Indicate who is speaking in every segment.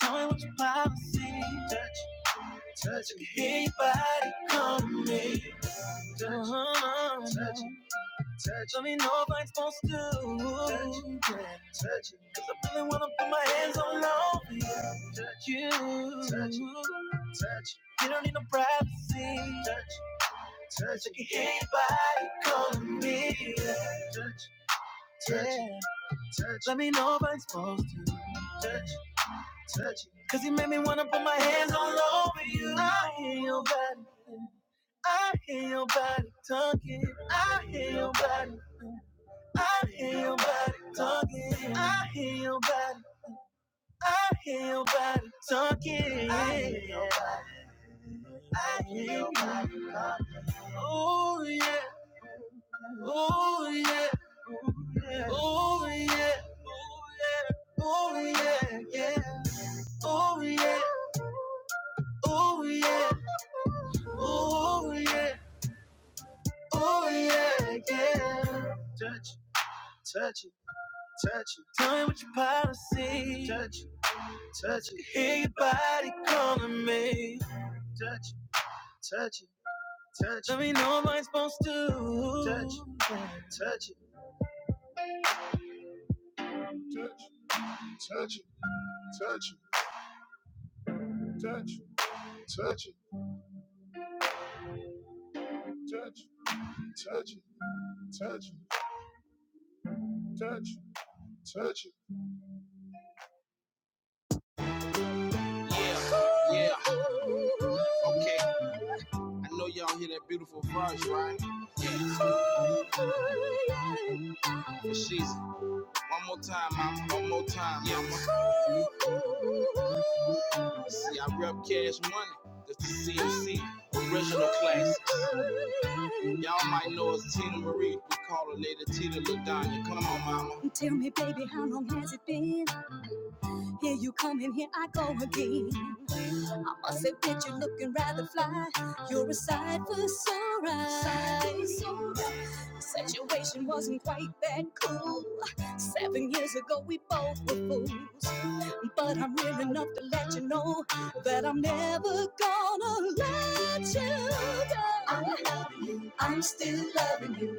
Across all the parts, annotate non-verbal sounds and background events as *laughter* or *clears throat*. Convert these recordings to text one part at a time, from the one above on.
Speaker 1: Tell me what your policy. Anybody come on. Tell me nobody's supposed to. Really wanna put my hands on you. You don't need no privacy. Anybody come me. Let me know if I'm supposed to touch, touch. Cause you made me wanna put my hands all over you. I hear your body talking. I hear your body. I hear your body talking. I hear your body. I hear your body talking. Oh yeah, oh yeah, oh yeah, oh yeah, yeah, oh yeah, oh yeah, oh yeah, oh yeah, yeah. Tell me what your policy. Hear your body calling me. Let me know what I'm supposed to. Yeah, yeah, okay. I know y'all hear that beautiful voice, right? Yeah, for she's one more time, mama, one more time, mama. See, I rep cash money. That's the CMC original classics. Y'all might know it's Tina Marie. We call her Lady Tita LaDonya. Come on, mama. Tell me, baby, how long has it been? Here you come and here I go again. I must admit you're looking rather fly. You're a sight for sore eyes. The Situation wasn't quite that cool. Seven years ago we both were fools. But I'm real enough to let you know that I'm never gonna let you go. I'm loving you. I'm still loving you.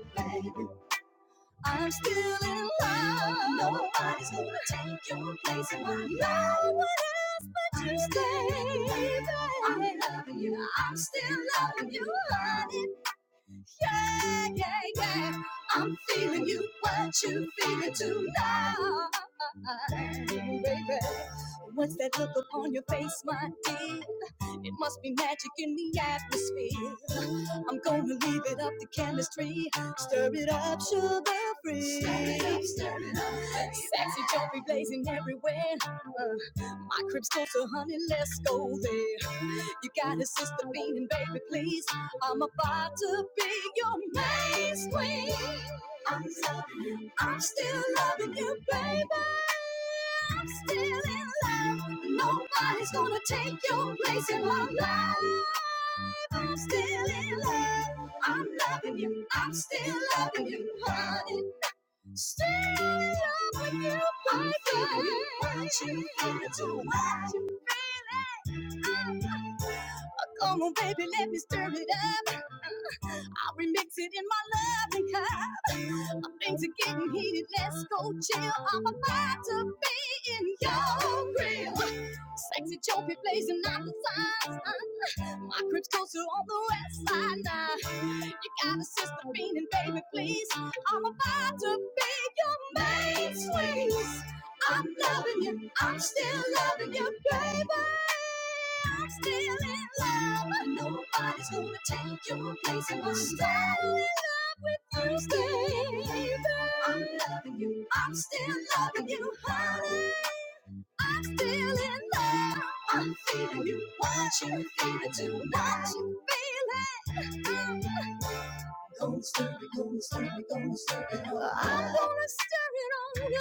Speaker 1: I'm still in love. Nobody's gonna take your place in my life. No one else but I'm you, baby. I'm loving you. I'm still loving you, honey yeah, yeah, yeah. I'm feeling you, what you feeling tonight, baby. What's that look upon your face, my dear? It must be magic in the atmosphere. I'm gonna leave it up to chemistry. Stir it up, sugar free. Stir it up, stir it up. baby. Sexy don't be blazing everywhere. Uh, my crib's closer, honey, let's go there. You got a sister beating, baby, please. I'm about to be your main queen. I'm loving you. I'm still loving you, baby. I'm still in love. Nobody's gonna take your place in my life. I'm still in love. I'm loving you. I'm still loving you, honey. Still in love with you, my girl. What you feeling too? What you feeling? Oh, come on, baby, let me stir it up. I'll remix it in my loving cup. Things are getting heated. Let's go chill. I'm about to be in your grill. Sexy choppy, blazing out the signs. My crib's closer on the west side now. You got a sister meaning, baby, please. I'm about to be your main squeeze. I'm loving you, I'm still loving you, baby. I'm still in love. Nobody's gonna take your place. And I'm still in love with you, baby. I'm loving you, I'm still loving you, honey. I'm still in love. I'm feeling you. What you feeling tonight? What You feeling? Gonna stir it, gonna stir it, gonna stir it up. I'm gonna stir it on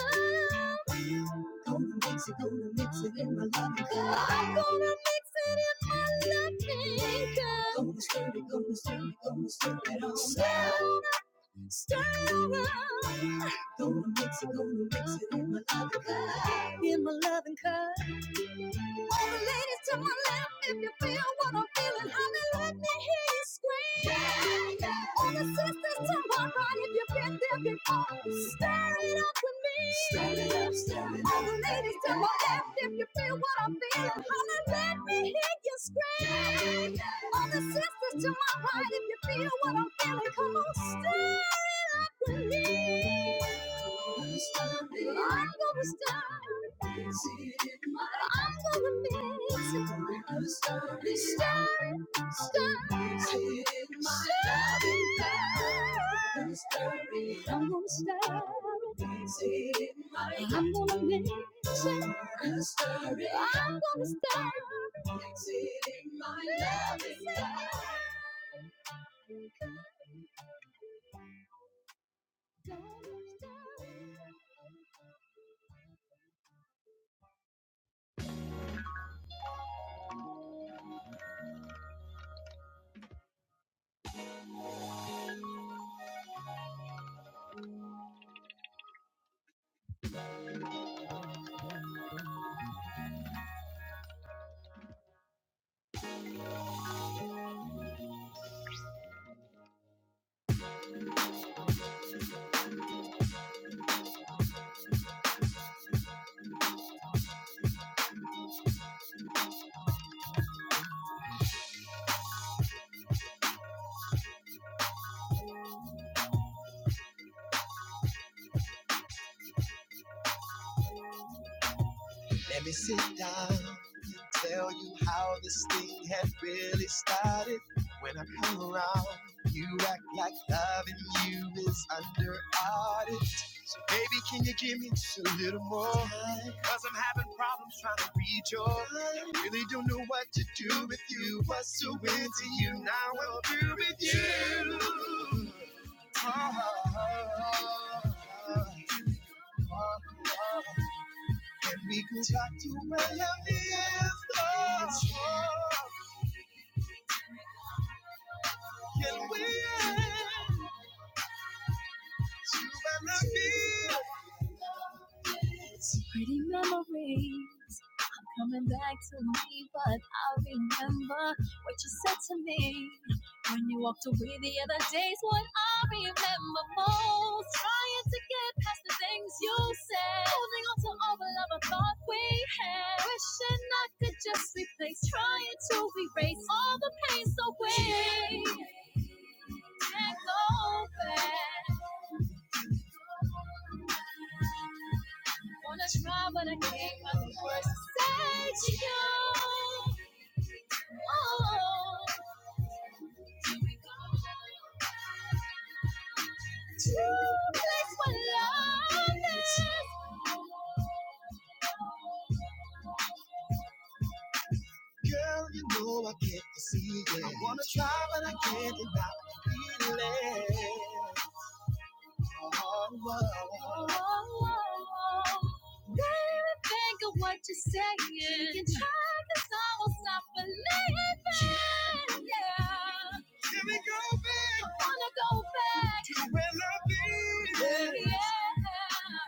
Speaker 1: you. Gonna mix it, gonna mix it in my loving cup. I'm gonna mix it in my loving cup. Gonna stir it, gonna stir it, gonna stir it on. Stir it up, stir it up. Gonna mix it, gonna mix it in my loving cup. All the ladies to my left, if you feel what I'm feeling, holla, let me hear you scream. Yeah, yeah. All the sisters to my right, if you've been there before, stir it up with me. Stir it up, stir it up. All the ladies to my left, if you feel what I'm feeling, holla, let me hear you scream. Yeah, yeah. All the sisters to my right, if you feel what I'm feeling, come on, stir it up with me. I'm gonna start. I'm gonna mix it. Stir, stir, stir. I'm gonna stir it. I'm gonna mix it. I'm gonna start stir it. Pretty memories coming back to me, but I remember what you said to me when you walked away the other day's what I remember most. Trying to get past the things you said, holding on to all the love I thought we had. Wishing I could just replace, trying to erase all the pains away. Can't go back. Wanna try, but I can't find the words to say to you. Oh, here we go. To a place where love is. Oh, oh, oh. Baby, think of what you're saying. You can try, cause I won't stop believing. Yeah, wanna go back. Yeah.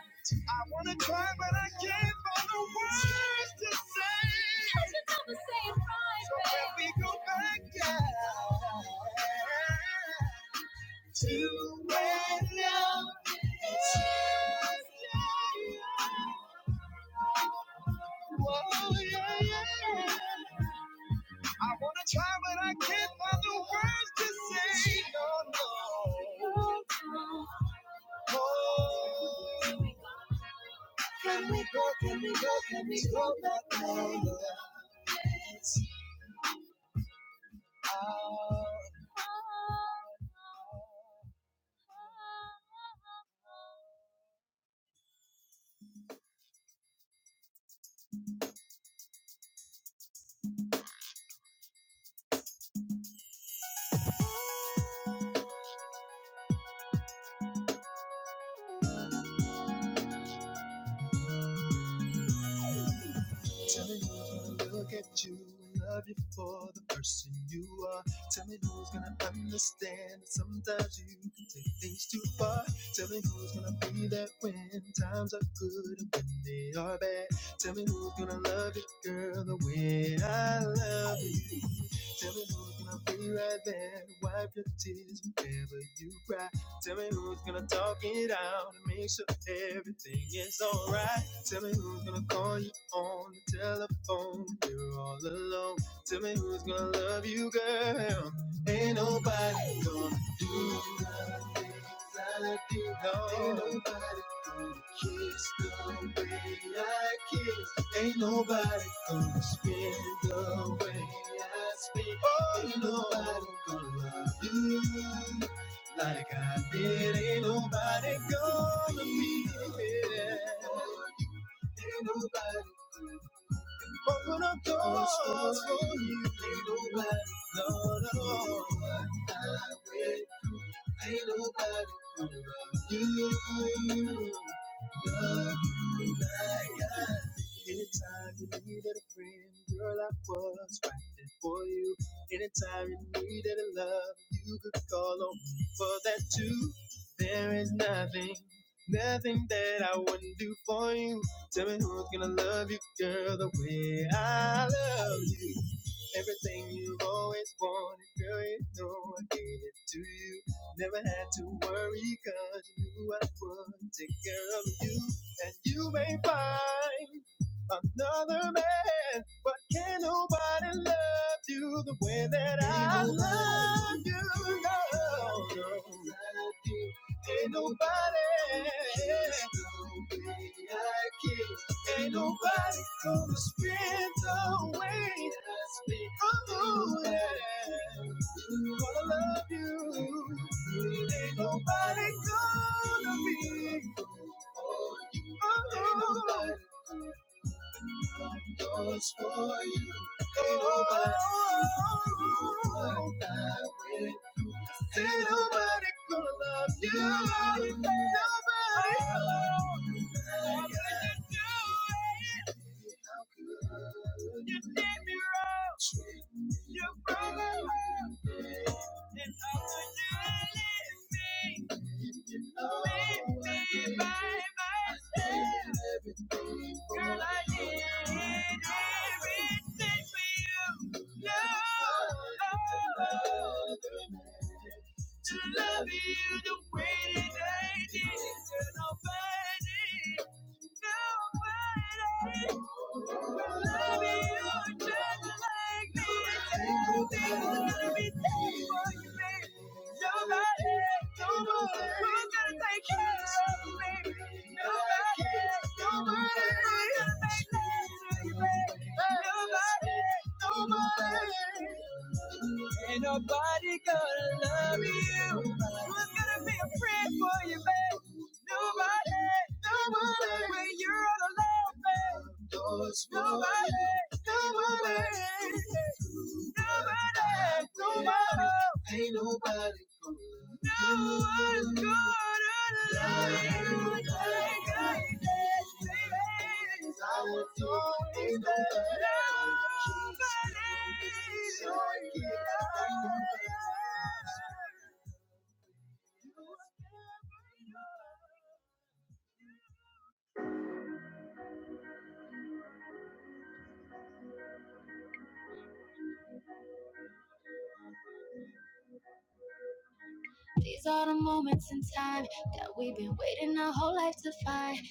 Speaker 1: These are the moments in time that we've been waiting our whole life to find, that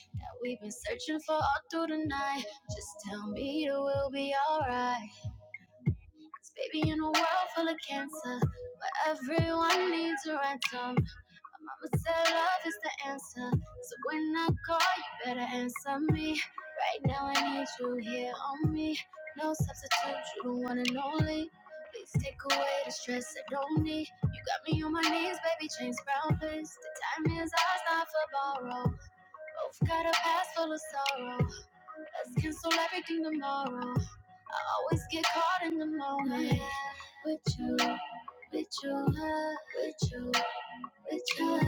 Speaker 1: we've been searching for all through the night. Just tell me it will be alright. 'Cause baby, in a world full of cancer, where everyone needs a ransom, Mama said love is the answer. So when I call, you better answer me. Right now, I need you here on me. No substitute, you the one and only. Please take away the stress I don't need. You got me on my knees, baby, chains brown, please. The time is ours, not for borrow. Both got a past full of sorrow. Let's cancel everything tomorrow. I always get caught in the moment. With you, with you, with you with you,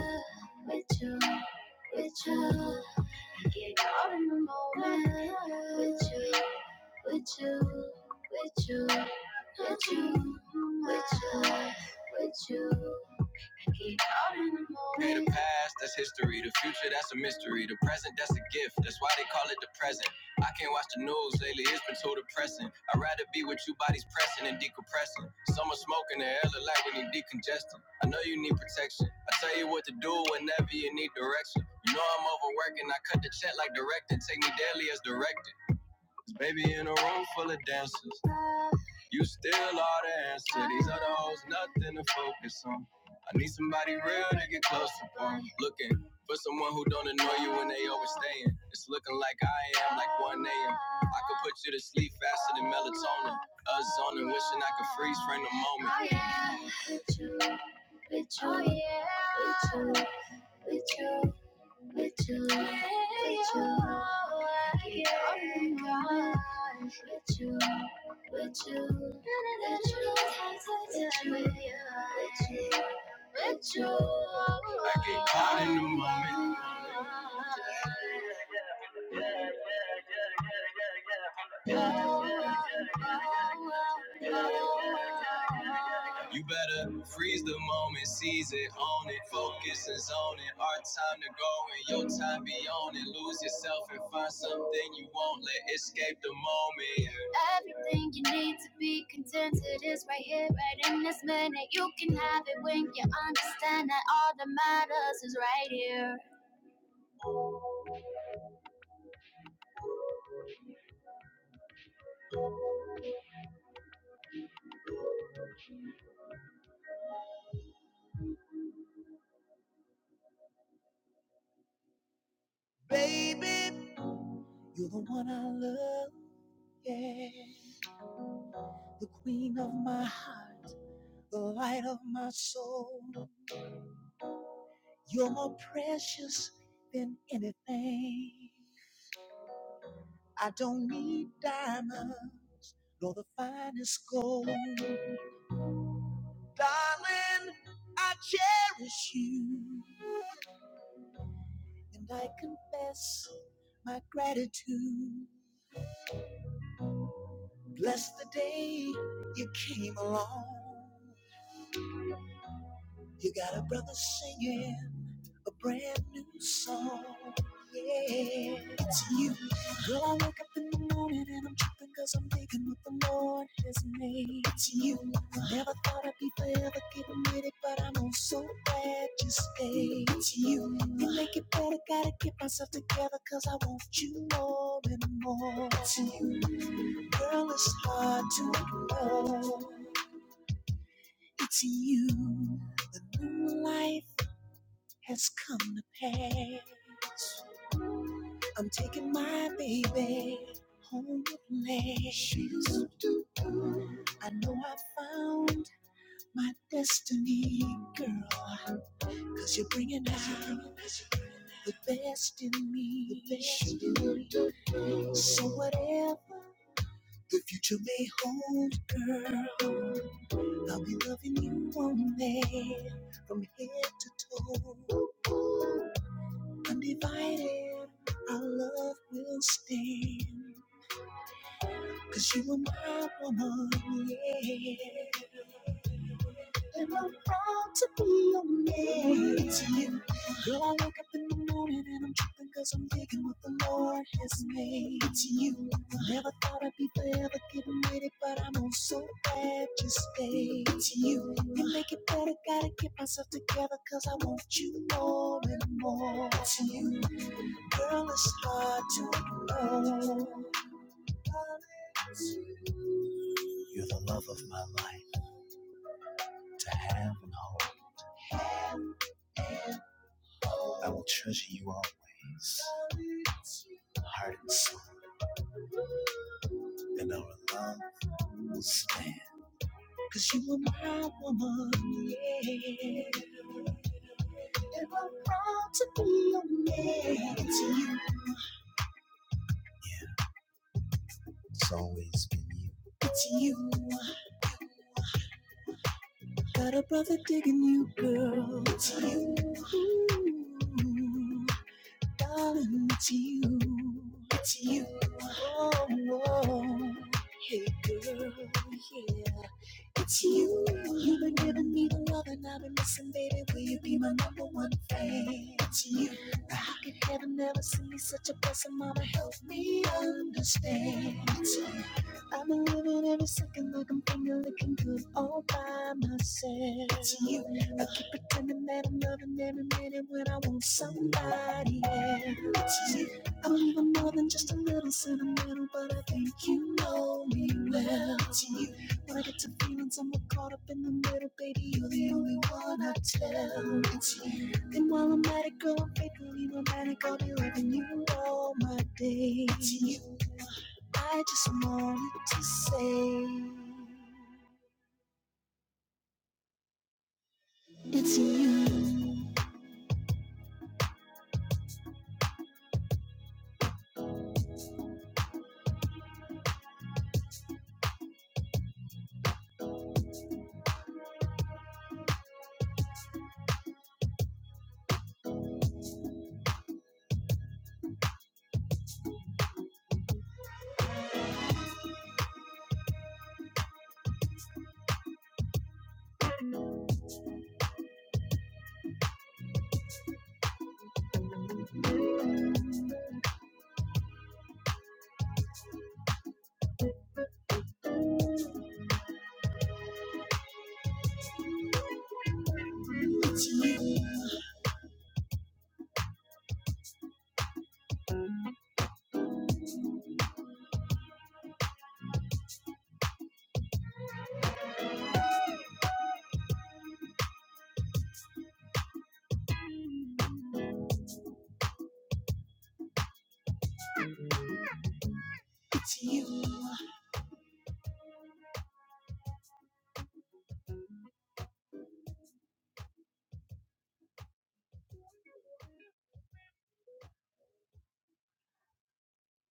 Speaker 1: with you, with you. Get caught in the moment with you, with you, with you, with you, with you, with you. Get caught in the moment with you, with you, oh, yeah. with you, with you. with you, with you. Oh my God, with you, with you, with you. Time with you, with you. oh my God. Everything you need to be contented is right here, right in this minute. You can have it when you understand that all that matters is right here.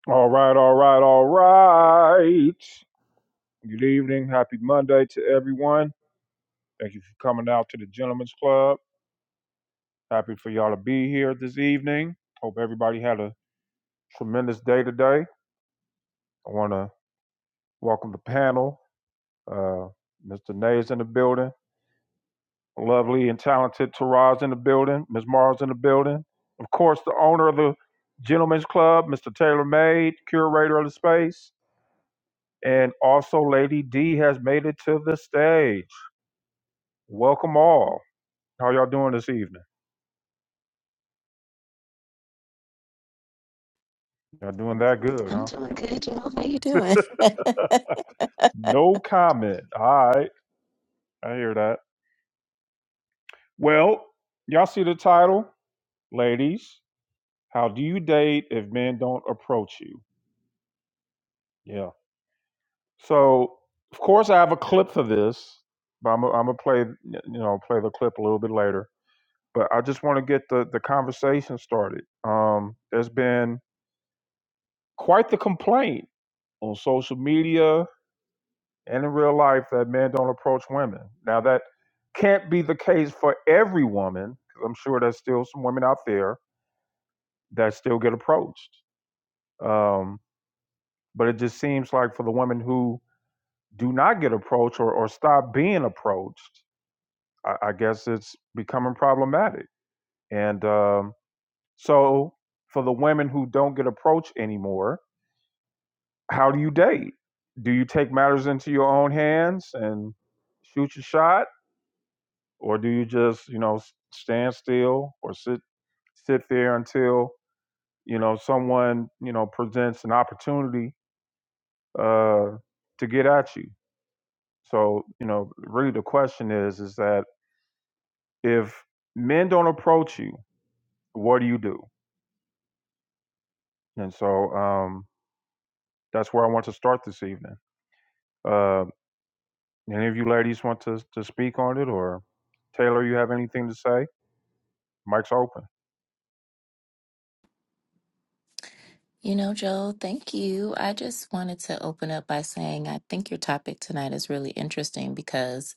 Speaker 1: All right, all right, all right. Good evening. Happy Monday to everyone. Thank you for coming out to the Gentlemen's Club. Happy for y'all to be here this evening. Hope everybody had a tremendous day today. I want to welcome the panel. Uh, Mr. Nay's in the building. Lovely and talented Taraz in the building. Ms. Mars in the building. Of course, the owner of the Gentlemen's Club, Mr. Taylor Made, curator of the space. And also, Lady D has made it to the stage. Welcome all. How y'all doing this evening? Y'all doing that good,
Speaker 2: I'm
Speaker 1: huh?
Speaker 2: doing good, Joe. How you doing?
Speaker 1: No comment. All right. I hear that. Well, y'all see the title, ladies. How do you date if men don't approach you? Yeah. So, of course, I have a clip for this, but I'm gonna play, you know, play the clip a little bit later. But I just want to get the the conversation started. Um, there's been quite the complaint on social media and in real life that men don't approach women. Now that can't be the case for every woman. 'cause I'm sure there's still some women out there that still get approached. Um, but it just seems like for the women who do not get approached or, or stop being approached, I, I guess it's becoming problematic. And um, so for the women who don't get approached anymore, how do you date? Do you take matters into your own hands and shoot your shot? or do you just you know stand still or sit sit there until you know someone you know presents an opportunity uh, to get at you so you know really the question is is that if men don't approach you what do you do and so um, that's where i want to start this evening uh, any of you ladies want to, to speak on it or taylor you have anything to say mike's open
Speaker 2: You know, Joe, thank you. I just wanted to open up by saying I think your topic tonight is really interesting because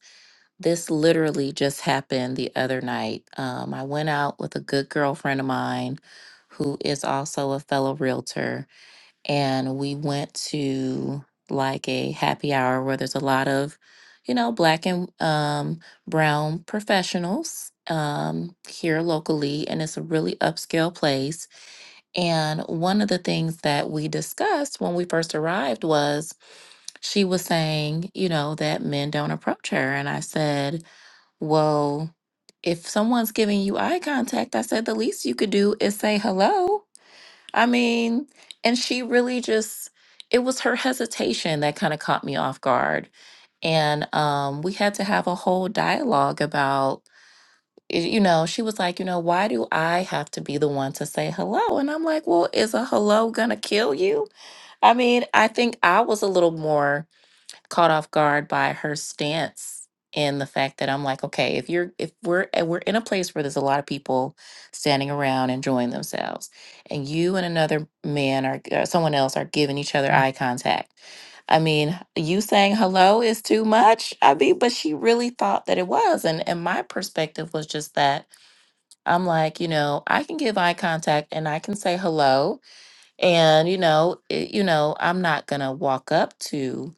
Speaker 2: this literally just happened the other night. Um, I went out with a good girlfriend of mine who is also a fellow realtor, and we went to like a happy hour where there's a lot of, you know, black and um, brown professionals um, here locally, and it's a really upscale place And one of the things that we discussed when we first arrived was she was saying, you know, that men don't approach her. And I said, well, if someone's giving you eye contact, I said, the least you could do is say hello. I mean, and she really just, it was her hesitation that kind of caught me off guard. And um, we had to have a whole dialogue about y- you know, she was like, you know, why do I have to be the one to say hello? And I'm like, well, is a hello gonna kill you? I mean, I think I was a little more caught off guard by her stance and the fact that I'm like, okay, if you're if we're and we're in a place where there's a lot of people standing around enjoying themselves, and you and another man or, or someone else are giving each other Mm. eye contact. I mean, you saying hello is too much. I mean, but she really thought that it was. And and my perspective was just that I'm like, you know, I can give eye contact and I can say hello. And, you know, it, you know, I'm not going to walk up to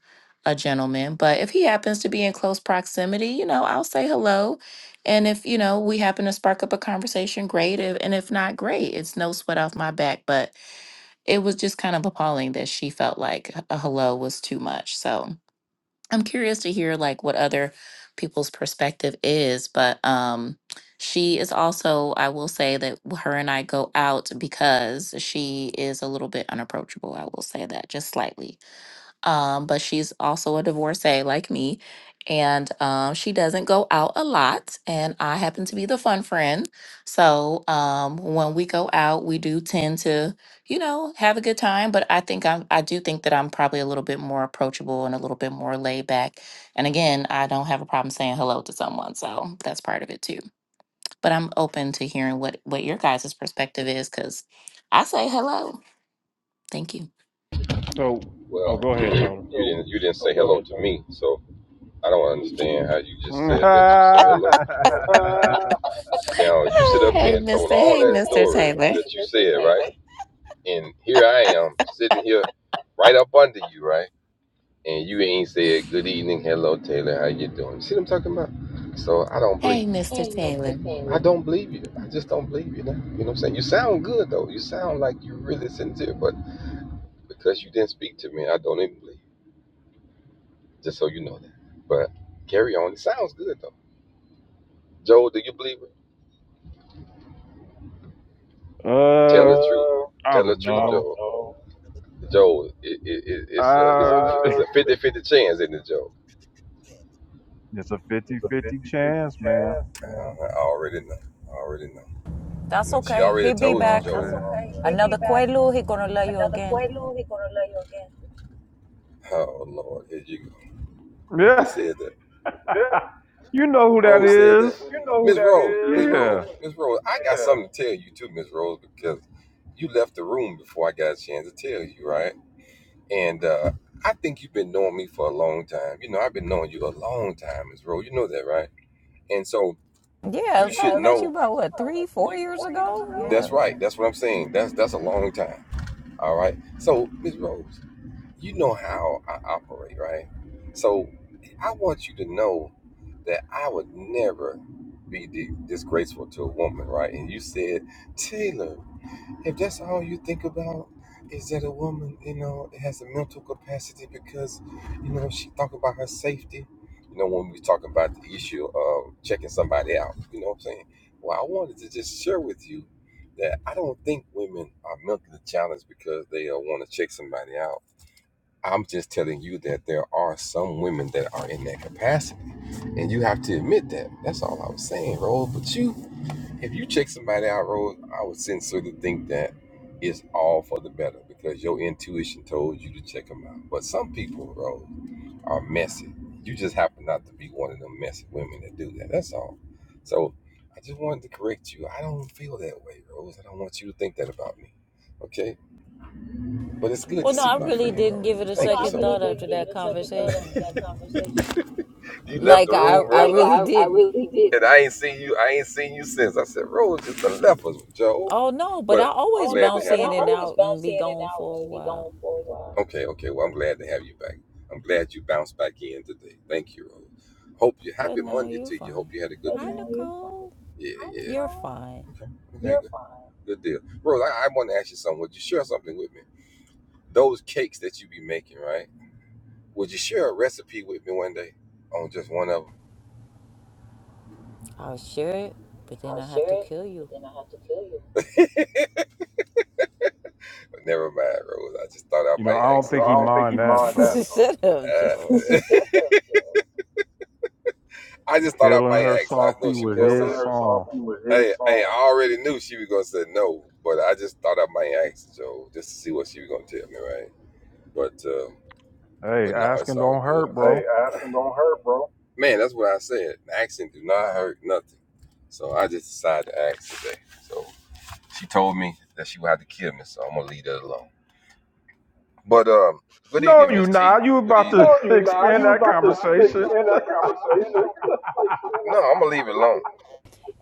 Speaker 2: a gentleman, but if he happens to be in close proximity, you know, I'll say hello. And if, you know, we happen to spark up a conversation, great. If, and if not, great. It's no sweat off my back. But it was just kind of appalling that she felt like a hello was too much. So, I'm curious to hear like what other people's perspective is, but um she is also I will say that her and I go out because she is a little bit unapproachable. I will say that just slightly um, but she's also a divorcee like me. And um, she doesn't go out a lot. And I happen to be the fun friend. So um, when we go out, we do tend to, you know, have a good time. But I think I'm, I do think that I'm probably a little bit more approachable and a little bit more laid back. And again, I don't have a problem saying hello to someone. So that's part of it too. But I'm open to hearing what, what your guys' perspective is because I say hello. Thank you.
Speaker 1: so oh go ahead taylor *laughs* uh, I
Speaker 2: Ah, Hey, Mr. Hey, Mr. Taylor. Hey, Mr. Taylor.
Speaker 1: don't know.
Speaker 3: No,
Speaker 1: Uh, *laughs* it's a
Speaker 3: it's a
Speaker 1: fifty-fifty
Speaker 3: fifty-fifty
Speaker 1: chance, man.
Speaker 3: chance.
Speaker 4: That's okay. He'll be
Speaker 1: You know
Speaker 4: back.
Speaker 1: what I'm
Speaker 3: He'll be
Speaker 4: Another
Speaker 3: back.
Speaker 4: Quaalude, he gonna love you
Speaker 3: Another
Speaker 4: again.
Speaker 3: Quaalude, he gonna love you again.
Speaker 1: saying? Yeah,
Speaker 3: Yeah,
Speaker 1: you know who that is.
Speaker 3: you know.
Speaker 1: Yeah.
Speaker 4: Yeah, I probably met you
Speaker 3: I
Speaker 4: about
Speaker 3: Met you
Speaker 4: what
Speaker 3: about
Speaker 4: three,
Speaker 3: what,
Speaker 4: four
Speaker 3: three,
Speaker 4: years
Speaker 3: four years
Speaker 4: ago.
Speaker 3: ago?
Speaker 4: Yeah. Well, no, I really didn't give it a second thought after
Speaker 3: didn't give
Speaker 4: that
Speaker 3: it a second thought after
Speaker 4: conversation.
Speaker 3: that *laughs* conversation.
Speaker 4: Like I, I really didn't. Oh no, but I always bounce in and
Speaker 3: Always
Speaker 4: out and
Speaker 3: bounce
Speaker 4: be
Speaker 3: in and
Speaker 4: gone
Speaker 3: out
Speaker 4: for a
Speaker 3: and be
Speaker 4: while.
Speaker 3: gone for a while.
Speaker 4: But no, you're fine. Hi,
Speaker 3: Oh, you fine.
Speaker 4: Nicole. You're fine.
Speaker 3: Fine.
Speaker 4: I'll share it, but then
Speaker 3: I'll
Speaker 4: I have to
Speaker 3: share it,
Speaker 4: kill
Speaker 3: but
Speaker 4: you.
Speaker 3: then I have to kill you.
Speaker 1: You know, I don't think he
Speaker 3: I think he
Speaker 1: mind
Speaker 4: *laughs*
Speaker 1: that,
Speaker 3: mind that,
Speaker 1: though.
Speaker 3: though.
Speaker 4: Shut up, Joel.
Speaker 1: Killing her softly with his
Speaker 3: First off,
Speaker 1: song.
Speaker 3: he was,
Speaker 1: Hey, asking don't hurt,
Speaker 3: hey,
Speaker 1: bro.
Speaker 3: asking don't hurt, bro.
Speaker 1: No, you not. You about to *laughs*
Speaker 3: You now,
Speaker 1: expand
Speaker 3: you
Speaker 1: that
Speaker 3: about to *laughs*
Speaker 1: conversation.
Speaker 3: extend that
Speaker 1: *laughs*
Speaker 3: conversation.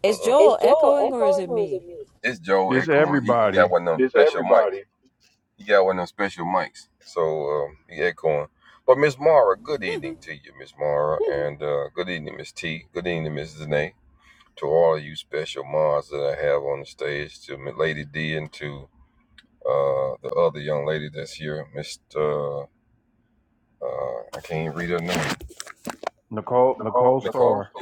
Speaker 4: Is
Speaker 3: Is
Speaker 4: Joel
Speaker 3: Joel
Speaker 4: echoing or is
Speaker 3: echoing
Speaker 4: it
Speaker 3: or is
Speaker 4: me?
Speaker 3: it me?
Speaker 1: It's everybody. Nicole
Speaker 3: Nicole?
Speaker 1: Nicole Starr.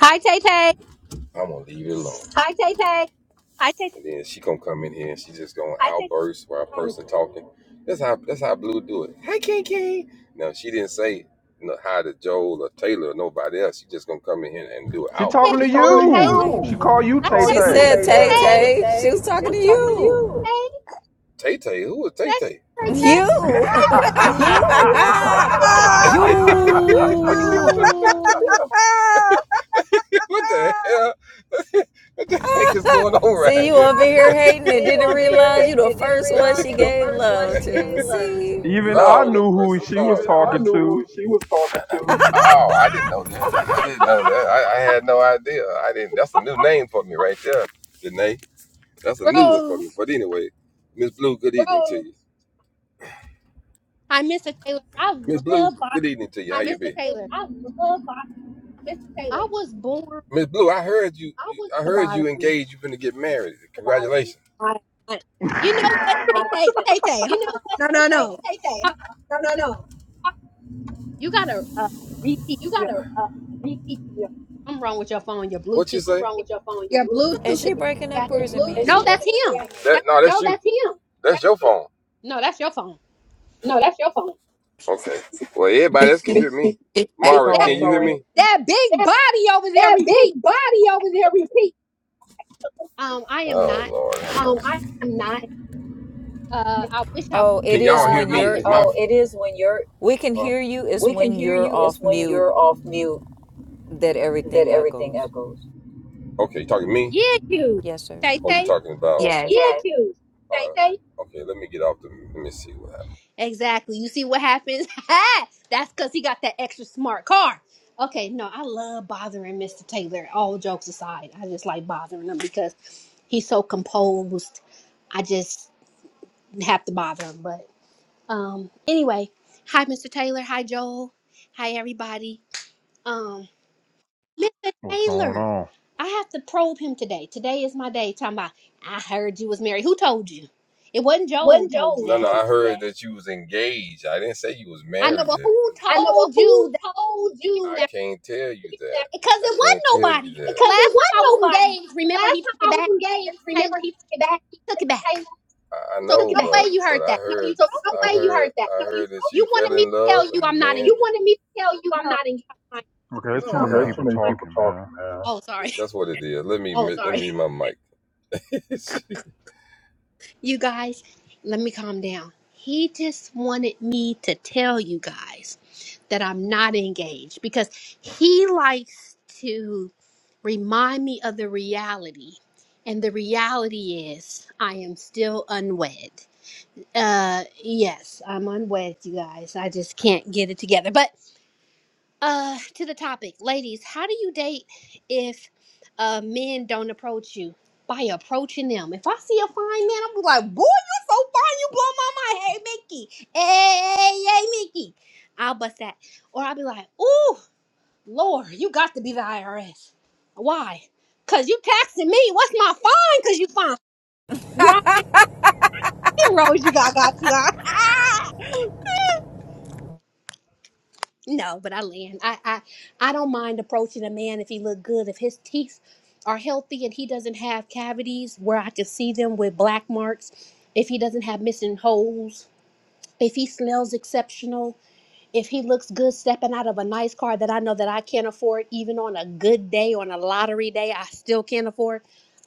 Speaker 5: Hi, Tay Tay. Hi, Tay Tay.
Speaker 1: She
Speaker 5: Hey,
Speaker 1: talking to
Speaker 3: She's talking
Speaker 5: You,
Speaker 3: to
Speaker 1: you.
Speaker 5: Taylor.
Speaker 4: Hi,
Speaker 1: She
Speaker 3: you.
Speaker 1: called
Speaker 4: Blue.
Speaker 1: you
Speaker 3: She
Speaker 5: I
Speaker 1: Tay
Speaker 5: said,
Speaker 4: She
Speaker 3: called you
Speaker 1: Tay.
Speaker 3: She
Speaker 4: said,
Speaker 3: Tay
Speaker 4: Tay
Speaker 3: said, Tay.
Speaker 5: hey,
Speaker 3: Tay
Speaker 4: Tay, she was
Speaker 3: Tay, she
Speaker 4: talking
Speaker 3: was
Speaker 4: to
Speaker 3: talking to
Speaker 4: you.
Speaker 3: you.
Speaker 5: that's you, Tay Tay.
Speaker 4: You.
Speaker 3: Hey, You,
Speaker 4: *laughs*
Speaker 1: *laughs*
Speaker 4: you.
Speaker 3: you.
Speaker 4: See, you over here hating
Speaker 3: *laughs* See,
Speaker 4: and
Speaker 3: you
Speaker 4: didn't
Speaker 3: over here
Speaker 4: realize you the
Speaker 3: hating and didn't
Speaker 4: first one
Speaker 3: realize
Speaker 4: she
Speaker 3: you the
Speaker 4: gave
Speaker 3: first
Speaker 4: love
Speaker 3: one she gave
Speaker 4: to.
Speaker 3: love
Speaker 4: See?
Speaker 3: to.
Speaker 1: Even I knew who she was talking
Speaker 3: knew
Speaker 1: to.
Speaker 3: who she was talking to.
Speaker 5: Bro, hi, Mr. Taylor. I love Bob- Mr. Taylor. I was born to bother you. I, I- you know what, Tay Tay? Tay Tay, hold on. No, no, no. Hold on. You got to uh, repeat. Your, I'm wrong with your phone. Your Bluetooth. Your
Speaker 4: Is
Speaker 5: Bluetooth is
Speaker 4: she breaking
Speaker 5: back.
Speaker 4: up or is it me?
Speaker 5: No, that's him. That's him. No, that's your phone.
Speaker 6: *laughs* it's
Speaker 5: That
Speaker 6: echoing.
Speaker 5: that big body over there repeat. Um, I am not. Uh, I wish I.
Speaker 4: Oh, it is when you're,
Speaker 3: Oh, It is when you're,
Speaker 4: we can hear you. It's
Speaker 3: we can
Speaker 4: when
Speaker 3: hear
Speaker 4: you're
Speaker 3: you, it's
Speaker 4: off
Speaker 3: when
Speaker 4: mute
Speaker 3: you're off mute
Speaker 4: that
Speaker 3: that
Speaker 4: everything
Speaker 3: everything
Speaker 4: echoes.
Speaker 3: echoes.
Speaker 5: Yeah, you.
Speaker 4: Yes, sir.
Speaker 5: Tay Tay.
Speaker 3: That's
Speaker 6: Yes.
Speaker 5: Exactly. You see what happens? *laughs* Ha! That's because he got that extra smart car. Okay, no, I love bothering Mr. Taylor. All jokes aside, I just like bothering him because he's so composed. I just have to bother him. But um, anyway, hi, Mr. Taylor. Hi, Joel. Hi, everybody. Um, Mr.
Speaker 1: What's going
Speaker 5: Taylor,
Speaker 1: on?
Speaker 5: I have to probe him today. Today is my day. Talking about, I heard you was married. Who told you? It wasn't Joel who told you that. I know, but who told you that you hear that? Because it wasn't nobody. 'Cause The last time I was engaged, remember he took it back. Mr. Taylor, he took it back. So no way you heard that. No, you told me. You wanted me to tell you I'm not engaged. No. I-
Speaker 1: Okay, there's too many
Speaker 3: Too
Speaker 1: people
Speaker 3: many people
Speaker 1: talking, man.
Speaker 3: talking, man.
Speaker 5: Oh, sorry. You guys, let me calm down. He just wanted me to tell you guys that I'm not engaged because he likes to remind me of the reality. And the reality is, I am still unwed. Uh, yes, I'm unwed, you guys. I just can't get it together. but uh to the topic ladies how do you date if uh men don't approach you by approaching them if i see a fine man i'm like boy you're so fine you blow my mind hey mickey hey hey, hey mickey i'll bust that or i'll be like ooh lord you got to be the irs why because you taxing me what's my fine because you fine you know how many zeros *laughs* you got got you got *laughs* No, but I land. I, I I don't mind approaching a man if he look good. If his teeth are healthy and he doesn't have cavities where I can see them with black marks, if he doesn't have missing holes, if he smells exceptional, if he looks good stepping out of a nice car that I know that I can't afford, even on a good day, on a lottery day, I still can't afford,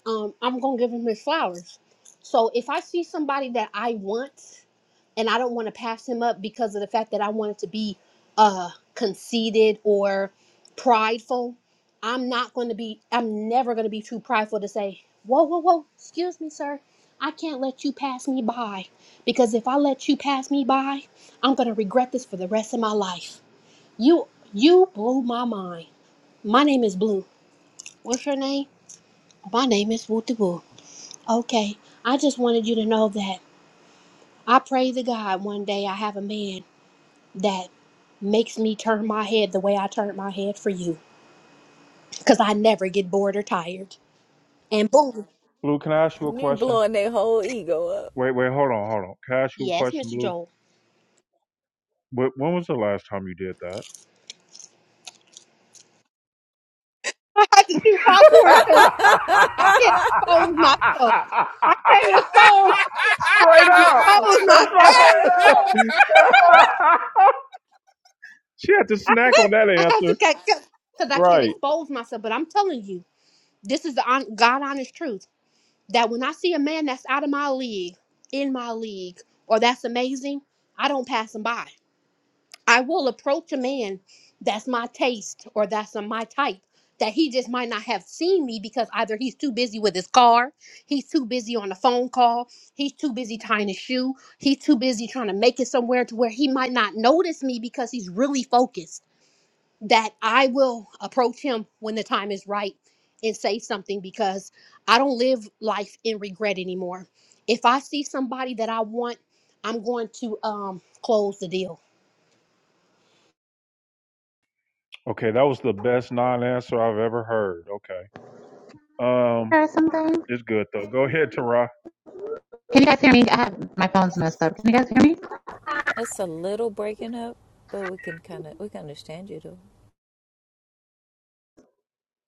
Speaker 5: um, I'm gonna give him his flowers. So if I see somebody that I want and I don't want to pass him up because of the fact that I want it to be uh conceited or prideful, I'm not gonna be I'm never gonna be too prideful to say, Whoa, whoa, whoa, excuse me, sir. I can't let you pass me by. Because if I let you pass me by, I'm going to regret this for the rest of my life. You you blew my mind. My name is Blue. What's your name? My name is Wooty Woo. Okay. I just wanted you to know that I pray to God one day I have a man that makes me turn my head the way I turned my head for you cuz I never get bored or tired. And boom.
Speaker 1: Blue, can I ask you a
Speaker 4: You
Speaker 1: question?
Speaker 4: blowing their whole ego
Speaker 1: Wait, wait, hold on, hold on. Can I ask you a
Speaker 5: Yes,
Speaker 1: question,
Speaker 5: Mr.
Speaker 1: Blue?
Speaker 5: Joel.
Speaker 1: But When was the last time you did that?
Speaker 5: *laughs* I have to do popcorn cuz I
Speaker 4: up. *laughs*
Speaker 5: can't expose myself. I can't
Speaker 1: *laughs*
Speaker 5: expose,
Speaker 1: Straight up.
Speaker 5: expose
Speaker 1: That's
Speaker 5: myself.
Speaker 1: my. *laughs* she had to snack on that
Speaker 5: *laughs* I have to
Speaker 1: answer.
Speaker 5: because I can't
Speaker 1: Right.
Speaker 5: expose myself. But I'm telling you, this is the hon- God honest truth that when I see a man that's out of my league, in my league, or that's amazing, I don't pass him by. I will approach a man that's my taste or that's uh, my type that he just might not have seen me because either he's too busy with his car, he's too busy on a phone call, he's too busy tying his shoe, he's too busy trying to make it somewhere to where he might not notice me because he's really focused that I will approach him when the time is right and say something because I don't live life in regret anymore. If I see somebody that I want, I'm going to um, close the deal
Speaker 1: Okay, that was the best non answer I've ever heard. Okay. Um.
Speaker 7: or something.
Speaker 1: It's good though. Go ahead, Tara.
Speaker 7: Can you guys hear me? I have my phone's messed up. Can you guys hear me?
Speaker 4: It's a little breaking up, but we can kind of we can understand you though.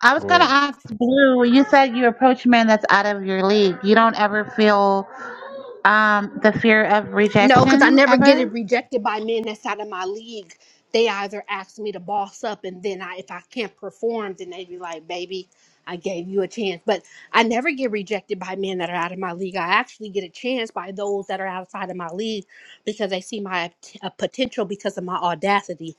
Speaker 7: I was
Speaker 1: Go
Speaker 7: gonna
Speaker 1: ahead.
Speaker 7: ask Blue. You said you approach men that's out of your league. You don't ever feel um, the fear of
Speaker 5: No, because I
Speaker 7: rejection
Speaker 5: never get it
Speaker 7: ever.
Speaker 5: rejected by men that's out of my league. They either ask me to boss up, and then I, if I can't perform, then they be like, "Baby, I gave you a chance." But I never get rejected by men that are out of my league. I actually get a chance by those that are outside of my league because they see my uh, potential because of my audacity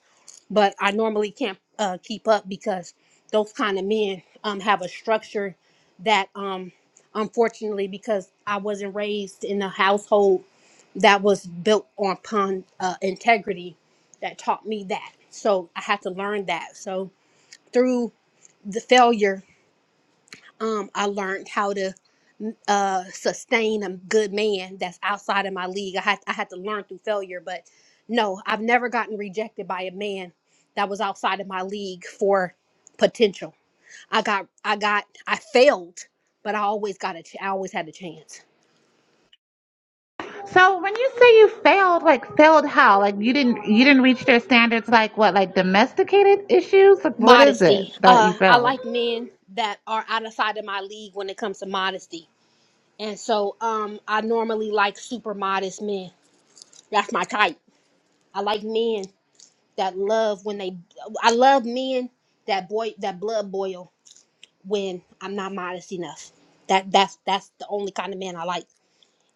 Speaker 5: but I normally can't uh, keep up because those kind of men um, have a structure that, um, unfortunately, because I wasn't raised in a household that was built upon uh, integrity, that taught me that. So I had to learn that. So through the failure, um, I learned how to uh sustain a good man that's outside of my league. I had I had to learn through failure, but no, I've never gotten rejected by a man that was outside of my league for potential. I got I got I failed, but I always got a ch- I always had a chance.
Speaker 7: So when you say you failed, like failed how? Like you didn't you didn't reach their standards. Like what? Like domesticated issues? Like what is it
Speaker 5: Modesty.
Speaker 7: that you
Speaker 5: Uh I
Speaker 7: failed?
Speaker 5: like men that are outside of my league when it comes to modesty. And so um I normally like super modest men. That's my type. I like men that love when they I love men that boy that blood boil when I'm not modest enough. That that's that's the only kind of man I like.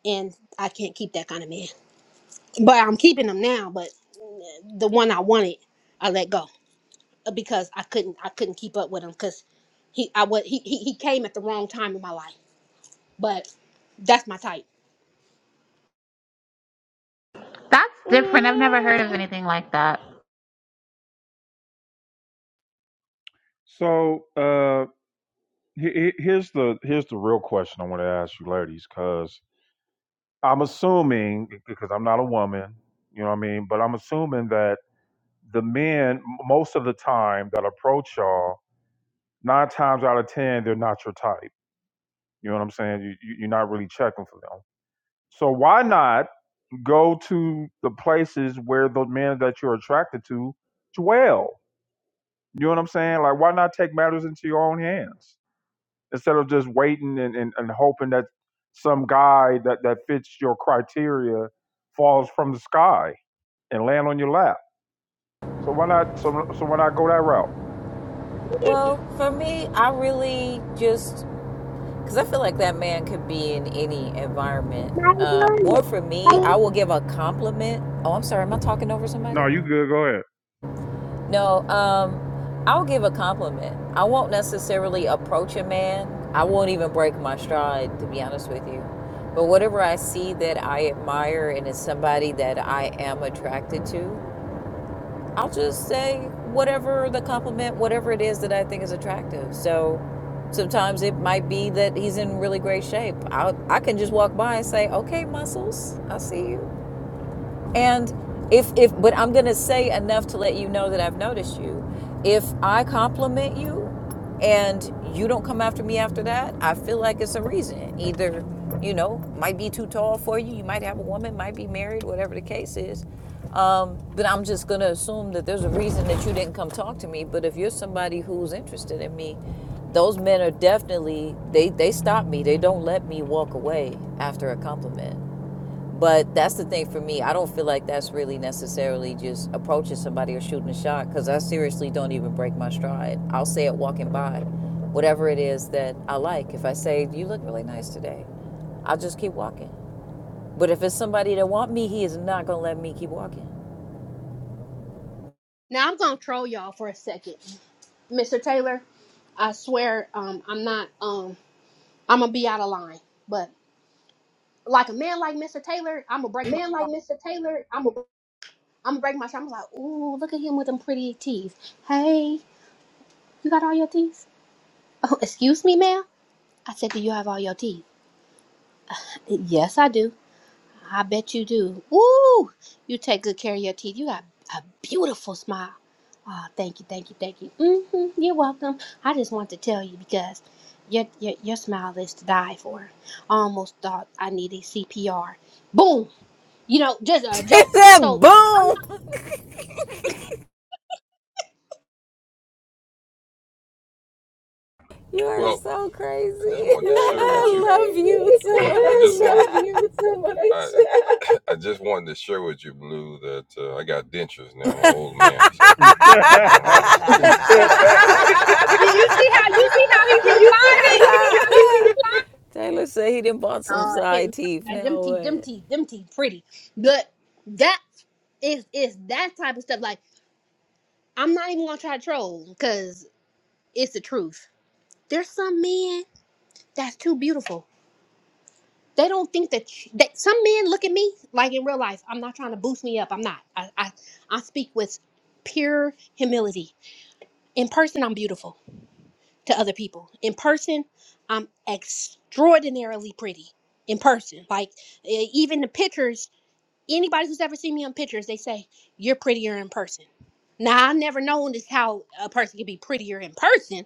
Speaker 5: And I can't keep that kind of man. But I'm keeping him now, but the one I wanted, I let go uh, because I couldn't I couldn't keep up with him cuz he I was he, he he came at the wrong time in my life. But that's my type.
Speaker 7: That's different. I've never heard of anything like that.
Speaker 1: So uh, he- he- here's the here's the real question I want to ask you, ladies, because I'm assuming because I'm not a woman, you know what I mean, but I'm assuming that the men m- most of the time that approach y'all, nine times out of ten, they're not your type. You know what I'm saying? You, you, you're not really checking for them. So why not go to the places where the men that you're attracted to dwell? You know what I'm saying? Like, why not take matters into your own hands? instead of just waiting and, and, and hoping that some guy that, that fits your criteria falls from the sky and land on your lap. So why not so, so why not go that route?
Speaker 4: Well, for me, I really just because I feel like that man could be in any environment. Uh, more for me, I will give a compliment. Oh, I'm sorry, am I talking over somebody?
Speaker 1: No, you good, go
Speaker 4: No, um, I'll give a compliment. I won't necessarily approach a man. I won't even break my stride, to be honest with you. But whatever I see that I admire and is somebody that I am attracted to, I'll just say whatever the compliment, whatever it is that I think is attractive. So sometimes it might be that he's in really great shape. I I can just walk by and say, "Okay, muscles, I see you." And if if but I'm gonna say enough to let you know that I've noticed you. If I compliment you and you don't come after me after that, I feel like it's a reason. Either, you know, might be too tall for you, you might have a woman, might be married, whatever the case is. Um, but I'm just gonna assume that there's a reason that you didn't come talk to me. But if you're somebody who's interested in me, those men are definitely they they stop me. They don't let me walk away after a compliment. But that's the thing for me. I don't feel like that's really necessarily just approaching somebody or shooting a shot because I seriously don't even break my stride. I'll say it walking by, whatever it is that I like. If I say, You look really nice today, I'll just keep walking. But if it's somebody that want me, he is not going to let me keep walking.
Speaker 5: Now I'm going to troll y'all for a second. Mr. Taylor, I swear um I'm not um I'm going to be out of line, but like a man like Mr. Taylor, I'm gonna break my I'm gonna break my I'm like, ooh, look at him with them pretty teeth. Hey, you got all your teeth? Oh, excuse me, ma'am. I said, do you have all your teeth? Yes, I do. I bet you do. Ooh, you take good care of your teeth. You got a beautiful smile. Oh, thank you, thank you, thank you. Mm-hmm, you're welcome. I just want to tell you because your, your your smile is to die for. I almost thought I needed CPR. Boom. You know, just
Speaker 4: *laughs*
Speaker 5: a
Speaker 4: It's
Speaker 5: joke.
Speaker 4: that
Speaker 5: So I'm
Speaker 4: boom. You are so crazy. *laughs* I love
Speaker 3: crazy.
Speaker 4: you
Speaker 3: *laughs*
Speaker 4: so much.
Speaker 3: *laughs* If you was somebody-
Speaker 1: ahead.
Speaker 5: You, you see how you see how
Speaker 4: *laughs* Taylor said he did bought some
Speaker 5: he
Speaker 4: side
Speaker 5: responded?
Speaker 4: teeth.
Speaker 5: Oh, yeah, them
Speaker 4: Now
Speaker 5: teeth, them
Speaker 4: what?
Speaker 5: teeth, them teeth, pretty. But that is is that type of stuff. Like I'm not even gonna try to troll because it's the truth. There's some men that's too beautiful. They don't think that, sh- that some men look at me like in real life. I'm not trying to boost me up. I'm not. I I, I speak with pure humility. In person, I'm beautiful to other people. In person, I'm extraordinarily pretty. In person, like e- even the pictures anybody who's ever seen me in pictures, they say you're prettier in person. Now I've never known this how a person can be prettier in person,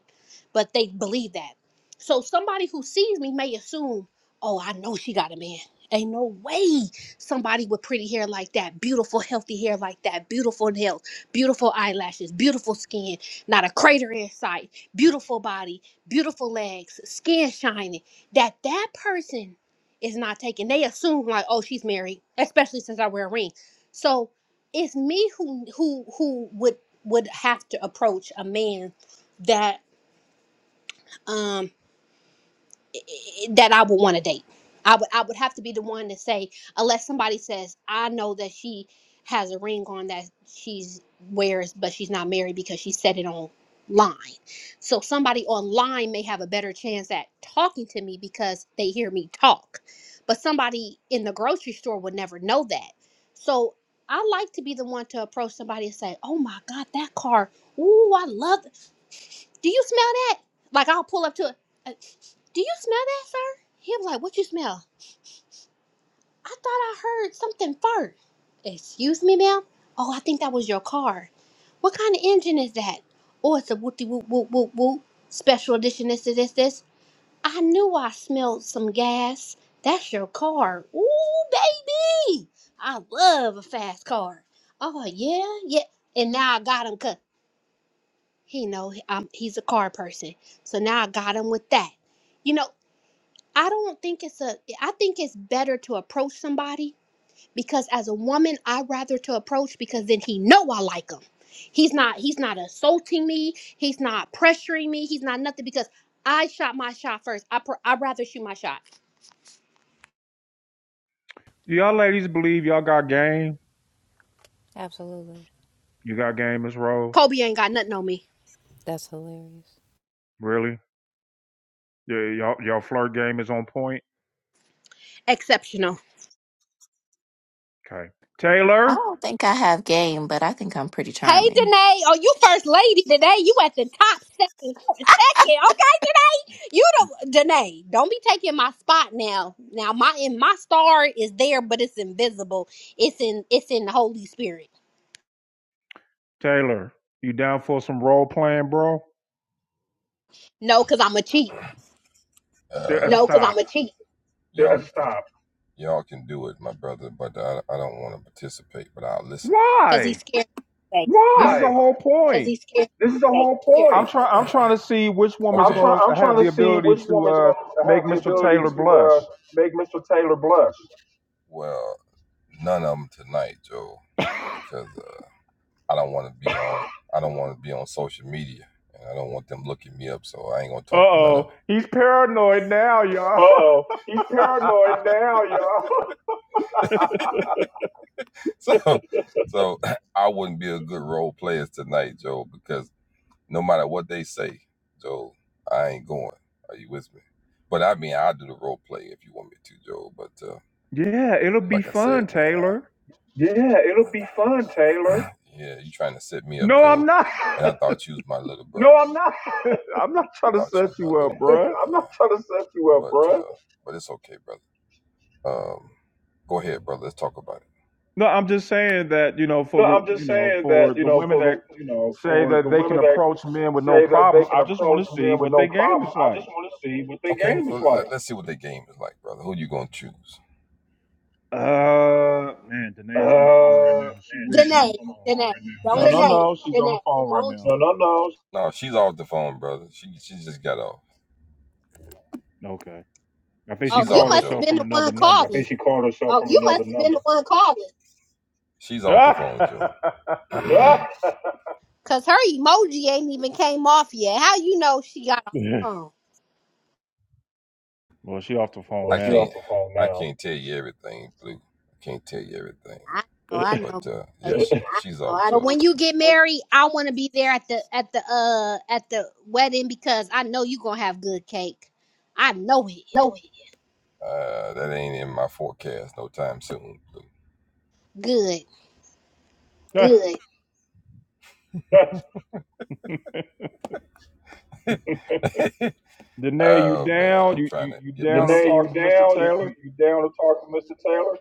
Speaker 5: but they believe that. So somebody who sees me may assume, oh, I know she got a man. Ain't no way somebody with pretty hair like that, beautiful, healthy hair like that, beautiful nails, beautiful eyelashes, beautiful skin, not a crater in sight, beautiful body, beautiful legs, skin shining, that that person is not taken. They assume like, oh, she's married, especially since I wear a ring. So it's me who who who would would have to approach a man that um that I would want to date. I would I would have to be the one to say unless somebody says I know that she has a ring on that she's wears but she's not married because she said it online. So somebody online may have a better chance at talking to me because they hear me talk. But somebody in the grocery store would never know that. So I like to be the one to approach somebody and say, "Oh my god, that car. Ooh, I love do you smell that? Like I'll pull up to it. uh, Do you smell that, sir? He was like, What you smell? I thought I heard something fart. Excuse me, ma'am? Oh, I think that was your car. What kind of engine is that? Oh, it's a whoopty whoop whoop whoop whoop. Special edition this this this this. I knew I smelled some gas. That's your car. Ooh, baby. I love a fast car. Oh yeah, yeah. And now I got him he know he- um, he's a car person. So now I got him with that. You know, I don't think it's a I think it's better to approach somebody because as a woman I rather to approach because then he know I like him. He's not he's not assaulting me, he's not pressuring me, he's not nothing because I shot my shot first. I pr- I rather shoot my shot.
Speaker 1: *laughs* y'all ladies believe y'all got game?
Speaker 4: Absolutely.
Speaker 1: You got game, Miss Rose?
Speaker 5: Kobe ain't got nothing on me.
Speaker 4: That's hilarious.
Speaker 1: Really? Yeah, y'all y'all flirt game is on point?
Speaker 5: Exceptional.
Speaker 1: Okay.
Speaker 2: I
Speaker 1: Taylor?
Speaker 2: don't think I have game, but I think I'm pretty
Speaker 5: Hey
Speaker 2: charming.
Speaker 5: Danae, oh you first lady today. You at the top second second. You don't, Danae. Don't be taking my spot now. Now my and my star is there, but it's invisible. It's in it's in the Holy Spirit.
Speaker 1: Taylor, you down for some role playing, bro?
Speaker 5: No, because I'm a cheat.
Speaker 1: Yeah, Stop.
Speaker 3: Stop.
Speaker 5: Because he's
Speaker 1: Why?
Speaker 5: scared.
Speaker 3: *laughs*
Speaker 5: He's
Speaker 1: This
Speaker 5: scared.
Speaker 1: is the
Speaker 3: Why?
Speaker 1: whole point.
Speaker 3: This is the whole point.
Speaker 1: I'm trying. I'm trying to see which woman's going to
Speaker 3: I'm trying
Speaker 1: have
Speaker 3: to
Speaker 1: the
Speaker 3: see
Speaker 1: ability
Speaker 3: which
Speaker 1: to
Speaker 3: woman's
Speaker 1: uh,
Speaker 3: going to
Speaker 1: make
Speaker 3: have the
Speaker 1: Mr.
Speaker 3: ability
Speaker 1: Taylor
Speaker 3: to
Speaker 1: blush.
Speaker 3: uh, make Mr. Taylor blush.
Speaker 1: Uh oh, he's paranoid now,
Speaker 3: Uh
Speaker 1: y'all.
Speaker 3: oh, he's paranoid *laughs* now, y'all.
Speaker 1: *laughs* yeah, it'll be fun, Taylor.
Speaker 3: *laughs* yeah, it'll be fun, Taylor.
Speaker 1: No, I'm not. *laughs*
Speaker 3: No, I'm not *laughs*
Speaker 1: I'm not trying to set you up, bruh.
Speaker 3: trying to set you
Speaker 1: No, I'm just saying that you know, for
Speaker 3: No, I'm
Speaker 1: the you
Speaker 3: just
Speaker 1: know,
Speaker 3: saying that
Speaker 1: for
Speaker 3: you
Speaker 1: the
Speaker 3: know,
Speaker 1: women
Speaker 3: for the
Speaker 1: that
Speaker 3: you know,
Speaker 1: say
Speaker 3: for the
Speaker 1: that they can
Speaker 3: women that
Speaker 1: approach men with no
Speaker 3: say that they
Speaker 1: problem,
Speaker 3: can
Speaker 1: I just
Speaker 3: approach
Speaker 1: want to see
Speaker 3: men with
Speaker 1: what their
Speaker 3: no
Speaker 1: game
Speaker 3: problem,
Speaker 1: is
Speaker 3: I
Speaker 1: like.
Speaker 3: just want to see what
Speaker 1: Uh, man,
Speaker 3: Uh,
Speaker 1: Danae's on the phone right now. She
Speaker 3: man,
Speaker 1: would be
Speaker 3: the
Speaker 1: on
Speaker 5: Danae,
Speaker 3: man's
Speaker 1: the
Speaker 3: on the
Speaker 1: phone.
Speaker 3: phone
Speaker 5: Danae,
Speaker 3: right now.
Speaker 1: No,
Speaker 5: don't.
Speaker 1: no, no, she's on the phone right now.
Speaker 3: No, no, no.
Speaker 1: Okay. I think she
Speaker 5: Oh, you
Speaker 1: called
Speaker 5: must have
Speaker 1: herself
Speaker 5: been
Speaker 1: from
Speaker 5: the
Speaker 1: another
Speaker 5: one
Speaker 3: I
Speaker 1: number.
Speaker 5: calling.
Speaker 3: think she called herself.
Speaker 1: *laughs* well,
Speaker 3: *laughs*
Speaker 5: Cause her emoji ain't even came off yet. How you know she got a phone?
Speaker 1: she off the phone now.
Speaker 5: I
Speaker 1: *laughs*
Speaker 5: know, I know. babe. But when you get married, I want to be there at the at the uh at the wedding because I know you gonna have good cake. I know it. Good.
Speaker 3: *laughs*
Speaker 1: Danae, you down? You, you you down to talk
Speaker 3: you
Speaker 1: to Mr.
Speaker 3: down? You,
Speaker 1: Taylor?
Speaker 3: you you down to talk to Mr. Taylor?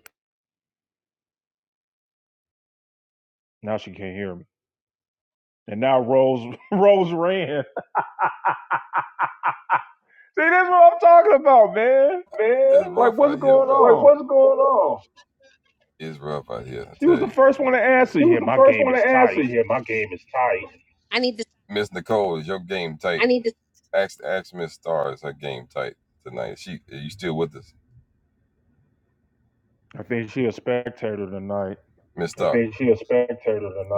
Speaker 1: Now she can't hear me. And now Rose *laughs* Rose ran. See, this is what I'm talking about, man.
Speaker 3: man.
Speaker 1: Like, what's going
Speaker 3: Like,
Speaker 1: on?
Speaker 3: what's going on?
Speaker 1: She was the first one to answer.
Speaker 3: She
Speaker 1: Yeah,
Speaker 3: was the
Speaker 1: my
Speaker 3: first
Speaker 1: game
Speaker 3: one to
Speaker 1: is
Speaker 3: answer.
Speaker 1: tight.
Speaker 3: Yeah, my game is tight.
Speaker 5: I need to.
Speaker 1: I think she a spectator tonight.
Speaker 3: Is she a spectator tonight?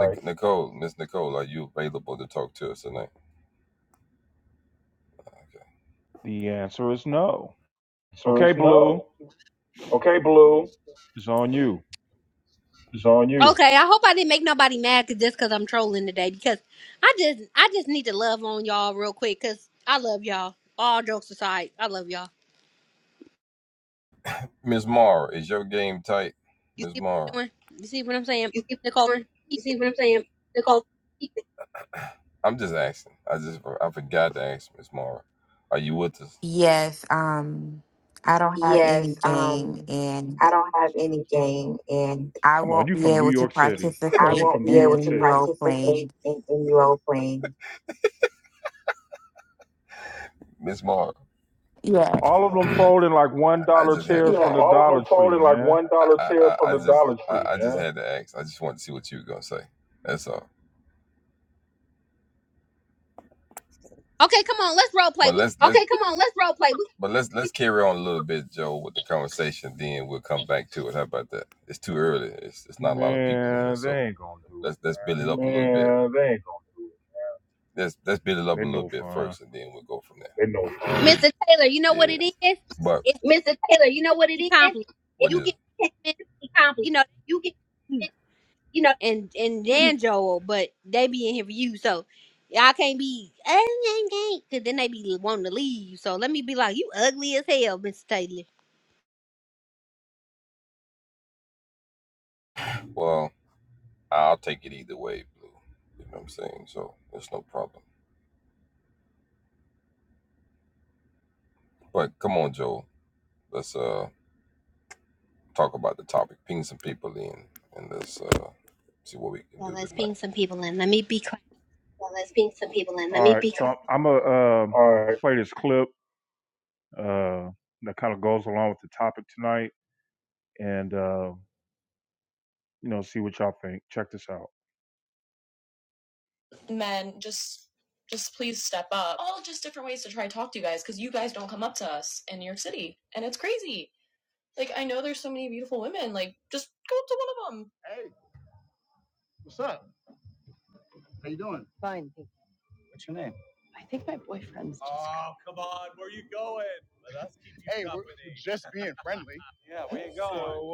Speaker 1: The answer is no.
Speaker 3: So
Speaker 1: Okay,
Speaker 3: it's
Speaker 1: Blue,
Speaker 3: no. Okay, Blue,
Speaker 1: it's on you.
Speaker 3: it's on you.
Speaker 5: Okay, I hope I didn't make nobody mad 'cause- just because I'm trolling today. Because I just, I just need to love on y'all real quick, cause I love y'all. All jokes aside, I love y'all. You see what I'm doing? You see what I'm saying, Nicole? keep it.
Speaker 6: Yes. Um, I don't have any
Speaker 3: Yes,
Speaker 6: game
Speaker 3: um,
Speaker 6: and
Speaker 3: I don't have any game and
Speaker 6: I
Speaker 1: Come on,
Speaker 6: won't
Speaker 1: you
Speaker 6: be
Speaker 1: from New
Speaker 6: able to
Speaker 1: York City.
Speaker 3: I
Speaker 6: participate
Speaker 3: won't be
Speaker 6: in
Speaker 3: able to
Speaker 6: any role
Speaker 3: participate
Speaker 6: playing.
Speaker 3: in any role playing.
Speaker 6: Yeah.
Speaker 1: All of them folding like one dollar chairs from the
Speaker 3: All of
Speaker 1: Dollar
Speaker 3: them
Speaker 1: Tree,
Speaker 3: folded like
Speaker 1: man.
Speaker 3: one dollar.
Speaker 5: Okay, come on, let's role play. We,
Speaker 1: Man, they ain't gonna do it.
Speaker 3: They ain't gonna-
Speaker 1: They no fun.
Speaker 3: they know.
Speaker 5: Mr. Taylor, you know what it is? It's a compliment. You get, compliments, you know, you and and Dan Joel, but they be in here for you, so y'all can't be because then they be wanting to leave. So let me be like, you ugly as hell, Mr. Taylor. Yeah, let's ping some people in. Let me be quiet.
Speaker 1: All right, so I'm gonna uh,
Speaker 3: All right,
Speaker 1: play this clip uh, that kind of goes along with the topic tonight, and uh, you know, see what y'all think. Check this out. Hey, we're just be gone.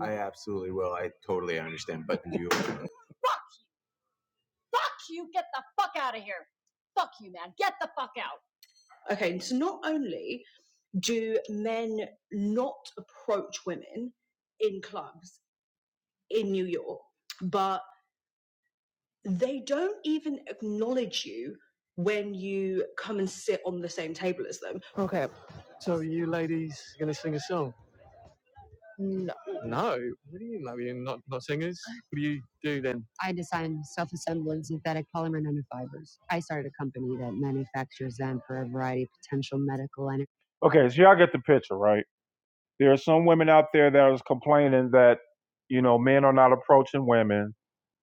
Speaker 1: I absolutely will. I totally understand. But you The the fuck Fuck fuck out out! of here! Fuck you, man! Get the fuck out! I design self assembling synthetic polymer nanofibers. I started a company that manufactures them for a variety of potential medical and Okay, so y'all get the picture, right? There are some women out there that are complaining that, you know, men are not approaching women,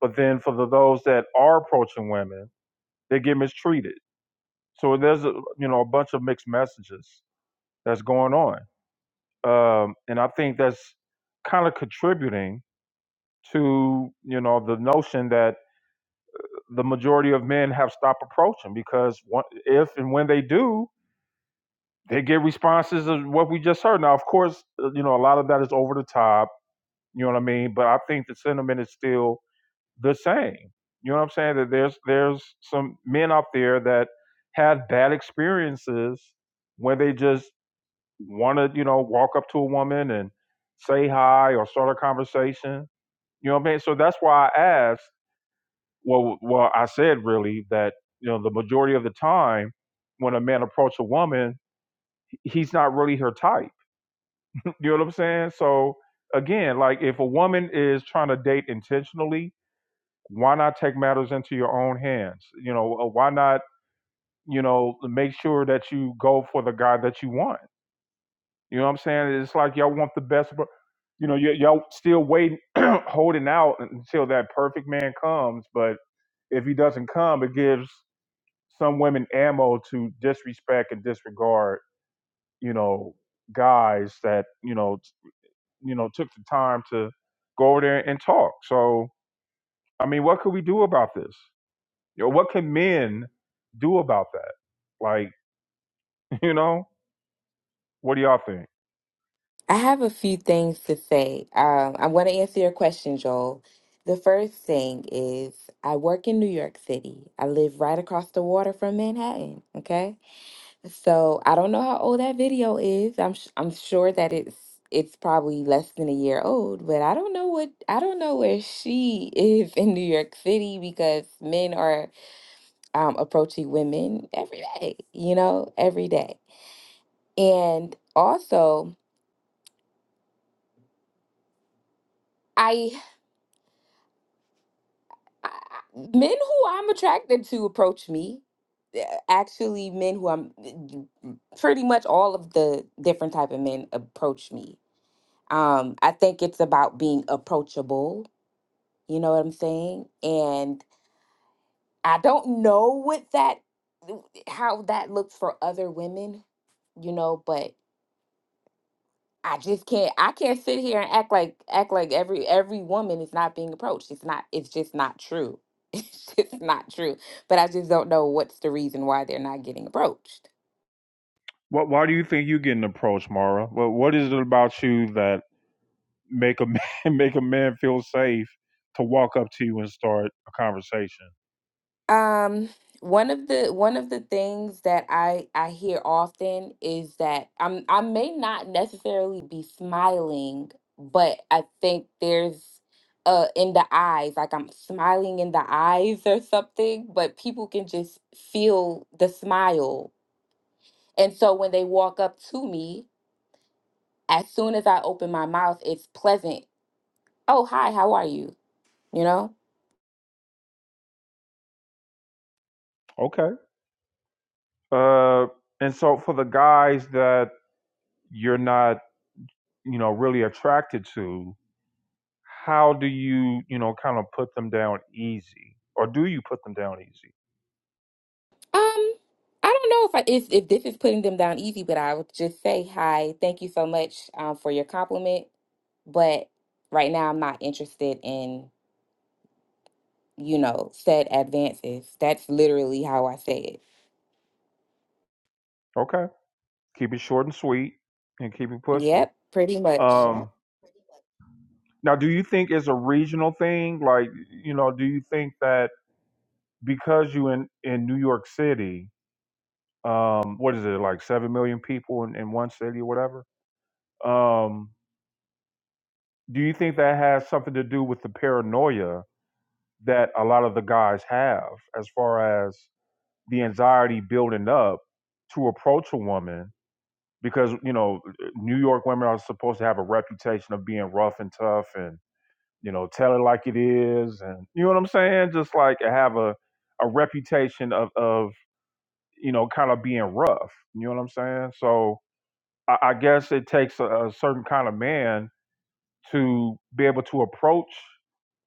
Speaker 1: but then for the those that are approaching women, they get mistreated. So there's a you know a bunch of mixed messages that's going on, um, and I think that's kind of contributing to you know the notion that the majority of men have stopped approaching because if and when they do, they get responses of what we just heard. Now, of course, uh, you know, a lot of that is over the top, you know what I mean? But I think the sentiment is still the same. You know what I'm saying? That there's there's some men out there that have bad experiences when they just want to, you know, walk up to a woman and say hi or start a conversation. You know what I mean? So that's why I asked well, well, I said really that you know the majority of the time when a man approaches a woman, he's not really her type. *laughs* You know what I'm saying? So again, like if a woman is trying to date intentionally, why not take matters into your own hands? You know, uh, why not you know make sure that you go for the guy that you want? You know what I'm saying? It's like y'all want the best, but you know y- y'all still waiting, *clears throat* holding out until that perfect man comes, but if he doesn't come, it gives some women ammo to disrespect and disregard, you know, guys that you know, t- you know, took the time to go over there and talk. So, I mean, what could we do about this? You know, what can men do about that? Like, *laughs* you know, what do y'all think?
Speaker 6: I have a few things to say. Um, I want to answer your question, Joel. The first thing is I work in New York City. I live right across the water from Manhattan. Okay. So I don't know how old that video is. I'm sh- I'm sure that it's it's probably less than a year old, but I don't know what I don't know where she *laughs* is in New York City because men are um, approaching women every day, you know, every day. And also, I, I I- men who I'm attracted to approach me. Uh, Actually, men who I'm eh, pretty much all of the different type of men approach me Um, I think it's about being approachable. You know what I'm saying? And I don't know what that, how that looks for other women, you know, but I just can't, I can't sit here and act like, act like every, every woman is not being approached. It's not, it's just not true. *laughs* It's just not true. But I just don't know what's the reason why they're not getting approached.
Speaker 1: What? Why do you think you getting approached, Mara? What? What is it about you that make a *laughs* man, make a man feel safe to walk up to you and start a conversation?
Speaker 6: Um, one of the one of the things that I I hear often is that I'm I may not necessarily be smiling, but I think there's uh in the eyes, like I'm smiling in the eyes or something, but people can just feel the smile. And so when they walk up to me, as soon as I open my mouth, it's pleasant. Oh, hi, how are you? You know?
Speaker 1: Okay. Uh, and so for the guys that you're not you know really attracted to how do you you know kind of put them down easy or do you put them down easy
Speaker 6: Um, I don't know if I, if if this is putting them down easy, but I would just say hi. Thank you so much um, for your compliment, but right now I'm not interested in you know said advances. That's literally how I say
Speaker 1: okay keep it short and sweet and keep it
Speaker 6: it.
Speaker 1: pushing
Speaker 6: Yep, pretty much.
Speaker 1: um now do you think it's a regional thing like you know do you think that because you in in new york city um what is it like 7 million people in, in one city or whatever um do you think that has something to do with the paranoia that a lot of the guys have as far as the anxiety building up to approach a woman because you know uh, New York women are supposed to have a reputation of being rough and tough and you know tell it like it is and you know what I'm saying just like have a a reputation of of you know kind of being rough you know what I'm saying so I, I guess it takes a, a certain kind of man to be able to approach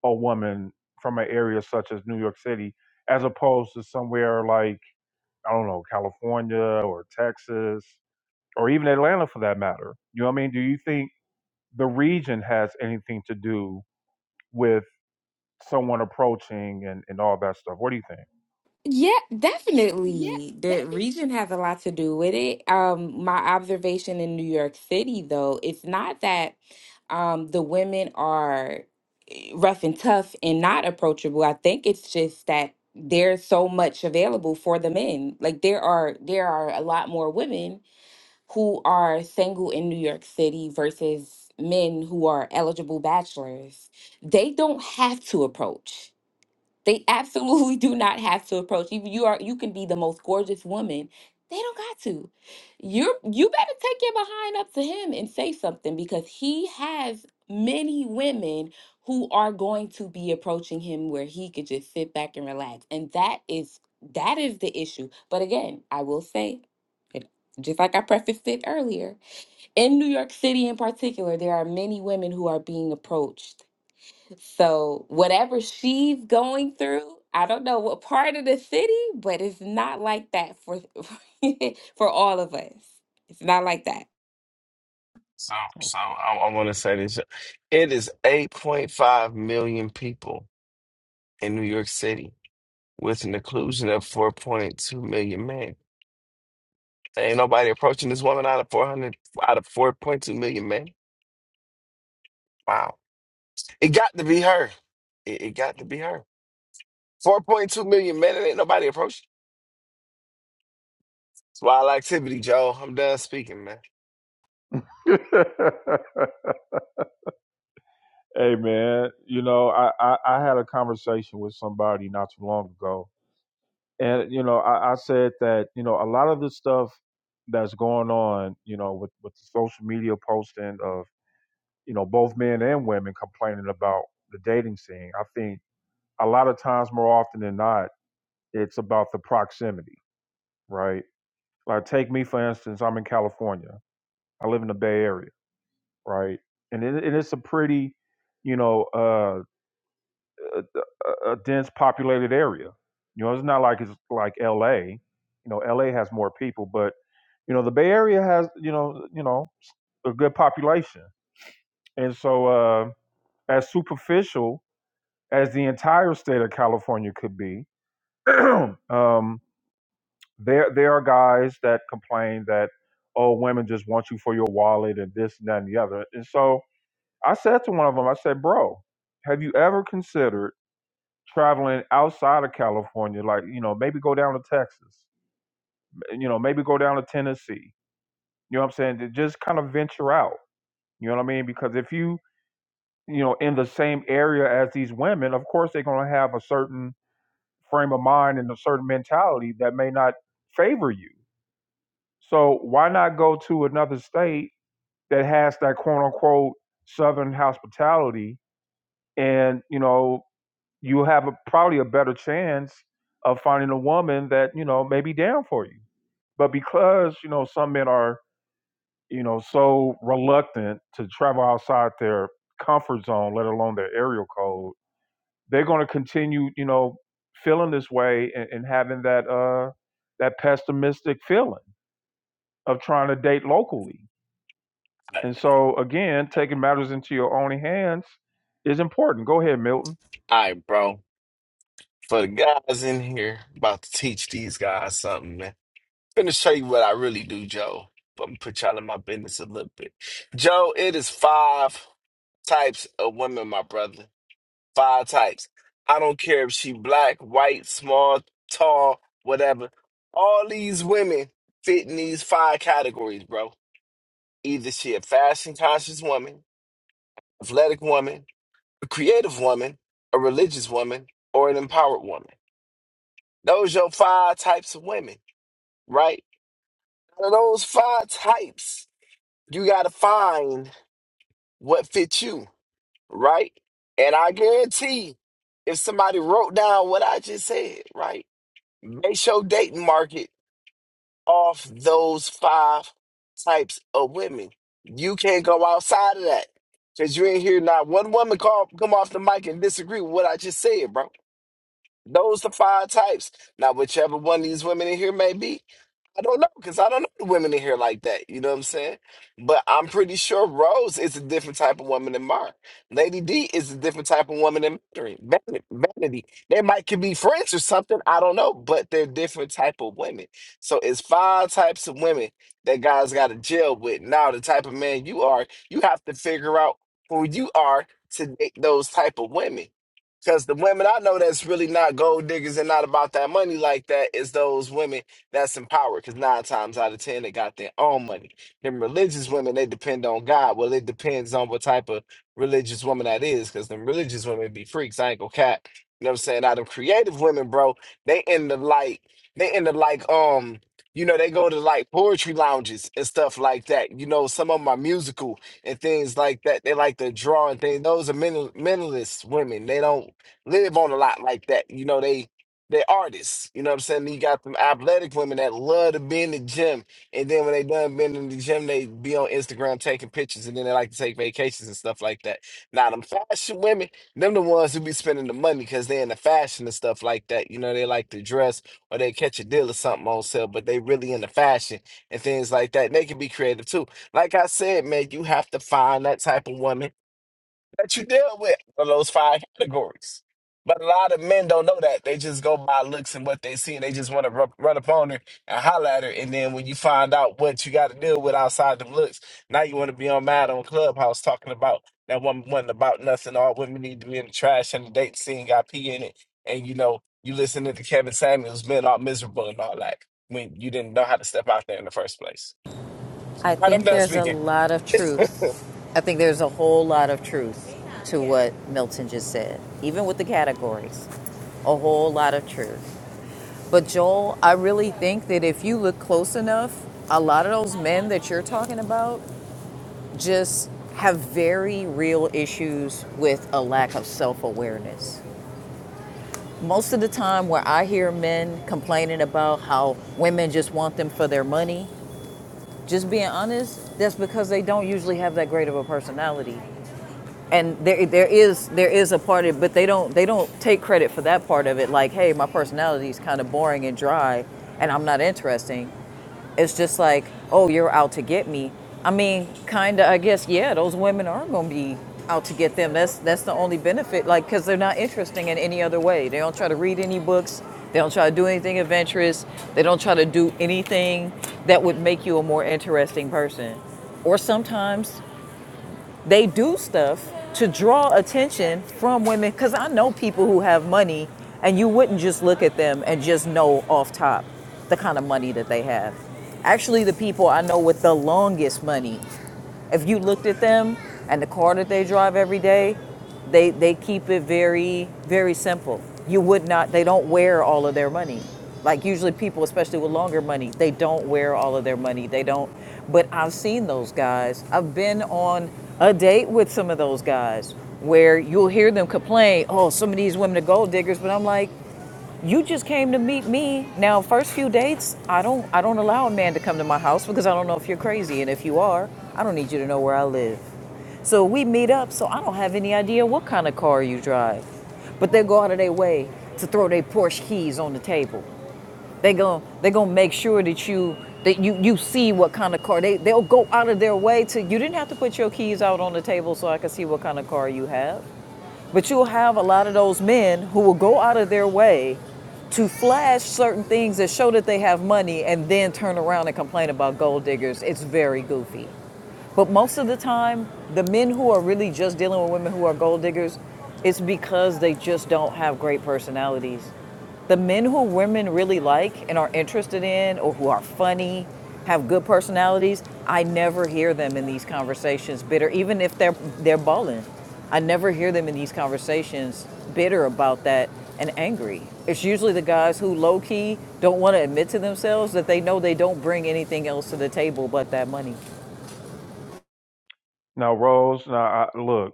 Speaker 1: a woman from an area such as New York City as opposed to somewhere like I don't know, California or Texas or even Atlanta for that matter. You know what I mean? Do you think the region has anything to do with someone approaching and, and all that stuff? What do you think?
Speaker 6: Yeah, definitely. The region has a lot to do with it. Um, my observation in New York City, though, it's not that um the women are. rough and tough and not approachable. I think it's just that there's so much available for the men. Like there are there are a lot more women who are single in New York City versus men who are eligible bachelors. They don't have to approach. They absolutely *laughs* do not have to approach. Even you are you can be the most gorgeous woman. They don't got to. You're you better take your behind up to him and say something because he has many women who are going to be approaching him where he could just sit back and relax. And that is that is the issue. But again, I will say it just like I prefaced it earlier, in New York City in particular, there are many women who are being approached so whatever she's going through, I don't know what part of the city, but it's not like that for *laughs* for all of us. It's not like that.
Speaker 8: So, so I, I want to say this. It is 8.5 million people in New York City with an inclusion of 4.2 million men. There ain't nobody approaching this woman out of 400, out of 4.2 million men. Wow. It got to be her. It, it got to be her. 4.2 million men, and ain't nobody approaching. It's wild activity, Joe. I'm done speaking, man.
Speaker 1: *laughs* hey man, you know, I, I, I had a conversation with somebody not too long ago. And, you know, I, I said that, you know, a lot of the stuff that's going on, you know, with, with the social media posting of, you know, both men and women complaining about the dating scene. I think a lot of times more often than not it's about the proximity right like take me for instance i'm in california i live in the bay area right and, it, and it's a pretty you know uh a, a a dense populated area you know it's not like it's like la you know la has more people but you know the bay area has you know you know a good population and so uh as superficial as the entire state of california could be *clears throat* um There, there are guys that complain that, oh, women just want you for your wallet and this and that and the other. And so I said to one of them, I said, bro, have you ever considered traveling outside of California? Like, you know, maybe go down to Texas, you know, maybe go down to Tennessee. You know what I'm saying? To Just kind of venture out. You know what I mean? Because if you, you know, in the same area as these women, of course they're going to have a certain frame of mind and a certain mentality that may not favor you. So why not go to another state that has that quote unquote southern hospitality and you know you have a, probably a better chance of finding a woman that you know may be down for you but because you know some men are you know so reluctant to travel outside their comfort zone let alone their area code they're going to continue you know feeling this way and, and having that uh that pessimistic feeling of trying to date locally
Speaker 8: All
Speaker 1: And so, again, taking matters into your own hands is important. Go ahead, Milton.
Speaker 8: right, bro. For the guys in here, about to teach these guys something, man. gonna show you what I really do, Joe. But I'm gonna put y'all in my business a little bit. Joe, it is five types of women, my brother. Five types. I don't care if she black, white, small, tall, whatever. All these women fit in these five categories, bro. Either she a fashion conscious woman, athletic woman, a creative woman, a religious woman, or an empowered woman. Those your five types of women, right? Out of those five types. you got to find what fits you, right? And I guarantee if somebody wrote down what I just said, right, base your dating market off those five types of women. You can't go outside of that because you ain't hear not one woman call, come off the mic and disagree with what I just said, bro. Those the five types. Now, whichever one of these women in here may be, I don't know because I don't know the women in here like that. You know what I'm saying? But I'm pretty sure Rose is a different type of woman than Mark. Lady D is a different type of woman than Mary. Vanity. Vanity. They might could be friends or something. I don't know, but they're different type of women. So it's five types of women that guys got to deal with. Now, the type of man you are, you have to figure out who you are to date those type of women. Because the women I know that's really not gold diggers and not about that money like that is those women that's in power. Because nine times out of ten, they got their own money. Them religious women, they depend on God. Well, it depends on what type of religious woman that is. Because them religious women be freaks. I ain't gonna cap. You know what I'm saying? Now, them creative women, bro, they in the like, they in the like, um, you know, they go to like poetry lounges and stuff like that. You know, some of them are musical and things like that. They like to draw and things. Those are mental, mentalist women. They don't live on a lot like that. You know, they they artists. You know what I'm saying? You got some athletic women that love to be in the gym, and then when they done been in the gym, they be on Instagram taking pictures, and then they like to take vacations and stuff like that. Now, them fashion women, them the ones who be spending the money because they in the fashion and stuff like that. You know, they like to dress or they catch a deal or something on sale, but they really in the fashion and things like that. And they can be creative too. Like I said, man, you have to find that type of woman that you deal with are those five categories. But a lot of men don't know that. They just go by looks and what they see, and they just want to run, run up on her and holler at her. And then when you find out what you got to deal with outside the looks, now you want to be on mad on Clubhouse talking about that woman wasn't about nothing. All women need to be in the trash and the date scene got pee in it. And you know, you listening to Kevin Samuels being all miserable and all that when you didn't know how to step out there in the first place.
Speaker 4: I
Speaker 8: All right, I'm
Speaker 4: think
Speaker 8: done
Speaker 4: there's a
Speaker 8: speaking.
Speaker 4: lot of truth. I think there's a whole lot of truth to what Milton just said, even with the categories. A whole lot of truth. But Joel, I really think that if you look close enough, a lot of those men that you're talking about just have very real issues with a lack of self awareness. Most of the time, where I hear men complaining about how women just want them for their money, just being honest, that's because they don't usually have that great of a personality and there there is there is a part of it, but they don't they don't take credit for that part of it. Like, hey, my personality is kind of boring and dry, and I'm not interesting. It's just like, oh, you're out to get me. I mean, kind of. I guess yeah, those women are gonna be out to get them. That's that's the only benefit, like, because they're not interesting in any other way. They don't try to read any books. They don't try to do anything adventurous. They don't try to do anything that would make you a more interesting person or sometimes they do stuff to draw attention from women because i know people who have money and you wouldn't just look at them and just know off top the kind of money that they have actually the people i know with the longest money if you looked at them and the car that they drive every day, they they keep it very very simple. You would not. They don't wear all of their money. Like usually people, especially with longer money, they don't wear all of their money. They don't. But I've seen those guys. I've been on a date with some of those guys where you'll hear them complain, "Oh, some of these women are gold diggers," but I'm like, you just came to meet me. Now, first few dates, I don't I don't allow a man to come to my house because I don't know if you're crazy and if you are, I don't need you to know where I live. So we meet up, so I don't have any idea what kind of car you drive. But they go out of their way to throw their Porsche keys on the table. They gon' they gonna make sure that you that you you see what kind of car they they'll go out of their way to you didn't have to put your keys out on the table so I could see what kind of car you have. But you'll have a lot of those men who will go out of their way to flash certain things that show that they have money and then turn around and complain about gold diggers. It's very goofy. But most of the time, the men who are really just dealing with women who are gold diggers, it's because they just don't have great personalities. The men who women really like and are interested in, or who are funny, have good personalities, I never hear them in these conversations bitter, even if they're they're balling. I never hear them in these conversations bitter about that and angry. It's usually the guys who low key don't want to admit to themselves that they know they don't bring anything else to the table but that money.
Speaker 1: Now, Rose, now, I, look,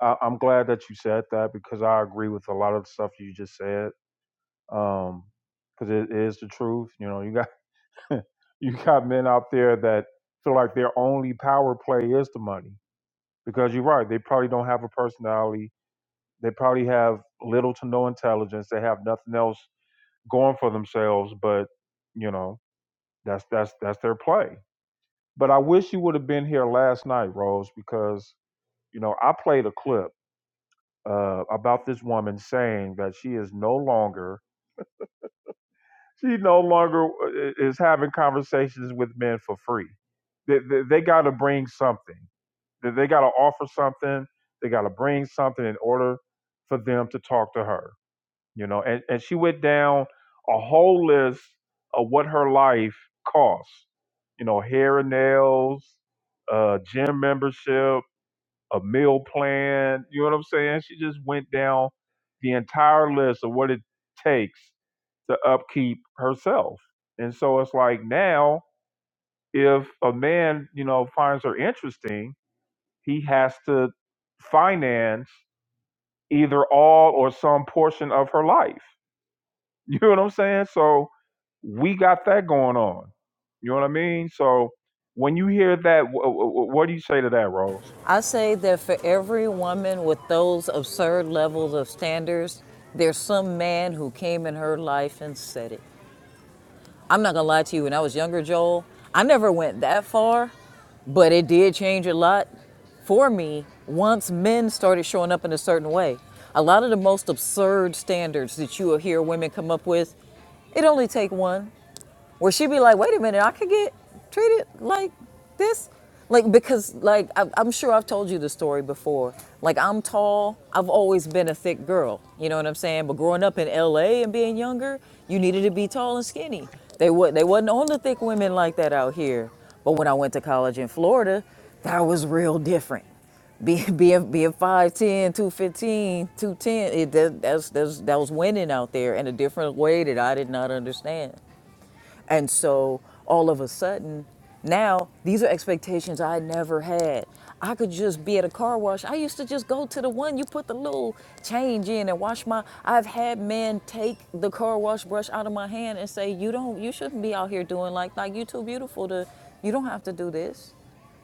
Speaker 1: I, I'm glad that you said that because I agree with a lot of the stuff you just said. Um, because um, it is the truth. You know, you got *laughs* you got men out there that feel like their only power play is the money. Because you're right, they probably don't have a personality. They probably have little to no intelligence. They have nothing else going for themselves. But you know, that's that's that's their play But I wish you would have been here last night, Rose, because you know I played a clip uh, about this woman saying that she is no longer she no longer uh, is having conversations with men for free. They, they, they got to bring something. They, they got to offer something. They got to bring something in order for them to talk to her you know and, and she went down a whole list of what her life cost you know hair and nails uh gym membership a meal plan you know what i'm saying she just went down the entire list of what it takes to upkeep herself and so it's like now if a man you know finds her interesting he has to finance either all or some portion of her life you know what I'm saying? So we got that going on. You know what I mean? So when you hear that, wh- wh- wh- what do you say to that, Rose?
Speaker 4: I say that for every woman with those absurd levels of standards, there's some man who came in her life and said it. I'm not gonna lie to you, when I was younger, Joel, I never went that far, but it did change a lot for me once men started showing up in a certain way. A lot of the most absurd standards that you will hear women come up with, it only take one where she'd be like, wait a minute, I could get treated like this. Like, because, like, I- I'm sure I've told you the story before. Like, I'm tall. I've always been a thick girl. You know what I'm saying? But growing up in LA and being younger, you needed to be tall and skinny. They, wa- they wasn't on the thick women like that out here. But when I went to college in Florida, that was real different being *laughs* being being five ten, two fifteen, two ten. it, that, that's, that's, that was winning out there in a different way that I did not understand. And so all of a sudden, now these are expectations I never had. I could just be at a car wash. I used to just go to the one you put the little change in and wash my I've had men take the car wash brush out of my hand and say, "You don't you shouldn't be out here doing like like you are too beautiful to you don't have to do this."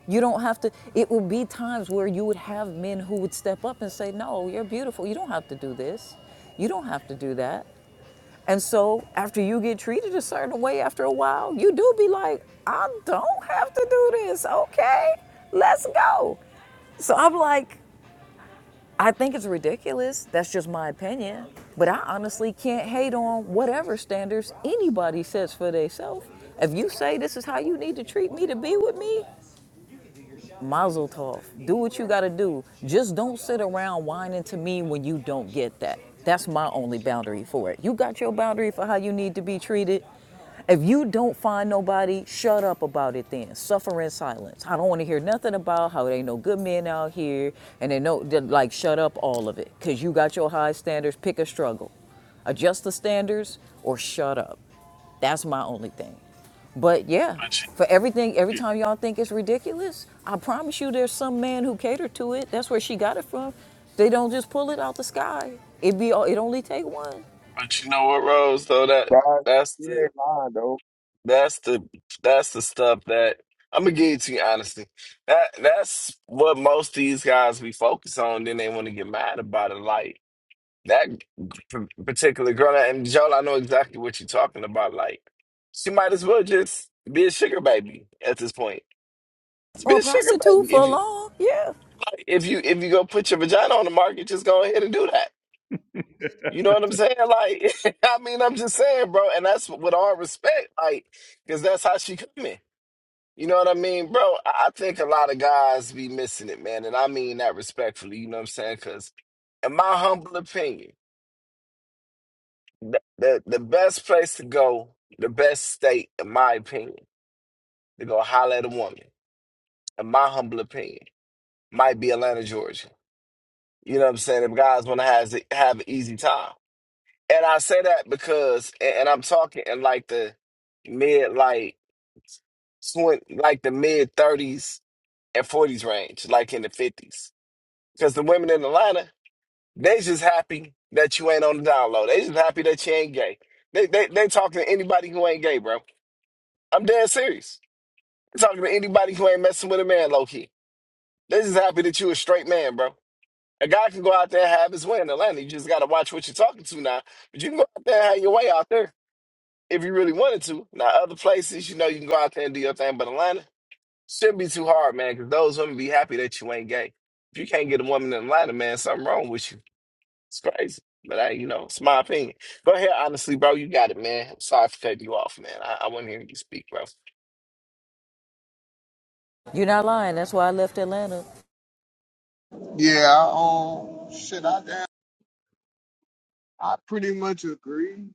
Speaker 4: You don't have to it would be times where you would have men who would step up and say, "No, you're beautiful. You don't have to do this. You don't have to do that." And so after you get treated a certain way after a while, you do be like, I don't have to do this. Okay, let's go. So I'm like, I think it's ridiculous. That's just my opinion. But I honestly can't hate on whatever standards anybody sets for themselves. If you say this is how you need to treat me to be with me, mazel tov. Do what you gotta do. Just don't sit around whining to me when you don't get that. That's my only boundary for it. You got your boundary for how you need to be treated. If you don't find nobody, shut up about it then. Suffer in silence. I don't want to hear nothing about how there ain't no good men out here and they know, like, shut up all of it. Because you got your high standards, pick a struggle. Adjust the standards or shut up. That's my only thing. But yeah,
Speaker 8: But
Speaker 4: for everything, every
Speaker 8: you,
Speaker 4: time y'all think it's ridiculous, I promise you there's some man who catered to it. That's where she got it from. They don't just pull it out the sky. It be it only take one
Speaker 8: but you know what, Rose? Though that
Speaker 9: God,
Speaker 8: that's
Speaker 9: you
Speaker 8: the
Speaker 9: ain't lying though.
Speaker 8: That's the that's the stuff that I'm gonna give it to you honestly. That that's what most of these guys be focused on. Then they want to get mad about it. Like that p- particular girl, and Joel, I know exactly what you're talking about. Like she might as well just be a sugar baby at this point. Just
Speaker 4: or
Speaker 8: be
Speaker 4: a
Speaker 8: a sugar
Speaker 4: prostitute
Speaker 8: baby.
Speaker 4: for
Speaker 8: If you
Speaker 4: long. Yeah.
Speaker 8: if you if you go put your vagina on the market, just go ahead and do that. You know what I'm saying? Like *laughs* I mean, I'm just saying, bro. And that's with all respect, like because that's how she coming. You know what I mean, bro? I I think a lot of guys be missing it, man. And I mean that respectfully, you know what I'm saying? Because, in my humble opinion, the, the, the best place to go, the best state, in my opinion, to go holler at a woman, in my humble opinion, might be Atlanta, Georgia. You know what I'm saying? If guys want to have, have an easy time. And I say that because, and, and I'm talking in like the mid, like, twen- like the mid 30s and 40s range, like in the 50s. Because the women in Atlanta, they just happy that you ain't on the down low. They just happy that you ain't gay. They they they talking to anybody who ain't gay, bro. I'm dead serious. They talking to anybody who ain't messing with a man, low key. They just happy that you a straight man, bro. A guy can go out there and have his way in Atlanta. You just gotta watch what you're talking to now. But you can go out there and have your way out there if you really wanted to. Now other places, you know, you can go out there and do your thing, but Atlanta shouldn't be too hard, man, because those women be happy that you ain't gay. If you can't get a woman in Atlanta, man, something wrong with you. It's crazy. But I, you know, it's my opinion. Go ahead, honestly, bro. You got it, man. I'm sorry for cutting you off, man. I, I want to hear you speak, bro.
Speaker 4: You're not lying. That's why I left Atlanta.
Speaker 9: Yeah, I, um, shit, I damn, I pretty much agree.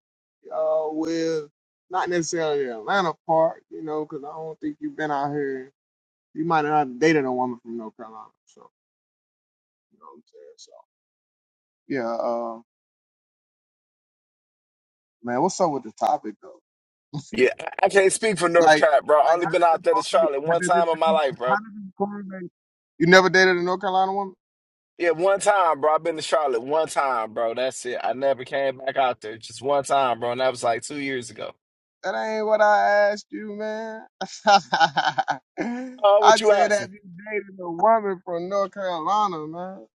Speaker 9: Uh, with not necessarily the Atlanta part, you know, 'cause I don't think you've been out here. You might not have dated a woman from North Carolina, so you know what I'm saying. So yeah, uh, man, what's up with the topic though? *laughs*
Speaker 8: Yeah, I I can't speak for North
Speaker 9: like,
Speaker 8: Carolina, bro. I
Speaker 9: like how
Speaker 8: only been
Speaker 9: did this
Speaker 8: out there to
Speaker 9: correlate?
Speaker 8: Charlotte
Speaker 9: How
Speaker 8: one
Speaker 9: did this?
Speaker 8: time in my
Speaker 9: How
Speaker 8: life, bro.
Speaker 9: did this correlate? You never dated a North Carolina woman?
Speaker 8: Yeah, one time, bro. I've been to Charlotte one time, bro. That's it. I never came back out there. Just one time, bro. And that was like two years ago.
Speaker 9: That ain't what I asked you, man. *laughs* I
Speaker 8: Oh, what you
Speaker 9: said,
Speaker 8: asking?
Speaker 9: have you dated a woman from North Carolina, man?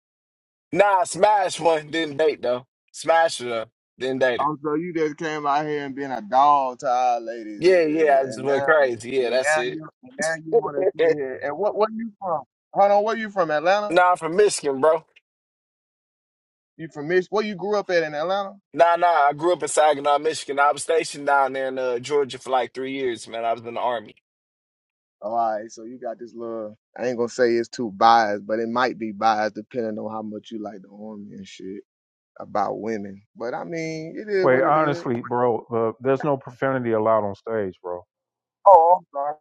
Speaker 8: Nah, I smashed one. Didn't date, though. Smashed her, though. Didn't date her.
Speaker 9: Oh, so you just came out here and being a dog to our ladies,
Speaker 8: Yeah,
Speaker 9: and
Speaker 8: yeah. I just
Speaker 9: and
Speaker 8: went
Speaker 9: now,
Speaker 8: crazy. Yeah,
Speaker 9: and
Speaker 8: that's
Speaker 9: now
Speaker 8: it.
Speaker 9: you, and now you want to sit
Speaker 8: *laughs*
Speaker 9: here. And what, where you from? Hold on, where you from? Atlanta?
Speaker 8: nah, I'm from Michigan, bro.
Speaker 9: You from Mich? Where you grew up at in Atlanta?
Speaker 8: Nah, nah. I grew up in Saginaw, Michigan. I was stationed down there in uh, Georgia for like three years, man. I was in the army.
Speaker 9: Oh, all right, so you got this little. I ain't gonna say it's too biased, but it might be biased depending on how much you like the army and shit about women. But I mean, it is what
Speaker 1: Wait,
Speaker 9: it is.
Speaker 1: honestly, bro, uh, there's no profanity allowed on stage, bro.
Speaker 9: Oh, I'm sorry.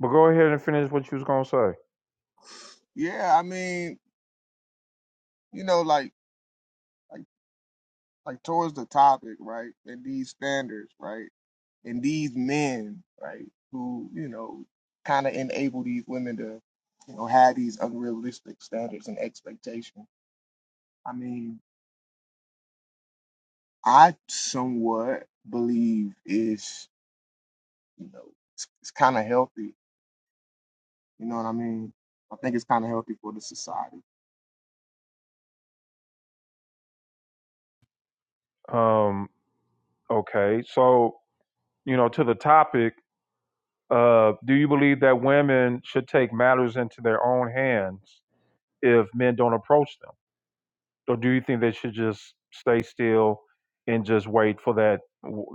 Speaker 1: But go ahead and finish what you was gonna say.
Speaker 9: Yeah, I mean, you know, like like like towards the topic, right? And these standards, right? And these men, right, who, you know, kinda enable these women to, you know, have these unrealistic standards and expectations. I mean, I somewhat believe is, you know, it's, it's kinda healthy. You know what I mean? I think it's kinda healthy for the society.
Speaker 1: Um, okay, so you know, to the topic, uh, do you believe that women should take matters into their own hands if men don't approach them? or do you think they should just stay still and just wait for that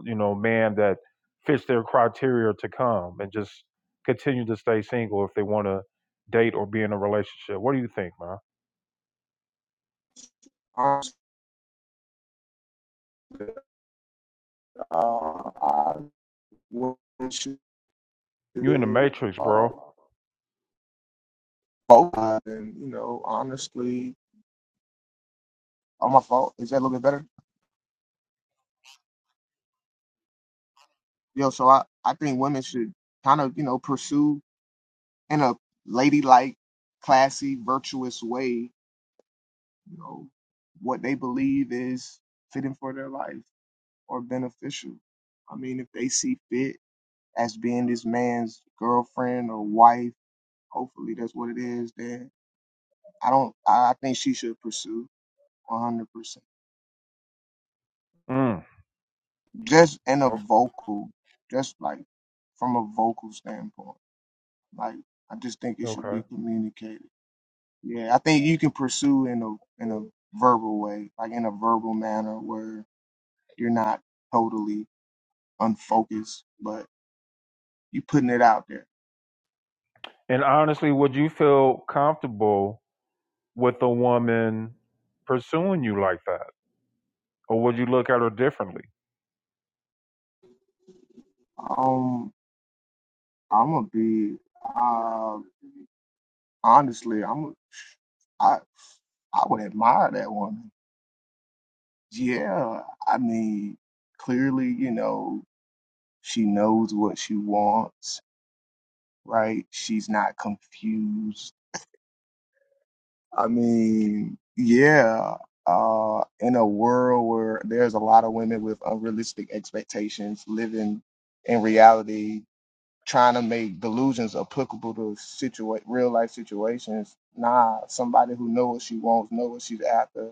Speaker 1: you know man that fits their criteria to come and just continue to stay single if they want to date or be in a relationship what do you think man
Speaker 9: Honestly, uh, I wouldn't should
Speaker 1: you in the matrix
Speaker 9: uh,
Speaker 1: bro
Speaker 9: both sides, and you know, honestly, on my fault. Is that a little bit better? Yo, so I, I think women should kind of, you know, pursue in a ladylike, classy, virtuous way, you know, what they believe is fitting for their life or beneficial. I mean, if they see fit as being this man's girlfriend or wife, hopefully that's what it is, then I don't I I think she should pursue 100%.
Speaker 1: mm.
Speaker 9: just in a
Speaker 1: o-
Speaker 9: vocal, just like from a vocal standpoint. Like I just think it should be
Speaker 1: okay
Speaker 9: communicated. Yeah, I think you can pursue in a in a verbal way, like in a verbal manner where you're not totally unfocused, but you putting it out there.
Speaker 1: and honestly would you feel comfortable with a woman pursuing you like that or would you look at her differently
Speaker 9: Um, I'm gonna be uh, honestly, I'm I I would admire that woman. Yeah, I mean, clearly, you know, She knows what she wants, right? She's not confused. I mean, yeah, uh, in a world where there's a lot of women with unrealistic expectations living in reality, trying to make delusions applicable to situa- real life situations, nah, somebody who knows what she wants, knows what she's after,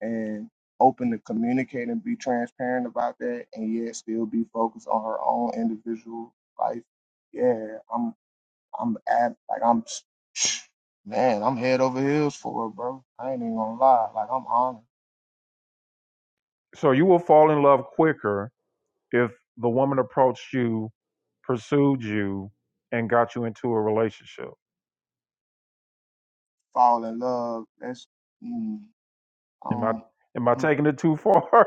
Speaker 9: and open to communicate and be transparent about that and yet still be focused on her own individual life yeah, I'm. I'm at like I'm *sniffs* man, I'm head over heels for it, bro. I ain't even gonna lie. Like I'm honored.
Speaker 1: so you will fall in love quicker if the woman approached you, pursued you, and got you into a relationship.
Speaker 9: Fall in love. That's mm,
Speaker 1: Am I
Speaker 9: um
Speaker 1: am I
Speaker 9: mm.
Speaker 1: taking it too far?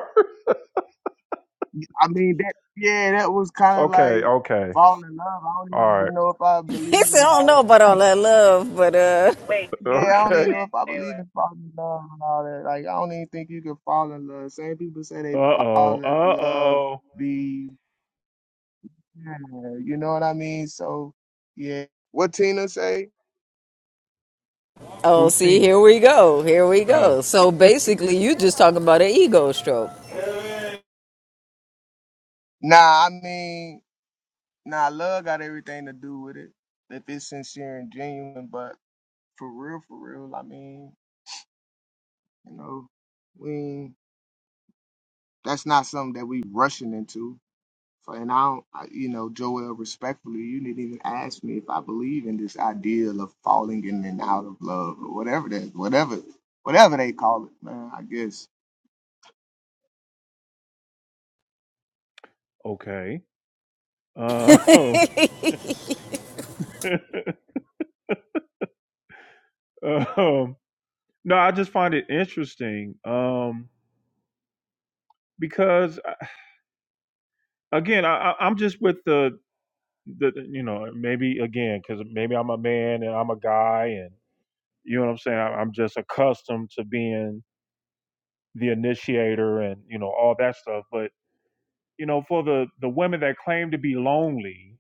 Speaker 9: I mean that yeah, that was
Speaker 1: *laughs*
Speaker 9: kinda
Speaker 1: okay,
Speaker 9: like
Speaker 1: okay.
Speaker 9: falling in love. I don't
Speaker 1: All right.
Speaker 9: even know if I
Speaker 4: *laughs* He
Speaker 9: believe
Speaker 4: said,
Speaker 9: in
Speaker 4: I don't
Speaker 9: all
Speaker 4: know
Speaker 9: that.
Speaker 4: about all that love, but uh
Speaker 10: Wait,
Speaker 9: Yeah, I don't even
Speaker 1: Okay.
Speaker 9: know if I
Speaker 10: wait,
Speaker 9: believe
Speaker 10: wait.
Speaker 9: in falling in love and all that. Like I don't even think you can fall in love. Same people say
Speaker 1: Uh
Speaker 9: they fall
Speaker 1: oh. Uh
Speaker 9: in love
Speaker 1: oh.
Speaker 9: be yeah, you know what I mean? So yeah. What Tina say?
Speaker 4: oh
Speaker 1: Who's
Speaker 4: see,
Speaker 1: cheating?
Speaker 4: here we go. Here we
Speaker 1: Oh,
Speaker 4: go. So basically you just talking about an ego stroke.
Speaker 9: Nah, I mean Now, love got everything to do with it if it's sincere and genuine. But for real, for real, I mean, you know, we that's not something that we rushing into. So, and I, don't, I, you know, Joel, respectfully, you didn't even ask me if I believe in this ideal of falling in and out of love or whatever that, whatever, whatever they call it, man. I guess.
Speaker 1: okay. Uh, *laughs*
Speaker 4: *laughs*
Speaker 1: um, no, I just find it interesting um, because uh, again, I, I- am just with the the you know maybe again because maybe I'm a man and I'm a guy and. You know what I'm saying? I, I'm just accustomed to being the initiator and you know all that stuff. But you know, for the the women that claim to be lonely,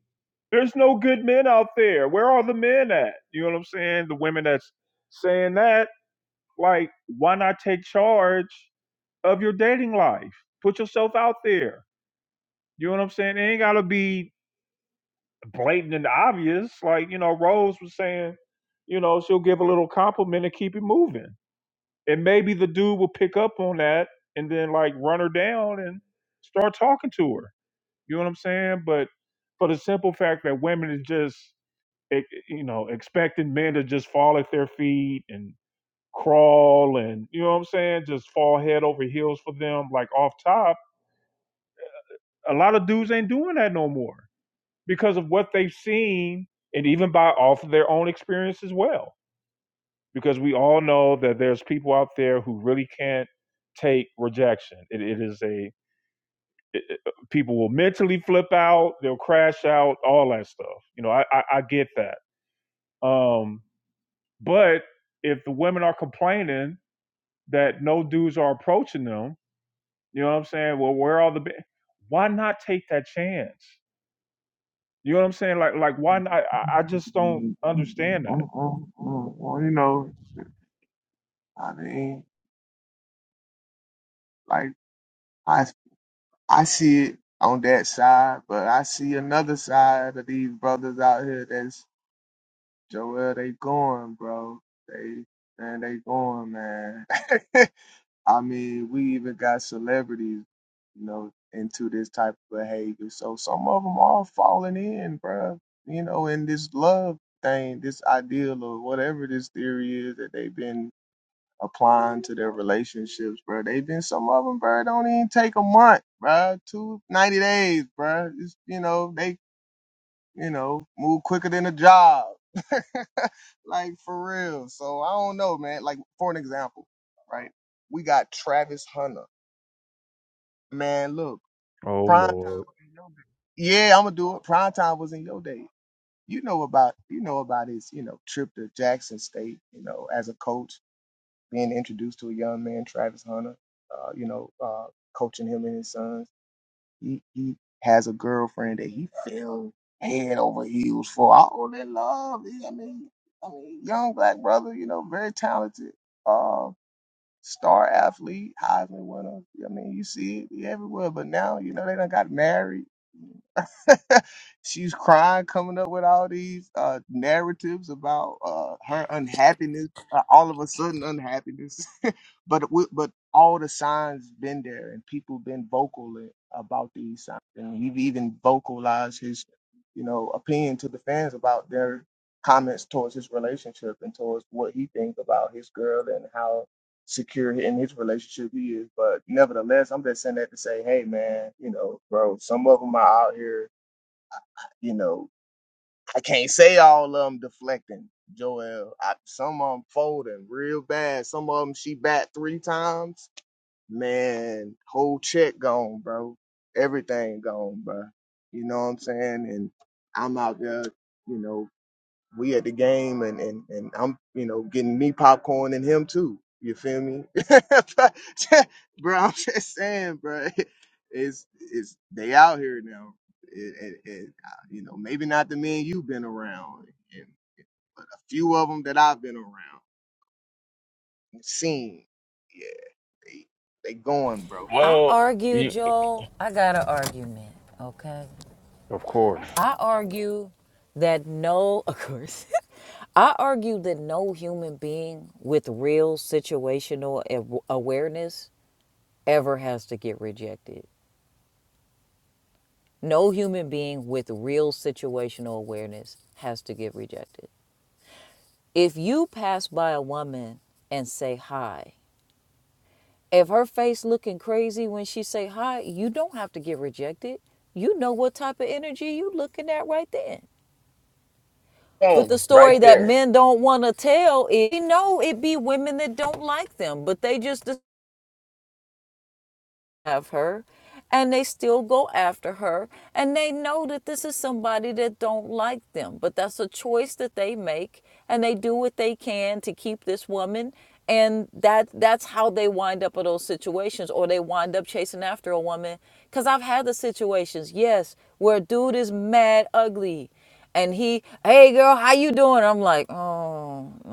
Speaker 1: there's no good men out there. Where are the men at? You know what I'm saying? The women that's saying that, like, why not take charge of your dating life? Put yourself out there. You know what I'm saying? It ain't gotta be blatant and obvious. Like you know, Rose was saying, you know, she'll give a little compliment and keep it moving. and maybe the dude will pick up on that and then like run her down and start talking to her. You know what I'm saying? But for the simple fact that women is just e- e, you know expecting men to just fall at their feet and crawl and you know what I'm saying, just fall head over heels for them like off top. A lot of dudes ain't doing that no more because of what they've seen and even by off of their own experience as well because we all know that there's people out there who really can't take rejection. It, it is a it, people will mentally flip out, they'll crash out, all that stuff. You know, I I, I get that. Um, but if the women are complaining that no dudes are approaching them, you know what I'm saying? Well, where are the ba- why not take that chance? You know what I'm saying? Like like why
Speaker 9: Mm,
Speaker 1: not? I, I just don't
Speaker 9: mm, mm,
Speaker 1: understand that.
Speaker 9: mm, mm, mm, You know, I mean, like. I. I see it on that side, but I see another side of these brothers out here that's Joel, they going, bro. They man, they going, man. *laughs* I mean, we even got celebrities, you know, into this type of behavior. So some of them are falling in, bro. You know, in this love thing, this ideal or whatever this theory is that they've been applying to their relationships, bro. They've been some of them, bro. Don't even take a month, bro. Two ninety days, bro. It's, you know they, you know, move quicker than a job, *laughs* like for real. So I don't know, man. Like for an example, right? We got Travis Hunter, man. Look,
Speaker 1: Oh
Speaker 9: prime time
Speaker 1: Lord,
Speaker 9: was in your day. Yeah, I'm gonna do it. Prime time was in your day. You know about you know about his you know trip to Jackson State, you know, as a coach being introduced to a young man, Travis Hunter, uh, you know, uh, coaching him and his sons. He he has a girlfriend that he fell head over heels for. All that love. He- I mean, I mean, young black brother, you know, very talented, uh, star athlete, Heisman winner. I mean, you see it everywhere. But now, you know, they done got married. *laughs* She's crying, coming up with all these uh, narratives about uh, her unhappiness, uh, all of a sudden unhappiness. *laughs* but w- but all the signs been there, and people been vocal i- about these signs, and he've even vocalized his, you know, opinion to the fans about their comments towards his relationship and towards what he thinks about his girl and how secure in his relationship he is. But nevertheless, I'm just saying that to say, hey man, you know, bro, some of them are out here you know, I can't say all of them deflecting. Joel, I, some of them folding real bad. Some of them she bat three times. Man, whole check gone, bro. Everything gone, bro. You know what I'm saying? And I'm out there, you know we at the game and and and I'm you know getting me popcorn and him too. You feel me, *laughs* bro? I'm just saying, bro. *laughs* It's it's they out here now. It, it, it, uh, you know maybe not the men you've been around, and, but a few of them that I've been around and seen. Yeah, they they going, bro.
Speaker 4: I
Speaker 8: Well,
Speaker 4: argued,
Speaker 8: you
Speaker 4: Joel. I got an argument, okay?
Speaker 1: of course.
Speaker 4: I argue that no, of course, *laughs* I argue that no human being with real situational aw- awareness ever has to get rejected. No human being with real situational awareness has to get rejected. If you pass by a woman and say hi, if her face looking crazy when she say hi, you don't have to get rejected. You know what type of energy you looking at right then. But
Speaker 8: boom,
Speaker 4: the
Speaker 8: right
Speaker 4: story that
Speaker 8: there.
Speaker 4: men don't want to tell is, you know, it be women that don't like them, but they just have her and they still go after her and they know that this is somebody that don't like them but that's a choice that they make and they do what they can to keep this woman and that that's how they wind up in those situations or they wind up chasing after a woman cuz I've had the situations yes where a dude is mad ugly and he hey girl how you doing i'm like oh no.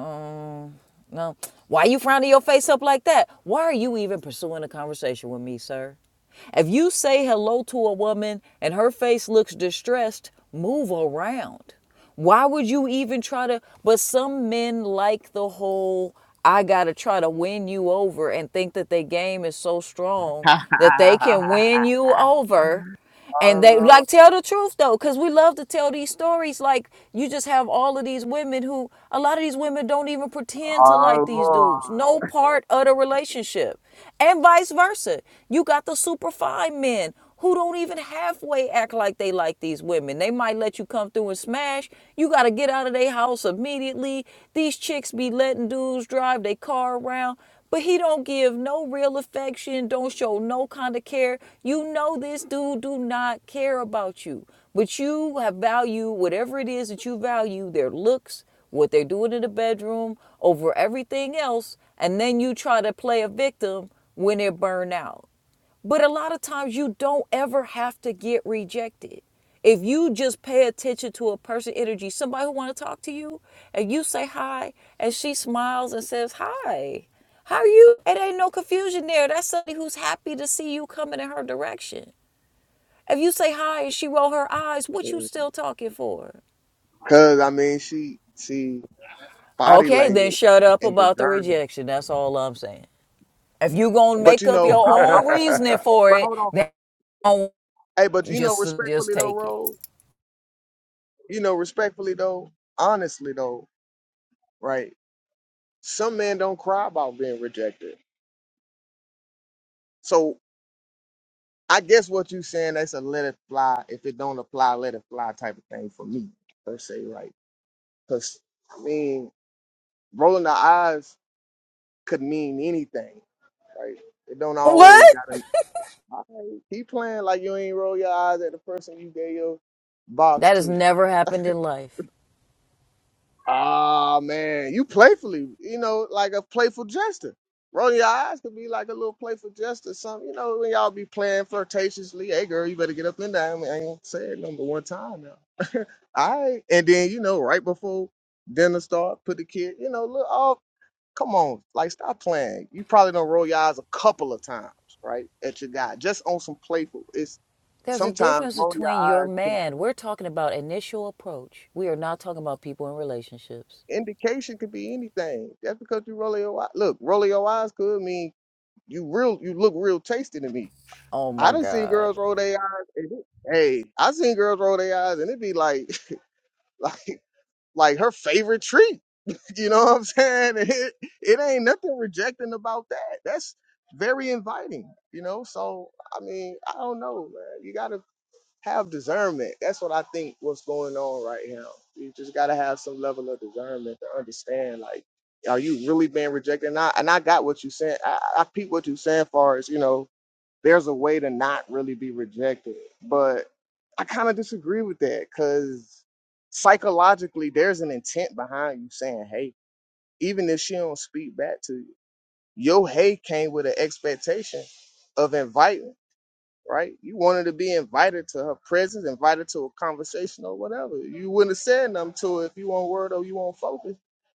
Speaker 4: No. Why you frowning your face up like that? Why are you even pursuing a conversation with me, sir? If you say hello to a woman and her face looks distressed, move around. Why would you even try to? But some men like the whole I gotta try to win you over and think that their game is so strong
Speaker 9: *laughs*
Speaker 4: that they can win you over and
Speaker 9: Oh
Speaker 4: they
Speaker 9: Lord,
Speaker 4: like tell the truth though because we love to tell these stories like you just have all of these women who a lot of these women don't even pretend to like these dudes
Speaker 9: oh
Speaker 4: no part of the relationship and vice versa you got the super fine men who don't even halfway act like they like these women they might let you come through and smash you got to get out of their house immediately these chicks be letting dudes drive their car around but he don't give no real affection, don't show no kind of care. You know this dude do not care about you. But you have value whatever it is that you value, their looks, what they're doing in the bedroom, over everything else, and then you try to play a victim when they're burned out. But a lot of times you don't ever have to get rejected. If you just pay attention to a person's energy, somebody who want to talk to you, and you say hi, and she smiles and says hi, how are you? It ain't no confusion there. That's somebody who's happy to see you coming in her direction. If you say hi and she roll her eyes, what you
Speaker 9: Lord.
Speaker 4: still talking for?
Speaker 9: Cause I mean, she she body
Speaker 4: Okay, then
Speaker 9: language
Speaker 4: shut up
Speaker 9: and
Speaker 4: about the
Speaker 9: discernment.
Speaker 4: rejection. That's all I'm saying. If you gonna
Speaker 9: But
Speaker 4: make
Speaker 9: you
Speaker 4: up
Speaker 9: know,
Speaker 4: your
Speaker 9: I, I
Speaker 4: own
Speaker 1: *laughs*
Speaker 4: reasoning for
Speaker 9: but
Speaker 4: it,
Speaker 9: hold on.
Speaker 4: then
Speaker 9: Hey, but you know,
Speaker 4: just just
Speaker 9: respectfully though,
Speaker 4: take it.
Speaker 9: Rose. You know, respectfully though, honestly though, right? Some men don't cry about being rejected. So I guess what you saying that's a let it fly. If it don't apply, let it fly type of thing for me per se, right? Because I mean, rolling the eyes could mean anything, right? It don't
Speaker 4: What?
Speaker 9: always gotta. All right, keep playing like you ain't roll your eyes at the person you gave your box
Speaker 4: That has
Speaker 9: to.
Speaker 4: never happened in life.
Speaker 9: Ah man, you playfully, you know, like a playful jester. Rolling your eyes could be like a little playful jester, something, you know, when y'all be playing flirtatiously. Hey girl, you better get up and down. I mean, I ain't said number one time now. *laughs* All right. And then, you know, right before dinner start, put the kid, you know, look oh, come on, like stop playing. You probably don't roll your eyes a couple of times, right? At your guy. Just on some playful. It's
Speaker 4: There's a
Speaker 9: sometimes
Speaker 4: difference
Speaker 9: rolling your
Speaker 4: between your
Speaker 9: eyes.
Speaker 4: man. We're talking about initial approach. We are not talking about people in relationships.
Speaker 9: indication could be anything. Just because you roll your eyes, look, roll your eyes could mean you real, you look real tasty to me.
Speaker 4: Oh my
Speaker 9: I done seen
Speaker 4: God.
Speaker 9: girls roll their eyes, and it, hey, I seen girls roll their eyes, and it be like, *laughs* like, like her favorite treat. *laughs* You know what I'm saying? And It, it ain't nothing rejecting about that. That's very inviting. You know, so I mean, I don't know, man. You gotta have discernment. That's what I think what's going on right now. You just gotta have some level of discernment to understand like, are you really being rejected? And I and I got what you said. I, I peep what you saying far as, you know, there's a way to not really be rejected. But I kind of disagree with that because psychologically there's an intent behind you saying, hey, even if she don't speak back to you, your hey came with an expectation of inviting right? You wanted to be invited to her presence, invited to a conversation or whatever. You wouldn't have said nothing to her if you on word or you on focus.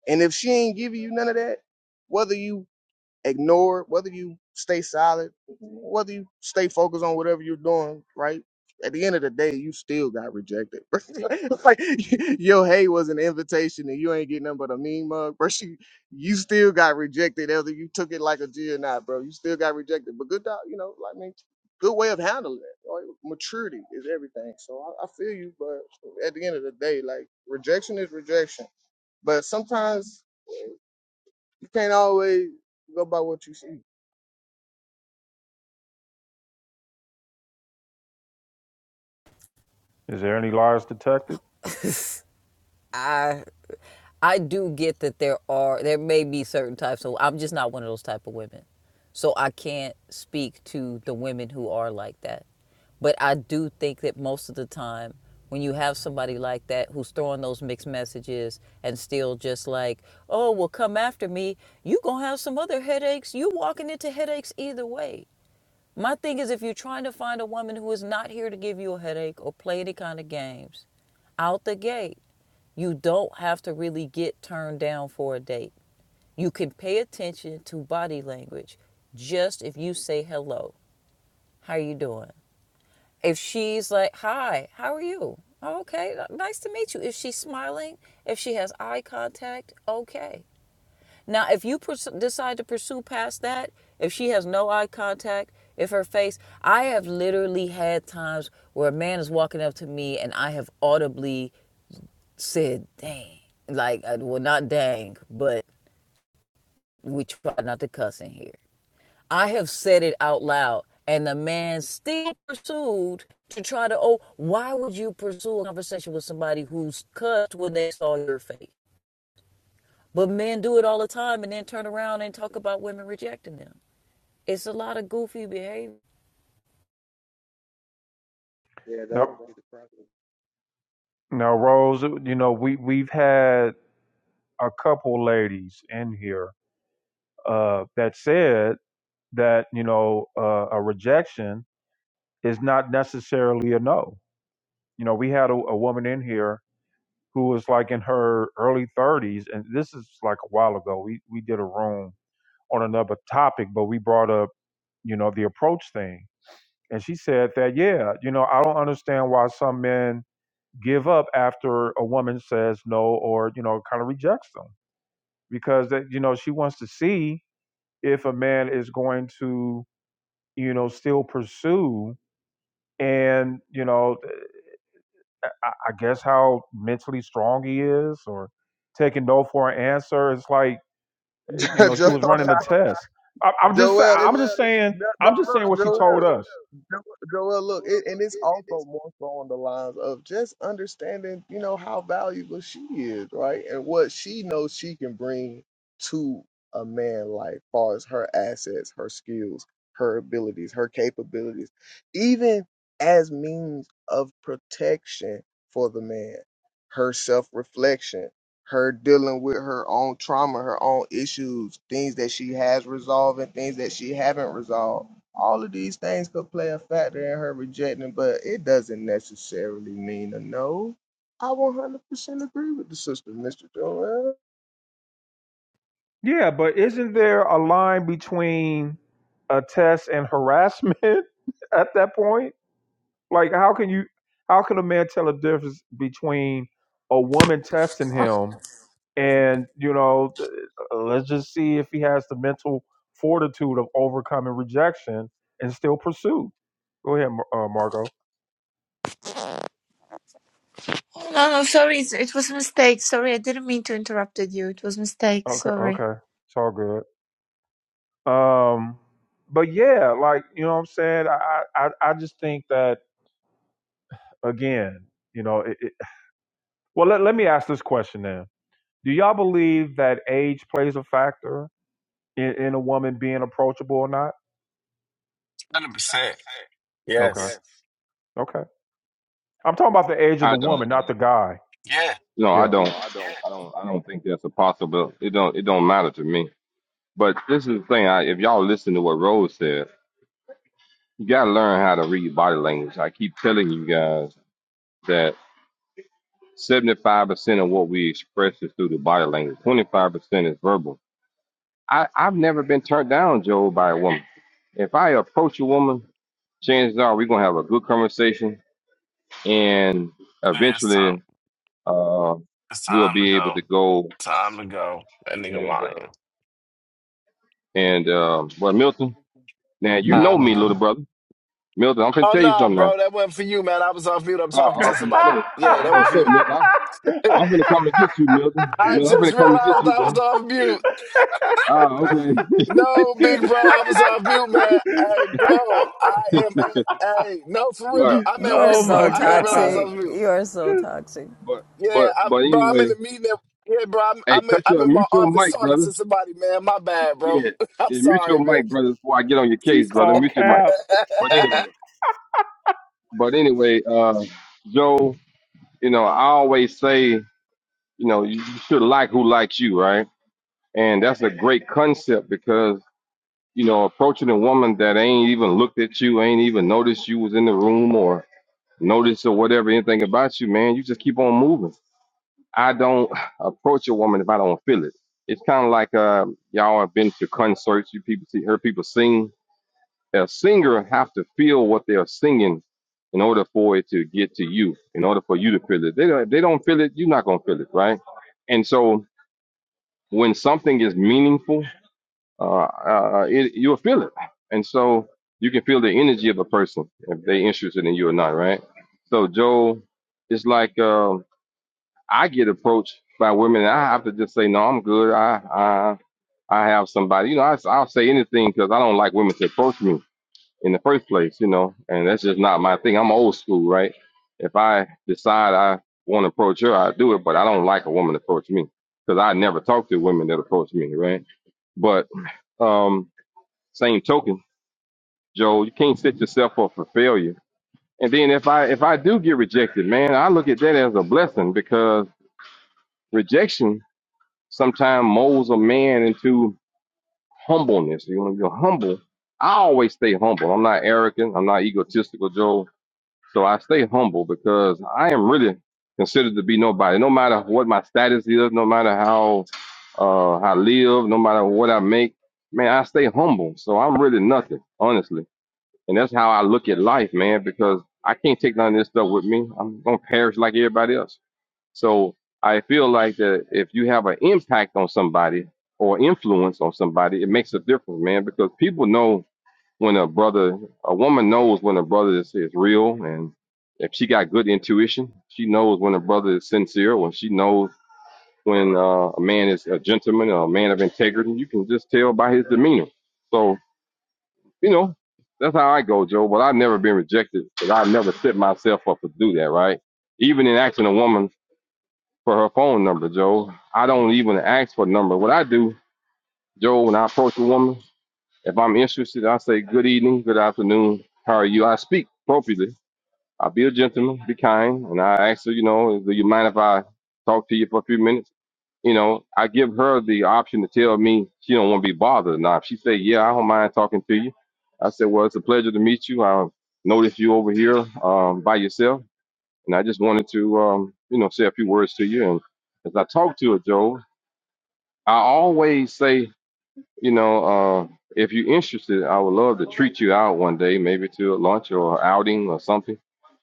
Speaker 9: And if she ain't giving you none of that, whether you ignore it, whether you stay silent, whether you stay focused on whatever you're doing, right? At the end of the day, you still got rejected. *laughs* like your hey was an invitation and you ain't getting nothing but a mean mug, bro. *laughs* You, you still got rejected, whether you took it like a G or not, bro. You still got rejected. But good, dog, you know, like, I mean, good way of handling it. Right? Maturity is everything. So I, I feel you, but at the end of the day, like rejection is rejection. But sometimes you can't always go by what you see.
Speaker 1: Is there any lies detected?
Speaker 4: I I do get that there are there may be certain types so I'm just not one of those type of women. So I can't speak to the women who are like that. But I do think that most of the time when you have somebody like that who's throwing those mixed messages and still just like, "Oh, well come after me, you going to have some other headaches. You walking into headaches either way." My thing is if you're trying to find a woman who is not here to give you a headache or play any kind of games, out the gate you don't have to really get turned down for a date. You can pay attention to body language just if you say hello. How are you doing? If she's like, "Hi, how are you?" "Oh, Okay, nice to meet you. If she's smiling, if she has eye contact, okay. Now, if you pers- decide to pursue past that, if she has no eye contact, if her face, I have literally had times where a man is walking up to me and I have audibly said, dang. Like, uh, well, not dang, but we try not to cuss in here. I have said it out loud, and the man still pursued to try to, oh, why would you pursue a conversation with somebody who's cussed when they saw your face? But men do it all the time and then turn around and talk about women rejecting them. It's a lot of goofy behavior.
Speaker 9: Yeah, that
Speaker 1: Now,
Speaker 9: was the problem.
Speaker 1: now, Rose, you know we we've had a couple ladies in here uh, that said that you know uh, a rejection is not necessarily a no. You know, we had a, a woman in here who was like in her early 30s, and this is like a while ago. We we did a room on another topic, but we brought up you know the approach thing, and she said that yeah, you know I don't understand why some men give up after a woman says no or you know kind of rejects them because that you know she wants to see if a man is going to you know still pursue and you know eh, I, I guess how mentally strong he is or taking no for an answer. It's like you
Speaker 9: *laughs*
Speaker 1: know, she
Speaker 9: Jo-
Speaker 1: was running a test. I, I'm just, sa-
Speaker 9: Joel, it's,
Speaker 1: I'm just saying,
Speaker 9: no, no,
Speaker 1: I'm just
Speaker 9: look,
Speaker 1: saying what she
Speaker 9: Joel.
Speaker 1: told us.
Speaker 9: Jo- Joel, look, it, and it's also more so on the lines of just understanding, you know, how valuable she is, right? And what she knows she can bring to a man like far as her assets, her skills, her abilities, her capabilities, even as means of protection for the man, her self-reflection, her dealing with her own trauma, her own issues, things that she has resolved and things that she haven't resolved all of these things could play a factor in her rejecting, but it doesn't necessarily mean a no. I 100% agree with the sister, Mr. Joel.
Speaker 1: Yeah, but isn't there a line between a test and harassment *laughs* at that point? Like, how can you, how can a man tell a difference between a woman testing him and you know, th- let's just see if he has the mental fortitude of overcoming rejection and still pursue. Go ahead, Mar- uh, Margo.
Speaker 11: Oh, no, no, sorry, it's, it was a mistake. Sorry, I didn't mean to interrupted you. It was a mistake.
Speaker 1: Okay,
Speaker 11: Sorry.
Speaker 1: okay, it's all good. Um, but yeah, like you know what I'm saying. I I I just think that again, you know. It, it, well, let let me ask this question then. Do y'all believe that age plays a factor in, in a woman being approachable or not?
Speaker 8: Hundred percent.
Speaker 1: Okay.
Speaker 8: Yes.
Speaker 1: Yes. Okay. I'm talking about the age of the
Speaker 3: I
Speaker 1: No, I woman,
Speaker 3: don't.
Speaker 1: not don't. the don't. guy.
Speaker 8: Yeah.
Speaker 3: No, I
Speaker 1: Yeah. No,
Speaker 3: don't.
Speaker 1: I don't.
Speaker 3: I don't. I don't think that's a possible. It don't. It don't matter to me. But this is the thing. I, if y'all listen to what Rose said. you got to learn how to read body language. I keep telling you guys that 75% of what we express is through the body language, 25% is verbal. I, I've never been turned down, Joe, by a woman. If I approach a woman, chances are we're going to have a good conversation and
Speaker 8: Man, it's time.
Speaker 3: eventually uh,
Speaker 8: It's
Speaker 3: we'll
Speaker 8: time to
Speaker 3: be able
Speaker 8: go.
Speaker 3: to go
Speaker 8: Time to go. That nigga
Speaker 3: and,
Speaker 8: lying.
Speaker 3: uh, and uh, well, Milton, now you know
Speaker 8: Time to
Speaker 3: me,
Speaker 8: go.
Speaker 3: little brother. Milton, I'm going to
Speaker 8: Oh
Speaker 3: tell you
Speaker 8: no,
Speaker 3: something now.
Speaker 8: bro, that wasn't for you, man. I was off mute. I'm talking
Speaker 3: Oh,
Speaker 8: to
Speaker 3: I'm going to
Speaker 8: somebody.
Speaker 3: say, oh,
Speaker 8: Yeah,
Speaker 3: I'm
Speaker 8: that
Speaker 3: going
Speaker 8: wasn't
Speaker 3: to say,
Speaker 8: for
Speaker 3: Milton.
Speaker 8: you.
Speaker 3: I'm finna come and get you, Milton.
Speaker 8: *laughs* I
Speaker 3: Milton, I'm
Speaker 8: just
Speaker 3: finna come and get
Speaker 8: realized
Speaker 3: you,
Speaker 8: I was
Speaker 3: bro.
Speaker 8: off mute.
Speaker 3: Ah, okay.
Speaker 8: No, big bro, I was off mute, man. Hey, bro, I
Speaker 3: *laughs*
Speaker 8: am. At, hey, no, for real,
Speaker 3: but
Speaker 1: *laughs*
Speaker 8: I'm
Speaker 4: You
Speaker 8: at
Speaker 4: are
Speaker 1: oh
Speaker 8: work, bro.
Speaker 4: so
Speaker 1: my
Speaker 8: I didn't realize
Speaker 1: God.
Speaker 8: I
Speaker 4: toxic.
Speaker 8: was mute.
Speaker 4: You are so toxic.
Speaker 3: but
Speaker 8: Yeah,
Speaker 3: but
Speaker 8: I'm,
Speaker 3: but
Speaker 8: bro, I'm in
Speaker 3: anyway,
Speaker 8: the meeting. At, yeah, bro, I'm
Speaker 3: hey,
Speaker 8: I'm in,
Speaker 3: cut
Speaker 8: I'm
Speaker 3: your
Speaker 8: in my
Speaker 3: mute your
Speaker 8: office
Speaker 3: mic,
Speaker 8: talking
Speaker 3: brother.
Speaker 8: to somebody, man. My bad, bro.
Speaker 3: Yeah,
Speaker 8: *laughs* I'm
Speaker 3: yeah, mute
Speaker 8: sorry,
Speaker 3: your
Speaker 8: man.
Speaker 3: mic, brother, before I get on your
Speaker 1: She
Speaker 3: case, brother.
Speaker 1: called
Speaker 3: Mute your mic.
Speaker 1: Cap.
Speaker 3: But
Speaker 8: *laughs*
Speaker 3: anyway, but anyway, uh, Joe, you know, I always say, you know, you you should like who likes you, right? And that's a great concept because you know, approaching a woman that ain't even looked at you, ain't even noticed you was in the room, or. notice or whatever anything about you, man. You just keep on moving. I don't *sighs* approach a woman if I don't feel it. It's kind of like uh, y'all have been to concerts. You people see, heard people sing. A singer have to feel what they're singing in order for it to get to you. In order for you to feel it, they don't, if they don't feel it. You're not gonna feel it, right? And so when something is meaningful uh, uh, it, you'll feel it. And so you can feel the energy of a person if they interested in you or not, right? So Joel, it's like um, I get approached by women, and I have to just say, no, I'm good. I I I have somebody. You know, I, I'll say anything because I don't like women to approach me in the first place. You know, and that's just not my thing. I'm old school, right? If I decide I want to approach her, I do it, but I don't like a woman to approach me because I never talk to women that approach me, right? But um, same token, Joe, you can't set yourself up for failure. And then if I if I do get rejected, man, I look at that as a blessing because rejection sometimes molds a man into humbleness. You know, you're humble. I always stay humble. I'm not arrogant. I'm not egotistical, Joe. So I stay humble because I am really considered to be nobody. No matter what my status is, no matter how uh, I live, no matter what I make, man, I stay humble. So I'm really nothing, honestly. And that's how I look at life, man, because I can't take none of this stuff with me. I'm going to perish like everybody else. So I feel like that if you have an impact on somebody or influence on somebody, it makes a difference, man, because people know when a brother, a woman knows when a brother is, is real. And if she got good intuition, she knows when a brother is sincere, when she knows when uh, a man is a gentleman, or a man of integrity. You can just tell by his demeanor. So you know, that's how I go, Joe. But I've never been rejected because I've never set myself up to do that, right? Even in asking a woman for her phone number, Joe, I don't even ask for a number. What I do, Joe, when I approach a woman, if I'm interested, I say, good evening, good afternoon, how are you? I speak appropriately I'll be a gentleman, be kind, and I ask her, you know, do you mind if I talk to you for a few minutes? You know, I give her the option to tell me she don't want to be bothered or not. If she say, yeah, I don't mind talking to you, I said, well, it's a pleasure to meet you. I noticed you over here um, by yourself, and I just wanted to, um, you know, say a few words to you. And as I talk to her, Joe, I always say you know, uh, if you're interested, I would love to treat you out one day, maybe to a lunch or outing or something.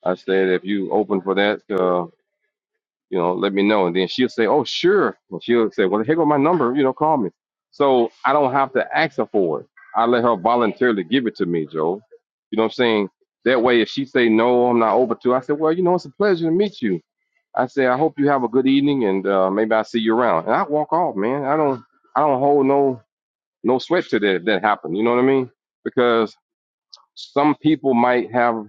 Speaker 3: I said, if you open for that, uh, you know, let me know. And then she'll say, oh, sure. And she'll say, well, here go my number. You know, call me. So I don't have to ask her for it. I let her voluntarily give it to me, Joe. You know what I'm saying? That way, if she say no, I'm not over to. I said, well, you know, it's a pleasure to meet you. I say, I hope you have a good evening, and uh, maybe I'll see you around. And I walk off, man. I don't, I don't hold no no sweat to that if that happened. You know what I mean? Because some people might have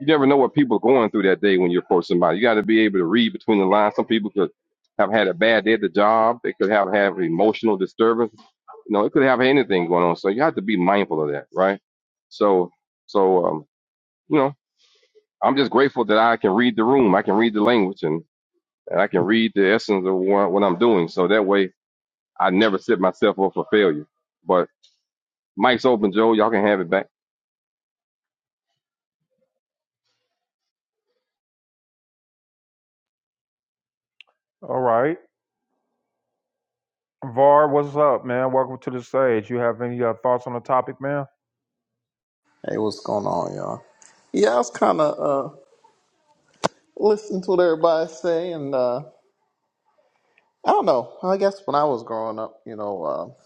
Speaker 3: you never know what people are going through that day when you approach somebody. You got to be able to read between the lines. Some people could have had a bad day at the job. They could have have emotional disturbance. You know, it could have anything going on. So you have to be mindful of that, right? So, so um, you know, I'm just grateful that I can read the room. I can read the language, and, and I can read the essence of what, what I'm doing. So that way, I never set myself up for failure. But mic's open, Joe. Y'all can have it back.
Speaker 1: All right. Var, what's up, man? Welcome to the stage. You have any uh, thoughts on the topic, man?
Speaker 12: Hey, what's going on, y'all? Yeah, I was kind of uh, listening to what everybody say, and uh, I don't know. I guess when I was growing up, you know, uh,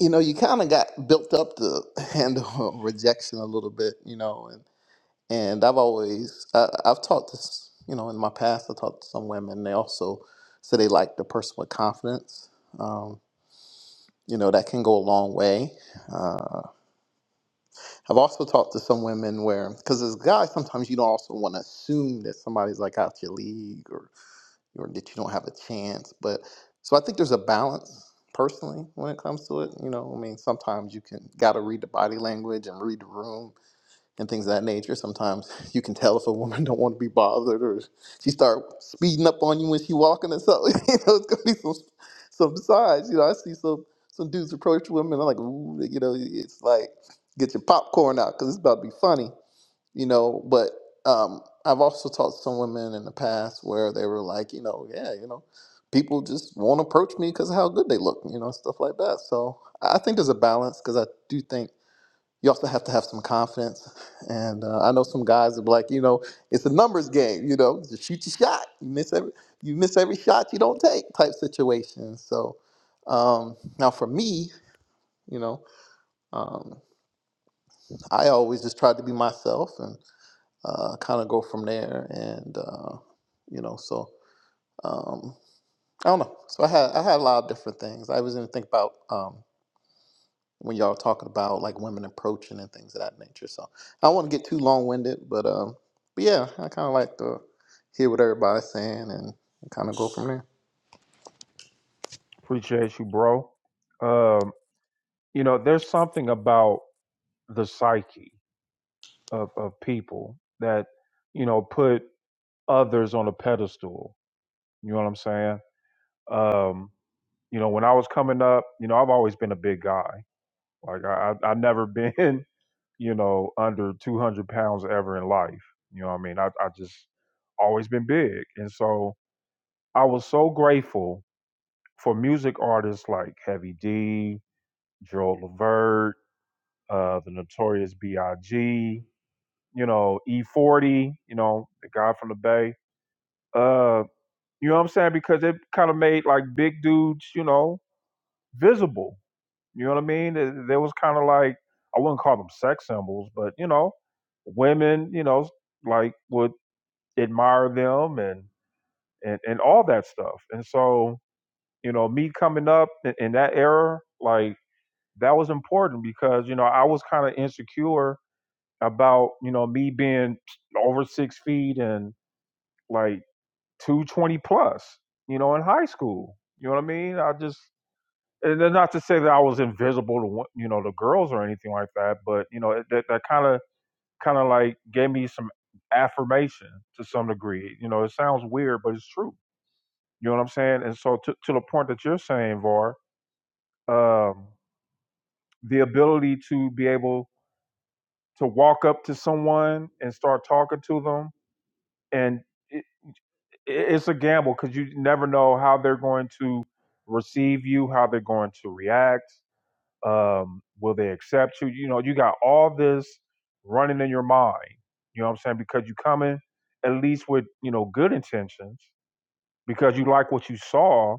Speaker 12: you know, you kind of got built up to *laughs* handle rejection a little bit, you know, and and I've always I, I've talked to s- you know in my past I talked to some women. They also say they like the person with confidence. Um, you know, that can go a long way. Uh, I've also talked to some women where, because as guys, sometimes you don't also want to assume that somebody's like out your league or, or that you don't have a chance. But so I think there's a balance personally when it comes to it. You know, I mean, sometimes you can got to read the body language and read the room and things of that nature. Sometimes *laughs* you can tell if a woman don't want to be bothered, or she start speeding up on you when she walking or something. *laughs* you know, it's gonna be some some signs. You know, I see some some dudes approach women. I'm like, ooh, you know, it's like get your popcorn out because it's about to be funny. You know, but um, I've also talked to some women in the past where they were like, you know, yeah, you know, people just won't approach me because of how good they look, you know, stuff like that. So I I think there's a balance because I do think you also have to have some confidence. And uh, I know some guys are like, you know, it's a numbers game. You know, just shoot your shot. You miss every you miss every shot you don't take type situation. So um, now for me, you know, um, I always just tried to be myself and uh, kind of go from there. And uh, you know, so um, I don't know. So I had I had a lot of different things. I was gonna think about. um, when y'all talking about like women approaching and things of that nature. So I don't want to get too long winded, but um, but yeah, I kind of like to hear what everybody's saying and kind of go from there.
Speaker 1: Appreciate you, bro. Um, you know, there's something about the psyche of, of people that, you know, put others on a pedestal. You know what I'm saying? Um, you know, when I was coming up, you know, I've always been a big guy. Like, I, I, I've never been, *laughs* you know, under 200 pounds ever in life. You know what I mean? I, I just always been big. And so I was so grateful for music artists like Heavy D, Joel Levert, uh, the Notorious B.I.G., you know, E40, you know, the guy from the Bay. Uh, you know what I'm saying? Because it kind of made like big dudes, you know, visible. You know what I mean? There there was kind of like I wouldn't call them sex symbols, but you know, women, you know, like would admire them and and and all that stuff. And so, you know, me coming up in, in that era, like that was important because you know I was kind of insecure about you know me being over six feet and like two twenty plus, you know, in high school. You know what I mean? I just and not to say that I was invisible to you know the girls or anything like that, but you know it- that that kind of kind of like gave me some affirmation to some degree. You know, it sounds weird, but it's true. You know what I'm saying? And so to to the point that you're saying, Var, um, the ability to be able to walk up to someone and start talking to them and it, it's a gamble because you never know how they're going to receive you how they're going to react um, will they accept you you know you got all this running in your mind you know what i'm saying because you come in at least with you know good intentions because you like what you saw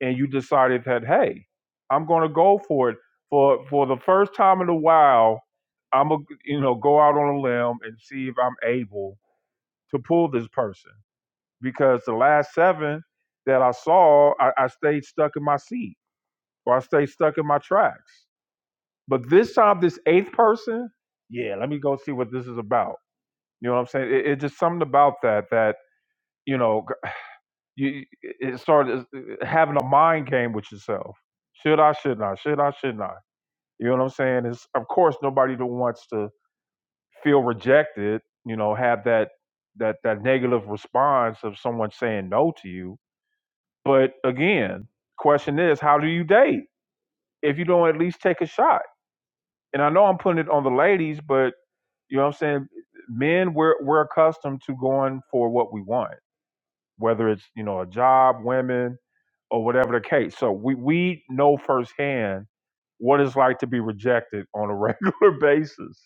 Speaker 1: and you decided that hey i'm going to go for it for for the first time in a while i'm going to you know go out on a limb and see if i'm able to pull this person because the last seven that i saw i, I stayed stuck in my seat or i stayed stuck in my tracks but this time this eighth person yeah let me go see what this is about you know what i'm saying it, it's just something about that that you know you it started having a mind game with yourself. Should I? Shouldn't I? Should I? Shouldn't I? You know what I'm saying? It's of course nobody that wants to feel rejected. You know, have that that that negative response of someone saying no to you. But again, question is, how do you date if you don't at least take a shot? And I know I'm putting it on the ladies, but you know what I'm saying. Men, we're we're accustomed to going for what we want whether it's you know a job, women, or whatever the case. So we we know firsthand what it's like to be rejected on a *laughs* regular basis.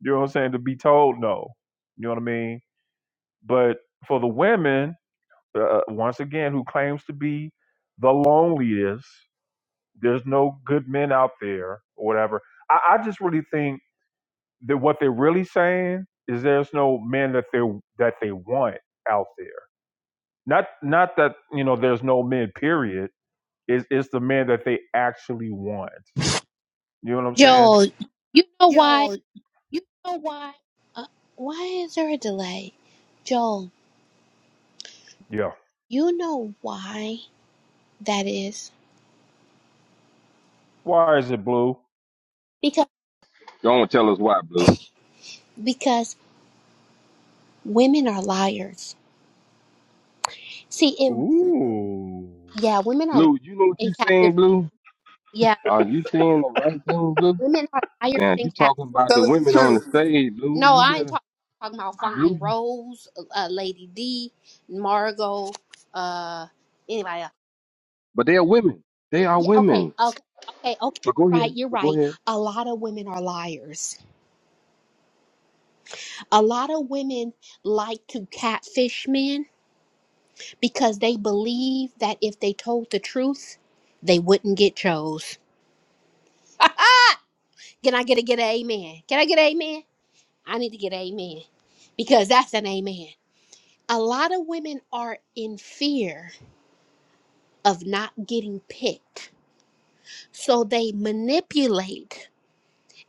Speaker 1: You know what I'm saying? To be told no. You know what I mean? But for the women, uh, once again, who claims to be the loneliest, there's no good men out there or whatever. I, I just really think that what they're really saying is there's no men that they that they want out there not not that you know there's no men. Period. Is it's it's the men that they actually want. You know what I'm saying?
Speaker 5: Joel, you know why? Uh, why is there a delay? Joel,
Speaker 1: Yeah.
Speaker 5: you know why that is?
Speaker 1: Why is it blue?
Speaker 5: Because
Speaker 3: Don't tell us why, Blue.
Speaker 5: because women are liars. See, it
Speaker 1: Ooh.
Speaker 5: yeah, women are liars
Speaker 3: Blue, you know what
Speaker 5: and
Speaker 3: you saying,
Speaker 5: catfish.
Speaker 3: Blue?
Speaker 5: Yeah,
Speaker 3: Are you saying the right thing, Blue?
Speaker 5: women are liars
Speaker 3: Now
Speaker 5: and
Speaker 3: you
Speaker 5: catfish.
Speaker 3: talking about the
Speaker 12: Tell us the
Speaker 3: women on the
Speaker 12: truth.
Speaker 3: stage, Blue.
Speaker 5: No,
Speaker 3: You
Speaker 5: I ain't
Speaker 3: better,
Speaker 5: talking talking about
Speaker 3: Blue.
Speaker 5: Fine
Speaker 3: you-
Speaker 5: Rose, uh, Lady D, Margot, uh, anybody else.
Speaker 3: But they're women. They are
Speaker 5: Yeah, okay,
Speaker 3: women.
Speaker 5: okay, okay, okay.
Speaker 3: But go
Speaker 5: Right,
Speaker 3: ahead.
Speaker 5: you're
Speaker 3: But go
Speaker 5: right.
Speaker 3: ahead.
Speaker 5: A lot of women are liars A lot of women like to catfish men because they believe that if they told the truth, they wouldn't get chose. *laughs* Can I get a get an amen? Can I get an amen? I need to get an amen because that's an amen. A lot of women are in fear of not getting picked. So they manipulate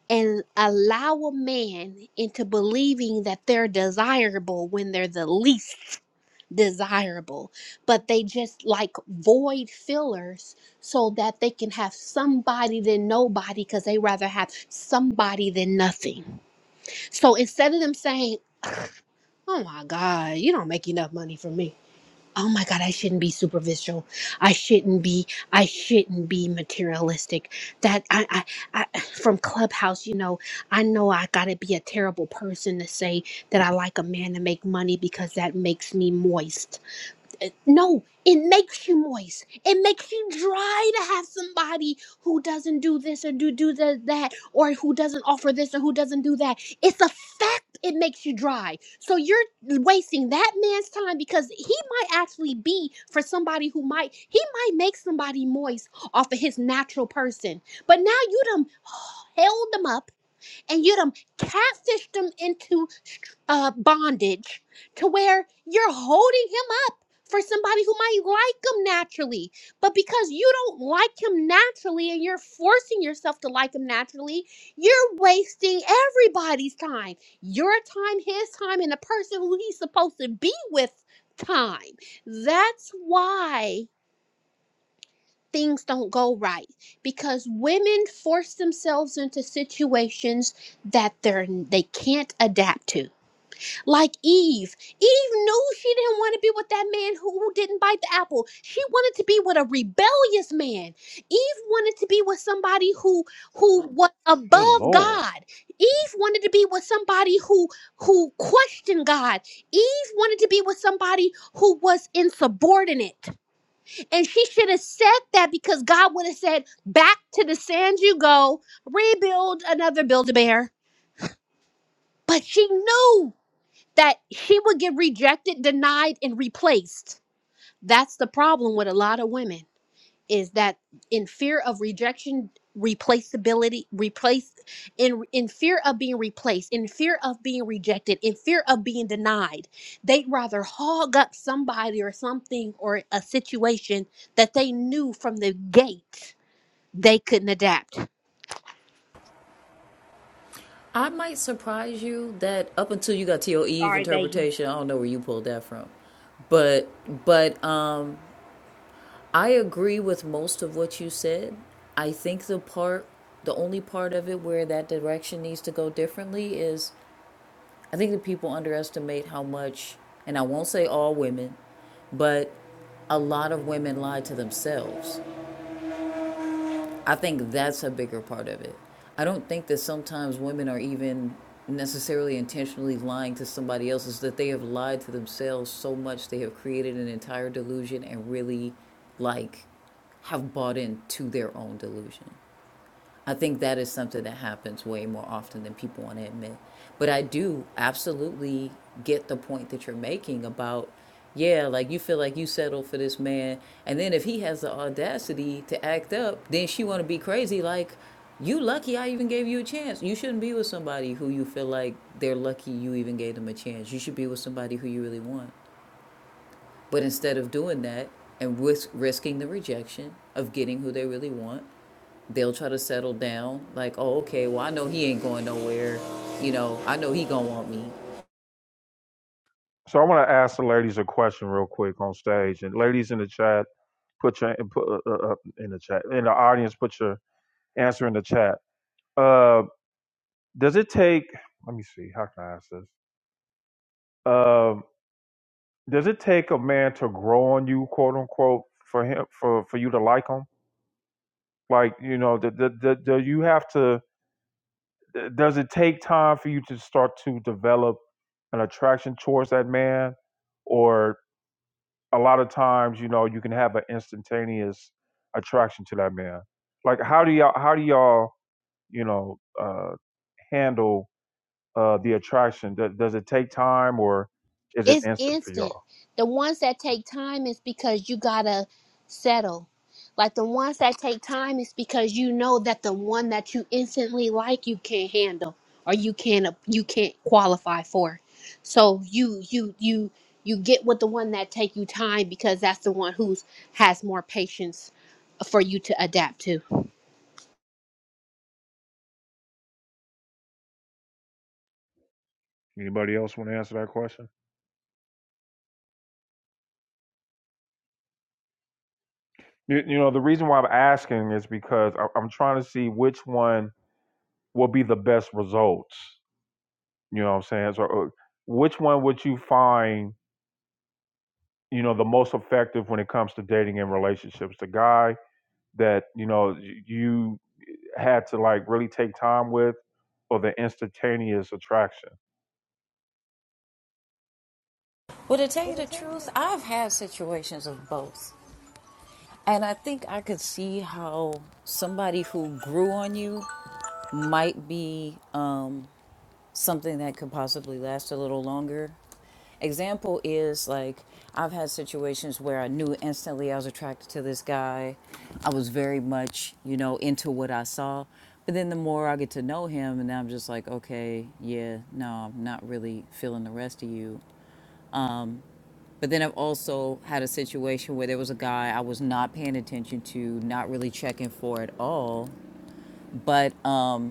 Speaker 5: and allow a man into believing that they're desirable when they're the least desirable, but they just like void fillers so that they can have somebody than nobody because they rather have somebody than nothing. So instead of them saying, Oh my God, you don't make enough money for me. Oh my God, I shouldn't be superficial. I shouldn't be, I shouldn't be materialistic. That I, I, I from Clubhouse, you know, I know I gotta be a terrible person to say that I like a man to make money because that makes me moist it- no, it makes you moist. It makes you dry to have somebody who doesn't do this or do do the, that or who doesn't offer this or who doesn't do that. It's a fact. It makes you dry. So you're wasting that man's time because he might actually be for somebody who might he might make somebody moist off of his natural person. But now you done *sighs* held them up and you done catfished them into uh, bondage to where you're holding him up for somebody who might like him naturally. But because you don't like him naturally and you're forcing yourself to like him naturally, you're wasting everybody's time your time, his time, and the person who he's supposed to be with time. That's why. Things don't go right because women force themselves into situations that they're they can't adapt to like Eve. Eve knew she didn't want to be with that man who, who didn't bite the apple. She wanted to be with a rebellious man. Eve wanted to be with somebody who who was
Speaker 1: Good
Speaker 5: above
Speaker 1: lord.
Speaker 5: God. Eve wanted to be with somebody who who questioned God. Eve wanted to be with somebody who was insubordinate. And she should have said that because God would have said, "Back to the sand you go. Rebuild another build a bear." But she knew that she would get rejected, denied, and replaced. That's the problem with a lot of women is that in fear of rejection, replaceability, replace in in fear of being replaced, in fear of being rejected, in fear of being denied, they'd rather hog up somebody or something or a situation that they knew from the gate they couldn't adapt.
Speaker 4: I might surprise you that up until you got to your Eve
Speaker 5: Sorry, Vegas.
Speaker 4: interpretation, I don't know where you pulled that from. But but um I agree with most of what you said. I think the part the only part of it where that direction needs to go differently is I think that people underestimate how much and I won't say all women, but a lot of women lie to themselves I think that's a bigger part of it. I don't think that sometimes women are even necessarily intentionally lying to somebody else, is that they have lied to themselves so much they have created an entire delusion and really like have bought into their own delusion. I think that is something that happens way more often than people want to admit. But I do absolutely get the point that you're making about, yeah, like you feel like you settled for this man, and then if he has the audacity to act up, then she want to be crazy. Like, you lucky I even gave you a chance. You shouldn't be with somebody who you feel like they're lucky you even gave them a chance. You should be with somebody who you really want. But instead of doing that and risk, risking the rejection of getting who they really want, they'll try to settle down. Like, oh, okay, well, I know he ain't going nowhere. You know, I know he gonna want me.
Speaker 1: So I want to ask the ladies a question real quick on stage, and ladies in the chat, put your put uh, uh, uh, in the chat in the audience. Put your answer in the chat. Uh, does it take? Let me see. How can I ask this? Um, does it take a man to grow on you, quote unquote, for him for for you to like him? like you know the the, the, the you have to does it take time for you to start to develop an attraction towards that man or a lot of times you know you can have an instantaneous attraction to that man like how do y'all how do y'all you know uh handle uh the attraction Th- does it take time or is it
Speaker 5: It's
Speaker 1: instant for
Speaker 5: instant.
Speaker 1: y'all
Speaker 5: The ones that take time is because you gotta settle. Like the ones that take time is because you know that the one that you instantly like you can't handle or you can't you can't qualify for. So you you you you get with the one that take you time because that's the one who's has more patience for you to adapt to.
Speaker 1: anybody else want to answer that question You, you know, the reason why I'm asking is because I, I'm trying to see which one will be the best results. You know what I'm saying? So, uh, which one would you find, you know, the most effective when it comes to dating and relationships? The guy that, you know, y- you had to like really take time with or the instantaneous attraction?
Speaker 4: Well, to tell you the truth, I've had situations of both. And I think I could see how somebody who grew on you might be um, something that could possibly last a little longer. Example is like I've had situations where I knew instantly I was attracted to this guy. I was very much, you know, into what I saw. But then the more I get to know him, and I'm just like, okay, yeah, no, I'm not really feeling the rest of you. But then I've also had a situation where there was a guy I was not paying attention to, not really checking for at all. But um,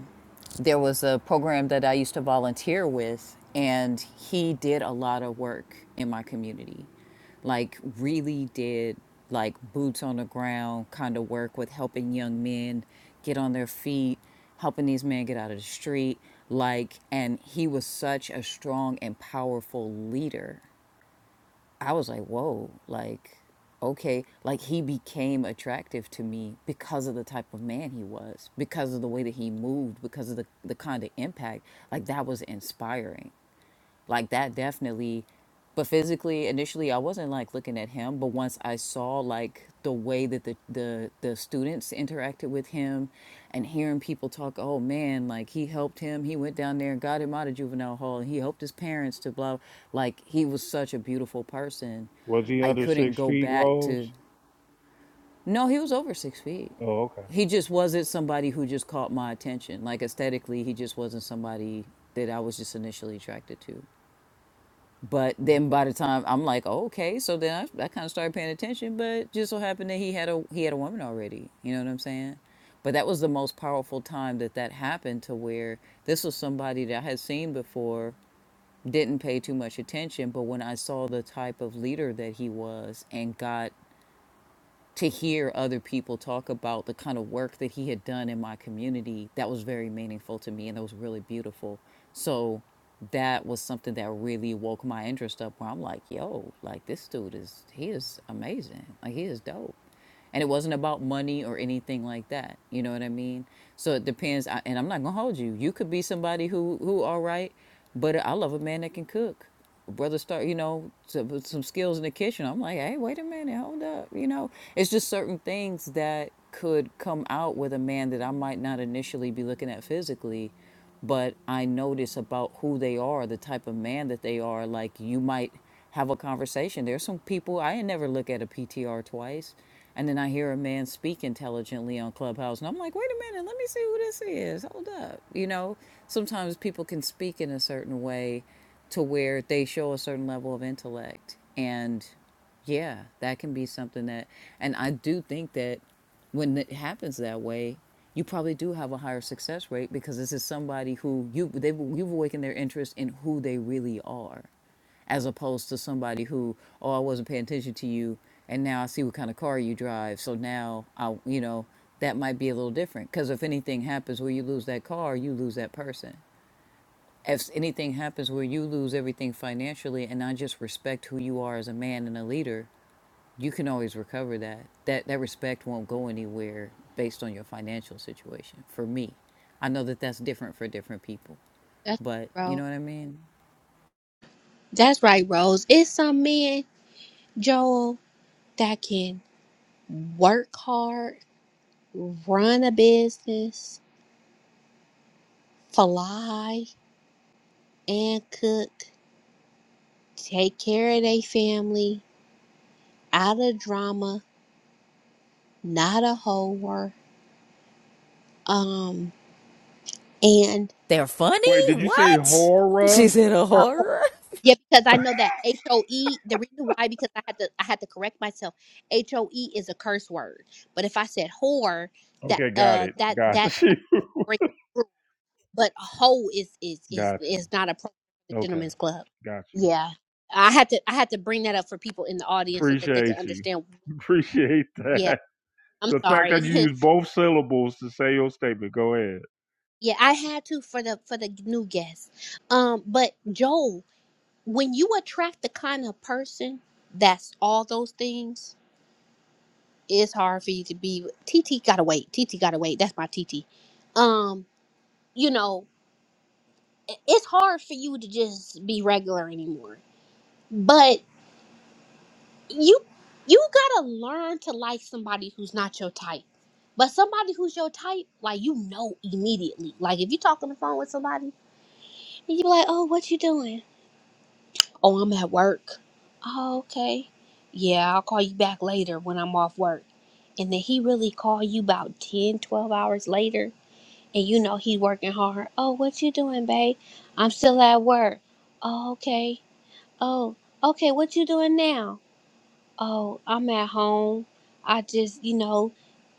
Speaker 4: there was a program that I used to volunteer with, and he did a lot of work in my community. Like, really did like boots on the ground kind of work with helping young men get on their feet, helping these men get out of the street. Like, and he was such a strong and powerful leader I was like, whoa, like, okay, like he became attractive to me because of the type of man he was, because of the way that he moved, because of the, the kind of impact. Like, that was inspiring like that definitely but physically initially i wasn't like looking at him but once i saw like the way that the the, the students interacted with him and hearing people talk oh man like he helped him he went down there and got him out of juvenile hall and he helped his parents to blah like he was such a beautiful person
Speaker 1: Was he
Speaker 4: i
Speaker 1: under
Speaker 4: couldn't
Speaker 1: six
Speaker 4: go
Speaker 1: feet,
Speaker 4: back
Speaker 1: Rose?
Speaker 4: to no he was over six feet
Speaker 1: Oh, okay.
Speaker 4: he just wasn't somebody who just caught my attention like aesthetically he just wasn't somebody that i was just initially attracted to but then by the time I'm like, oh, okay, so then I, I kind of started paying attention. But just so happened that he had a he had a woman already. You know what I'm saying? But that was the most powerful time that that happened to where this was somebody that I had seen before, didn't pay too much attention. But when I saw the type of leader that he was and got to hear other people talk about the kind of work that he had done in my community that was very meaningful to me and that was really beautiful so that was something that really woke my interest up where i'm like yo like this dude is he is amazing like he is dope and it wasn't about money or anything like that you know what i mean so it depends I, and i'm not gonna hold you you could be somebody who who all right but i love a man that can cook brother start you know some, some skills in the kitchen i'm like hey wait a minute hold up you know it's just certain things that could come out with a man that i might not initially be looking at physically but I notice about who they are, the type of man that they are. Like you might have a conversation. There's some people I ain't never look at a PTR twice, and then I hear a man speak intelligently on Clubhouse, and I'm like, wait a minute, let me see who this is. Hold up, you know. Sometimes people can speak in a certain way to where they show a certain level of intellect, and yeah, that can be something that, and I do think that when it happens that way, you probably do have a higher success rate because this is somebody who you they you've awakened their interest in who they really are, as opposed to somebody who oh I wasn't paying attention to you and now I see what kind of car you drive so now I you know that might be a little different because if anything happens where you lose that car you lose that person if anything happens where you lose everything financially and I just respect who you are as a man and a leader you can always recover that. That that respect won't go anywhere based on your financial situation. For me, I know that that's different for different people,
Speaker 5: That's
Speaker 4: but you
Speaker 5: bro.
Speaker 4: know what I mean.
Speaker 5: That's right, Rose. It's some men, Joel, that can work hard run a business, fly and cook, take care of their family, out of drama, not a whore. Um, and
Speaker 4: They're funny?
Speaker 1: Wait, did you say
Speaker 4: What? *laughs*
Speaker 1: horror?
Speaker 4: She's in a
Speaker 5: uh,
Speaker 4: horror?
Speaker 5: yeah, because I know that HOE, the reason why, because I had to, I had to correct myself. HOE is a curse word, but if I said whore, that,
Speaker 1: Okay, got
Speaker 5: uh,
Speaker 1: it.
Speaker 5: that,
Speaker 1: Got
Speaker 5: that,
Speaker 1: you.
Speaker 5: that's breaking but hoe is is
Speaker 1: *laughs*
Speaker 5: is
Speaker 1: Got
Speaker 5: is
Speaker 1: you.
Speaker 5: not a pro the
Speaker 1: Okay,
Speaker 5: gentleman's club.
Speaker 1: got you.
Speaker 5: Yeah, I had to I had to bring that up for people in the audience so that they could
Speaker 1: Appreciate you.
Speaker 5: understand.
Speaker 1: *laughs* Appreciate
Speaker 5: Yeah,
Speaker 1: that.
Speaker 5: I'm
Speaker 1: The fact
Speaker 5: sorry.
Speaker 1: that you
Speaker 5: *laughs*
Speaker 1: use both syllables to say your statement. Go ahead.
Speaker 5: yeah, I had to for the for the new guests. Um, but Joel, when you attract the kind of person that's all those things, it's hard for you to be. TT gotta wait. TT gotta wait. That's my TT. Um, you know, it- it's hard for you to just be regular anymore. But you you gotta learn to like somebody who's not your type. But somebody who's your type, like you know immediately. Like if you talk on the phone with somebody and you be like, Oh, what you doing? Oh, I'm at work. Oh, okay. Yeah, I'll call you back later when I'm off work. And then he really call you about 10, 12 hours later and you know he working hard. Oh, what you doing, babe? I'm still at work. Oh, okay. Oh, okay, what you doing now? Oh, I'm at home. I just, you know,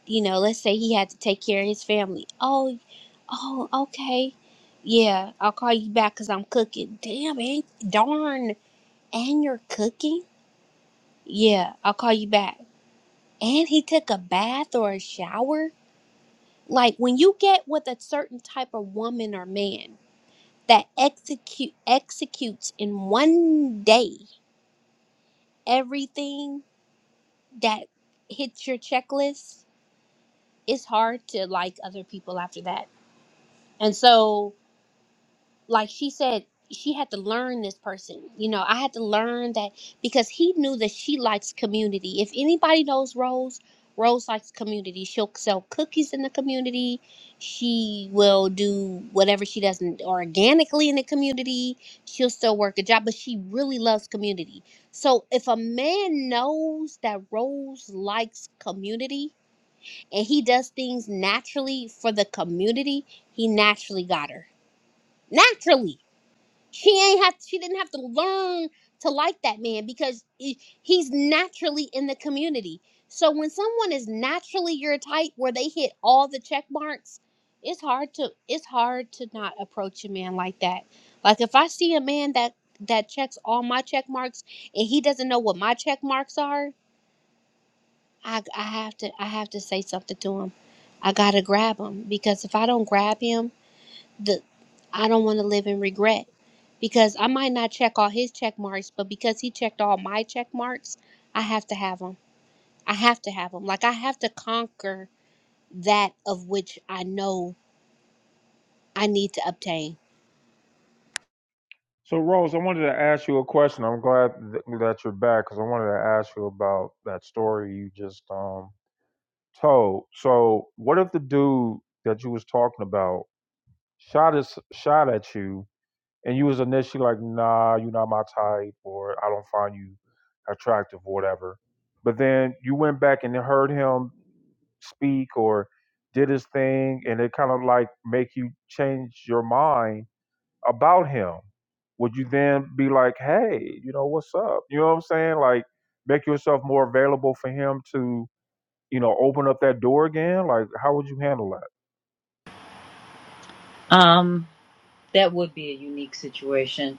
Speaker 5: you know, let's say he had to take care of his family. Oh, oh, okay. Yeah, I'll call you back because I'm cooking. Damn, ain't, darn. And you're cooking? Yeah, I'll call you back. And he took a bath or a shower? Like when you get with a certain type of woman or man that execute executes in one day everything that hits your checklist, it's hard to like other people after that. And so, like she said, she had to learn this person. You know, I had to learn that because he knew that she likes community. If anybody knows Rose, Rose likes community. She'll sell cookies in the community. She will do whatever she does not organically in the community. She'll still work a job, but she really loves community. So if a man knows that Rose likes community, and he does things naturally for the community, he naturally got her. Naturally. She ain't have she didn't have to learn to like that man because he- he's naturally in the community. So when someone is naturally your type where they hit all the check marks, it's hard to it's hard to not approach a man like that. Like if I see a man that that checks all my check marks and he doesn't know what my check marks are, I I have to I have to say something to him. I gotta grab him because if I don't grab him, the I don't want to live in regret because I might not check all his check marks, but because he checked all my check marks, I have to have him. I have to have him. Like I have to conquer that of which I know I need to obtain.
Speaker 1: So, Rose, I wanted to ask you a question. I'm glad th- that you're back because I wanted to ask you about that story you just um, told. So, what if the dude that you was talking about shot his, shot at you and you was initially like, nah, you're not my type, or I don't find you attractive, or whatever. But then you went back and heard him speak or did his thing, and it kind of like make you change your mind about him. Would you then be like, hey, you know, what's up? You know what I'm saying? Like, make yourself more available for him to, you know, open up that door again. Like, how would you handle that?
Speaker 4: Um, that would be a unique situation.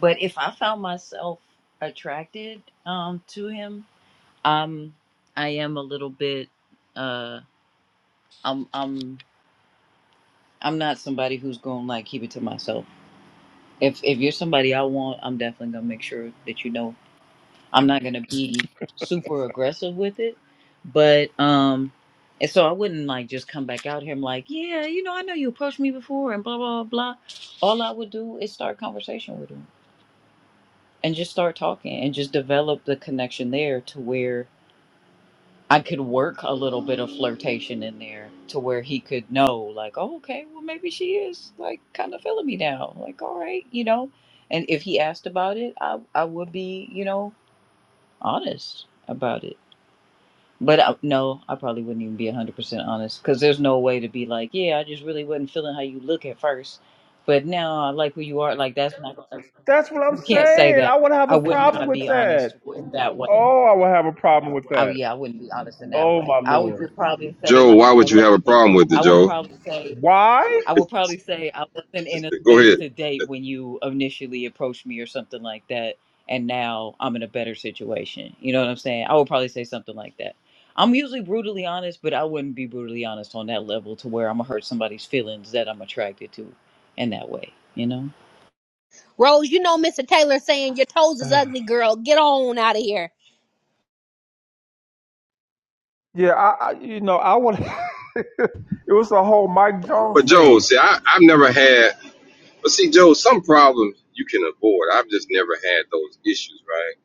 Speaker 4: But if I found myself attracted um to him, um I am a little bit uh I'm I'm I'm not somebody who's going to like keep it to myself. If if you're somebody I want, I'm definitely gonna make sure that you know I'm not gonna be super aggressive with it. But um and so I wouldn't like just come back out here and like, yeah, you know, I know you approached me before and blah blah blah. All I would do is start a conversation with him and just start talking and just develop the connection there to where I could work a little bit of flirtation in there to where he could know, like, oh, okay, well, maybe she is like kind of feeling me now. Like, all right, you know. And if he asked about it, I, I would be, you know, honest about it. But I, no, I probably wouldn't even be 100% honest because there's no way to be like, yeah, I just really wasn't feeling how you look at first. But now I like who you are. Like, that's not, Gonna-
Speaker 1: That's what I'm
Speaker 4: you can't say
Speaker 1: saying. I
Speaker 4: that.
Speaker 1: would have
Speaker 4: I
Speaker 1: a
Speaker 4: would
Speaker 1: problem
Speaker 4: not
Speaker 1: with
Speaker 4: be
Speaker 1: that.
Speaker 4: honest in that way.
Speaker 1: Oh, I would have a problem with
Speaker 4: Oh
Speaker 1: that.
Speaker 4: yeah, I wouldn't be honest in that
Speaker 1: Oh
Speaker 4: way.
Speaker 1: my
Speaker 4: I would
Speaker 1: lord.
Speaker 4: just probably say
Speaker 3: Joe,
Speaker 4: like
Speaker 3: why
Speaker 4: I
Speaker 3: would you have a
Speaker 4: wasn't.
Speaker 3: problem with
Speaker 4: I
Speaker 3: it,
Speaker 4: would
Speaker 3: Joe?
Speaker 4: probably say
Speaker 1: Why?
Speaker 4: I
Speaker 3: *laughs*
Speaker 4: would probably say I wasn't in a
Speaker 3: Go
Speaker 4: space
Speaker 3: ahead.
Speaker 4: to date when you initially approached me or something like that, and now I'm in a better situation. You know what I'm saying? I would probably say something like that. I'm usually brutally honest, but I wouldn't be brutally honest on that level to where I'm gonna hurt somebody's feelings that I'm attracted to in that way. You know?
Speaker 5: Rose, you know Mr. Taylor saying your toes is
Speaker 1: *sighs*
Speaker 5: ugly, girl. Get on out of here.
Speaker 1: Yeah, I, I you know, I would *laughs* it was a whole Mike Jones
Speaker 3: But Joe,
Speaker 1: thing.
Speaker 3: see, I, I've never had. But see, Joe, some problems you can avoid. I've just never had those issues, right?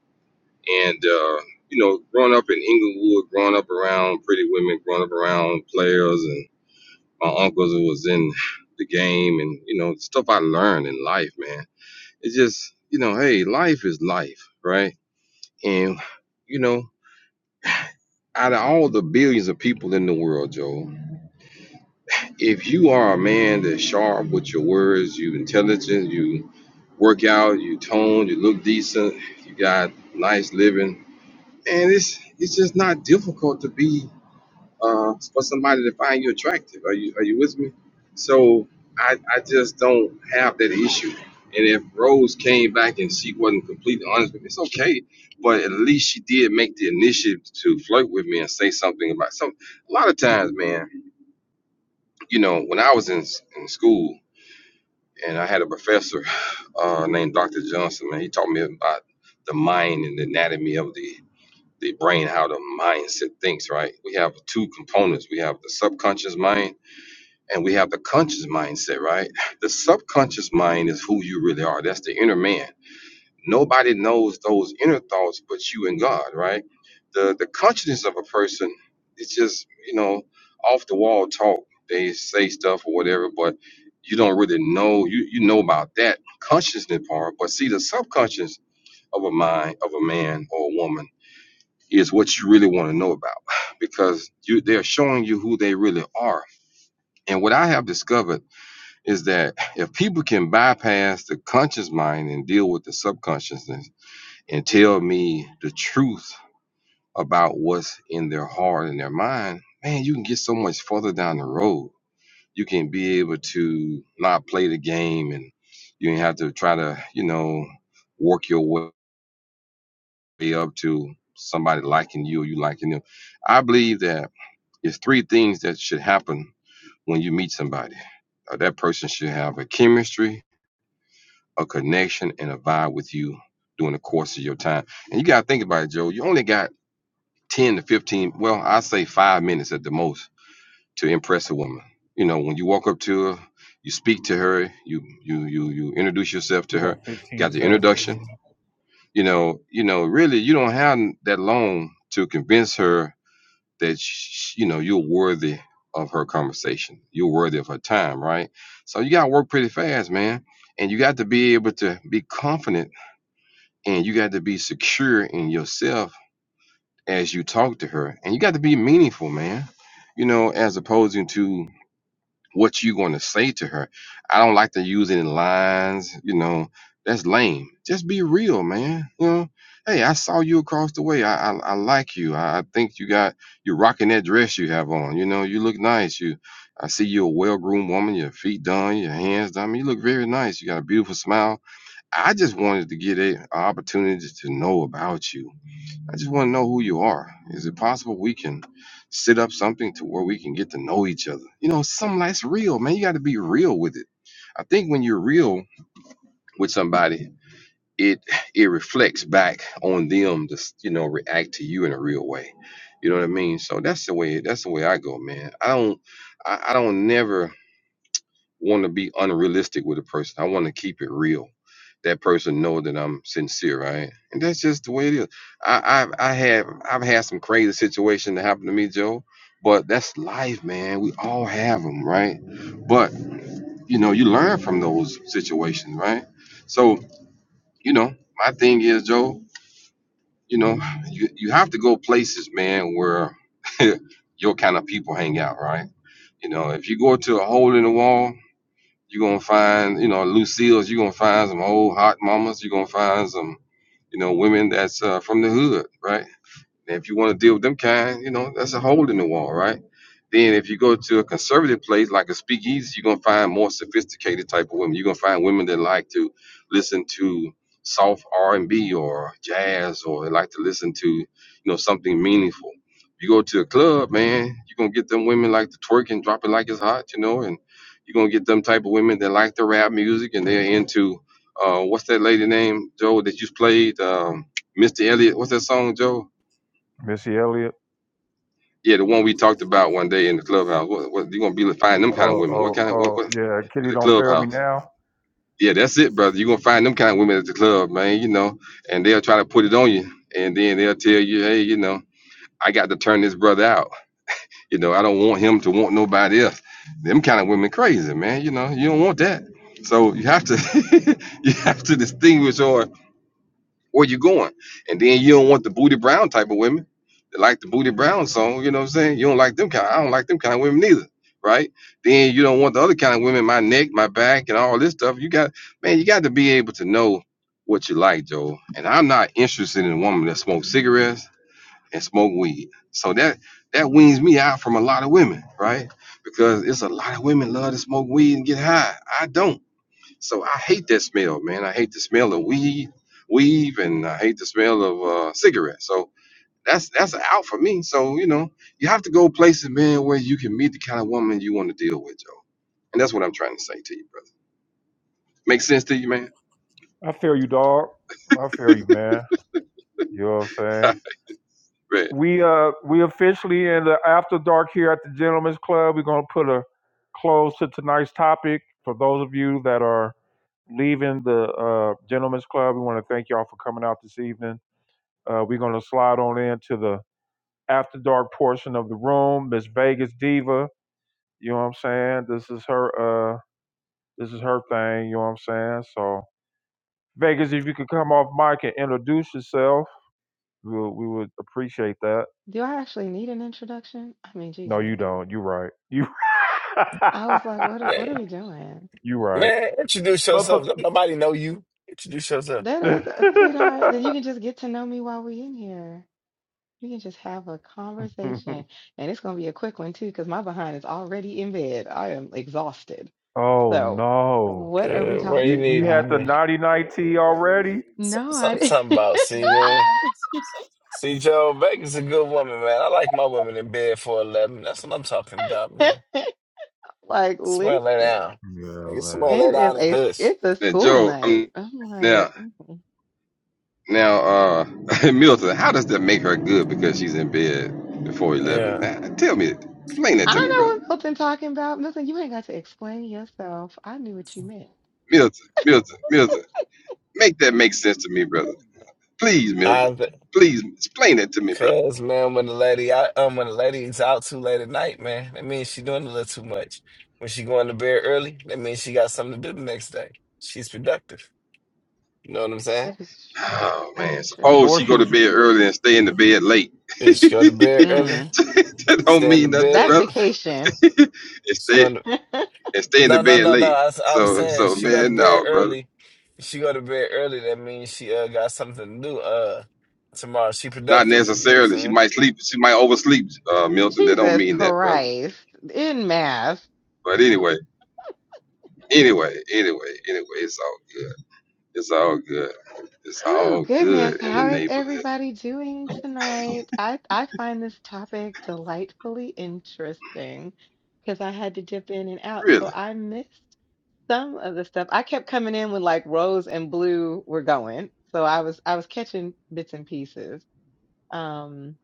Speaker 3: And uh, you know, growing up in Inglewood, growing up around pretty women, growing up around players, my uncles who was in the game and you know stuff I learned in life, man. It's just you know, hey, life is life, right? And you know, out of all the billions of people in the world, Joe, if you are a man that's sharp with your words, you intelligent, you work out, you tone, you look decent, you got nice living, and it's it's just not difficult to be uh, for somebody to find you attractive. Are you are you with me? So I I just don't have that issue. And if Rose came back and she wasn't completely honest with me, it's okay. But at least she did make the initiative to flirt with me and say something about some. A lot of times, man, you know, when I was in in school and I had a professor uh, named Dr. Johnson, man, he taught me about the mind and the anatomy of the the brain, how the mindset thinks. Right? We have two components. We have the subconscious mind and we have the conscious mindset, right? The subconscious mind is who you really are. That's the inner man. Nobody knows those inner thoughts but you and God, right? The the consciousness of a person it's just, you know, off the wall talk. They say stuff or whatever, but you don't really know you, you know about that consciousness part, but see the subconscious of a mind of a man or a woman is what you really want to know about because you they're showing you who they really are. And what I have discovered is that if people can bypass the conscious mind and deal with the subconsciousness and tell me the truth about what's in their heart and their mind, man, you can get so much further down the road. You can be able to not play the game and you ain't have to try to, you know, work your way up to somebody liking you or you liking them. I believe that it's three things that should happen when you meet somebody. Uh, That person should have a chemistry, a connection and a vibe with you during the course of your time. And you gotta think about it, Joe. You only got 10 to 15, well, I say five minutes at the most to impress a woman. You know, when you walk up to her, you speak to her, you you you you introduce yourself to
Speaker 1: You got
Speaker 3: her,
Speaker 1: 15
Speaker 3: got the
Speaker 1: seconds.
Speaker 3: introduction. You know, you know, really you don't have that long to convince her that sh you know you're worthy of her conversation. You're worthy of her time, right? So you gotta work pretty fast, man. And you got to be able to be confident and you got to be secure in yourself as you talk to her and you got to be meaningful man you know as opposed to what you going to say to her i don't like to use any lines you know that's lame just be real man you know hey i saw you across the way i i, I like you I, I think you got you're rocking that dress you have on you know you look nice you i see you're a well-groomed woman your feet done your hands done I mean, you look very nice you got a beautiful smile I just wanted to get a, a opportunity to know about you. I just want to know who you are. Is it possible we can set up something to where we can get to know each other? You know, something that's real, man. You got to be real with it. I think when you're real with somebody, it it reflects back on them to you know react to you in a real way. You know what I mean? So that's the way that's the way I go, man. I don't I, I don't never want to be unrealistic with a person. I want to keep it real that person know that I'm sincere, right? And that's just the way it is. I, I I have I've had some crazy situation that happened to me, Joe. But that's life, man. We all have them, right? But you know, you learn from those situations, right? So you know, my thing is, Joe. You know, you you have to go places, man, where *laughs* your kind of people hang out, right? You know, if you go to a hole in the wall, you're gonna find, you know, Lucille's. You're gonna find some old hot mamas. You're gonna find some you know, women that's uh, from the hood, right? And if you want to deal with them kind, you know, that's a hole in the wall, right? Then if you go to a conservative place like a speakeasy, you're gonna find more sophisticated type of women. You're gonna find women that like to listen to soft R and B or jazz or they like to listen to, you know, something meaningful. You go to a club, man, you're gonna get them women like to twerk and drop it like it's hot, you know, and you're gonna get them type of women that like the rap music and they're into uh what's that lady name, Joe, that you played? Um Mr. Elliott, what's that song, Joe?
Speaker 1: Missy Elliott.
Speaker 3: Yeah, the one we talked about one day in the clubhouse. What, what you gonna be finding them kind of
Speaker 1: Oh,
Speaker 3: women? What
Speaker 1: oh,
Speaker 3: kind of what, what
Speaker 1: oh, yeah. Kitty
Speaker 3: the
Speaker 1: don't fail me
Speaker 3: clubhouse?
Speaker 1: now.
Speaker 3: Yeah, that's it, brother. You are gonna find them kind of women at the club, man. You know, and they'll try to put it on you, and then they'll tell you, hey, you know, I got to turn this brother out. You know, I don't want him to want nobody else. Them kind of women crazy, man. You know, you don't want that. So you have to *laughs* you have to distinguish, or where you going? And then you don't want the booty brown type of women. that like the booty brown song, you know what I'm saying? You don't like them kind. I don't like them kind of women neither, right? Then you don't want the other kind of women, my neck, my back, and all this stuff. You got man, you got to be able to know what you like, Joe. And I'm not interested in a woman that smokes cigarettes and smoke weed. So that that weans me out from a lot of women, right? Because it's a lot of women love to smoke weed and get high. I don't. So I hate that smell, man. I hate the smell of weed, weave, and I hate the smell of uh, cigarettes. So that's that's a out for me. So you know, you have to go places, man, where you can meet the kind of woman you want to deal with, Joe. And that's what I'm trying to say to you, brother. Make sense to you, man?
Speaker 1: I fail you, dog. I fail you, man. You know what I'm saying?
Speaker 3: Right.
Speaker 1: We uh we officially in the after dark here at the Gentlemen's Club. We're gonna put a close to tonight's topic. For those of you that are leaving the uh Gentlemen's Club, we want to thank y'all for coming out this evening Uh, we're going to slide on into the after dark portion of the room. Miss Vegas Diva, you know what I'm saying? This is her. Uh, this is her thing. You know what I'm saying? So Vegas, if you could come off mic and introduce yourself, we would, we would appreciate that.
Speaker 10: Do I actually need an introduction? I mean,
Speaker 1: No,
Speaker 10: Jesus.
Speaker 1: you don't. You right. You.
Speaker 10: I
Speaker 1: *laughs*
Speaker 10: was like, what are, what are
Speaker 8: man,
Speaker 10: we doing?
Speaker 1: you right.
Speaker 8: man, introduce
Speaker 1: But for.
Speaker 8: yourself. Don't nobody know you. Introduce yourself.
Speaker 10: That is, uh, sweetheart,
Speaker 1: *laughs*
Speaker 10: that you can just get to know me while we are in here. You can just have a conversation. And it's going to be a quick one, too, because my behind is already in bed. I am exhausted.
Speaker 1: oh
Speaker 10: So,
Speaker 1: no.
Speaker 10: what are we
Speaker 8: Uh, where you
Speaker 1: You
Speaker 10: talking
Speaker 1: you
Speaker 8: need me,
Speaker 1: had
Speaker 10: about?
Speaker 1: the
Speaker 8: man?
Speaker 1: naughty night tea already?
Speaker 8: So-
Speaker 10: No,
Speaker 8: so-
Speaker 10: I
Speaker 8: Something
Speaker 10: didn't.
Speaker 8: about see, man. See, Joe, Vegas a good woman, man. I like my women in bed for eleven. That's what I'm talking about, man.
Speaker 10: *laughs* like, listen,
Speaker 8: Somebody lay down.
Speaker 1: Yeah,
Speaker 8: Nigga, Somebody
Speaker 1: man.
Speaker 8: lay
Speaker 10: it
Speaker 8: down
Speaker 10: is
Speaker 8: and
Speaker 10: a,
Speaker 8: hush.
Speaker 10: it's a
Speaker 3: Now,
Speaker 10: school
Speaker 3: Joe,
Speaker 10: night.
Speaker 3: I'm
Speaker 10: I'm
Speaker 3: now
Speaker 10: like,
Speaker 3: now uh *laughs* Milton. How does that make her good because she's in bed before eleven?
Speaker 8: Yeah.
Speaker 3: Now, tell me, explain that
Speaker 10: I
Speaker 3: to me,
Speaker 10: know
Speaker 3: brother.
Speaker 10: what Milton talking about. Milton, you ain't got to explain yourself. I knew what you meant.
Speaker 3: Milton, Milton, Milton. Make that make sense to me, brother. Please, Milton.
Speaker 8: I,
Speaker 3: Please explain that to me, brother.
Speaker 8: cause man, when the lady, I, um, when the lady's out too late at night, man, that means she doing a little too much. When she going to bed early, that means she got something to do the next day. She's productive. You know what I'm saying?
Speaker 10: That is
Speaker 3: Oh
Speaker 10: that's
Speaker 3: man.
Speaker 10: true.
Speaker 3: Suppose
Speaker 1: Or
Speaker 3: she
Speaker 1: she
Speaker 3: go to
Speaker 1: was
Speaker 3: bed early and stay in the bed late. *laughs*
Speaker 8: Is she go to bed early,
Speaker 10: Mm,
Speaker 3: that don't
Speaker 8: stay in the
Speaker 3: mean nothing,
Speaker 10: that's
Speaker 8: bed.
Speaker 3: brother.
Speaker 10: vacation.
Speaker 3: *laughs* and
Speaker 8: She's
Speaker 3: stay
Speaker 8: going to,
Speaker 10: *laughs*
Speaker 3: and stay in the
Speaker 8: no, no,
Speaker 3: bed
Speaker 8: no, no.
Speaker 3: late.
Speaker 8: I, was- I was
Speaker 3: So
Speaker 8: saying
Speaker 3: so
Speaker 8: she go to
Speaker 3: man,
Speaker 8: bed
Speaker 3: no, brother.
Speaker 8: early. If She go to bed early. That means she uh, got something to do uh tomorrow. She
Speaker 3: Not
Speaker 8: productive. You know what I'm
Speaker 3: necessarily. She
Speaker 8: saying?
Speaker 3: might sleep. She might oversleep, uh, Milton. That don't
Speaker 10: Jesus
Speaker 3: mean that, brother.
Speaker 10: Christ. In mass.
Speaker 3: But anyway, anyway, anyway, anyway, it's all good. It's all good. It's
Speaker 10: Oh
Speaker 3: all
Speaker 10: goodness,
Speaker 3: good in the
Speaker 10: how is
Speaker 3: neighborhood.
Speaker 10: everybody doing tonight? I I find this topic delightfully interesting because I had to dip in and out, so
Speaker 3: Really.
Speaker 10: I missed some of the stuff. I kept coming in with like rose and blue were going, so I was I was catching bits and pieces. Um,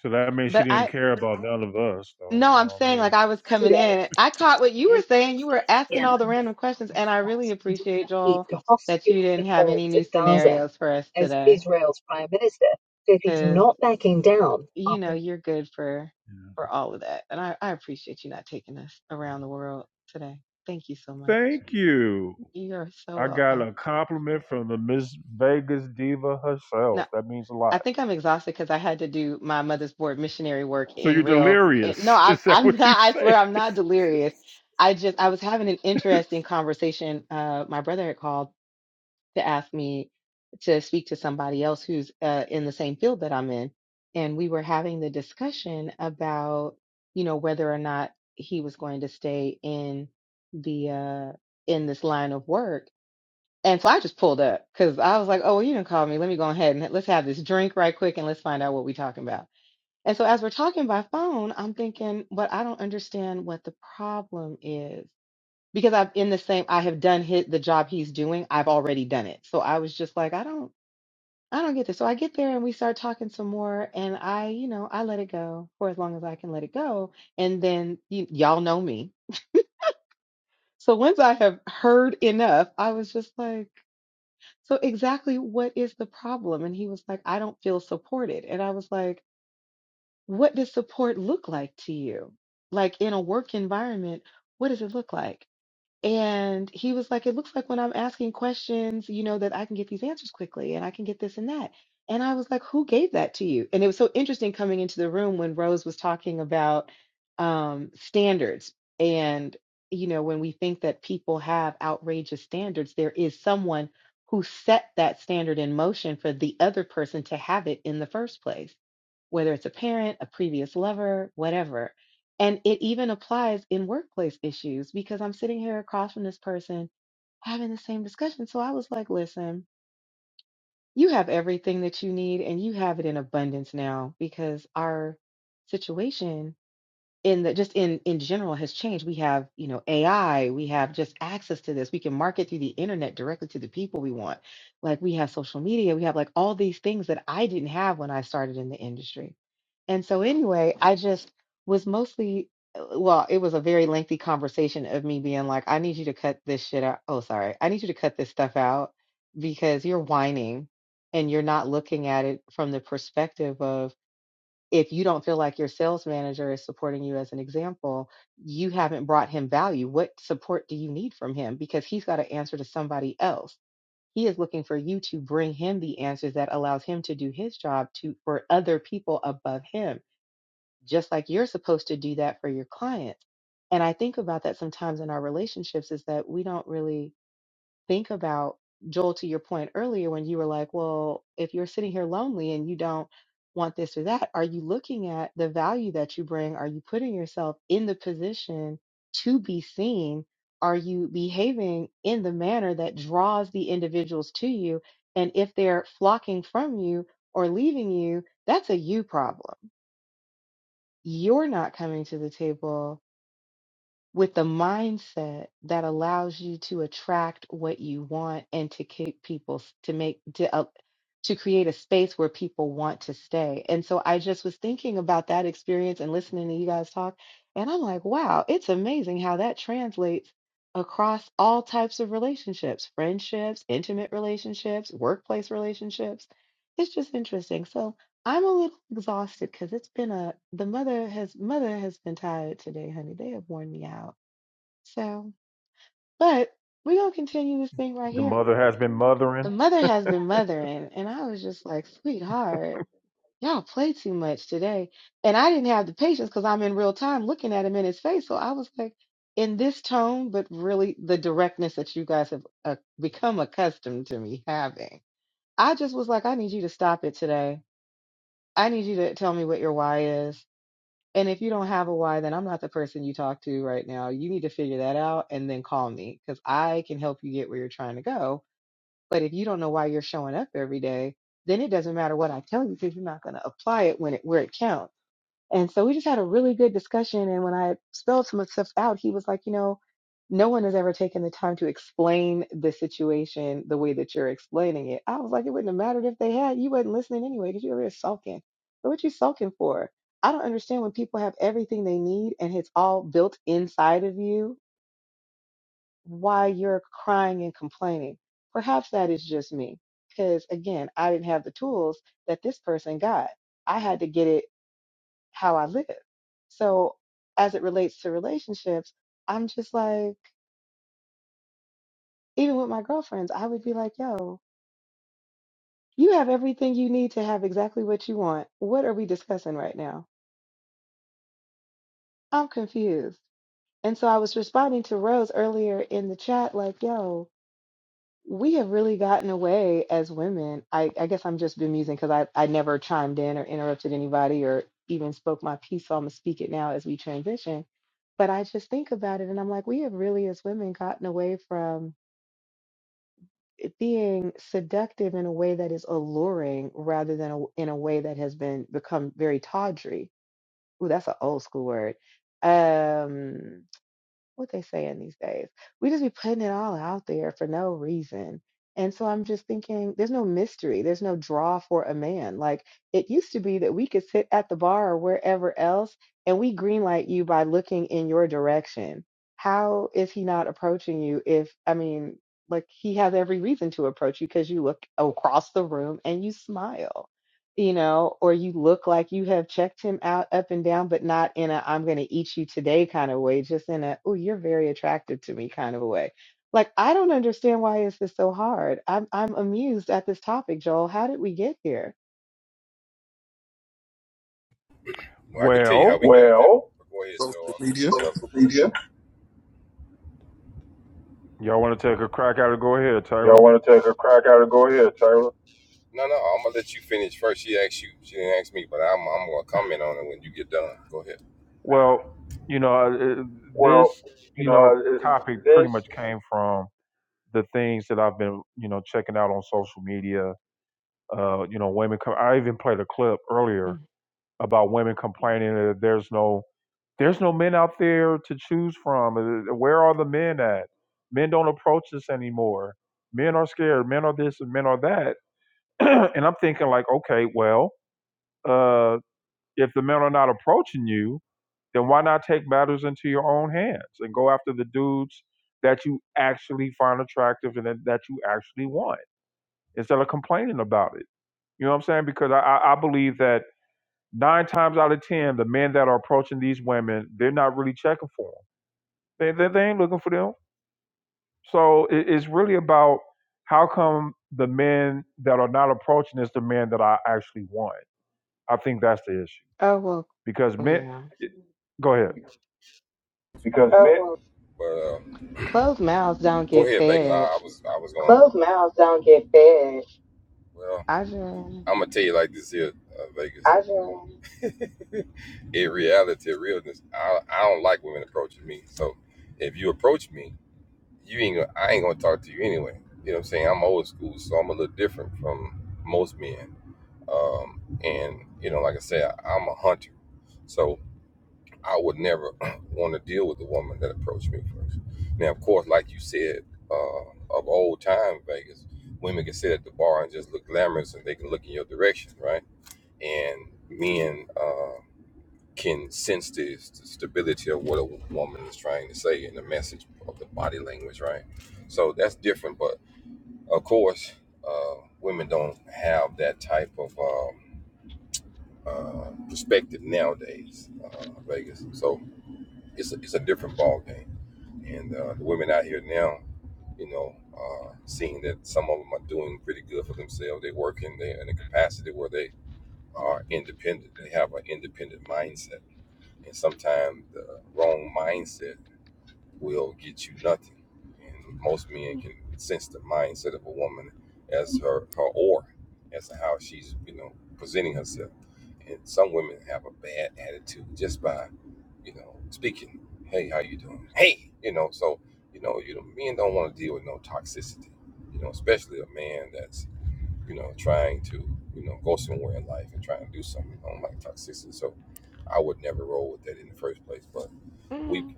Speaker 1: So that means she
Speaker 10: but
Speaker 1: didn't
Speaker 10: I
Speaker 1: care about none of us, though.
Speaker 10: no,
Speaker 1: You
Speaker 10: I'm
Speaker 1: know what I
Speaker 10: saying
Speaker 1: mean?
Speaker 10: like I was coming in. I caught what you were saying. You were asking all the random questions, and I really appreciate Joel that you didn't have any new scenarios for us today you know, you're good for for all of that. And I, I appreciate you not taking us around the world today. Thank you so much.
Speaker 1: Thank you.
Speaker 10: You're so
Speaker 1: I got
Speaker 10: welcome.
Speaker 1: a compliment from the Miss Vegas diva
Speaker 10: No,
Speaker 1: herself. That means a
Speaker 10: I
Speaker 1: lot.
Speaker 10: think I'm exhausted because I had to do my mother's board missionary work
Speaker 1: So
Speaker 10: in
Speaker 1: you're
Speaker 10: real. It,
Speaker 1: delirious.
Speaker 10: no,
Speaker 1: *laughs*
Speaker 10: I'm
Speaker 1: Is that
Speaker 10: I'm *laughs*
Speaker 1: what you
Speaker 10: not. I
Speaker 1: say?
Speaker 10: swear I'm not delirious. I just I was having an interesting conversation. Uh, my brother had called to ask me to speak to somebody else who's uh, in the same field that I'm in. And we were having the discussion about, you know, whether or not he was going to stay in the uh, in this line of work. And so I just pulled up because I was like, oh, well, you didn't call me. Let me go ahead and let's have this drink right quick and let's find out what we're talking about. And so as we're talking by phone, I'm thinking, but I don't understand what the problem is because I'm in the same I have done hit the job he's doing. I've already done it. So I was just like, I don't I don't get this. So I get there and we start talking some more and I, you know, I let it go for as long as I can let it go. And then y- y'all know me. So once I have heard enough, I was just like, so exactly what is the problem? And he was like, I don't feel supported. And I was like, what does support look like to you? Like in a work environment, what does it look like? And he was like, It looks like when I'm asking questions, you know, that I can get these answers quickly and I can get this and that. And I was like, Who gave that to you? And it was so interesting coming into the room when Rose was talking about um, standards. And, you know, when we think that people have outrageous standards, there is someone who set that standard in motion for the other person to have it in the first place, whether it's a parent, a previous lover, whatever and it even applies in workplace issues because I'm sitting here across from this person having the same discussion. So I was like, listen, you have everything that you need and you have it in abundance now because our situation in the just in in general has changed we have you know ai we have just access to this we can market through the internet directly to the people we want like we have social media we have like all these things that i didn't have when i started in the industry and so anyway i just was mostly uh, well it was a very lengthy conversation of me being like i need you to cut this shit out oh sorry i need you to cut this stuff out because you're whining and you're not looking at it from the perspective of if you don't feel like your sales manager is supporting you as an example, you haven't brought him value. What support do you need from him? Because he's got to answer to somebody else. He is looking for you to bring him the answers that allows him to do his job to for other people above him, just like you're supposed to do that for your clients. And I think about that sometimes in our relationships is that we don't really think about Joel to your point earlier when you were like, well, if you're sitting here lonely and you don't want this or that, are you looking at the value that you bring? Are you putting yourself in the position to be seen? Are you behaving in the manner that draws the individuals to you? And if they're flocking from you or leaving you, that's a you problem. You're not coming to the table with the mindset that allows you to attract what you want and to keep people s- to make to uh, to create a space where people want to stay. And so I just was thinking about that experience and listening to you guys talk and I'm like, wow, it's amazing how that translates across all types of relationships, friendships, intimate relationships, workplace relationships. It's just interesting. So I'm a little exhausted because it's been a the mother has mother has been tired today, honey. They have worn me out. So, but we're gonna continue this thing right
Speaker 1: The
Speaker 10: here.
Speaker 1: mother has been
Speaker 10: The
Speaker 1: mothering.
Speaker 10: mother has been mothering, and I was just like, sweetheart, y'all play too much today. And I didn't have the patience because I'm in real time looking at him in his face. So I was like, in this tone, but really the directness that you guys have uh, become accustomed to me having. I just was like, I need you to stop it today. I need you to tell me what your why is. And if you don't have a why, then I'm not the person you talk to right now. You need to figure that out and then call me because I can help you get where you're trying to go. But if you don't know why you're showing up every day, then it doesn't matter what I tell you because you're not going to apply it when it where it counts. And so we just had a really good discussion. And when I spelled some of the stuff out, he was like, you know, no one has ever taken the time to explain the situation the way that you're explaining it. I was like, it wouldn't have mattered if they had. You wasn't listening anyway because you were just sulking. So what you sulking for? I don't understand when people have everything they need and it's all built inside of you, why you're crying and complaining. Perhaps that is just me. Because again, I didn't have the tools that this person got. I had to get it how I live. So as it relates to relationships, I'm just like, even with my girlfriends, I would be like, yo, you have everything you need to have exactly what you want. What are we discussing right now? I'm confused. And so I was responding to Rose earlier in the chat, like, yo, we have really gotten away as women. I, I guess I'm just bemusing because I, I never chimed in or interrupted anybody or even spoke my piece. So I'm going to speak it now as we transition. But I just think about it and I'm like, we have really, as women, gotten away from it being seductive in a way that is alluring rather than a, in a way that has been become very tawdry. Ooh, that's an old school word. Um, what they saying these days. We just be putting it all out there for no reason. And so I'm just thinking there's no mystery, there's no draw for a man. Like it used to be that we could sit at the bar or wherever else and we greenlight you by looking in your direction. How is he not approaching you if I mean like he has every reason to approach you because you look across the room and you smile you know, or you look like you have checked him out up and down, but not in a I'm going to eat you today kind of way, just in a, oh, you're very attractive to me kind of a way. Like, I don't understand why is this so hard? I'm I'm amused at this topic, Joel. How did we get here?
Speaker 1: Well,
Speaker 12: Social media.
Speaker 1: y'all want to take a crack at it? Go ahead,
Speaker 3: Y'all
Speaker 1: Taylor.
Speaker 3: want to take a crack at it? Go ahead, Taylor.
Speaker 1: Well, you know, uh, uh,
Speaker 3: Well,
Speaker 1: this,
Speaker 3: you
Speaker 1: you
Speaker 3: know,
Speaker 1: know,
Speaker 3: uh,
Speaker 1: topic pretty
Speaker 3: this
Speaker 1: much came from the things that I've been, you know, checking out on social media. Uh, you know, women come. I even played a clip earlier
Speaker 10: Mm.
Speaker 1: about women complaining that there's no there's no men out there to choose from. Uh, Where are the men at? Men don't approach us anymore. Men are scared. Men are this and men are that. *clears throat* and I'm thinking like, okay, well, uh, if the men are not approaching you, then why not take matters into your own hands and go after the dudes that you actually find attractive and that that you actually want instead of complaining about it. You know what I'm saying? Because I, I I believe that Nine times out of ten, the men that are approaching these women, they're not really checking for them. They, they, they ain't looking for them. So it, it's really about how come the men that are not approaching is the men that I actually want. I think that's the issue
Speaker 10: Oh, well,
Speaker 1: because men.
Speaker 10: yeah.
Speaker 1: Go ahead.
Speaker 3: because Oh, men, well,
Speaker 10: Closed mouths don't get fed.
Speaker 3: those mouths don't get fed.
Speaker 10: I just,
Speaker 3: Yeah.
Speaker 10: mm.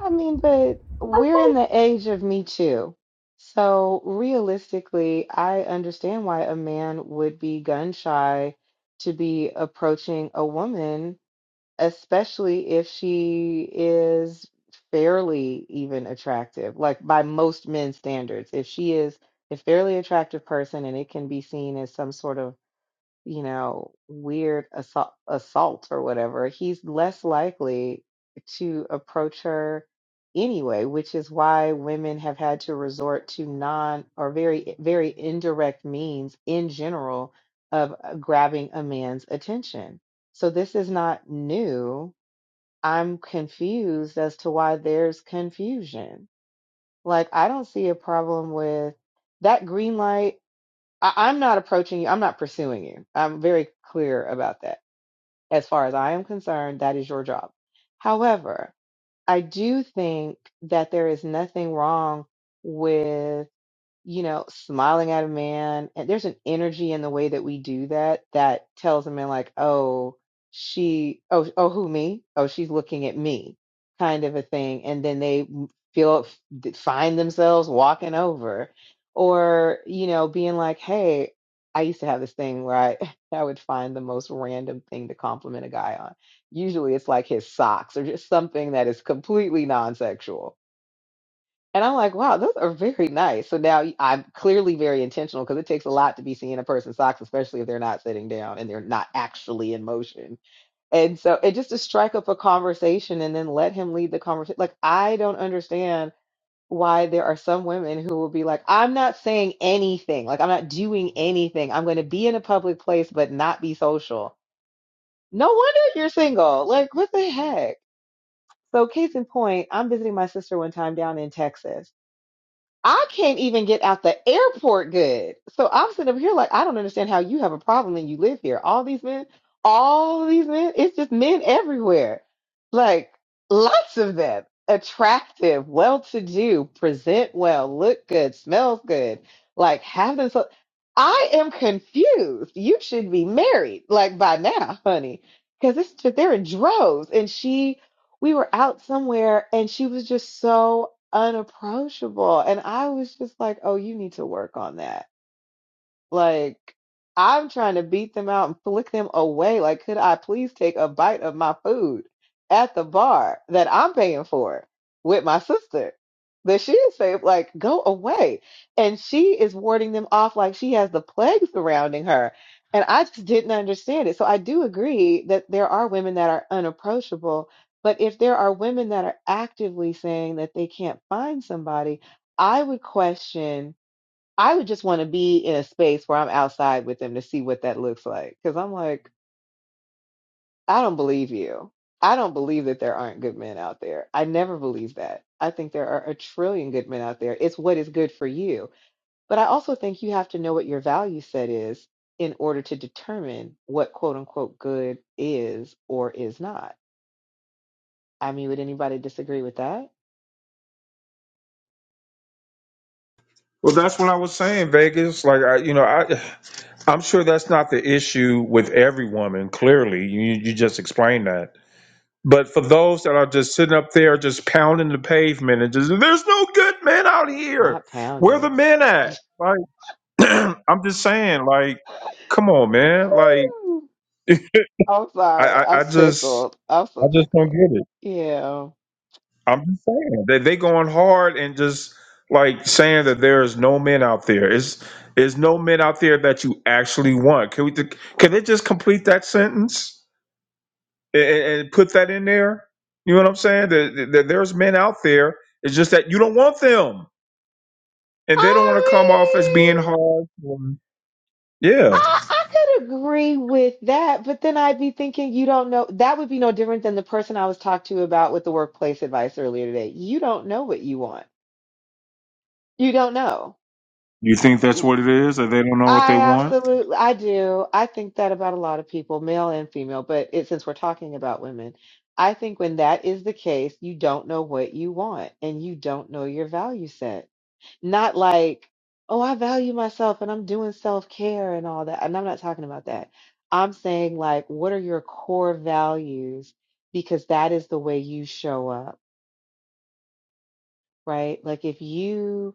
Speaker 10: I mean, but we're in the age of Me Too. So realistically, I understand why a man would be gun shy to be approaching a woman, especially if she is fairly even attractive, like by most men's standards. If she is a fairly attractive person and it can be seen as some sort of you know, weird assault, assault or whatever, he's less likely to approach her anyway, which is why women have had to resort to non or very, very indirect means in general of uh, grabbing a man's attention. So this is not new. I'm confused as to why there's confusion. Like, I don't see a problem with that green light I, I'm not approaching you. I'm not pursuing you. I'm very clear about that. As far as I am concerned, that is your job. However, I do think that there is nothing wrong with you know, smiling at a man. And there's an energy in the way that we do that that tells a man, like, oh, she, oh, oh, who, me? Oh, she's looking at me, kind of a thing. And then they feel, find themselves walking over or, you know, being like, hey, I used to have this thing where I, *laughs* I would find the most random thing to compliment a guy on. Usually it's like his socks or just something that is completely non sexual and I'm like, wow, those are very nice. So now y- I'm clearly very intentional because it takes a lot to be seeing a person's socks, especially if they're not sitting down and they're not actually in motion. And so, and just to strike up a conversation and then let him lead the conversation. Like, I don't understand why there are some women who will be like, I'm not saying anything. Like, I'm not doing anything. I'm going to be in a public place, but not be social. No wonder you're single. Like, what the heck? So, case in point, I'm visiting my sister one time down in Texas I can't even get out the airport good. So I'm sitting up here like, I don't understand how you have a problem and you live here. All these men, all these men, it's just men everywhere. Like lots of them. Attractive, well to do, present well, look good, smells good, like have them. so. I am confused. You should be married like by now, honey, because it's just they're in droves. And she we were out somewhere and she was just so unapproachable. And I was just like, oh, you need to work on that like, I'm trying to beat them out and flick them away. Like, could I please take a bite of my food at the bar that I'm paying for with my sister? That she is saying, like, go away. And she is warding them off like she has the plague surrounding her. And I just didn't understand it. So I do agree that there are women that are unapproachable. But if there are women that are actively saying that they can't find somebody, I would question I would just want to be in a space where I'm outside with them to see what that looks like. Because I'm like, I don't believe you. I don't believe that there aren't good men out there. I never believe that. I think there are a trillion good men out there. It's what is good for you. But I also think you have to know what your value set is in order to determine what quote unquote good is or is not. I mean, would anybody disagree with that?
Speaker 1: Well, that's what I was saying, Vegas. Like, I, you know, I, I'm sure that's not the issue with every woman. Clearly, you you just explained that. But for those that are just sitting up there, just pounding the pavement and just, there's no good men out here.
Speaker 10: Not
Speaker 1: Where the
Speaker 10: pounding.
Speaker 1: men at? Like, *clears throat* I'm just saying, like, come on, man. Like,
Speaker 10: Ooh, I'm
Speaker 1: I,
Speaker 10: sorry.
Speaker 1: I,
Speaker 10: I'm
Speaker 1: I just,
Speaker 10: tickled. I'm so
Speaker 1: I just don't
Speaker 10: tickled.
Speaker 1: get it.
Speaker 10: Yeah.
Speaker 1: I'm just saying that they going hard and just like saying that there is no men out there. Is is no men out there that you actually want? Can we? Can they just complete that sentence? and, and- put that in there. You know what I'm saying? That, that there's men out there. It's just that you don't want them, and they don't want to come off as being
Speaker 10: I mean,
Speaker 1: hard. Um, Yeah.
Speaker 10: I, I could agree with that, but then I'd be thinking, you don't know. That would be no different than the person I was talked to about with the workplace advice earlier today. You don't know what you want. You don't know.
Speaker 1: You think that's what it is, that they don't know what they
Speaker 10: I
Speaker 1: want?
Speaker 10: absolutely, I do. I think that about a lot of people, male and female, but it, since we're talking about women, I think when that is the case, you don't know what you want and you don't know your value set Not like, oh, I value myself and I'm doing self-care and all that. And I'm not talking about that. I'm saying, like, what are your core values? Because that is the way you show up, right? Like, if you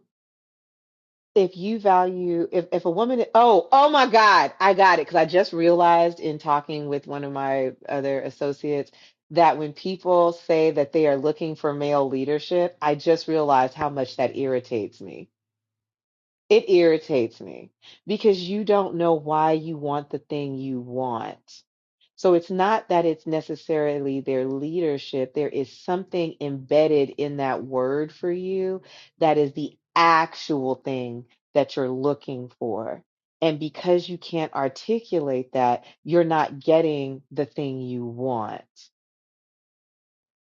Speaker 10: if you value if if a woman oh oh my god i got it because i just realized in talking with one of my other associates that when people say that they are looking for male leadership i just realized how much that irritates me It irritates me because you don't know why you want the thing you want. So it's not that it's necessarily their leadership. There is something embedded in that word for you that is the actual thing that you're looking for. And because you can't articulate that, you're not getting the thing you want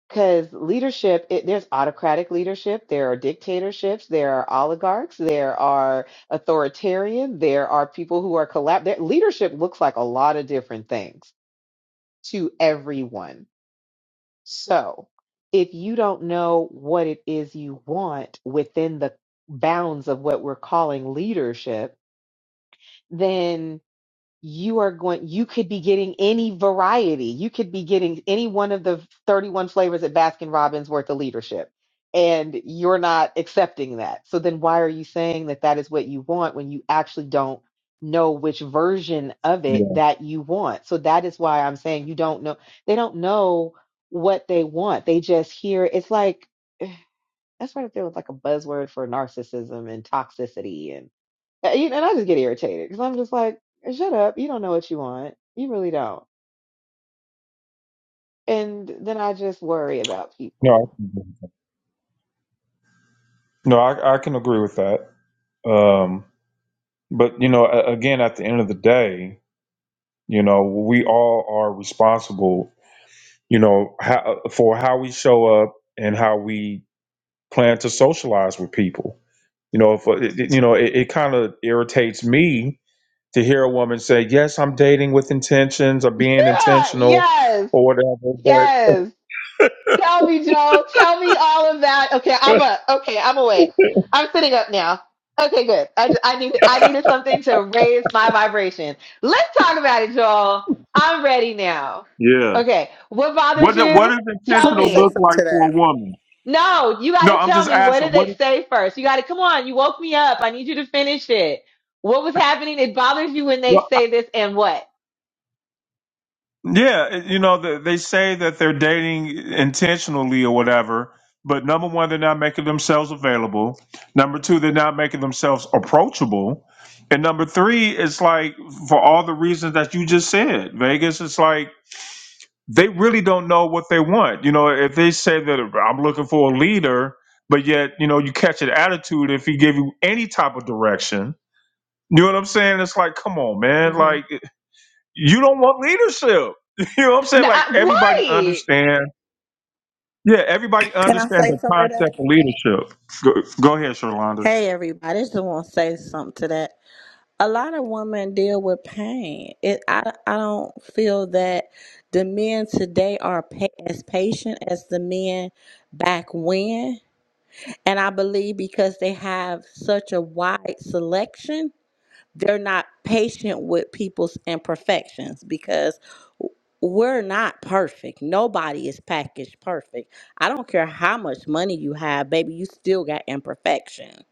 Speaker 10: because leadership it, there's autocratic leadership there are dictatorships there are oligarchs there are authoritarian there are people who are collab their leadership looks like a lot of different things to everyone so if you don't know what it is you want within the bounds of what we're calling leadership then you are going you could be getting any variety you could be getting any one of the 31 flavors at baskin robbins worth of leadership and you're not accepting that so then why are you saying that that is what you want when you actually don't know which version of it
Speaker 1: Yeah.
Speaker 10: that you want so that is why i'm saying you don't know they don't know what they want they just hear it's like that's right up there with like a buzzword for narcissism and toxicity and. Uh, you know, and I just get irritated because I'm just like, shut up. You don't know what you want. You really don't. And then I just worry about
Speaker 1: No. I,
Speaker 10: people.
Speaker 1: can, no, I, I can agree with that. Um, but you know, a- again, at the end of the day, you know, we all are responsible. You know, how, for how we show up and how we plan to socialize with people. You know, if, it- it- you know, it, it kind of irritates me to hear a woman say, "Yes, I'm dating with intentions or being
Speaker 10: Yeah,
Speaker 1: intentional
Speaker 10: yes.
Speaker 1: or whatever." But
Speaker 10: Yes. Tell me, Joe. Tell me all of that. Okay, I'm up. Okay, I'm awake. I'm sitting up now. Okay, good. I, ju- I needed I needed something to raise my vibration. Let's talk about it, Joel. I'm ready now.
Speaker 1: yeah,
Speaker 10: Okay, what bothers
Speaker 1: what do- what
Speaker 10: you?
Speaker 1: does
Speaker 13: I
Speaker 10: Tell
Speaker 1: intentional
Speaker 13: want to say
Speaker 1: look
Speaker 10: me.
Speaker 13: something
Speaker 1: like
Speaker 13: to
Speaker 1: for a
Speaker 13: that.
Speaker 1: woman?
Speaker 10: No, you got
Speaker 1: No,
Speaker 10: to
Speaker 1: I'm
Speaker 10: tell
Speaker 1: just
Speaker 10: me what
Speaker 1: asking.
Speaker 10: did they
Speaker 1: What?
Speaker 10: say first? You got to come on. You woke me up. I need you to finish it. What was happening? It bothers you when they say this and what?
Speaker 1: Yeah, you know, th- they say that they're dating intentionally or whatever, but number one, they're not making themselves available. Number two, they're not making themselves approachable. And number three, it's like for all the reasons that you just said, Vegas, it's like they really don't know what they want. You know, if they say that I'm looking for a leader, but yet, you know, you catch an attitude if he give you any type of direction. You know what I'm saying? It's like, come on, man.
Speaker 10: hmm
Speaker 1: Like, you don't want leadership. *laughs* You know what I'm saying?
Speaker 10: No,
Speaker 1: Like
Speaker 10: I,
Speaker 1: everybody
Speaker 10: right.
Speaker 1: understand. Yeah, everybody
Speaker 13: Can I
Speaker 1: understand
Speaker 13: say
Speaker 1: the
Speaker 13: something to
Speaker 1: concept
Speaker 13: that?
Speaker 1: of leadership. Go, go ahead, Sherlonda.
Speaker 13: Hey, everybody, I just want to say something to that. A lot of women deal with pain. It, I, I don't feel that the men today are pa- as patient as the men back when. And I believe because they have such a wide selection, they're not patient with people's imperfections because we're not perfect. Nobody is packaged perfect. I don't care how much money you have, baby, you still got imperfection.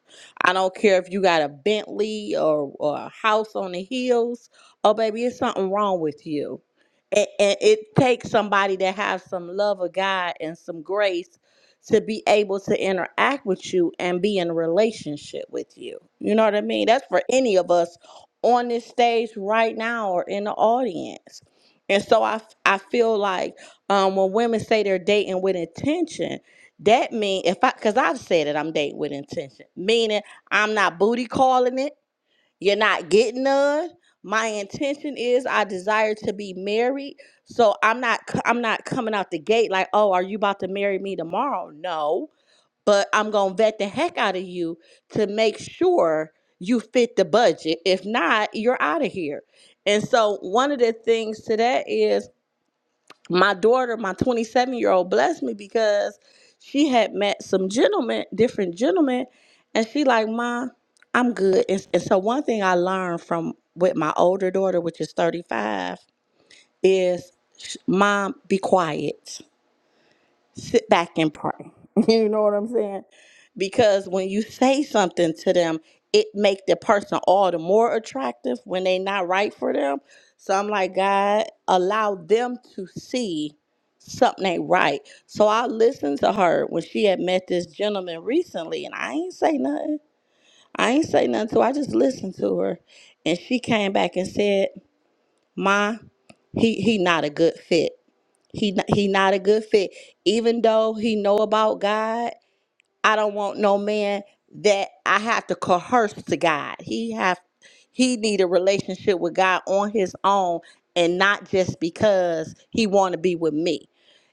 Speaker 13: I don't care if you got a Bentley or, or a house on the hills. Oh, baby, it's something wrong with you. And, and it takes somebody that has some love of God and some grace to be able to interact with you and be in a relationship with you. You know what I mean? That's for any of us on this stage right now or in the audience. And so I, f- I feel like um, when women say they're dating with intention, that mean if I, because I've said it, I'm dating with intention, meaning I'm not booty calling it. You're not getting none. My intention is I desire to be married. So I'm not c- I'm not coming out the gate like, "Oh, are you about to marry me tomorrow?" No, but I'm going to vet the heck out of you to make sure you fit the budget. If not, you're out of here. And so one of the things to that is my daughter, my 27 year old, blessed me because she had met some gentlemen, different gentlemen, and she like, "Ma, I'm good." And, and so one thing I learned from with my older daughter, which is 35, is, "Mom, be quiet." sit back and pray. *laughs* You know what I'm saying? Because when you say something to them, it make the person all the more attractive when they not right for them. So I'm like, God, allow them to see something ain't right. So I listened to her when she had met this gentleman recently, and I ain't say nothing. I ain't say nothing. So I just listened to her, and she came back and said, "Ma, he he not a good fit." He n- he not a good fit. Even though he know about God, I don't want no man that I have to coerce to God. He have he need a relationship with God on his own and not just because he want to be with me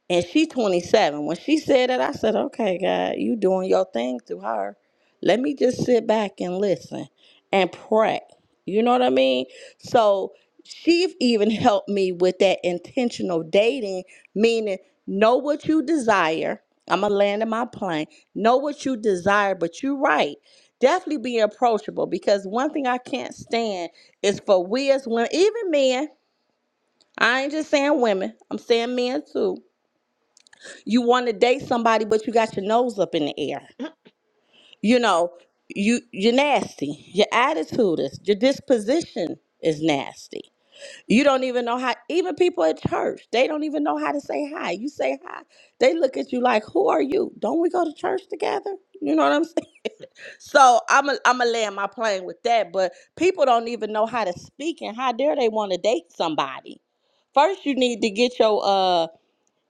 Speaker 13: and she 27 when she said that i said okay god you doing your thing through her let me just sit back and listen and pray you know what i mean so she even helped me with that intentional dating meaning know what you desire i'm gonna land in my plane know what you desire but you're right definitely be approachable because one thing i can't stand is for we as women even men i ain't just saying women i'm saying men too you want to date somebody, but you got your nose up in the air. You know, you you're nasty. Your attitude is your disposition is nasty. You don't even know how. Even people at church, they don't even know how to say hi. You say hi, they look at you like, "Who are you? Don't we go to church together?" You know what I'm saying? *laughs* So I'm a, I'm a land my plane with that. But people don't even know how to speak, and how dare they want to date somebody? First, you need to get your uh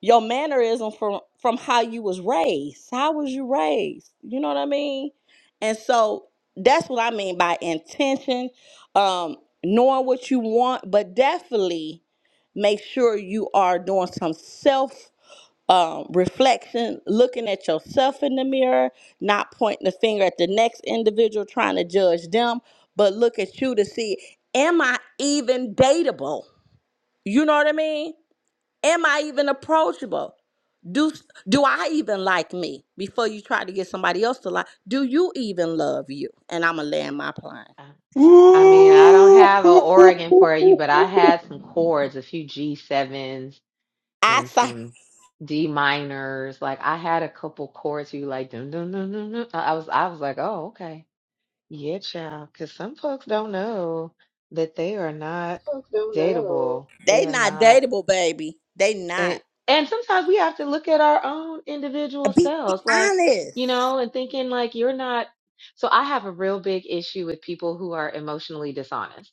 Speaker 13: your mannerism from from how you was raised how was you raised you know what i mean and so that's what i mean by intention um knowing what you want but definitely make sure you are doing some self um, reflection looking at yourself in the mirror not pointing the finger at the next individual trying to judge them but look at you to see am i even dateable you know what i mean am i even approachable do do I even like me? Before you try to get somebody else to like, do you even love you? And I'ma land my plane.
Speaker 10: I mean, I don't
Speaker 1: Ooh.
Speaker 10: have an Oregon for you, but I had some chords, a few G sevens
Speaker 13: I
Speaker 10: and
Speaker 13: thought
Speaker 10: some D minors. Like I had a couple chords. You like dun dun dun dun dun. I was I was like, oh okay. Yeah, child, because some folks don't know that they are not dateable.
Speaker 13: *laughs*
Speaker 10: They
Speaker 13: they
Speaker 10: are
Speaker 13: not
Speaker 10: not,
Speaker 13: dateable, baby. They
Speaker 10: and
Speaker 13: not.
Speaker 10: and sometimes we have to look at our own individual
Speaker 13: Be
Speaker 10: selves, like, you
Speaker 13: honest.
Speaker 10: know, and thinking like you're not. So I have a real big issue with people who are emotionally dishonest.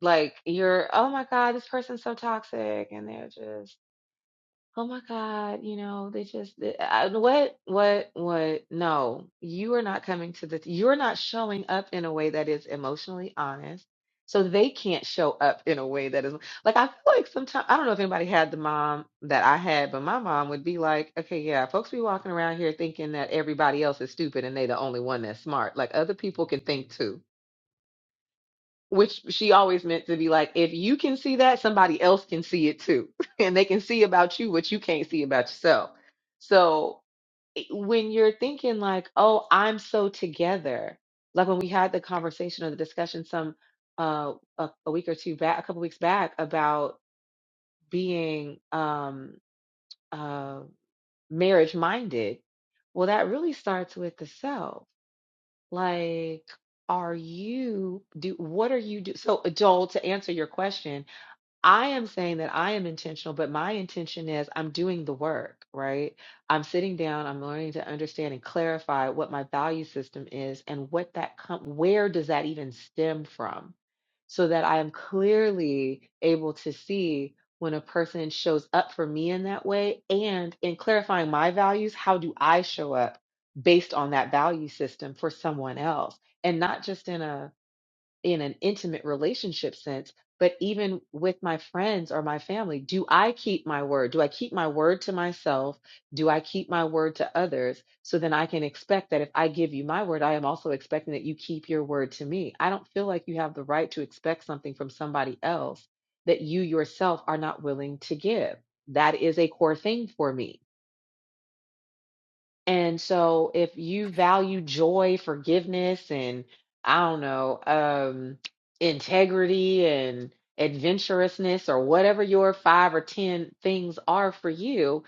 Speaker 10: Like you're, oh my God, this person's so toxic, and they're just Oh my God, you know, they just, th- I, what, what, what? No, you are not coming to the, you're not showing up in a way that is emotionally honest. So they can't show up in a way that is like, I feel like sometimes, I don't know if anybody had the mom that I had, but my mom would be like, okay, yeah, folks be walking around here thinking that everybody else is stupid and they the only one that's smart. Like other people can think too which she always meant to be like, if you can see that, somebody else can see it too. *laughs* and they can see about you what you can't see about yourself. So i- when you're thinking like, oh, I'm so together, like when we had the conversation or the discussion some uh a, a week or two back, a couple weeks back about being um uh marriage minded, well, that really starts with the self. Like, are you do what are you do? So, Joel, to answer your question, I am saying that I am intentional, but my intention is I'm doing the work, right? I'm sitting down, I'm learning to understand and clarify what my value system is and what that com- where does that even stem from? So that I am clearly able to see when a person shows up for me in that way and in clarifying my values, how do I show up based on that value system for someone else and not just in a in an intimate relationship sense, but even with my friends or my family, do I keep my word? Do I keep my word to myself? Do I keep my word to others? So then I can expect that if I give you my word, I am also expecting that you keep your word to me. I don't feel like you have the right to expect something from somebody else that you yourself are not willing to give. That is a core thing for me. And so if you value joy, forgiveness, and I don't know, um, integrity and adventurousness or whatever your five or 10 things are for you,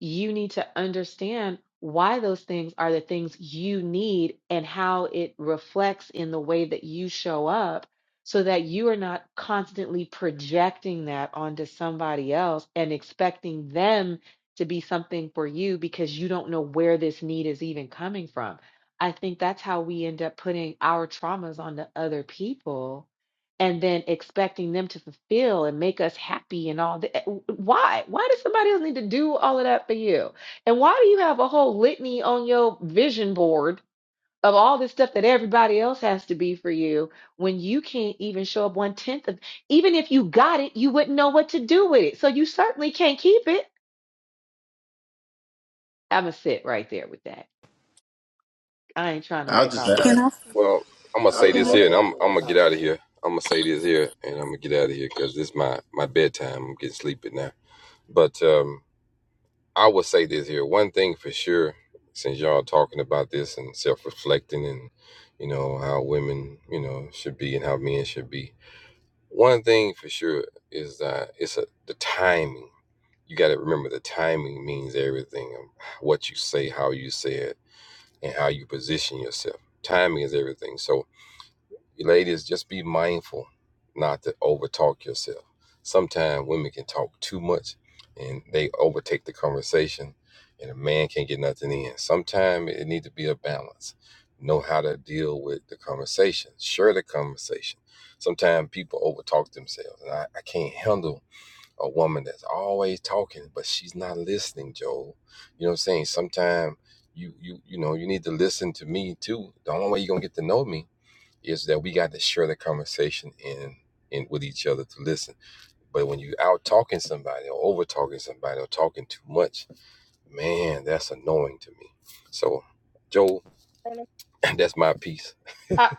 Speaker 10: you need to understand why those things are the things you need and how it reflects in the way that you show up so that you are not constantly projecting that onto somebody else and expecting them to be something for you because you don't know where this need is even coming from. I think that's how we end up putting our traumas onto other people and then expecting them to fulfill and make us happy and all that. Why? Why does somebody else need to do all of that for you? And why do you have a whole litany on your vision board of all this stuff that everybody else has to be for you when you can't even show up one tenth of, even if you got it, you wouldn't know what to do with it. So you certainly can't keep it. I'm gonna sit right there with that. I ain't trying to
Speaker 12: I'll
Speaker 10: wake
Speaker 12: just
Speaker 10: all the way
Speaker 13: Can
Speaker 12: add
Speaker 10: up.
Speaker 13: I?
Speaker 10: Uh,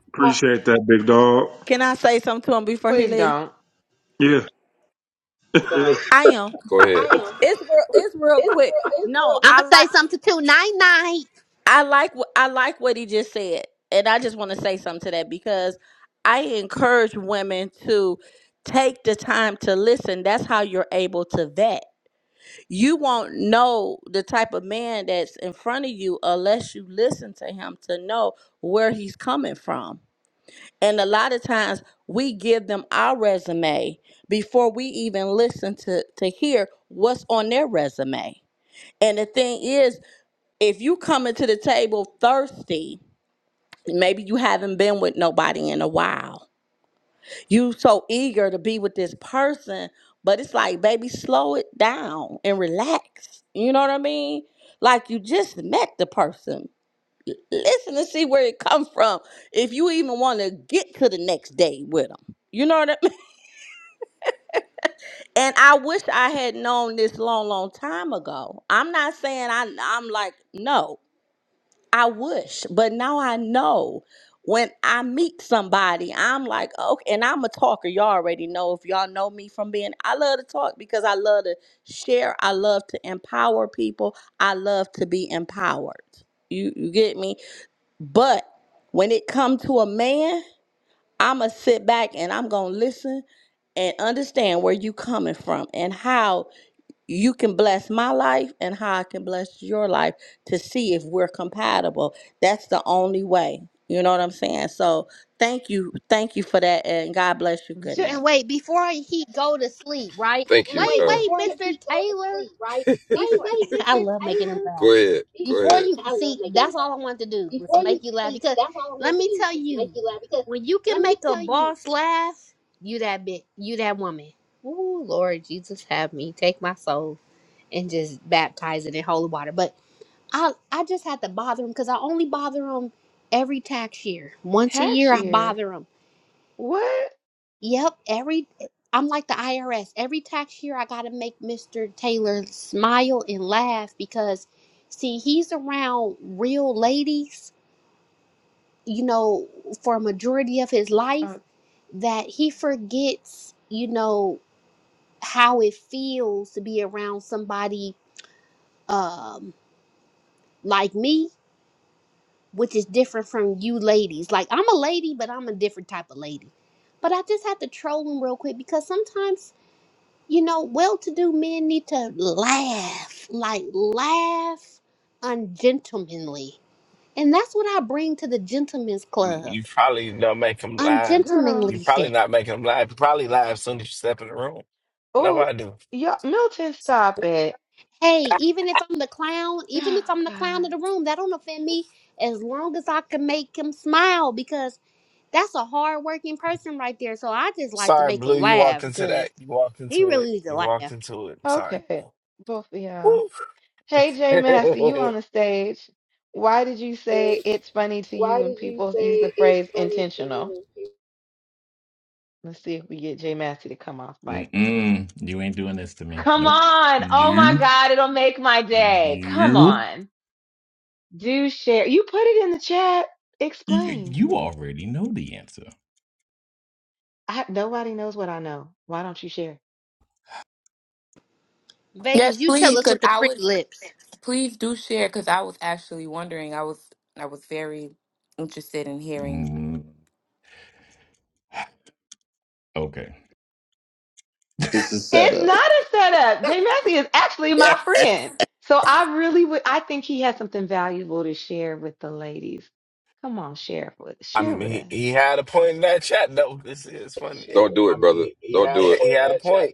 Speaker 1: *laughs* Appreciate that, big dog.
Speaker 13: Can I say something to him before he
Speaker 10: please
Speaker 13: leave?
Speaker 10: don't.
Speaker 1: Yeah.
Speaker 3: yeah,
Speaker 13: I am. It's real. It's real quick. No,
Speaker 5: I'ma
Speaker 13: I
Speaker 5: say
Speaker 13: like.
Speaker 5: something to nine nine.
Speaker 13: I like. wh- I like what he just said, and I just want to say something to that because I encourage women to take the time to listen. That's how you're able to vet. you won't know the type of man that's in front of you unless you listen to him to know where he's coming from. And a lot of times we give them our resume before we even listen to to hear what's on their resume. And the thing is, if you come into the table thirsty, maybe you haven't been with nobody in a while you so eager to be with this person, but it's like, baby, slow it down and relax. You know what I mean? Like you just met the person. Listen and see where it come from. If you even want to get to the next day with them, you know what I mean. And I wish I had known this long, long time ago. I'm not saying I. I'm like no. I wish, but now I know when I meet somebody, I'm like, okay, and I'm a talker. Y'all already know if y'all know me from being, I love to talk because I love to share. I love to empower people. I love to be empowered. You, you get me? But when it comes to a man, I'm going to sit back and I'm going to listen and understand where you coming from and how you can bless my life and how I can bless your life to see if we're compatible. That's the only way. You know what I'm saying? So thank you. Thank you for that. And God bless you. Good
Speaker 10: J-
Speaker 5: And
Speaker 13: night.
Speaker 5: wait, before he go to sleep, right? Wait, wait, Mr. Taylor. Before *laughs* I love making him laugh. Before you see, that's all I want to do was to make you laugh. Because let me tell you, when you can make a boss laugh, you that bit, you that woman. Ooh, Lord Jesus, have me take my soul and just baptize it in holy water. But I, I just had to bother him because I only bother him every tax year. Once a
Speaker 10: tax
Speaker 5: year, I
Speaker 10: year?
Speaker 5: bother him
Speaker 10: What?
Speaker 5: Yep, every I'm like the IRS. Every tax year I got to make Mr. Taylor smile and laugh because see, he's around real ladies, you know, for a majority of his life
Speaker 10: Uh,
Speaker 5: that he forgets, you know, how it feels to be around somebody um like me, which is different from you ladies. Like I'm a lady, but I'm a different type of lady. But I just have to troll him real quick because sometimes You know, well to do men need to laugh, like laugh ungentlemanly. And that's what I bring to the gentlemen's
Speaker 8: You,
Speaker 5: club
Speaker 8: you probably don't make them live.
Speaker 10: girl.
Speaker 8: You
Speaker 5: ungentlemanly
Speaker 8: probably not making them live. You probably live as soon as you step in the room. No,
Speaker 10: Oh,
Speaker 8: I do.
Speaker 10: y'all. Milton, stop it.
Speaker 5: Hey, even if I'm the clown,
Speaker 10: *sighs*
Speaker 5: even if I'm the
Speaker 10: Oh
Speaker 5: clown of the
Speaker 10: God.
Speaker 5: room, that don't offend me as long as I can make him smile because that's a hard working person right there. So I just like to
Speaker 8: Sorry,
Speaker 5: make him
Speaker 8: Blue. You walked
Speaker 5: laugh
Speaker 8: into that.
Speaker 5: because
Speaker 8: You walked
Speaker 5: he
Speaker 8: into it.
Speaker 5: really needs to
Speaker 8: You walked
Speaker 5: laugh.
Speaker 8: into it. Sorry.
Speaker 10: Okay, both of y'all.
Speaker 8: Woo.
Speaker 10: Hey, Jay Massey, you on the stage? Why did you say it's funny to you when people use the phrase intentional? Let's see if we get Jay Massey to come off mic.
Speaker 14: Mm-mm. You ain't doing this to me.
Speaker 10: Come
Speaker 14: Nope.
Speaker 10: on. Oh my
Speaker 14: Nope.
Speaker 10: God, it'll make my day. Come
Speaker 14: Nope.
Speaker 10: on. Do share. You put it in the chat.
Speaker 14: You,
Speaker 10: Explain.
Speaker 14: you already know the answer.
Speaker 10: I, nobody knows what I know. Why don't you share?
Speaker 6: Yes,
Speaker 5: Vegas, you tell
Speaker 6: please.
Speaker 5: us
Speaker 6: Cause
Speaker 5: with the
Speaker 6: I
Speaker 5: pretty
Speaker 6: was
Speaker 5: lips.
Speaker 6: please do share because I was actually wondering. I was I was very interested in hearing.
Speaker 14: Mm, okay.
Speaker 12: it's a
Speaker 10: It's
Speaker 12: setup.
Speaker 10: not a setup. Jay Massey is actually my friend. So I really would, I think he has something valuable to share with the ladies. Come on, share with,
Speaker 8: *laughs* I
Speaker 10: share
Speaker 8: mean,
Speaker 10: with
Speaker 8: he,
Speaker 10: us.
Speaker 8: he had a point in that chat. though. this is funny. Yeah, yeah, he had a point.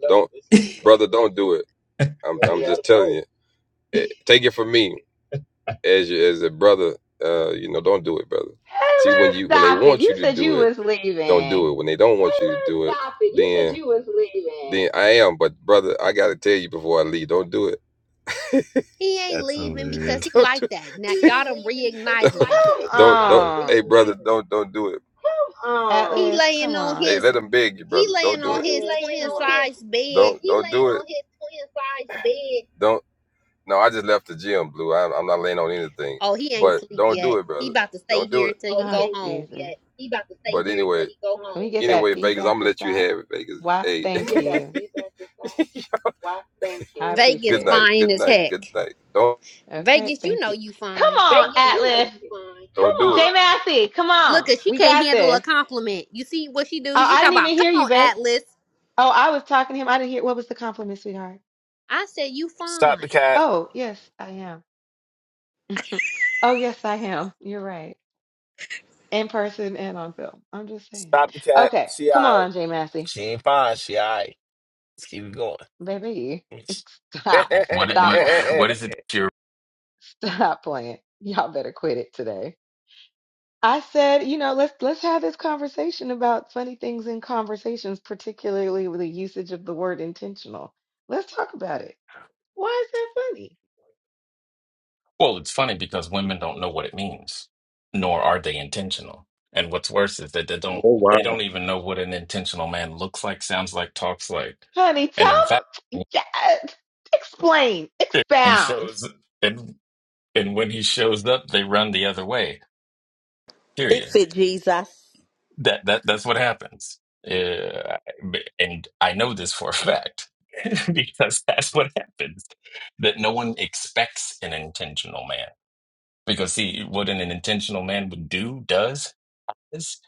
Speaker 10: Taylor, stop it. You said you was leaving.
Speaker 5: He ain't
Speaker 14: That's
Speaker 5: leaving because
Speaker 14: hilarious.
Speaker 5: he like that. Now y'all done reignited him.
Speaker 10: Come on,
Speaker 5: He
Speaker 10: Atlas.
Speaker 5: laying
Speaker 10: Come
Speaker 5: on
Speaker 10: on.
Speaker 5: his he laying on his twin size bed. Oh, he ain't sleep yet. He about to stay here till he
Speaker 10: Oh,
Speaker 5: go home.
Speaker 10: Jesus. Can we get that feedback to stop? Why? Thank you. I
Speaker 5: Vegas
Speaker 10: appreciate it.
Speaker 5: fine as heck.
Speaker 10: Okay,
Speaker 5: Vegas, you
Speaker 10: thank
Speaker 5: know
Speaker 10: you.
Speaker 5: you
Speaker 10: Come
Speaker 5: fine.
Speaker 10: on, Atlas. Jay Massey, come
Speaker 5: Look,
Speaker 10: on.
Speaker 5: at she
Speaker 10: We
Speaker 5: can't
Speaker 10: got
Speaker 5: handle a
Speaker 10: this.
Speaker 5: compliment. You see what she do?
Speaker 10: Oh,
Speaker 5: She
Speaker 10: I
Speaker 5: talk
Speaker 10: didn't
Speaker 5: about,
Speaker 10: even hear
Speaker 5: come
Speaker 10: you,
Speaker 5: on,
Speaker 10: babe.
Speaker 5: Atlas.
Speaker 10: Oh, I was talking to him. I didn't hear. What was the compliment, sweetheart?
Speaker 5: I said you
Speaker 8: Stop
Speaker 5: fine.
Speaker 8: the cat.
Speaker 10: Oh, yes, I am. *laughs* Oh, yes, I am. You're right. In person and on film. I'm just saying.
Speaker 8: Stop the cat.
Speaker 10: Okay,
Speaker 8: She all
Speaker 10: come
Speaker 8: right.
Speaker 10: on, Jay Massey.
Speaker 8: She ain't fine. She all right. Let's keep it going.
Speaker 10: Baby, *laughs* stop.
Speaker 14: What it-
Speaker 10: Stop
Speaker 14: what
Speaker 10: playing.
Speaker 14: what is it that you're?
Speaker 10: Stop playing. Y'all better quit it today. I said, you know, let's let's have this conversation about funny things in conversations, particularly with the usage of the word intentional. Let's talk about it. Why is that funny?
Speaker 14: Well, it's funny because women don't know what it means, nor are they intentional. And what's worse is that they
Speaker 1: Oh
Speaker 14: don't they don't
Speaker 1: wow.
Speaker 14: even know what an intentional man looks like, sounds like, talks like.
Speaker 10: Honey,
Speaker 14: And
Speaker 10: tell
Speaker 14: in fact, when
Speaker 10: yes. Explain.
Speaker 14: he
Speaker 10: Expound.
Speaker 14: shows and and when he shows up, they run the other way. Period.
Speaker 13: Fix it, Jesus.
Speaker 14: That that that's what happens. Uh, and I know this for a fact *laughs* because that's what happens. That no one expects an intentional man because see what an intentional man would do does is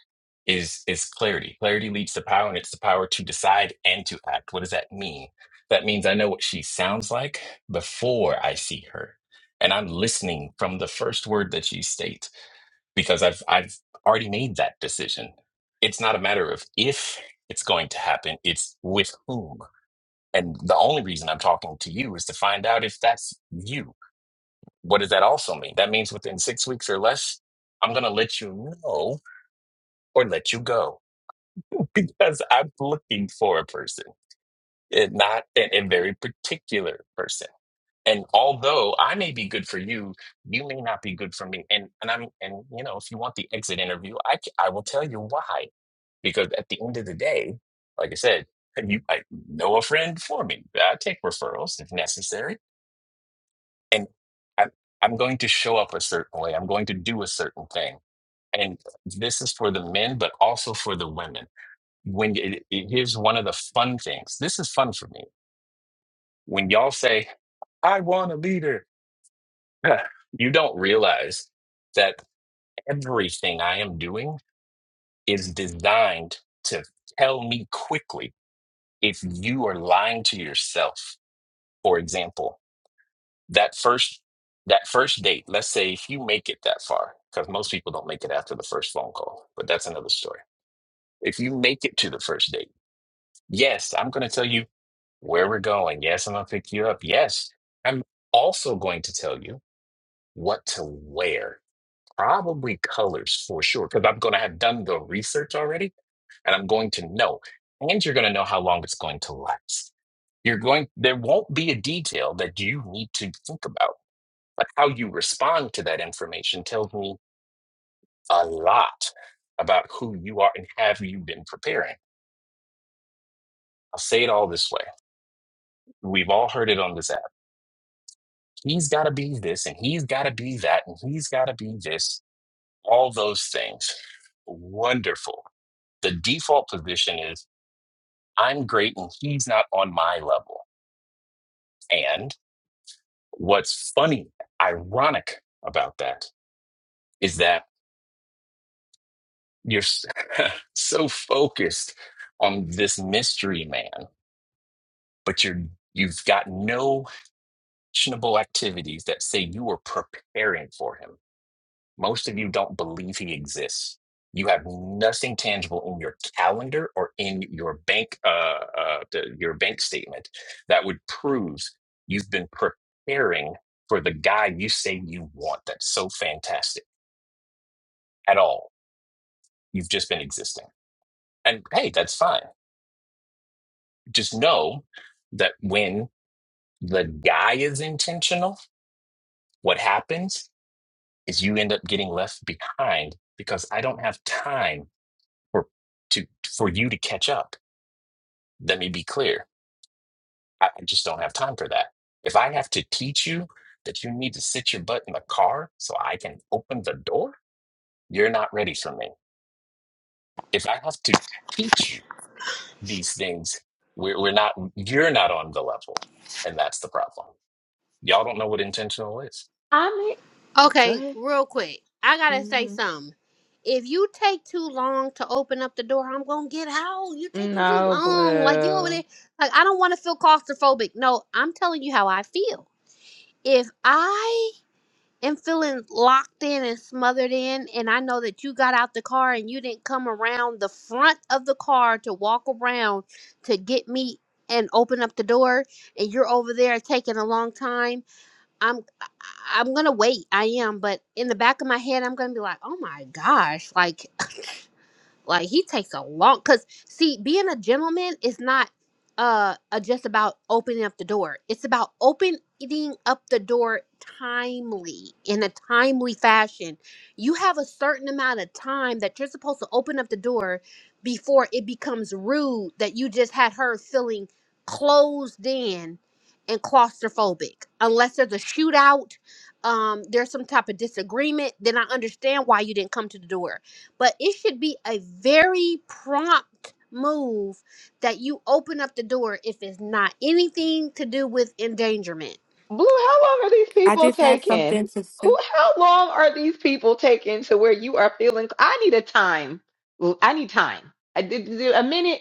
Speaker 14: is is clarity. Clarity leads to power, and it's the power to decide and to act. What does that mean? That means I know what she sounds like before I see her, and I'm listening from the first word that she states because I've I've already made that decision. It's not a matter of if it's going to happen, it's with whom. And the only reason I'm talking to you is to find out if that's you. What does that also mean? That means within six weeks or less, I'm going to let you know or let you go *laughs* because I'm looking for a person, and not an, a very particular person. And although I may be good for you, you may not be good for me. And and I'm and you know, if you want the exit interview, I c- I will tell you why. Because at the end of the day, like I said, you I know a friend for me. I take referrals if necessary, and I'm I'm going to show up a certain way. I'm going to do a certain thing. And this is for the men, but also for the women. When it, it, here's one of the fun things. This is fun for me. When y'all say, "I want a leader," Yeah. You don't realize that everything I am doing is designed to tell me quickly if you are lying to yourself. For example, that first that first date, let's say if you make it that far, because most people don't make it after the first phone call, but that's another story. If you make it to the first date, yes, I'm going to tell you where we're going. Yes, I'm going to pick you up. Yes, I'm also going to tell you what to wear Probably colors for sure, because I'm going to have done the research already and I'm going to know. And you're going to know how long it's going to last. You're going, there won't be a detail that you need to think about, but how you respond to that information tells me a lot about who you are and have you been preparing. I'll say it all this way. We've all heard it on this app. He's got to be this and he's got to be that and he's got to be this, all those things. Wonderful. The default position is I'm great and he's not on my level. And what's funny, ironic about that is that you're s- *laughs* so focused on this mystery man, but you're you've got no actionable activities that say you are preparing for him Most of you don't believe he exists. You have nothing tangible in your calendar or in your bank, uh, uh, the, your bank statement that would prove you've been preparing for the guy you say you want. That's so fantastic. At all, you've just been existing, and hey, that's fine. Just know that when the guy is intentional, what happens is you end up getting left behind because I don't have time for to for you to catch up Let me be clear. I I just don't have time for that. If I have to teach you that you need to sit your butt in the car so I can open the door, you're not ready for me. If I have to teach you these things, we're, we're not, you're not on the level. And that's the problem. Y'all don't know what intentional is.
Speaker 10: I'm Go
Speaker 5: Okay,
Speaker 10: ahead.
Speaker 5: real quick. I gotta say
Speaker 10: hmm
Speaker 5: something. If you take too long to open up the door, I'm gonna get out. You're taking too
Speaker 10: No,
Speaker 5: long. Like you over there.
Speaker 10: Blue.
Speaker 5: Like I don't wanna feel claustrophobic. No, I'm telling you how I feel. If I am feeling locked in and smothered in, and I know that you got out the car and you didn't come around the front of the car to walk around to get me and open up the door, and you're over there taking a long time. I'm I- I'm gonna wait. I am, but in the back of my head, I'm gonna be like, oh my gosh, like like he takes a long cuz see being a gentleman is not uh, uh just about opening up the door. It's about opening up the door timely in a timely fashion. You have a certain amount of time that you're supposed to open up the door before it becomes rude that you just had her feeling closed in and claustrophobic. Unless there's a shootout, um, there's some type of disagreement, then I understand why you didn't come to the door but it should be a very prompt move that you open up the door if it's not anything to do with endangerment.
Speaker 10: Blue, how long are these
Speaker 6: I
Speaker 10: people
Speaker 6: just had
Speaker 10: taking?
Speaker 6: something to say.
Speaker 10: Who how long are these people taking to where you are feeling I need a time. I need time. I did a minute,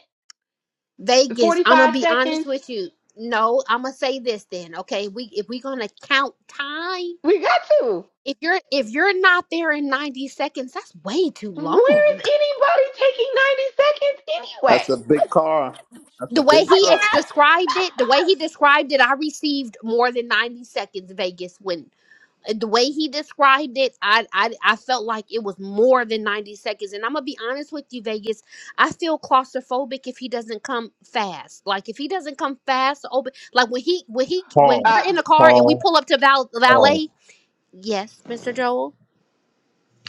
Speaker 5: Vegas, I'm gonna
Speaker 10: 45
Speaker 5: be honest
Speaker 10: seconds.
Speaker 5: with you. No, I'm gonna say this then, okay? We if we're gonna count time,
Speaker 10: We got to.
Speaker 5: if you're if you're not there in 90 seconds, that's way too
Speaker 10: Where is
Speaker 5: long.
Speaker 10: anybody taking 90 seconds
Speaker 12: *laughs*
Speaker 10: anyway?
Speaker 12: That's a big
Speaker 10: Like,
Speaker 12: car. That's
Speaker 5: The
Speaker 12: a
Speaker 5: way
Speaker 12: big
Speaker 10: What
Speaker 5: he
Speaker 10: *laughs*
Speaker 12: truck.
Speaker 10: the
Speaker 5: ex- described it, the way he described it, I received more than 90 seconds Vegas when the way he described it, I, I I felt like it was more than 90 seconds. And I'm gonna be honest with you, Vegas. I feel claustrophobic if he doesn't come fast. Like if he doesn't come fast, to open like when he when he when we're
Speaker 1: Pause.
Speaker 10: Uh,
Speaker 5: in the car and we
Speaker 1: Pause.
Speaker 5: pull up to Val
Speaker 1: Pause.
Speaker 5: Valet. Yes, Mr. Joel.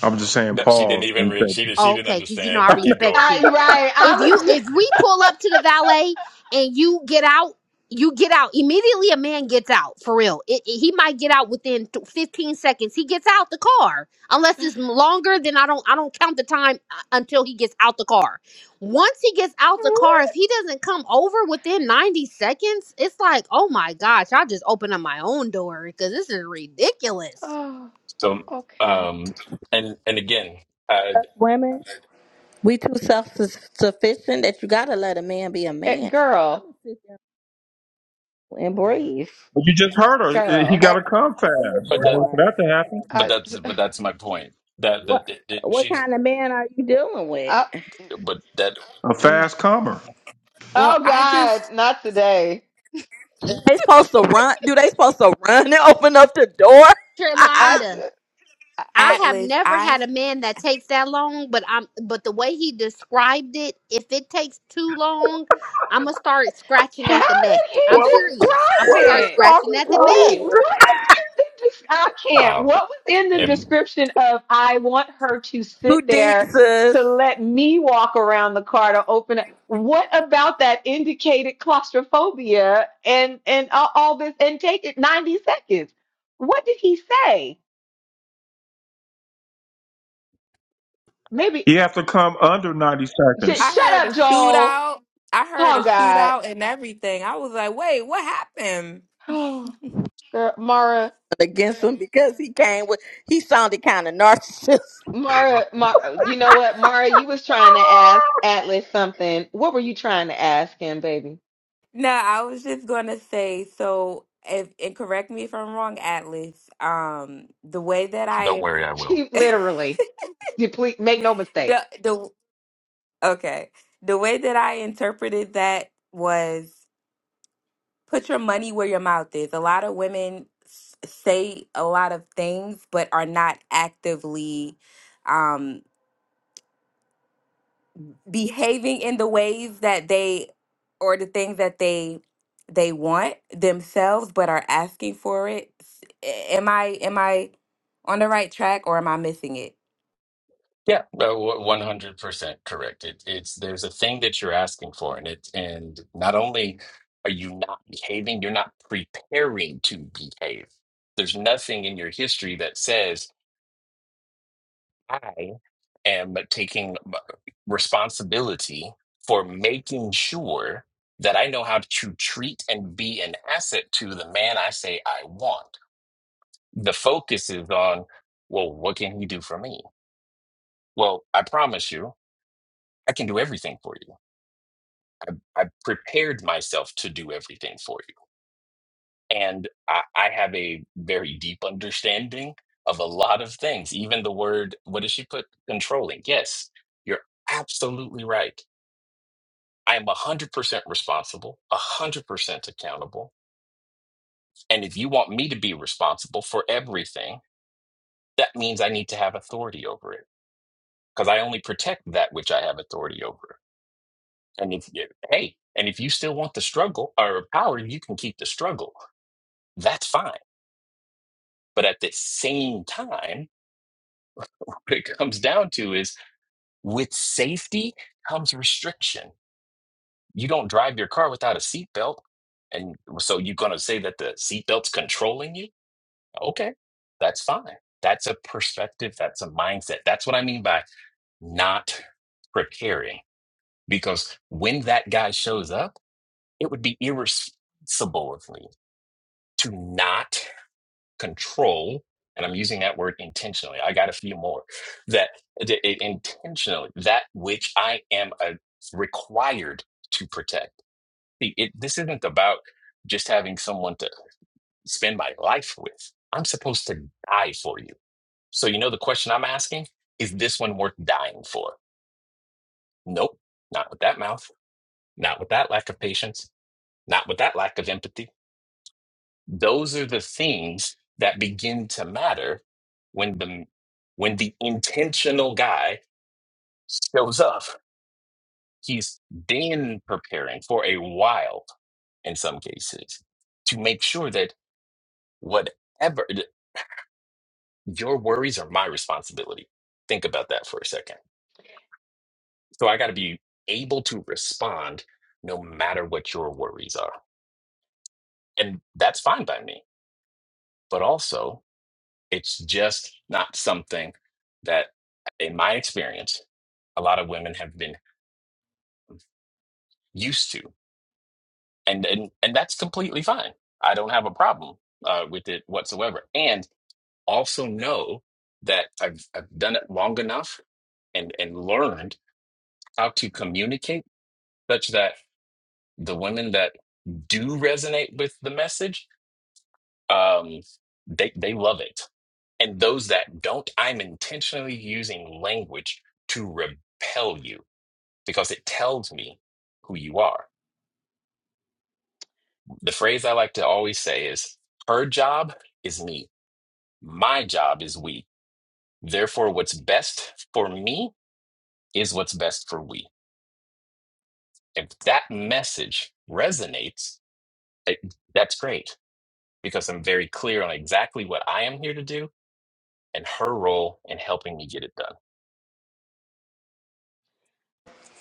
Speaker 1: I'm just saying
Speaker 14: No, she didn't
Speaker 1: pause. when
Speaker 14: even
Speaker 1: you
Speaker 14: re- she
Speaker 1: say-
Speaker 14: did she didn't
Speaker 5: Okay, because you know I
Speaker 14: understand. Keep going.
Speaker 5: respect you.
Speaker 10: right.
Speaker 5: if
Speaker 10: I
Speaker 5: you
Speaker 10: was *laughs* just,
Speaker 5: if we pull up to the valet and you get out you get out immediately a man gets out for real it, it- he might get out within th- 15 seconds he gets out the car unless it's longer then i don't i don't count the time uh, until he gets out the car once he gets out the car
Speaker 10: what?
Speaker 5: if he doesn't come over within 90 seconds it's like oh my gosh i just opened up my own door because this is ridiculous
Speaker 10: Oh,
Speaker 14: So,
Speaker 10: okay.
Speaker 14: um, and and again, uh,
Speaker 13: Us women, we too self sufficient that you got to let a man be a
Speaker 10: Eh,
Speaker 13: man. I'm
Speaker 10: girl,
Speaker 13: going to sit there and breathe
Speaker 1: But you just heard her. He
Speaker 10: girl.
Speaker 1: got
Speaker 13: and
Speaker 1: to
Speaker 13: let him
Speaker 1: come fast.
Speaker 13: open the
Speaker 14: but
Speaker 1: In order
Speaker 14: that,
Speaker 1: For
Speaker 13: door.
Speaker 1: that to happen,
Speaker 14: but
Speaker 10: I.
Speaker 14: that's, but that's my point. That
Speaker 13: What?
Speaker 14: that, that that
Speaker 13: What
Speaker 14: she's,
Speaker 13: kind of man are you dealing with?
Speaker 10: mm.
Speaker 14: but that,
Speaker 1: a
Speaker 10: mm.
Speaker 1: fast comer.
Speaker 6: Well,
Speaker 10: oh
Speaker 6: I
Speaker 10: God,
Speaker 6: just
Speaker 10: not today.
Speaker 13: They supposed to run? Do they supposed to run and open up the door? *laughs*
Speaker 10: I
Speaker 5: Yolanda.
Speaker 10: should.
Speaker 5: I have
Speaker 6: Atlas.
Speaker 5: never had a
Speaker 6: I
Speaker 5: man that takes that long, but I'm but the way he described it, if it takes too long, I'm gonna start scratching
Speaker 10: How
Speaker 5: at the neck.
Speaker 10: did he
Speaker 5: I'm serious. I'm gonna
Speaker 10: describe
Speaker 5: start
Speaker 10: it?
Speaker 5: scratching at the
Speaker 10: Wait,
Speaker 5: neck.
Speaker 10: what was in the des- I can't.
Speaker 14: wow.
Speaker 10: What was in the
Speaker 14: And
Speaker 10: description of I want her to
Speaker 13: You
Speaker 10: sit
Speaker 13: deep,
Speaker 10: there to
Speaker 13: sis.
Speaker 10: let me walk around the car to open it? What about that indicated claustrophobia and and all, all this and take it 90 seconds? What did he say? Maybe
Speaker 1: He have to come under 90
Speaker 10: sh-
Speaker 6: I
Speaker 1: seconds.
Speaker 10: shut
Speaker 6: heard a
Speaker 10: up, Joel.
Speaker 6: shootout. I heard a
Speaker 10: Oh God. *sighs*
Speaker 6: shootout and everything. I was like, wait, what happened?
Speaker 10: Oh, girl, Mara.
Speaker 13: Against him because he came with, he sounded kind of narcissistic.
Speaker 10: Mara, Mara, you know what, Mara, you was trying to ask Atlas something. What were you trying to ask him, baby? *laughs*
Speaker 6: No, I was just gonna say, so if and correct me if I'm wrong, Atlas, um, the way that
Speaker 14: don't
Speaker 6: I
Speaker 14: worry, I will.
Speaker 10: She
Speaker 6: *laughs*
Speaker 10: literally, you please make no mistake.
Speaker 6: the the okay, the way that I interpreted that was put your money where your mouth is. A lot of women s- say a lot of things but are not actively um behaving in the ways that they or the things that they they want themselves but are asking for it S- a- am i am i on the right track or am i missing it
Speaker 14: Yeah, uh, w- one hundred percent correct. It, it's there's a thing that you're asking for, and it and not only are you not behaving, you're not preparing to behave. There's nothing in your history that says I am taking m- responsibility for making sure that I know how to treat and be an asset to the man I say I want. The focus is on, well, what can he do for me? Well, I promise you. I can do everything for you. I prepared myself to do everything for you. And I, I have a very deep understanding of a lot of things, even the word, what does she put? Controlling. Yes, you're absolutely right. I am 100% responsible, 100% accountable. And if you want me to be responsible for everything, that means I need to have authority over it because I only protect that which I have authority over. And if, you hey, and if you still want the struggle or power, you can keep the struggle that's fine. But at the same time, *laughs* what it comes down to is with safety comes restriction. You don't drive your car without a seatbelt. And so you're going to say that the seatbelt's controlling you? Okay, that's fine. That's a perspective. That's a mindset. That's what I mean by not preparing. Because when that guy shows up, it would be irresponsible of me to not control and i'm using that word intentionally i got a few more that, that it intentionally that which i am uh required to protect See, it, this isn't about just having someone to spend my life with i'm supposed to die for you so you know the question i'm asking is this one worth dying for nope not with that mouth not with that lack of patience not with that lack of empathy Those are the things that begin to matter when the when the intentional guy shows up. He's been preparing for a while in some cases to make sure that whatever your worries are my responsibility. Think about that for a second. So I got to be able to respond no matter what your worries are. And that's fine by me. But also, It's just not something that, in my experience, a lot of women have been used to, and and and that's completely fine. I don't have a problem uh, with it whatsoever. And also know that I've I've done it long enough and and learned how to communicate such that the women that do resonate with the message, um, they they love it. And those that don't, I'm intentionally using language to repel you because it tells me who you are. The phrase I like to always say is her job is me, my job is we. Therefore, what's best for me is what's best for we. If that message resonates, it, that's great because I'm very clear on exactly what I am here to do and her role in helping me get it done.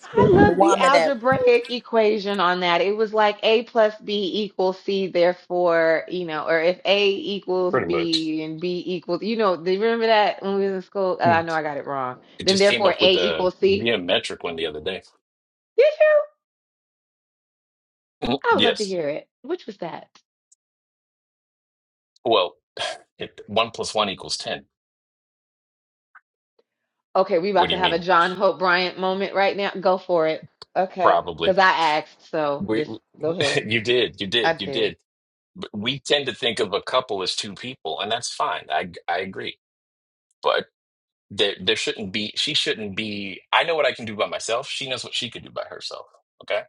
Speaker 10: I
Speaker 13: *laughs*
Speaker 10: love the
Speaker 13: woman that
Speaker 10: algebraic equation on that. It was like A plus B equals C, therefore, you know, or if A equals
Speaker 14: Pretty much.
Speaker 10: B and B equals, you know, do you remember that when we was in school? Uh,
Speaker 14: Hmm.
Speaker 10: I know I got it wrong.
Speaker 14: It
Speaker 10: Then
Speaker 14: just came
Speaker 10: therefore
Speaker 14: up
Speaker 10: A
Speaker 14: with the
Speaker 10: equals C.
Speaker 14: geometric one the other day.
Speaker 10: Did you?
Speaker 14: *clears throat* *laughs*
Speaker 10: I would love to
Speaker 14: Yes.
Speaker 10: hear it. Which was that?
Speaker 14: Well, *sighs* it, one plus one equals 10.
Speaker 10: Okay, we
Speaker 14: What
Speaker 10: about
Speaker 14: do
Speaker 10: to
Speaker 14: you
Speaker 10: have a
Speaker 14: mean?
Speaker 10: John Hope Bryant moment right now. Go for it. Okay,
Speaker 14: Probably.
Speaker 10: because I asked, so
Speaker 14: We,
Speaker 10: this. Go ahead.
Speaker 14: *laughs* you did, you
Speaker 10: I
Speaker 14: did, you
Speaker 10: did.
Speaker 14: did. But We tend to think of a couple as two people, and that's fine. I I agree. But there there shouldn't be she shouldn't be I know what I can do by myself. She knows what she could do by herself. Okay?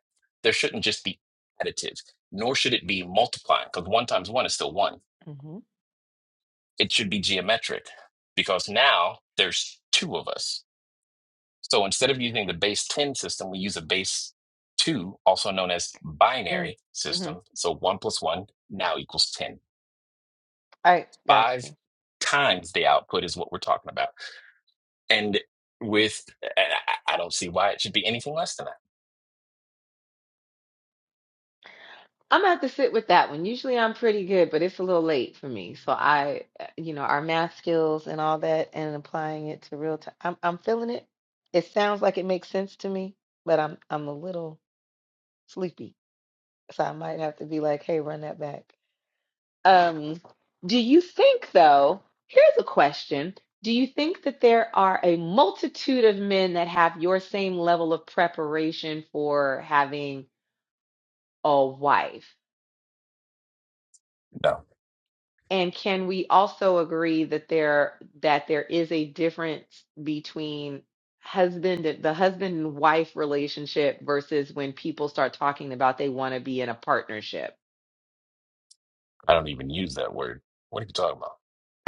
Speaker 14: There shouldn't just be additive, nor should it be multiplying, because one times one is still one.
Speaker 10: Mm-hmm.
Speaker 14: It should be geometric because now there's two of us. So instead of using the base 10 system, we use a base 2, also known as binary
Speaker 10: Mm-hmm.
Speaker 14: system. So 1 plus 1 now equals 10.
Speaker 10: All right, got you.
Speaker 14: Five times the output is what we're talking about. And with, I I- I don't see why it should be anything less than that.
Speaker 10: I'm gonna have to sit with that one. Usually I'm pretty good, but it's a little late for me. So I, uh, you know, our math skills and all that, and applying it to real time. I'm I'm feeling it. It sounds like it makes sense to me, but I'm I'm a little sleepy, so I might have to be like, hey, run that back. Um, do you think though? Here's a question. Do you think that there are a multitude of men that have your same level of preparation for having a wife?
Speaker 14: No,
Speaker 10: And can we also agree that there that there is a difference between husband the husband and wife relationship versus when people start talking about they want to be in a partnership?
Speaker 14: I don't even use that word. What are you talking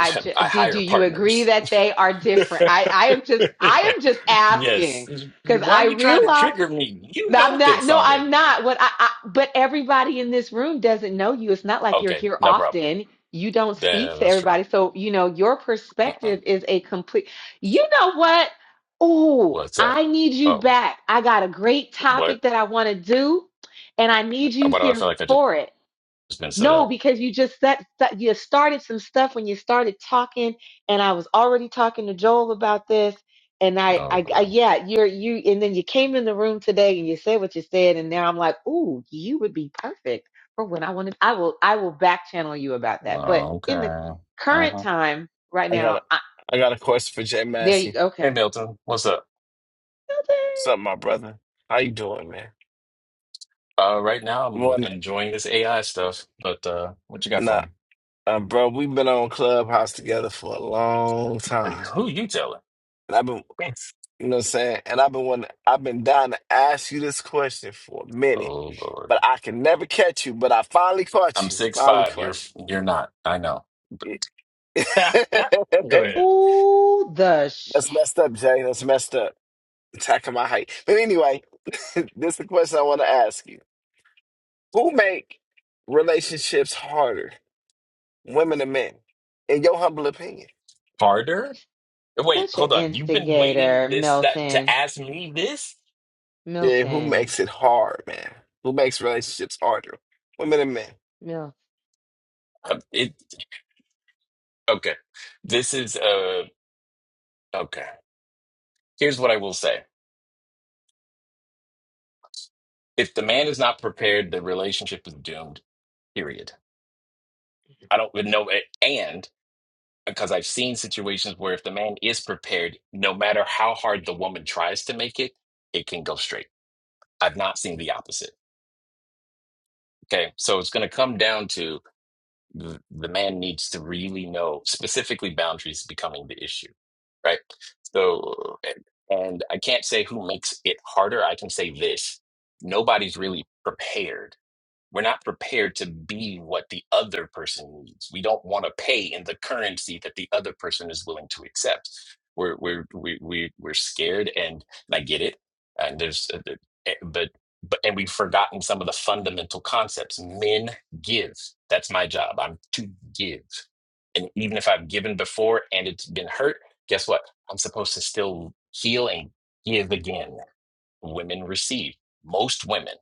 Speaker 10: I ju-
Speaker 14: *laughs* I
Speaker 10: do do
Speaker 14: hire
Speaker 10: you agree
Speaker 14: partners.
Speaker 10: that they are different? I I am just
Speaker 14: *laughs*
Speaker 10: I am just
Speaker 14: yes.
Speaker 10: asking
Speaker 14: You- you-
Speaker 10: because
Speaker 14: Why
Speaker 10: I
Speaker 14: are you trying to
Speaker 10: realize.
Speaker 14: trigger me? You
Speaker 10: I'm
Speaker 14: know
Speaker 10: not.
Speaker 14: this
Speaker 10: No, I'm
Speaker 14: already.
Speaker 10: not. What I, I but everybody in this room doesn't know you. It's not like you're
Speaker 14: Okay,
Speaker 10: here
Speaker 14: no problem.
Speaker 10: often. You don't speak
Speaker 14: That,
Speaker 10: to
Speaker 14: that's true.
Speaker 10: everybody. So, you know, your
Speaker 14: Mm-mm.
Speaker 10: perspective is a complete. You know what? Oh,
Speaker 14: What's that?
Speaker 10: I need you
Speaker 14: Oh,
Speaker 10: back. I got a great
Speaker 14: what?
Speaker 10: topic that I want to do, and I need you
Speaker 14: Why do I
Speaker 10: here
Speaker 14: feel like I just,
Speaker 10: for it.
Speaker 14: just been set
Speaker 10: No,
Speaker 14: up?
Speaker 10: because you just set, set you started some stuff when you started talking, and I was already talking to Joel about this, and I,
Speaker 14: Oh
Speaker 10: I, I
Speaker 14: boy.
Speaker 10: yeah, you're you, and then you came in the room today and you said what you said, and now I'm like, ooh, you would be perfect for when I wanted. I will, I will back channel you about that. But
Speaker 14: Oh,
Speaker 10: in the
Speaker 14: Okay.
Speaker 10: current
Speaker 14: Uh-huh.
Speaker 10: time,
Speaker 8: *laughs*
Speaker 10: right
Speaker 8: I got
Speaker 10: now,
Speaker 8: a,
Speaker 10: I,
Speaker 8: I got a question for Jay
Speaker 10: there you
Speaker 8: Massey.
Speaker 10: go.
Speaker 14: Hey
Speaker 10: Okay.
Speaker 14: Milton, what's up?
Speaker 10: Milton.
Speaker 8: What's up, my brother? How you doing, man?
Speaker 14: Uh, right now I'm
Speaker 8: One,
Speaker 14: enjoying this AI stuff, but uh, what you got for
Speaker 8: nah,
Speaker 14: me?
Speaker 8: uh, bro, we've been on Clubhouse together for a long time,
Speaker 14: Who you telling?
Speaker 8: and I've been, you know, what I'm saying, and I've been wanting, I've been dying to ask you this question for a minute,
Speaker 14: Oh Lord,
Speaker 8: but I can never catch you. But I finally caught
Speaker 14: I'm
Speaker 8: you.
Speaker 14: six
Speaker 8: Finally
Speaker 14: five. You're
Speaker 8: caught
Speaker 14: you're not. I know.
Speaker 8: you. Yeah.
Speaker 14: *laughs*
Speaker 8: *laughs*
Speaker 14: Go ahead.
Speaker 10: Ooh, the
Speaker 8: That's
Speaker 10: shit.
Speaker 8: messed up, Jay. That's messed up. Attacking my height. But anyway, *laughs* this is the question I want to ask you: Who make relationships harder, women and men, in your humble opinion?
Speaker 14: Harder? Wait,
Speaker 10: Such an
Speaker 14: hold on. You've been waiting
Speaker 10: instigator,
Speaker 14: this that to
Speaker 10: Milton.
Speaker 14: ask me this?
Speaker 8: Yeah, who
Speaker 10: Milton.
Speaker 8: makes it hard, man? Who makes relationships harder? Women and men.
Speaker 10: Milton.
Speaker 14: Uh, it okay. This is uh okay. Here's what I will say. If the man is not prepared, the relationship is doomed. period. I don't even know it. And because I've seen situations where if the man is prepared, no matter how hard the woman tries to make it, it can go straight. I've not seen the opposite. Okay. So it's going to come down to th- the man needs to really know specifically boundaries becoming the issue. Right. So, and and I can't say who makes it harder. I can say this nobody's really prepared We're not prepared to be what the other person needs. We don't want to pay in the currency that the other person is willing to accept. We're we're we we we're scared, and, and I get it. And there's, uh, the- eh, but but and we've forgotten some of the fundamental concepts. Men give. That's my job. I'm to give, and even if I've given before and it's been hurt, guess what? I'm supposed to still heal and give again women receive most women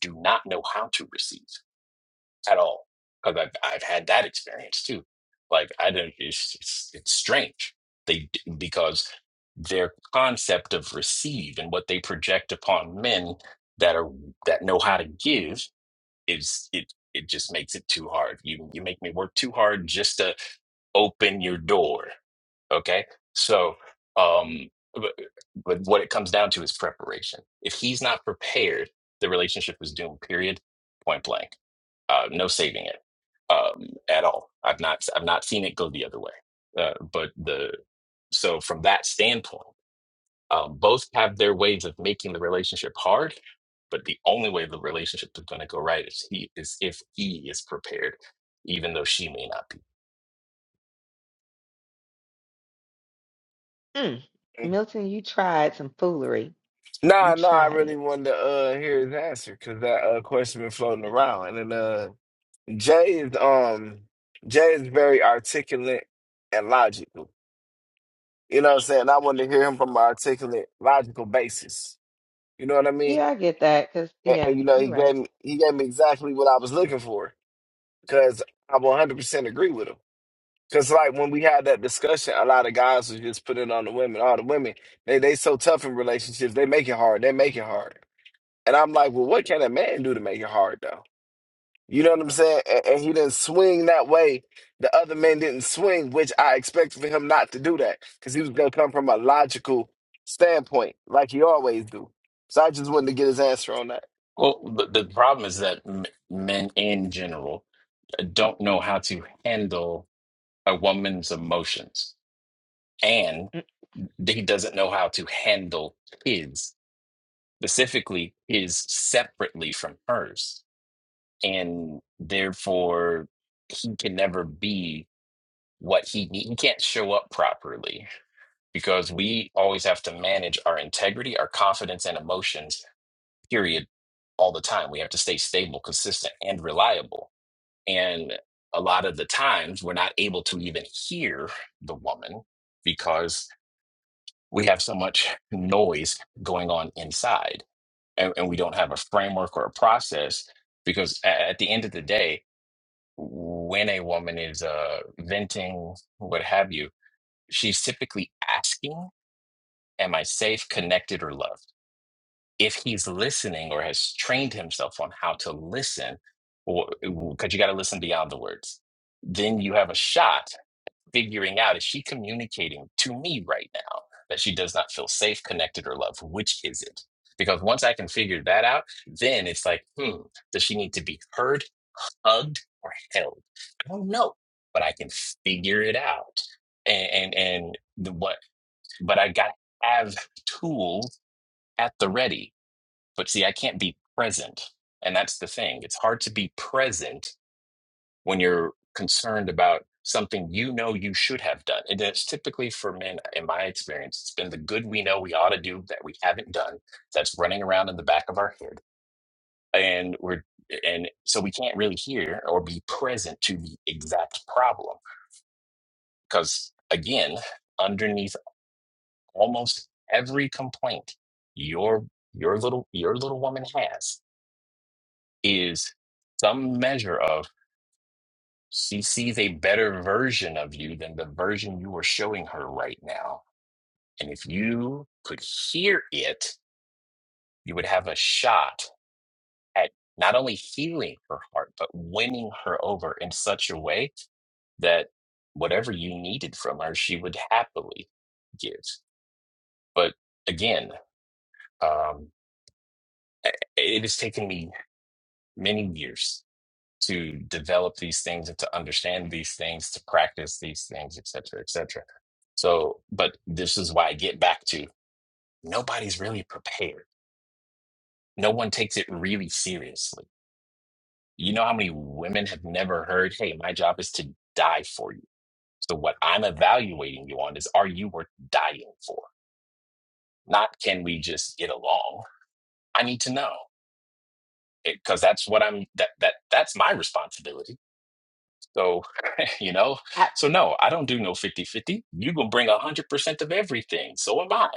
Speaker 14: do not know how to receive at all because I've, I've had that experience too like i don't it's, it's, it's strange they d- because their concept of receive and what they project upon men that are that know how to give is it it just makes it too hard you you make me work too hard just to open your door Okay. So, um, but, but what it comes down to is preparation. If he's not prepared, the relationship is doomed, period, point blank. Uh, no saving it um, at all. I've not, I've not seen it go the other way. Uh, but the, so from that standpoint, um, both have their ways of making the relationship hard, but the only way the relationship is going to go right is he is if he is prepared, even though she may not be.
Speaker 10: Mm.
Speaker 8: Mm.
Speaker 10: Milton, you tried some foolery.
Speaker 8: Nah,
Speaker 10: You
Speaker 8: nah, I
Speaker 10: tried
Speaker 8: really
Speaker 10: it.
Speaker 8: wanted to uh hear his answer because that uh question been floating around. And then uh Jay is um Jay is very articulate and logical. You know what I'm saying? I wanted to hear him from an articulate, logical basis. You know what I mean?
Speaker 10: Yeah, I get that. Cause
Speaker 8: And,
Speaker 10: yeah,
Speaker 8: and you know, he
Speaker 10: you're right.
Speaker 8: gave me he gave me exactly what I was looking for because I 100% agree with him. Cause like when we had that discussion, a lot of guys was just putting it on the women. All the women, they they so tough in relationships, they make it hard. They make it hard. And I'm like, well, what can a man do to make it hard though? You know what I'm saying? And, and he didn't swing that way. The other men didn't swing, which I expected for him not to do that, cause he was gonna come from a logical standpoint, like he always do. So I just wanted to get his answer on that.
Speaker 14: Well, the, the problem is that m- men in general don't know how to handle a woman's emotions and
Speaker 10: Mm.
Speaker 14: he doesn't know how to handle his specifically his separately from hers and therefore he can never be what he need. he can't show up properly because we always have to manage our integrity our confidence and emotions period all the time we have to stay stable consistent and reliable And a lot of the times we're not able to even hear the woman because we have so much *laughs* noise going on inside and, and we don't have a framework or a process because a- at the end of the day, when a woman is uh, venting, what have you, she's typically asking, Am I safe, connected, or loved? If he's listening or has trained himself on how to listen, because you got to listen beyond the words, then you have a shot figuring out is she communicating to me right now that she does not feel safe, connected, or loved? Which is it? Because once I can figure that out, then it's like, hmm, does she need to be heard, hugged, or held? I don't know, but I can figure it out. And and, and the, what? But I got to have tools at the ready. But see, I can't be present, and that's the thing. It's hard to be present when you're concerned about something you know you should have done. And it's typically for men, in my experience, it's been the good we know we ought to do that we haven't done that's running around in the back of our head. And we're and so we can't really hear or be present to the exact problem. Because again, underneath almost every complaint your your little your little woman has is some measure of She sees a better version of you than the version you are showing her right now. And if you could hear it, you would have a shot at not only healing her heart, but winning her over in such a way that whatever you needed from her, she would happily give. But again, um, it has taken me many years to develop these things and to understand these things, to practice these things, et cetera, et cetera. So, but this is why I get back to nobody's really prepared. No one takes it really seriously. You know how many women have never heard, hey, my job is to die for you. So, what I'm evaluating you on is are you worth dying for? Not can we just get along? I need to know because that's what I'm that that that's my responsibility So, *laughs* you know,
Speaker 10: I,
Speaker 14: so no, I don't do no fifty-fifty. you going to bring 100% of everything. So am I.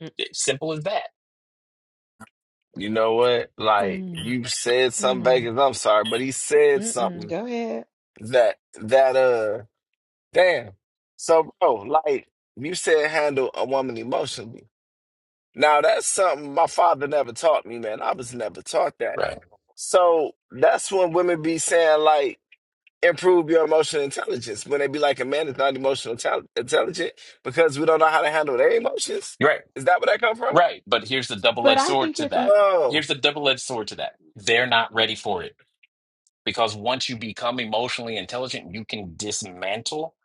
Speaker 10: mm,
Speaker 14: It's simple as that.
Speaker 8: You know what? Like
Speaker 10: hmm,
Speaker 8: you said something,
Speaker 10: hmm,
Speaker 8: Vegas. I'm sorry, but he said
Speaker 10: mm-mm,
Speaker 8: something
Speaker 10: go ahead.
Speaker 8: that that uh. Damn. So, bro, like you said, handle a woman emotionally. Now, that's something my father never taught me, man. I was never taught that.
Speaker 14: Right.
Speaker 8: So that's when women be saying, like, improve your emotional intelligence. When they be like, a man is not emotional tal- intelligent because we don't know how to handle their emotions.
Speaker 14: Right.
Speaker 8: Is that where that come from?
Speaker 14: Right. But here's the double
Speaker 10: But
Speaker 14: edged
Speaker 10: I
Speaker 14: sword
Speaker 10: think
Speaker 14: to
Speaker 10: it's m-
Speaker 14: that.
Speaker 8: Oh,
Speaker 14: Here's the double edged sword to that. They're not ready for it because once you become emotionally intelligent, you can dismantle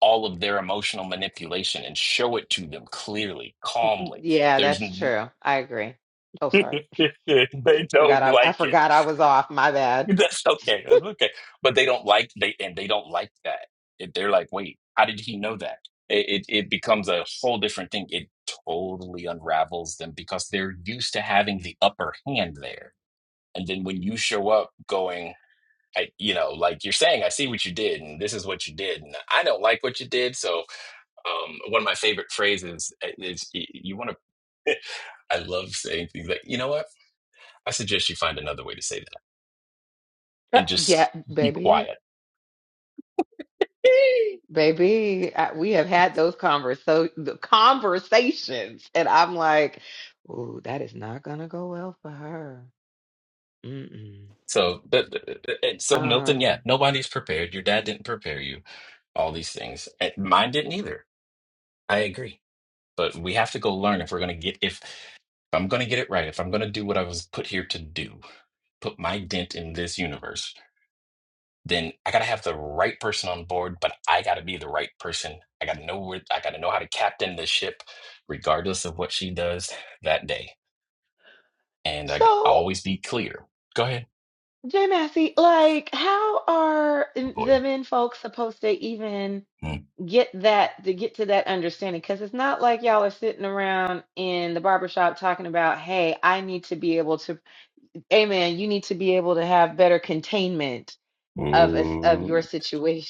Speaker 14: all of their emotional manipulation and show it to them clearly, calmly.
Speaker 10: yeah,
Speaker 14: There's
Speaker 10: that's
Speaker 14: n-
Speaker 10: true. I agree. Oh,
Speaker 14: *laughs*
Speaker 10: sorry,
Speaker 14: they
Speaker 10: forgot
Speaker 14: don't
Speaker 10: I, I
Speaker 14: like it.
Speaker 10: forgot I was off. My
Speaker 14: *laughs*
Speaker 10: bad.
Speaker 14: That's okay. That's okay. But they don't like they and they don't like that. It, they're like, wait, how did he know that? It, it it becomes a whole different thing. It totally unravels them because they're used to having the upper hand there. And then when you show up going, I, you know, like you're saying, I see what you did, and this is what you did, and I don't like what you did. So, um, one of my favorite phrases uh, is, y- "You want to." *laughs* I love saying things like, "You know what? I suggest you find another way to say that,
Speaker 10: Uh,
Speaker 14: and
Speaker 10: yeah,
Speaker 14: just be
Speaker 10: baby,
Speaker 14: quiet."
Speaker 10: baby, I, we have had those converso the conversations, and I'm like, "Ooh, that is not gonna go well for her." Mm-mm.
Speaker 14: So, but, and so Milton, yeah,
Speaker 10: Um,
Speaker 14: nobody's prepared. Your dad didn't prepare you. All these things, And mine didn't either. I agree. But we have to go learn if we're going to get if, if I'm going to get it right. If I'm going to do what I was put here to do, put my dent in this universe, then I got to have the right person on board. But I got to be the right person. I got to know where. I got to know how to captain the ship, regardless of what she does that day. And I g-
Speaker 10: so
Speaker 14: always be clear. Go ahead,
Speaker 10: Jay Massey, like, how are n- the
Speaker 14: boy.
Speaker 10: men folks supposed to even
Speaker 14: Mm.
Speaker 10: get that to get to that understanding? Because it's not like y'all are sitting around in the barbershop talking about, "Hey, I need to be able to." Amen. You need to be able to have better containment of us of your
Speaker 14: Ooh,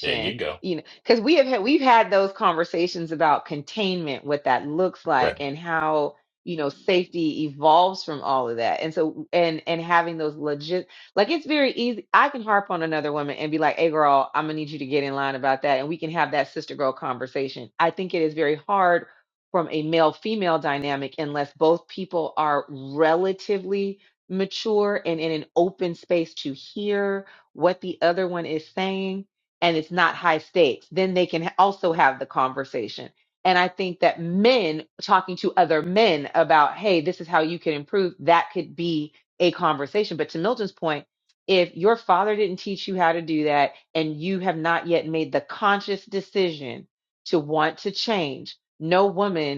Speaker 14: there you go.
Speaker 10: you know because we have had we've had those conversations about containment what that looks
Speaker 14: Right.
Speaker 10: like and how you know safety evolves from all of that and so and and having those legit like it's very easy i can harp on another woman and be like hey girl i'm gonna need you to get in line about that and we can have that sister girl conversation i think it is very hard from a male female dynamic unless both people are relatively mature and in an open space to hear what the other one is saying and it's not high stakes, then they can also have the conversation. And I think that men talking to other men about, hey, this is how you can improve, that could be a conversation. But to Milton's point, if your father didn't teach you how to do that and you have not yet made the conscious decision to want to change, no woman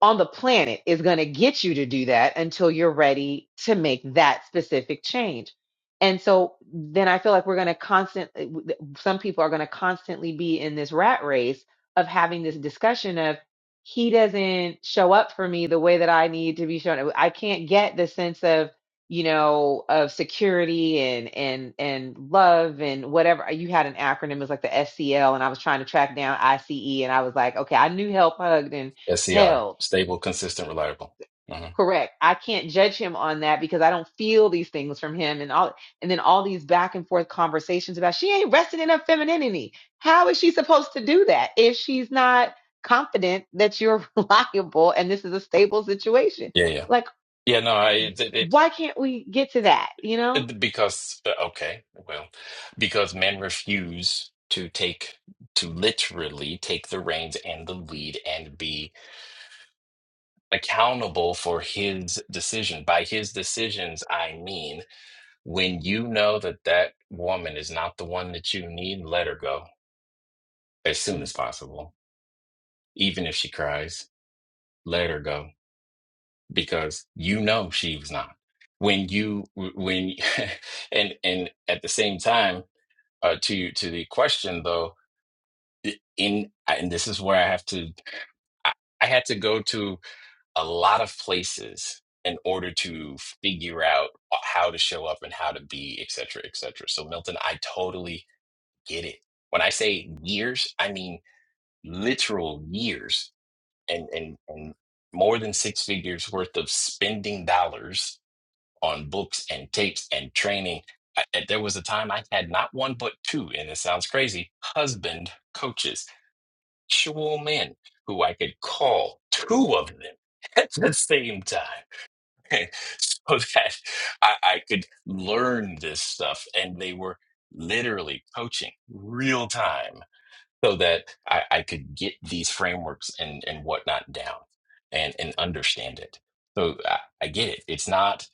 Speaker 10: on the planet is going to get you to do that until you're ready to make that specific change. And so then I feel like we're going to constantly, some people are going to constantly be in this rat race of having this discussion of, he doesn't show up for me the way that I need to be shown. up. I can't get the sense of, you know, of security and and and love and whatever. You had an acronym, it was like the SCL, and I was trying to track down ICE, and I was like, okay, I knew help, hugged, and
Speaker 14: SCR,
Speaker 10: held
Speaker 14: stable, consistent, reliable. hmm
Speaker 10: Correct. I can't judge him on that because I don't feel these things from him and all and then all these back and forth conversations about she ain't resting in her femininity. How is she supposed to do that if she's not confident that you're *laughs* reliable and this is a stable situation?
Speaker 14: Yeah, yeah.
Speaker 10: Like,
Speaker 14: Yeah, no, I, it, it,
Speaker 10: why can't we get to that, you know?
Speaker 14: it- because, uh, okay, well, because men refuse to take, to literally take the reins and the lead and be accountable for his decision. By his decisions, I mean, when you know that that woman is not the one that you need, let her go as soon
Speaker 10: Mm,
Speaker 14: as possible, even if she cries, let her go because you know she was not. When you when *laughs* and and at the same time, uh, to to the question though, i- in and this is where I have to I, I had to go to a lot of places in order to figure out uh, how to show up and how to be, et cetera, et cetera. So Milton, I totally get it. When I say years, I mean literal years and and and more than six figures worth of spending dollars on books and tapes and training. I, I- there was a time I had not one but two, and it sounds crazy, husband coaches, actual men who I could call, two of them *laughs* at the same time, *laughs* so that I, I could learn this stuff. And they were literally coaching real time so that I, I could get these frameworks and, and whatnot down and, and understand it. So I, I get it. It's not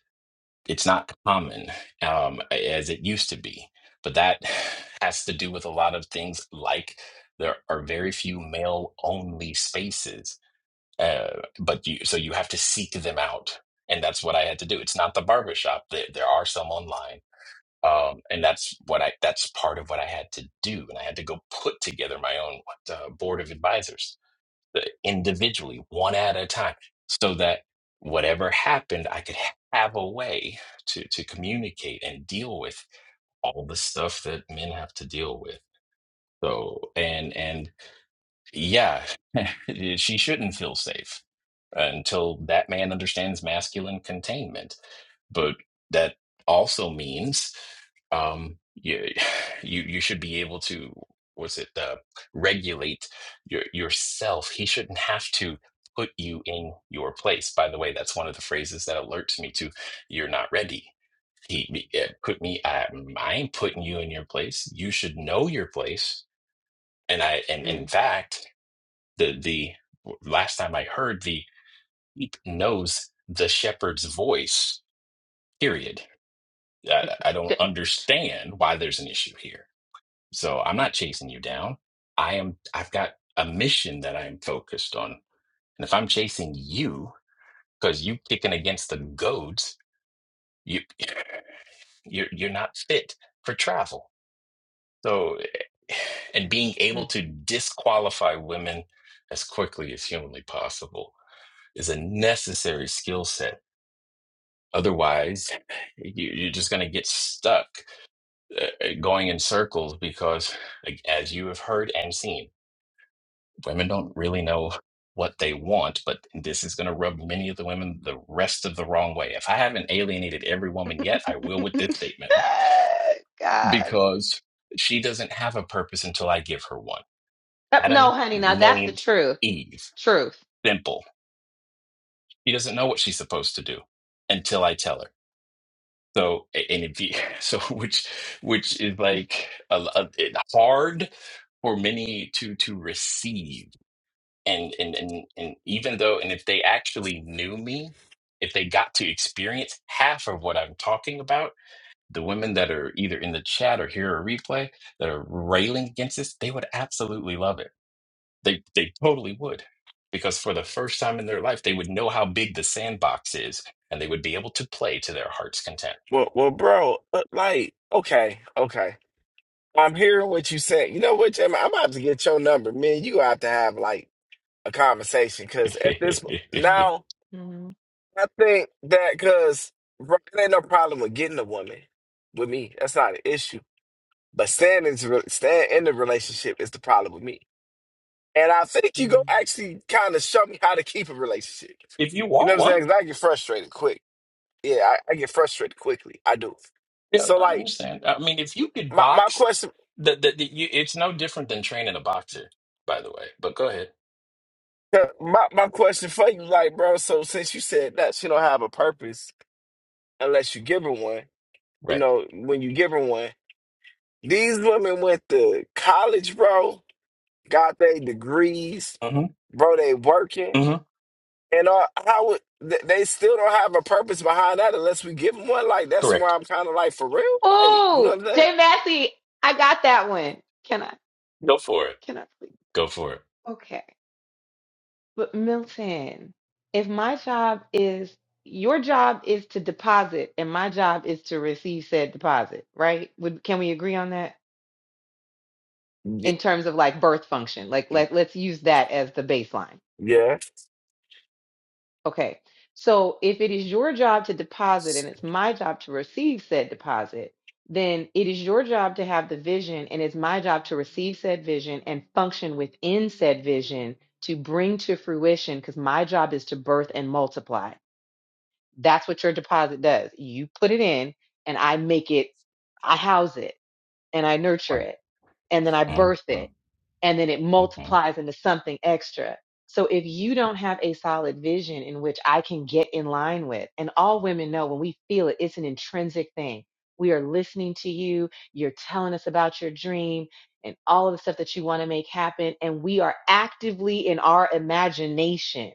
Speaker 14: it's not common um, as it used to be. But that *sighs* has to do with a lot of things like there are very few male only spaces. Uh, but you, so you have to seek them out. And that's what I had to do. It's not the barbershop. There, there are some online. Um, and that's what I, that's part of what I had to do. And I had to go put together my own uh, board of advisors uh, individually, one at a time, so that whatever happened, I could ha- have a way to to communicate and deal with all the stuff that men have to deal with. So, and and yeah, *laughs* she shouldn't feel safe until that man understands masculine containment. But that also means um, you, *sighs* you you should be able to what's it uh, regulate your yourself. He shouldn't have to put you in your place. By the way, that's one of the phrases that alerts me to you're not ready. He he, uh, put me. I, I ain't putting you in your place. You should know your place. And I and in
Speaker 10: mm,
Speaker 14: fact the the last time I heard the sheep knows the shepherd's voice. Period. I, I don't understand why there's an issue here. So I'm not chasing you down. I am. I've got a mission that I'm focused on, and if I'm chasing you because you kicking against the goads, you you're you're not fit for travel. So, eh, and being able
Speaker 10: d-
Speaker 14: to disqualify women as quickly as humanly possible is a necessary skill set Otherwise, you, you're just going to get stuck uh, uh, going in circles because, like, as you have heard and seen, women don't really know what they want, but this is going to rub many of the women the rest of the wrong way. If I haven't alienated every woman yet, I will with
Speaker 10: mm,
Speaker 14: this
Speaker 10: *laughs*
Speaker 14: statement
Speaker 10: God.
Speaker 14: because she doesn't have a purpose until I give her one.
Speaker 10: Uh, No,
Speaker 14: Adam
Speaker 10: honey, now that's the
Speaker 14: named
Speaker 10: truth.
Speaker 14: Eve.
Speaker 10: Truth.
Speaker 14: Simple. She doesn't know what she's supposed to do until I tell her. So a- and if you, *laughs* so which which is like a, a, it hard for many to to receive and, and and and even though and if they actually knew me, if they got to experience half of what I'm talking about, the women that are either in the chat or hear a replay that are railing against this, they would absolutely love it. They they totally would. Because for the first time in their life, they would know how big the sandbox is and they would be able to play to their heart's content
Speaker 8: well, well, bro, but like, okay, okay. I'm hearing what you said. You know what, Jamie? I'm gonna have to get your number, man. You gonna have to have like a conversation because
Speaker 14: *laughs*
Speaker 8: at this
Speaker 10: Mm,
Speaker 8: now I think that because there ain't no problem with getting a woman with me. That's not an issue. But staying in, staying in the relationship is the problem with me. And I think you go
Speaker 10: mm,
Speaker 8: actually kind of show me how to keep a relationship.
Speaker 14: If you
Speaker 8: You know
Speaker 14: want
Speaker 8: what I'm
Speaker 14: one,
Speaker 8: saying? 'Cause I get frustrated quick. Yeah, I, I get frustrated quickly. I do.
Speaker 14: yeah,
Speaker 8: So
Speaker 14: I
Speaker 8: like
Speaker 14: understand. I mean, if you could
Speaker 8: my, my
Speaker 14: box,
Speaker 8: question
Speaker 14: the, the, the you, it's no different than training a boxer, by the way. But go ahead.
Speaker 8: uh, my, my question for you, like, bro, so since you said that she don't have a purpose unless you give her one, you
Speaker 14: Right.
Speaker 8: know, when you give her one. These women went to college, bro, got their degrees,
Speaker 14: Mm-hmm.
Speaker 8: bro, they working.
Speaker 14: Mm-hmm.
Speaker 8: And uh, how would, th- they still don't have a purpose behind that unless we give them one. Like, that's where
Speaker 14: Correct.
Speaker 8: I'm kind of like, for real? Like, you know
Speaker 10: Oh,
Speaker 8: what I'm
Speaker 10: Jay
Speaker 8: saying?
Speaker 10: Massey, I got that one. Can I?
Speaker 14: Go for it.
Speaker 10: Can I please?
Speaker 14: Go for it.
Speaker 10: Okay. But Milton, if my job is your job is to deposit and my job is to receive said deposit, right? Would can we agree on that in terms of like birth function? Like
Speaker 8: Ye-
Speaker 10: let let's use that as the baseline.
Speaker 8: Yeah.
Speaker 10: Okay. So if it is your job to deposit and it's my job to receive said deposit, then it is your job to have the vision and it's my job to receive said vision and function within said vision to bring to fruition because my job is to birth and multiply. That's what your deposit does. You put it in and I make it, I house it and I nurture
Speaker 14: One.
Speaker 10: it and then I birth it and then it
Speaker 14: One
Speaker 10: multiplies into something extra. So if you don't have a solid vision in which I can get in line with, and all women know when we feel it, it's an intrinsic thing. We are listening to you, you're telling us about your dream and all of the stuff that you want to make happen. And we are actively in our imagination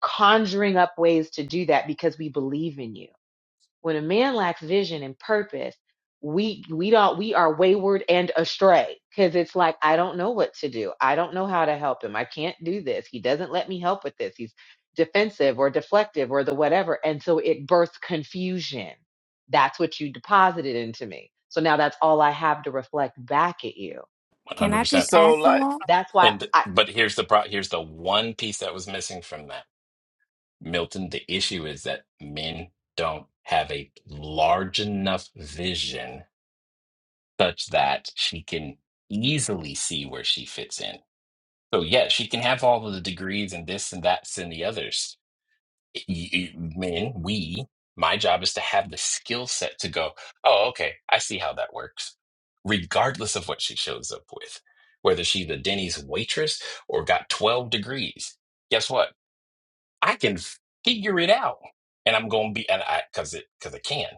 Speaker 10: conjuring up ways to do that because we believe in you. When a man lacks vision and purpose, we we don't we are wayward and astray because it's like I don't know what to do. I don't know how to help him. I can't do this. He doesn't let me help with this. He's defensive or deflective or the whatever, and so it births confusion. That's what you deposited into me. So now that's all I have to reflect back at you.
Speaker 6: can
Speaker 14: hundred
Speaker 6: i
Speaker 14: percent.
Speaker 6: just
Speaker 8: So,
Speaker 6: ask you
Speaker 8: like,
Speaker 6: that
Speaker 10: That's why
Speaker 14: And
Speaker 10: I
Speaker 14: but here's the pro. Here's the one piece that was missing from that, Milton. The issue is that men don't have a large enough vision such that she can easily see where she fits in So yeah, she can have all of the degrees and this and that's and the others. Y- y- Men, we, my job is to have the skill set to go, oh, okay, I see how that works, regardless of what she shows up with, whether she's a Denny's waitress or got 12 degrees. Guess what? I can figure it out. And I'm going to be, and I, cause it, cause I can.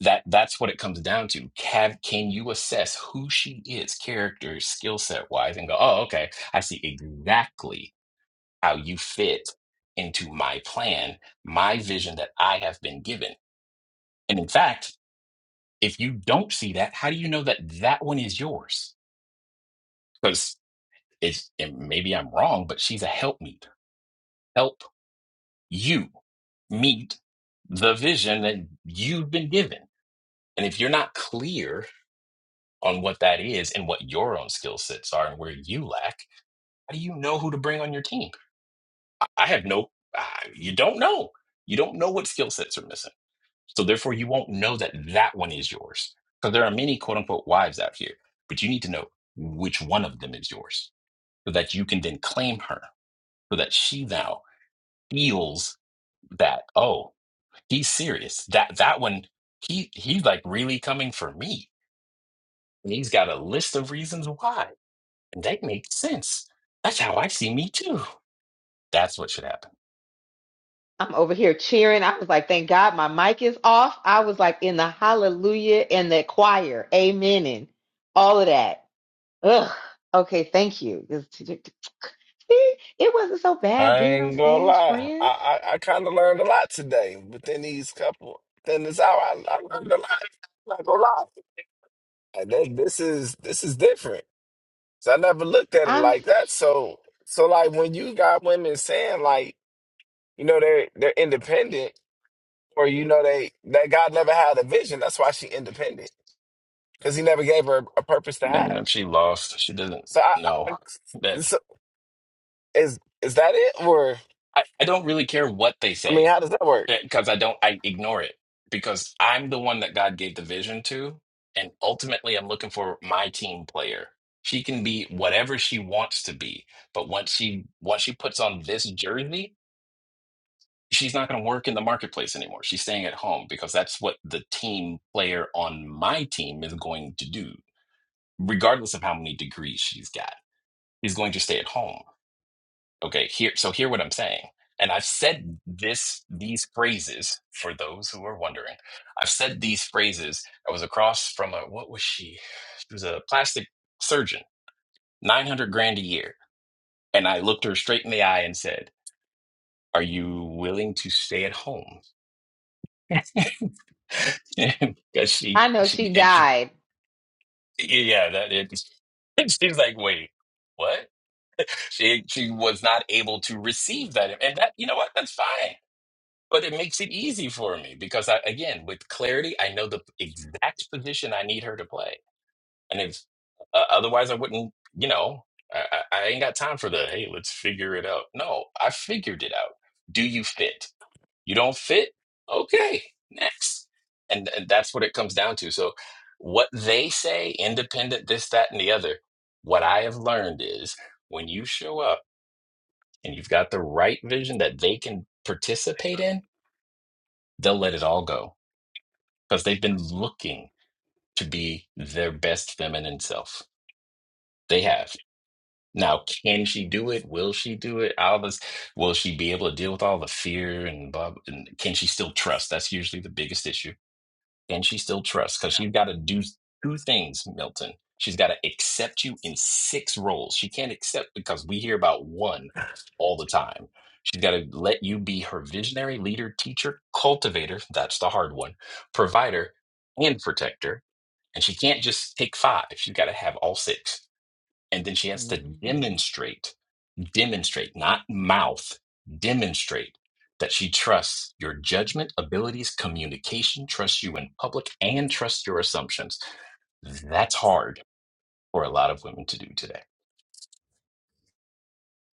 Speaker 14: That, that's what it comes down to. Have, can you assess who she is, character, skill set wise, and go, oh, okay, I see exactly how you fit into my plan, my vision that I have been given. And in fact, if you don't see that, how do you know that that one is yours? Because it's and maybe I'm wrong, but she's a helpmeet. Help you meet the vision that you've been given. And if you're not clear on what that is and what your own skill sets are and where you lack, how do you know who to bring on your team? I have no, uh, you don't know. You don't know what skill sets are missing So therefore, you won't know that that one is yours. Because there are many quote unquote wives out here, but you need to know which one of them is yours so that you can then claim her so that she now feels that, oh, he's serious. That that one, he he's like really coming for me. And he's got a list of reasons why. And that makes sense. That's how I see me too. That's what should happen.
Speaker 10: I'm over here cheering. I was like, thank God my mic is off. I was like in the hallelujah and the choir, amen, and all of that. Ugh. Okay, thank you. This- See, It wasn't so bad
Speaker 8: I
Speaker 10: being on
Speaker 8: ain't gonna
Speaker 10: stage,
Speaker 8: lie. I,
Speaker 10: friend.
Speaker 8: I, I kind of learned a lot today within these couple, within this hour. I, I learned a lot. I'm not gonna lie. Like, this, this is, this is different. So I never looked at it
Speaker 10: I'm
Speaker 8: like that. So so like when you got women saying like, you know, they're they're independent or you know they that God never had a vision, that's why she independent. Because he never gave her a purpose to
Speaker 14: And
Speaker 8: have.
Speaker 14: if she lost, she doesn't
Speaker 8: So I, I
Speaker 14: know.
Speaker 8: I- so is is that it or
Speaker 14: I, I don't really care what they
Speaker 8: I mean
Speaker 14: say
Speaker 8: how does that work?
Speaker 14: because I don't, I ignore it because I'm the one that God gave the vision to. And ultimately, I'm looking for my team player. She can be whatever she wants to be. But once she, once she puts on this jersey, she's not going to work in the marketplace anymore. She's staying at home because that's what the team player on my team is going to do, regardless of how many degrees she's got. He's going to stay at home Okay, here, so hear what I'm saying. And I've said this, these phrases for those who are wondering. I've said these phrases. I was across from a, what was she? She was a plastic surgeon, 900 grand a year. And I looked her straight in the eye and said, Are you willing to stay at home? *laughs* Because she,
Speaker 10: I know
Speaker 14: she,
Speaker 10: she
Speaker 14: and she,
Speaker 10: died.
Speaker 14: yeah, that it, *laughs* And she's like, Wait, what? She, she was not able to receive that. And that, you know what? That's fine. But it makes it easy for me because I, again, with clarity, I know the exact position I need her to play. And if uh, otherwise, I wouldn't, you know, I, I I ain't got time for the, hey, let's figure it out. No, I figured it out. Do you fit? You don't fit? Okay, next. And, and that's what it comes down to. So, what they say, independent, this, that, and the other, what I have learned is when you show up and you've got the right vision that they can participate in, they'll let it all go because they've been looking to be their best feminine self. They have. Now, can she do it? Will she do it? All this, will she be able to deal with all the fear and blah? And can she still trust? That's usually the biggest issue. Can she still trust? Because she's got to do two things, Milton. She's got to accept you in six roles. She can't accept because we hear about one all the time. She's got to let you be her visionary, leader, teacher, cultivator. That's the hard one. Provider and protector and she can't just take five. She's got to have all six. And then she has to
Speaker 10: Mhm.
Speaker 14: demonstrate, demonstrate, not mouth, demonstrate that she trusts your judgment, abilities, communication, trusts you in public, and trusts your assumptions. That's hard for a lot of women to do today.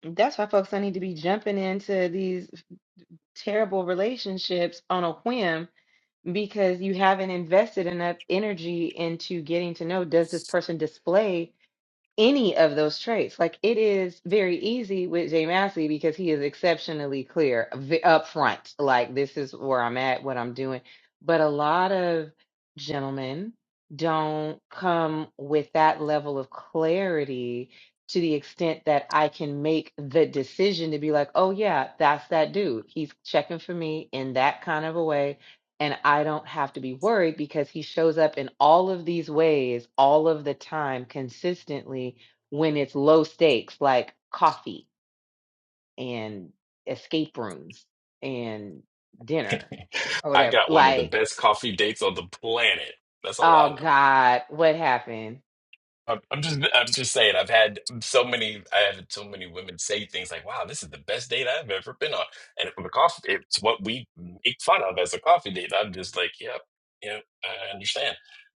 Speaker 10: That's why folks I need to be jumping into these terrible relationships on a whim because you haven't invested enough energy into getting to know does this person display any of those traits. Like it is very easy with Jay Massey because he is exceptionally clear v- upfront. Like this is where I'm at, what I'm doing. But a lot of gentlemen don't come with that level of clarity to the extent that I can make the decision to be like, oh yeah, that's that dude. He's checking for me in that kind of a way and I don't have to be worried because he shows up in all of these ways all of the time consistently when it's low stakes like coffee and escape rooms and dinner or
Speaker 14: *laughs* I
Speaker 10: whatever
Speaker 14: got one of the
Speaker 10: like
Speaker 14: best coffee dates on the planet. That's all I know.
Speaker 10: oh god what happened
Speaker 14: I'm I'm just I'm just saying I've had so many I have had so many women say things like wow this is the best date I've ever been on and for the coffee it's what we make fun of as a coffee date I'm just like yep yep I understand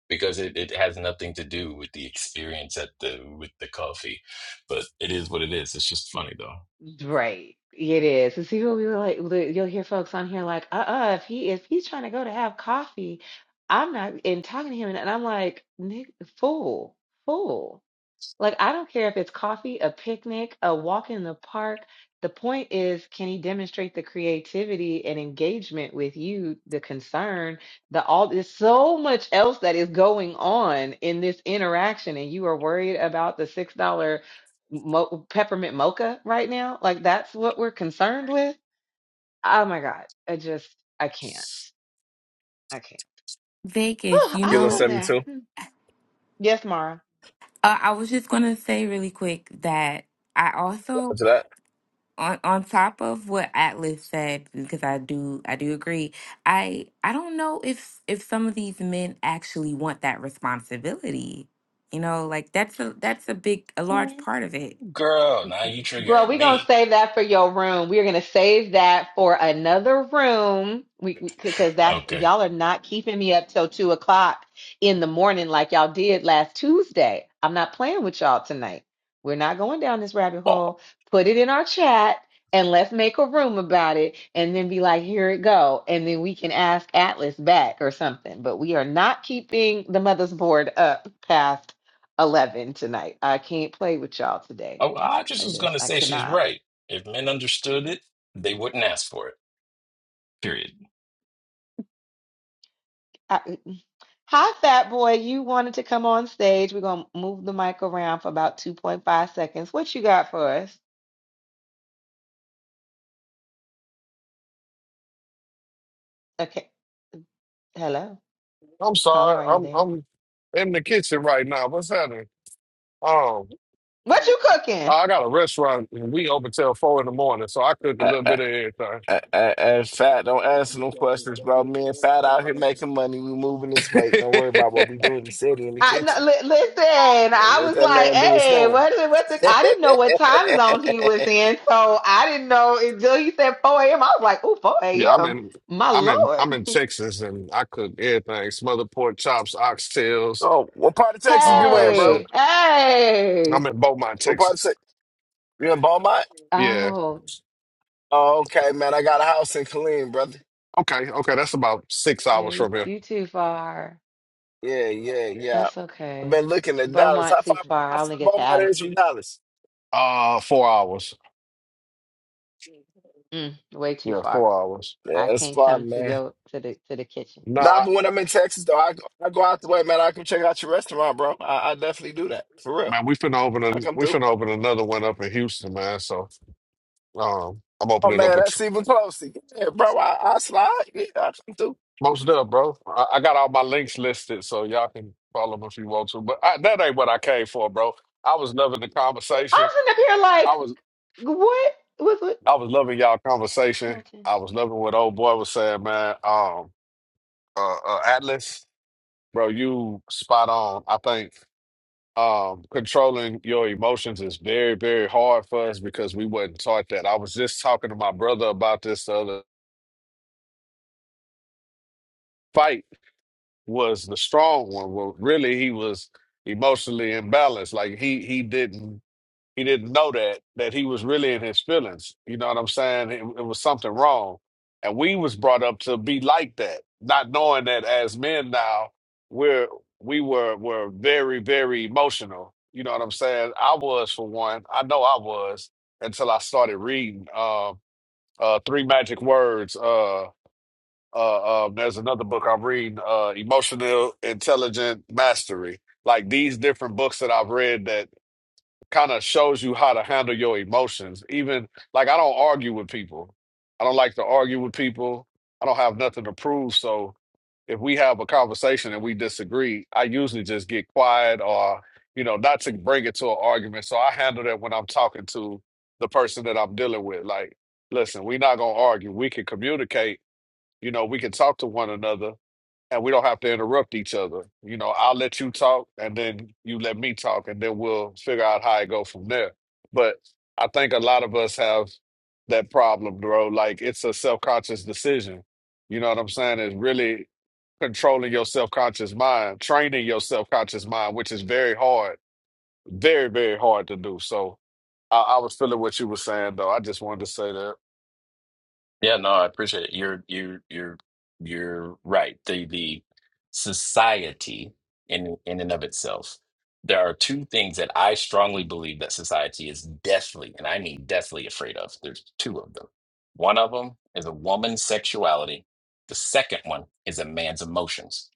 Speaker 14: because it, it has nothing to do with the experience at the with the coffee but it is what it is it's just funny though
Speaker 10: right it is and see what we were like li- you'll hear folks on here like uh-uh if he if he's trying to go to have coffee i'm not and talking to him and i'm like "Nig- fool fool Like, I don't care if it's coffee, a picnic, a walk in the park. The point is, can he demonstrate the creativity and engagement with you, the concern, the all there's so much else that is going on in this interaction, and you are worried about the six dollar mo- peppermint mocha right now? Like, that's what we're concerned with? Oh my God. I just, I can't. I can't. *sighs*
Speaker 6: vegas
Speaker 10: Oh,
Speaker 6: you
Speaker 8: Kilo
Speaker 10: I
Speaker 6: know
Speaker 10: love
Speaker 8: seventy
Speaker 10: that.
Speaker 8: two.
Speaker 10: Hmm. Yes, Mara.
Speaker 6: uh, i was just going to say really quick that i also
Speaker 8: After that.
Speaker 6: on on top of what Atlas said, because I do I do agree. I I don't know if if some of these men actually want that responsibility. You know, like that's a that's a big a large
Speaker 14: Ooh,
Speaker 6: part of it.
Speaker 14: girl now you
Speaker 10: Girl,
Speaker 14: triggering
Speaker 10: we're gonna
Speaker 14: me
Speaker 10: save that for your room. We're gonna save that for another room. We because that's
Speaker 14: okay
Speaker 10: y'all are not keeping me up till two o'clock in the morning like y'all did last Tuesday. I'm not playing with y'all tonight. We're not going down this rabbit
Speaker 14: well
Speaker 10: hole. Put it in our chat and let's make a room about it and then be like, here it go. And then we can ask Atlas back or something. But we are not keeping the mother's board up past eleven tonight. I can't play with y'all today.
Speaker 14: oh, I
Speaker 10: I
Speaker 14: just was
Speaker 10: just
Speaker 14: gonna
Speaker 10: I
Speaker 14: say she's
Speaker 10: cannot.
Speaker 14: right if men understood it they wouldn't ask for it period
Speaker 10: I, hi, Fat Boy. You wanted to come on stage. We're gonna move the mic around for about two point five seconds. What you got for us? Okay. Hello,
Speaker 15: I'm
Speaker 10: caller.
Speaker 15: sorry.
Speaker 10: Are you
Speaker 15: I'm
Speaker 10: there?
Speaker 15: I'm in the kitchen right now. What's happening? Um,
Speaker 10: What you cooking?
Speaker 15: I got a restaurant and we open till four in the morning, so I cook a
Speaker 8: I,
Speaker 15: little
Speaker 8: I,
Speaker 15: bit of everything.
Speaker 8: I, I, and fat, don't answer no questions, bro. Me and fat out here making money. We moving this weight. Don't worry about
Speaker 15: *laughs*
Speaker 8: what we do in the city in the
Speaker 10: I no,
Speaker 8: kitchen.
Speaker 10: li- listen. I
Speaker 8: Let
Speaker 10: was
Speaker 8: that
Speaker 10: like,
Speaker 8: man do his
Speaker 10: hey,
Speaker 8: thing.
Speaker 10: what is it? What's it?
Speaker 8: *laughs*
Speaker 10: I didn't know what time zone he was in, so I didn't know until he said four a.m. I was like, oh, 4
Speaker 15: yeah, I'm
Speaker 10: a.m.
Speaker 15: in
Speaker 10: My
Speaker 15: I'm in I'm
Speaker 10: lord.
Speaker 15: in
Speaker 10: *laughs*
Speaker 15: Texas and I cook everything. Smothered pork chops, oxtails,
Speaker 8: oh, what part of Texas
Speaker 15: all
Speaker 8: you
Speaker 15: kind
Speaker 8: in,
Speaker 15: of shit.
Speaker 8: bro?
Speaker 10: hey, hey.
Speaker 15: I'm in Beaumont,
Speaker 8: What part of
Speaker 15: Texas.
Speaker 8: Texas? You in Beaumont?
Speaker 15: Yeah.
Speaker 10: Oh,
Speaker 8: Oh, okay, man. I got a house in Killeen, brother.
Speaker 15: Okay, okay, that's about six
Speaker 10: yeah,
Speaker 15: hours
Speaker 10: you,
Speaker 15: from here.
Speaker 10: you too far.
Speaker 8: Yeah, yeah, yeah.
Speaker 10: That's
Speaker 8: I've
Speaker 10: okay.
Speaker 8: been looking at Dallas.
Speaker 10: Beaumont
Speaker 8: How
Speaker 10: too
Speaker 8: far,
Speaker 10: far.
Speaker 8: how
Speaker 10: I only
Speaker 8: far
Speaker 10: get to
Speaker 8: Beaumont is
Speaker 10: Addison.
Speaker 8: from Dallas?
Speaker 15: Uh four hours.
Speaker 10: Mm, way too
Speaker 15: Yeah,
Speaker 10: far.
Speaker 15: four hours.
Speaker 8: Yeah,
Speaker 10: I
Speaker 8: that's
Speaker 10: can't come
Speaker 8: fine,
Speaker 10: to
Speaker 8: man.
Speaker 10: your to the to the kitchen.
Speaker 8: Nah,
Speaker 15: Nah,
Speaker 8: but when I'm in Texas, though, I go, I go out the way, man. I come check out your restaurant, bro. I, I definitely do that. For real.
Speaker 15: man, we finna open a
Speaker 8: I come
Speaker 15: we
Speaker 8: through.
Speaker 15: finna open another one up in Houston, man. So Um, I'm
Speaker 8: Oh,
Speaker 15: opening up
Speaker 8: man,
Speaker 15: a t-
Speaker 8: that's even closer. Yeah, bro, I, I slide. Yeah, I come through.
Speaker 15: most dub, bro. I, I got all my links listed, so y'all can follow them if you want to. But I, that ain't what I came for, bro. I was loving the
Speaker 10: I'm
Speaker 15: conversation.
Speaker 10: sitting up here
Speaker 15: I
Speaker 10: like,
Speaker 15: was
Speaker 10: what was what
Speaker 15: I was loving y'all conversation.
Speaker 10: Milton?
Speaker 15: I was loving what old boy was saying, man. Um, uh, uh, Atlas, bro, you spot on. I think um controlling your emotions is very very hard for us because we wasn't taught that. I was just talking to my brother about this the other fight was the strong one. Well, really, he was emotionally imbalanced. Like he he didn't he didn't know that that he was really in his feelings. You know what I'm saying? It, it was something wrong, and we was brought up to be like that, not knowing that as men now we're we were were very very emotional. You know what I'm saying? I was for one. I know I was until I started reading uh, uh, Three Magic Words. Uh, uh, um, there's another book I'm reading, uh, Emotional Intelligent Mastery. Like these different books that I've read that kind of shows you how to handle your emotions. Even like I don't argue with people. I don't like to argue with people. I don't have nothing to prove. So if we have a conversation and we disagree, I usually just get quiet or you know not to bring it to an argument. So I handle that when I'm talking to the person that I'm dealing with. Like, listen, we're not gonna argue. We can communicate you know, we can talk to one another and we don't have to interrupt each other. You know, I'll let you talk and then you let me talk and then we'll figure out how it go from there. But I think a lot of us have that problem, bro. Like it's a self-conscious decision. You know what I'm saying? It's really controlling your self-conscious mind, training your self-conscious mind, which is very hard, very, very hard to do. So I, I was feeling what you were saying though. I just wanted to say that.
Speaker 14: Yeah, no, I appreciate it. You're you're you're you're right. The the society in in and of itself. There are two things that I strongly believe that society is deathly, and I mean deathly afraid of. There's two of them. One of them is a woman's sexuality. The second one is a man's emotions.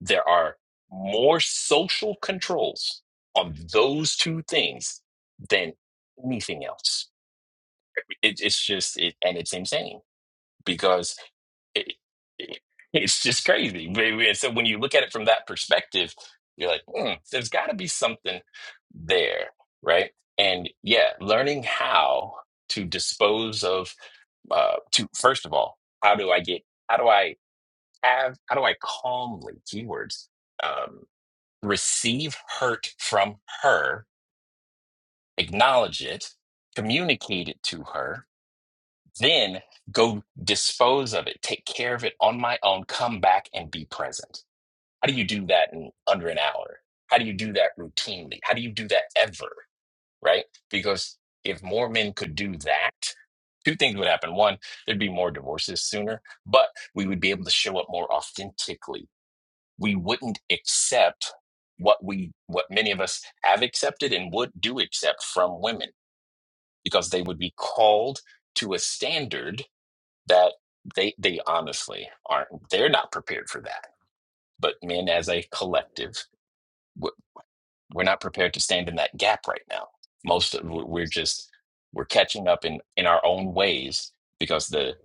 Speaker 14: There are more social controls on those two things than anything else. It, it's just it, and it's insane because it, it- it's just crazy. But- but- So when you look at it from that perspective, you're like, hmm, there's got to be something there, right? And yeah, learning how to dispose of, uh, to first of all, how do I get, how do I have, how do I calmly, keywords, um, receive hurt from her, acknowledge it, communicate it to her, then go dispose of it, take care of it on my own, come back and be present. How do you do that in under an hour? How do you do that routinely? How do you do that ever? Right? Because if more men could do that, two things would happen. One, there'd be more divorces sooner, but we would be able to show up more authentically. We wouldn't accept what we what many of us have accepted and would do accept from women because they would be called to a standard that they they honestly aren't they're not prepared for that but men as a collective w- we're not prepared to stand in that gap right now most of we- we're just we're catching up in in our own ways because the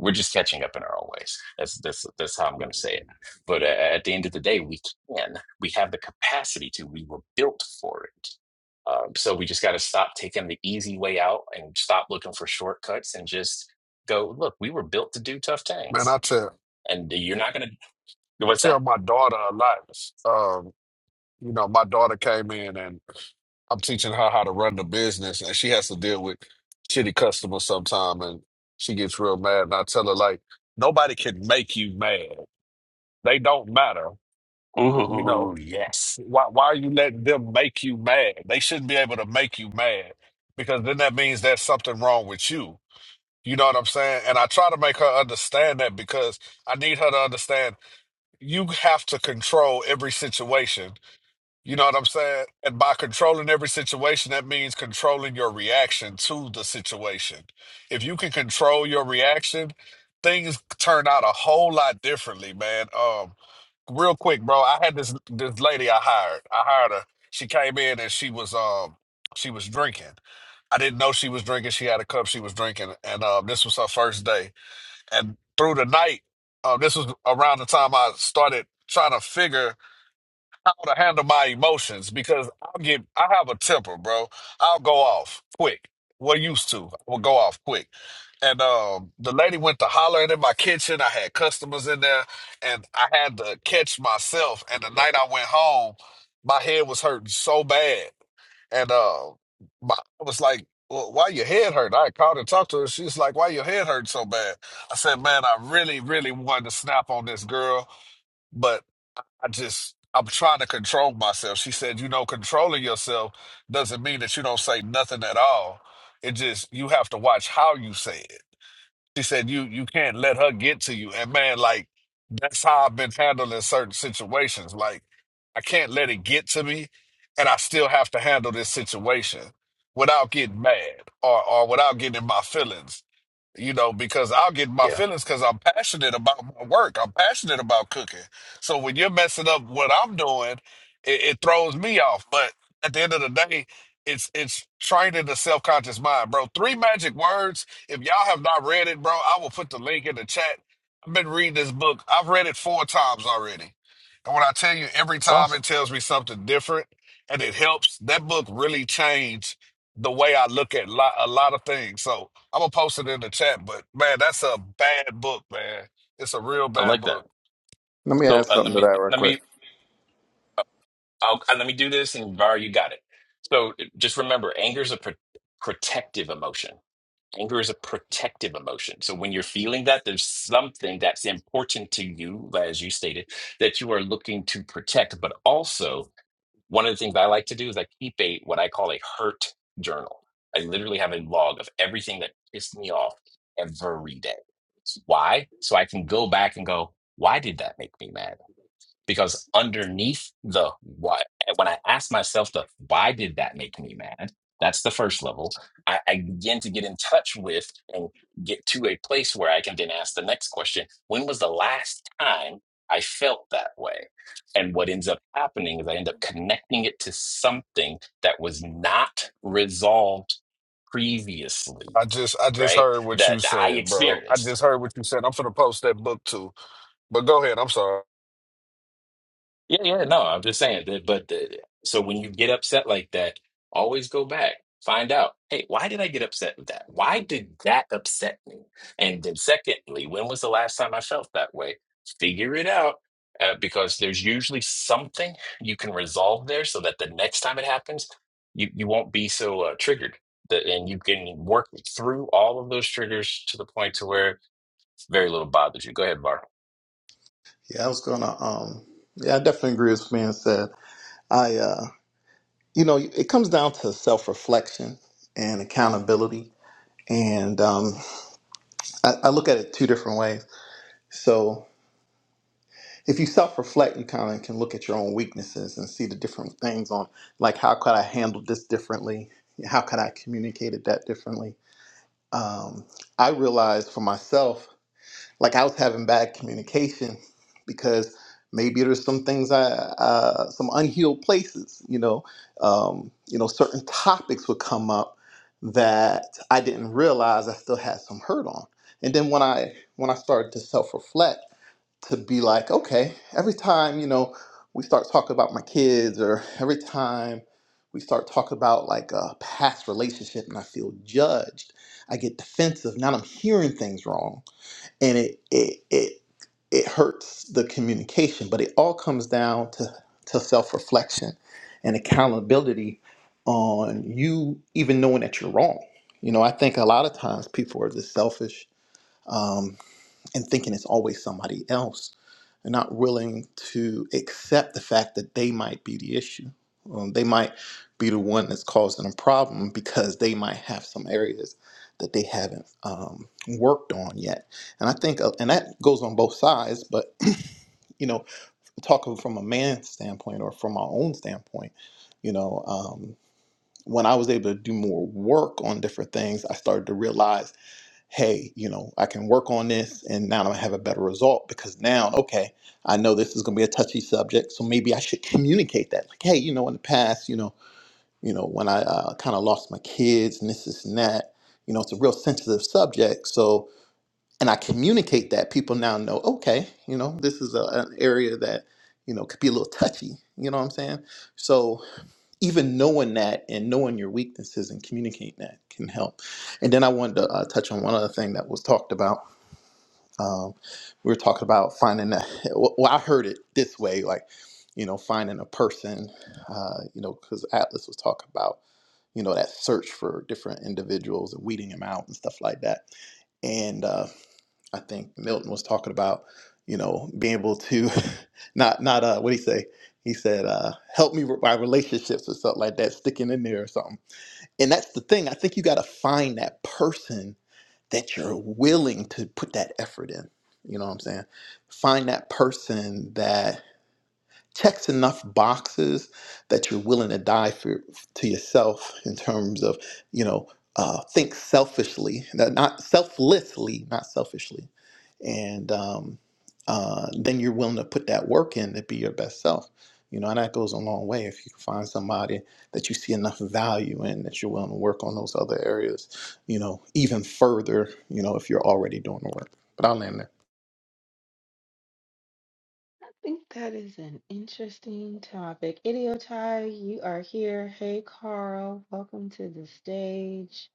Speaker 14: we're just catching up in our own ways that's that's that's how i'm going to say it but uh, at the end of the day we can we have the capacity to we were built for it um, so we just got to stop taking the easy way out and stop looking for shortcuts and just go look we were built to do tough
Speaker 15: Man,
Speaker 14: things
Speaker 15: I tell
Speaker 14: and you're not gonna what's that?
Speaker 15: tell my daughter a lot. Um, you know, my daughter came in and I'm teaching her how to run the business, and she has to deal with shitty customers sometime, and she gets real mad. And I tell her like, nobody can make you mad. They don't matter. You know,
Speaker 14: Ooh, yes.
Speaker 15: why why are you letting them make you mad? They shouldn't be able to make you mad because then that means there's something wrong with you. You know what I'm saying? And I try to make her understand that because I need her to understand you have to control every situation You know what I'm saying? And by controlling every situation, that means controlling your reaction to the situation. If you can control your reaction, things turn out a whole lot differently, man. Um, real quick, bro, I had this this lady I hired. I hired her. She came in and she was um she was drinking. I didn't know she was drinking. She had a cup. She was drinking, and um, this was her first day. And through the night, um, this was around the time I started trying to figure how to handle my emotions because I'll get I have a temper, bro. I'll go off quick. Well used to. I will go off quick. And um the lady went to hollering in my kitchen. I had customers in there and I had to catch myself. And the night I went home, my head was hurting so bad. And uh my, I was like, well, why your head hurt? I called and talked to her. She's like, why your head hurt so bad? I said, man, I really, really wanted to snap on this girl, but I just I'm trying to control myself. She said, you know, controlling yourself doesn't mean that you don't say nothing at all. It just you have to watch how you say it. She said you you can't let her get to you. And man, like that's how I've been handling certain situations. Like I can't let it get to me and I still have to handle this situation without getting mad or or without getting in my feelings you know, because I'll get my
Speaker 14: Yeah,
Speaker 15: feelings because I'm passionate about my work. I'm passionate about cooking. So when you're messing up what I'm doing, it, it throws me off. But at the end of the day, it's it's training the self conscious mind, bro. Three magic words. If y'all have not read it, bro, I will put the link in the chat. I've been reading this book. I've read it four times already. And when I tell you every
Speaker 14: that's
Speaker 15: time it
Speaker 14: awesome.
Speaker 15: tells me something different and it helps, that book really changed the way I look at lot, a lot of things. So I'm gonna post it in the chat, but man, that's a bad book, man. It's a real
Speaker 14: I
Speaker 15: bad
Speaker 14: like that.
Speaker 15: book.
Speaker 12: Let me
Speaker 14: So
Speaker 12: add
Speaker 14: uh,
Speaker 12: something
Speaker 14: let
Speaker 12: to that
Speaker 14: me
Speaker 12: real
Speaker 14: let
Speaker 12: quick.
Speaker 14: me I'll uh, let me do this and Var, you got it. So uh, just remember, anger is a pro- protective emotion. Anger is a protective emotion. So when you're feeling that, there's something that's important to you, as you stated, that you are looking to protect, but also One of the things I like to do is I keep a what I call a hurt journal. I literally have a log of everything that pissed me off every day. Why? So I can go back and go, why did that make me mad? because underneath the why eh, when i ask myself the why did that make me mad that's the first level i, I begin to get in touch with and get to a place where i can then ask the next question when was the last time i felt that way and what ends up happening is i end up connecting it to something that was not resolved previously
Speaker 15: I just I just
Speaker 14: right
Speaker 15: heard what you
Speaker 14: that i
Speaker 15: said, bro. I
Speaker 14: experienced
Speaker 15: just heard what you said. I'm finna post that book too. But go ahead. I'm sorry.
Speaker 14: Yeah, yeah, no, I'm just saying that. But the, so when you get upset like that, always go back, find out, hey, why did I get upset with that? Why did that upset me? And then, secondly, when was the last time I felt that way? Figure it out uh, because there's usually something you can resolve there so that the next time it happens, you, you won't be so uh, triggered. That, and you can work through all of those triggers to the point to where very little bothers you. Go ahead, Bar.
Speaker 12: Yeah, I was gonna. Um, yeah, I definitely agree with what being said. I, uh, you know, it comes down to self reflection and accountability. And um, I, I look at it two different ways. So if you self-reflect, you kind of can look at your own weaknesses and see the different things on, like how could I handle this differently? How could I communicate it that differently? Um, I realized for myself like I was having bad communication because maybe there's some things I, uh, some unhealed places, you know, um, you know, certain topics would come up that I didn't realize I still had some hurt on. And then when I, when I started to self-reflect to be like, okay, every time, you know, we start talking about my kids or every time we start talking about like a past relationship and I feel judged, I get defensive. Now I'm hearing things wrong and it it it it hurts the communication but it all comes down to to self-reflection and accountability on you even knowing that you're wrong you know i think a lot of times people are just selfish um, and thinking it's always somebody else and not willing to accept the fact that they might be the issue. Um, they might be the one that's causing a problem because they might have some areas that they haven't um, worked on yet. And I think, uh, and that goes on both sides, but *clears throat* you know, talking from a man's standpoint or from my own standpoint, you know, um, when I was able to do more work on different things, I started to realize hey, you know, I can work on this and now I'm gonna have a better result because now, okay, I know this is gonna be a touchy subject, so maybe I should communicate that. Like, hey, you know, in the past, you know, you know, when I uh, kind of lost my kids and this, this, and that, you know, it's a real sensitive subject. So, and I communicate that people now know, okay, you know, this is a, an area that, you know, could be a little touchy. You know what I'm saying? So even knowing that and knowing your weaknesses and communicating that can help. And then I wanted to uh, touch on one other thing that was talked about. Um, we were talking about finding that. *laughs* Well, well, I heard it this way, like you know, finding a person. Uh, you know, because Atlas was talking about you know that search for different individuals and weeding them out and stuff like that. And uh, I think Milton was talking about, you know, being able to *laughs* not not uh what he say? He said, uh, help me with my relationships or something like that, sticking in there or something. And that's the thing. I think you gotta find that person that you're willing to put that effort in. You know what I'm saying? Find that person that checks enough boxes that you're willing to die for to yourself in terms of you know uh, think selfishly not not selflessly not selfishly and um, uh, then you're willing to put that work in to be your best self you know and that goes a long way if you can find somebody that you see enough value in that you're willing to work on those other areas you know even further you know if you're already doing the work but i'll land there
Speaker 10: I think that is an interesting topic. Idiotai, you are here. Hey Carl, welcome to the stage.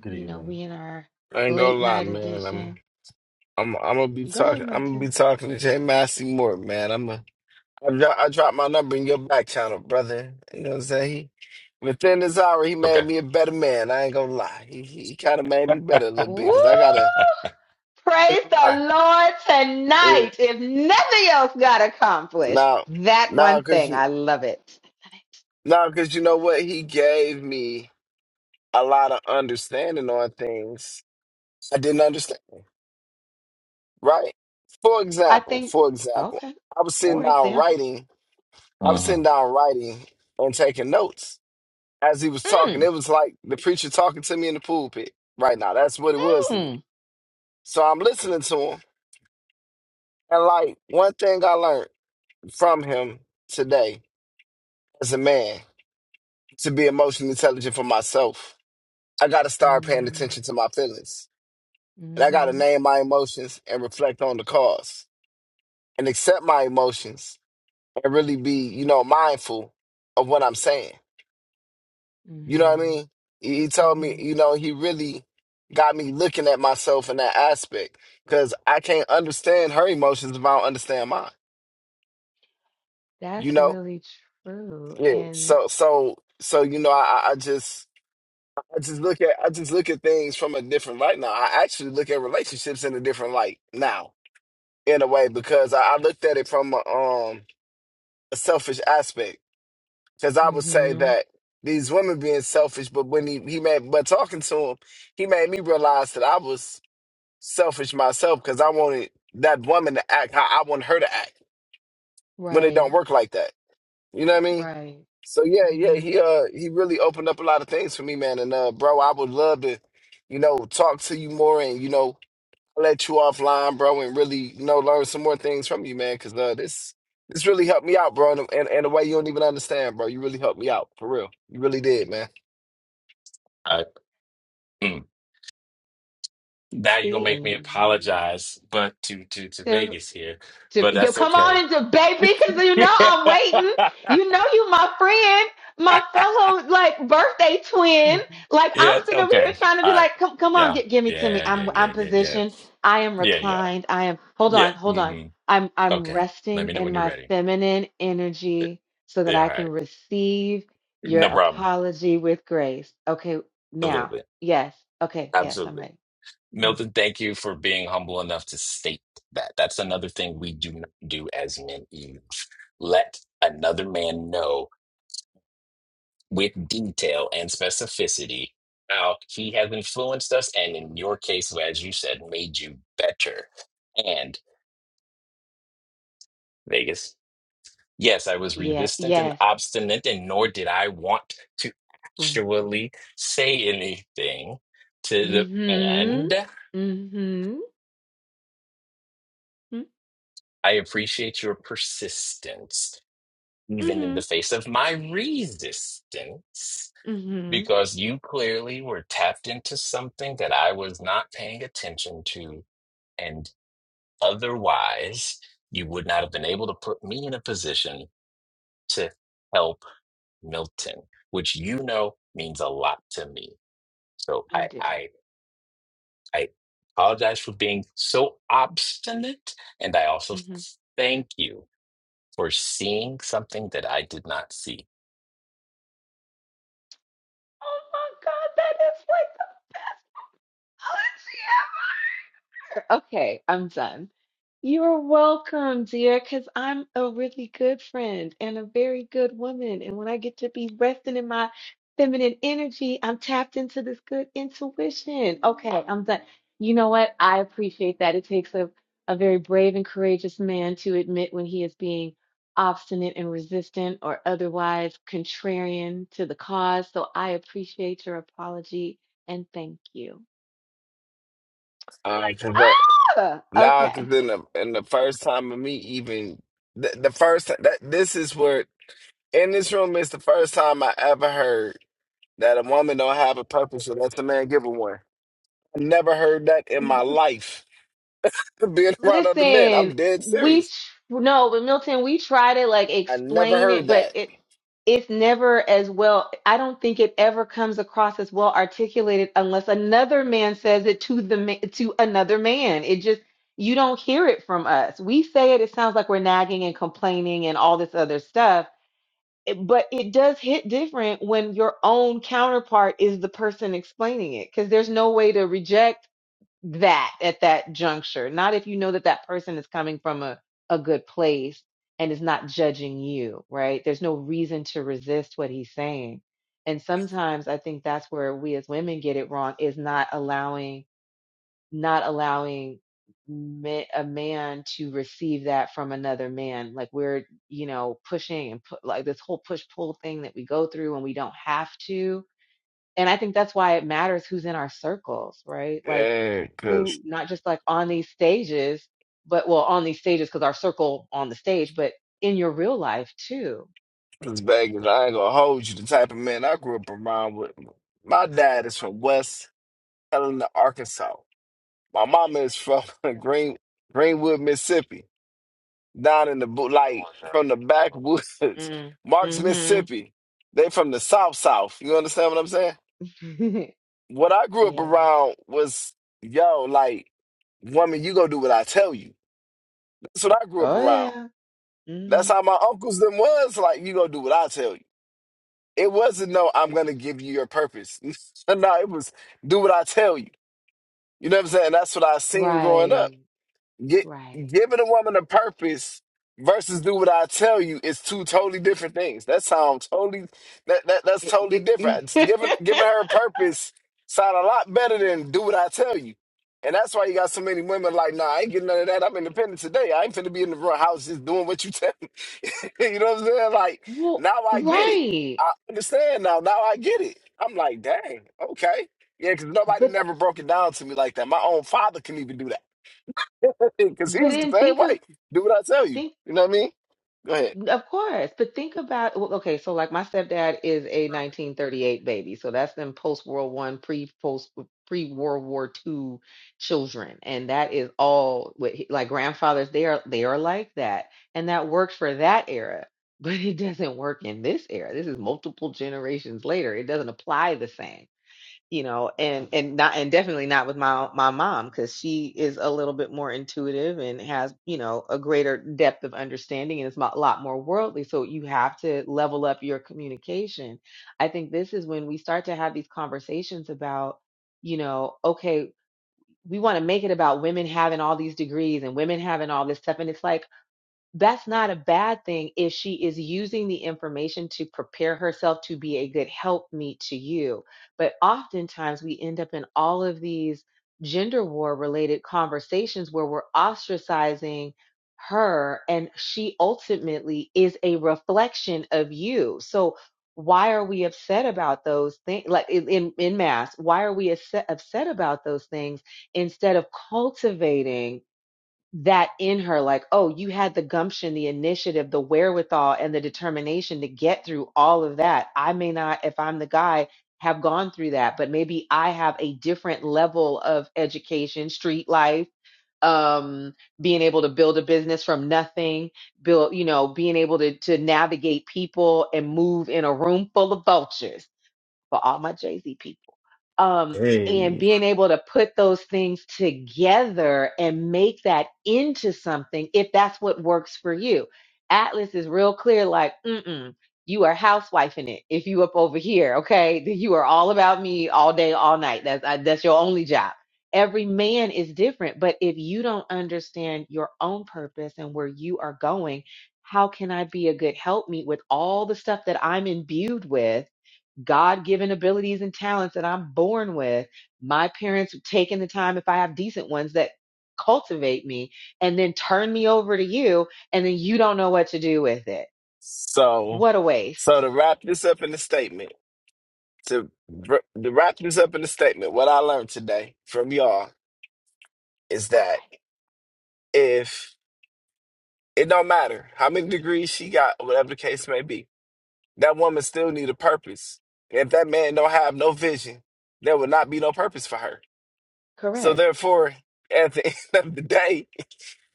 Speaker 16: Good
Speaker 10: You know,
Speaker 16: evening.
Speaker 10: we in our
Speaker 8: I ain't gonna
Speaker 10: late
Speaker 8: lie,
Speaker 10: night
Speaker 8: man.
Speaker 10: edition.
Speaker 8: I'm I'm gonna be
Speaker 10: Go ahead,
Speaker 8: talking. I'm gonna be
Speaker 10: Milton.
Speaker 8: talking to Jay Massey more, man. I'm a. I drop, I dropped my number in your back channel, brother. You know what I'm saying? He, within this hour, he made
Speaker 14: Okay.
Speaker 8: me a better man. I ain't gonna lie. He he, he kind of made me better a little bit
Speaker 10: Woo!
Speaker 8: because I gotta
Speaker 14: *laughs*
Speaker 8: I ain't
Speaker 10: Praise
Speaker 8: gonna lie.
Speaker 10: the Lord
Speaker 8: Yeah.
Speaker 10: tonight. If nothing else got accomplished,
Speaker 8: Now,
Speaker 10: that
Speaker 8: now,
Speaker 10: one
Speaker 8: cause
Speaker 10: thing.
Speaker 8: you
Speaker 10: I love it.
Speaker 8: now, cause you know what? He gave me a lot of understanding on things I didn't understand. Right? For
Speaker 10: I
Speaker 8: example,
Speaker 10: think,
Speaker 8: for example,
Speaker 10: okay,
Speaker 8: I was sitting
Speaker 10: for
Speaker 8: down
Speaker 10: example.
Speaker 8: writing. I was
Speaker 14: hmm
Speaker 8: sitting down writing and taking notes as he was talking.
Speaker 10: Mm,
Speaker 8: It was like the preacher talking to me in the pulpit right now. That's what it was to me.
Speaker 10: mm,
Speaker 8: So I'm listening to him. And like one thing I learned from him today as a man to be emotionally intelligent for myself, I got to start paying
Speaker 10: mm,
Speaker 8: attention to my feelings. And I got to
Speaker 10: mm-hmm,
Speaker 8: name my emotions and reflect on the cause and accept my emotions and really be, you know, mindful of what I'm saying You know what I
Speaker 10: mm-hmm,
Speaker 8: mean? He, he told me,
Speaker 10: mm-hmm.
Speaker 8: you know, he really got me looking at myself in that aspect because I can't understand her emotions if I don't understand mine. You
Speaker 10: That's
Speaker 8: know?
Speaker 10: really true.
Speaker 8: Yeah.
Speaker 10: And,
Speaker 8: So, so, so you know, I, I I just, I just look at, I just look at things from a different light now. I actually look at relationships in a different light now, in a way, because I, I looked at it from a, um a selfish aspect. Because I would say
Speaker 10: mm-hmm,
Speaker 8: that these women being selfish, but when he he made, but talking to him, he made me realize that I was selfish myself because I wanted that woman to act how I want her to act when it don't
Speaker 10: right,
Speaker 8: work like that. You know what I mean?
Speaker 10: right.
Speaker 8: So yeah, yeah,
Speaker 10: Mm-hmm.
Speaker 8: he uh he really opened up a lot of things for me, man. And uh bro, I would love to, you know, talk to you more and you know, let you offline, bro, and really, you know, learn some more things from you, man, because uh this this really helped me out, bro, and and and a way you don't even understand, bro. You really helped me out, for real. You really did, man.
Speaker 14: I, mm. Now you're gonna
Speaker 10: See,
Speaker 14: make me
Speaker 10: and
Speaker 14: apologize, but to to to
Speaker 10: you.
Speaker 14: Vegas here, but
Speaker 10: To yo,
Speaker 14: that's
Speaker 10: come on
Speaker 14: okay.
Speaker 10: and debate me because you
Speaker 14: *laughs*
Speaker 10: know I'm waiting. You know you my friend, my fellow like birthday twin. Like I'm
Speaker 14: Yeah, it's
Speaker 10: sitting over
Speaker 14: okay.
Speaker 10: here trying to be
Speaker 14: All right.
Speaker 10: like, come come on,
Speaker 14: Yeah.
Speaker 10: get give me to me.
Speaker 14: Yeah, yeah,
Speaker 10: I'm I'm
Speaker 14: yeah, yeah, yeah.
Speaker 10: positioned. I am
Speaker 14: Yeah, yeah.
Speaker 10: reclined. I am hold
Speaker 14: Yeah.
Speaker 10: on, hold on.
Speaker 14: hmm
Speaker 10: I'm I'm
Speaker 14: Okay. Let
Speaker 10: resting
Speaker 14: me know
Speaker 10: in
Speaker 14: when you're
Speaker 10: my
Speaker 14: ready.
Speaker 10: feminine energy so that
Speaker 14: Yeah,
Speaker 10: I
Speaker 14: all
Speaker 10: can
Speaker 14: right.
Speaker 10: receive your
Speaker 14: No problem.
Speaker 10: apology with grace. Okay, now,
Speaker 14: Absolutely.
Speaker 10: yes. Okay, yes, I'm
Speaker 14: Absolutely.
Speaker 10: ready. Hmm.
Speaker 14: Milton, thank you for being humble enough to state that. That's another thing we do not do as men either. Let another man know with detail and specificity how he has influenced us and in your case as you said made you better and vegas yes i was
Speaker 10: Yeah,
Speaker 14: resistant and
Speaker 10: yes.
Speaker 14: obstinate and nor did i want to
Speaker 10: Hmm.
Speaker 14: actually say anything to the
Speaker 10: Mhm.
Speaker 14: and
Speaker 10: Mhm. Mm,
Speaker 14: i appreciate your persistence even in the
Speaker 10: Mhm.
Speaker 14: face of my resistance
Speaker 10: Mhm.
Speaker 14: because you clearly were tapped into something that i was not paying attention to and Otherwise, you would not have been able to put me in a position to help Milton, which you know means a lot to me. So
Speaker 10: I
Speaker 14: I
Speaker 10: do.
Speaker 14: I I apologize for being so obstinate, and I also
Speaker 10: Mhm.
Speaker 14: thank you for seeing something that I did not see.
Speaker 10: Oh my god, that is like the best Okay, I'm done. You're welcome, dear, because I'm a really good friend and a very good woman. And when I get to be resting in my feminine energy, I'm tapped into this good intuition. Okay, I'm done. You know what? I appreciate that. It takes a, a very brave and courageous man to admit when he is being obstinate and resistant or otherwise contrarian to the cause. So I appreciate your apology and thank you.
Speaker 8: right, cause that
Speaker 10: Ah,
Speaker 8: now, cause
Speaker 10: okay.
Speaker 8: in the in the first time of me even the, the first that this is where In this room is the first time I ever heard that a woman don't have a purpose unless a man give her one. I never heard that in my life. *laughs* Being around other men,
Speaker 10: Listen,
Speaker 8: I'm dead
Speaker 10: we tr-
Speaker 8: serious.
Speaker 10: no, but Milton, we try to like
Speaker 8: I never
Speaker 10: explain
Speaker 8: heard
Speaker 10: it, but
Speaker 8: that.
Speaker 10: it it's never as well. I don't think it ever comes across as well articulated unless another man says it to the ma- to another man. It just you don't hear it from us. We say it, it sounds like we're nagging and complaining and all this other stuff. It- But it does hit different when your own counterpart is the person explaining it because there's no way to reject that at that juncture. Not if you know that that person is coming from a, a good place and is not judging you, right? There's no reason to resist what he's saying. And sometimes I think that's where we as women get it wrong is not allowing, not allowing ma- a man to receive that from another man. Like we're, you know, pushing and put like this whole push pull thing that we go through and we don't have to and I think that's why it matters who's in our circles, right? Like
Speaker 8: Yeah, cause,
Speaker 10: who, not just like on these stages, but well, on these stages because our circle on the stage, but in your real life too.
Speaker 8: cause Vegas, I ain't gonna hold you. The type of man I grew up around with. My dad is from West Helena, Arkansas. My mama is from *laughs* Green Greenwood, Mississippi. down in the bo- like from the backwoods,
Speaker 10: Mm,
Speaker 8: *laughs* Marks,
Speaker 10: mm-hmm.
Speaker 8: Mississippi. They from the South South. You understand what I'm saying? What I
Speaker 10: *laughs*
Speaker 8: grew up
Speaker 10: yeah.
Speaker 8: around was yo, like woman, you go do what I tell you. That's what I grew up
Speaker 10: Oh
Speaker 8: around.
Speaker 10: yeah.
Speaker 8: That's
Speaker 10: Mm.
Speaker 8: how my uncles them was like. You go do what I tell you. It wasn't no, I'm gonna give you your purpose. *laughs* no, it was do what I tell you. You know what I'm saying? That's what I seen growing up.
Speaker 10: Right.
Speaker 8: Gi-
Speaker 10: Right.
Speaker 8: giving a woman a purpose versus do what I tell you is two totally different things. That sounds totally that, that that's totally
Speaker 10: It.
Speaker 8: different.
Speaker 10: It.
Speaker 8: It's Giving giving her a purpose sound a lot better than do what I tell you. And that's why you got so many women like, nah, I ain't getting none of that. I'm independent today. I ain't finna be in the front house just doing what you tell me. *laughs* you know what I'm saying? Like,
Speaker 10: *laughs* well,
Speaker 8: now I get it.
Speaker 10: right.
Speaker 8: I understand now. Now I get it. I'm like, dang, okay. Yeah, because nobody
Speaker 10: But
Speaker 8: never broke it down to me like that. My own father couldn't even do that. *laughs* because he
Speaker 10: but
Speaker 8: was the
Speaker 10: then
Speaker 8: same
Speaker 10: think of
Speaker 8: way. Do what I tell you.
Speaker 10: think
Speaker 8: You know what I mean? Go ahead.
Speaker 10: Of course, but think about well, okay, so like my stepdad is a 1938 baby, so that's them post World One, pre post pre World War Two children, and that is all what he- like grandfathers they are they are like that, and that worked for that era, but it doesn't work in this era. This is multiple generations later. It doesn't apply the same you know and and not and definitely not with my my mom because she is a little bit more intuitive and has you know a greater depth of understanding and is mo- a lot more worldly so you have to level up your communication i think this is when we start to have these conversations about you know okay we want to make it about women having all these degrees and women having all this stuff and it's like that's not a bad thing if she is using the information to prepare herself to be a good helpmeet to you. But oftentimes we end up in all of these gender war related conversations where we're ostracizing her and she ultimately is a reflection of you. So why are we upset about those things like in in in mass why are we upset upset about those things instead of cultivating that in her like oh you had the gumption the initiative the wherewithal and the determination to get through all of that i may not if i'm the guy have gone through that but maybe i have a different level of education street life um being able to build a business from nothing build you know being able to to navigate people and move in a room full of vultures for all my Jay Z people. Um, and
Speaker 16: Hey,
Speaker 10: being able to put those things together and make that into something, if that's what works for you. Atlas is real clear, like, mm-mm, you are housewifing it. If you up over here, okay, then you are all about me all day, all night. That's I, that's your only job. Every man is different, but if you don't understand your own purpose and where you are going, how can I be a good helpmeet with all the stuff that I'm imbued with? God given abilities and talents that I'm born with. My parents taking the time, if I have decent ones, that cultivate me and then turn me over to you, and then you don't know what to do with it.
Speaker 8: So,
Speaker 10: What a
Speaker 8: so
Speaker 10: waste.
Speaker 8: to wrap this up in the statement, to, br- to wrap this up in the statement, what I learned today from y'all is
Speaker 10: All
Speaker 8: that
Speaker 10: right.
Speaker 8: if it don't matter how many degrees she got, whatever the case may be, that woman still need a purpose. If that man don't have no vision, there will not be no purpose for her. So
Speaker 10: Correct.
Speaker 8: therefore, at the *laughs* end of the day,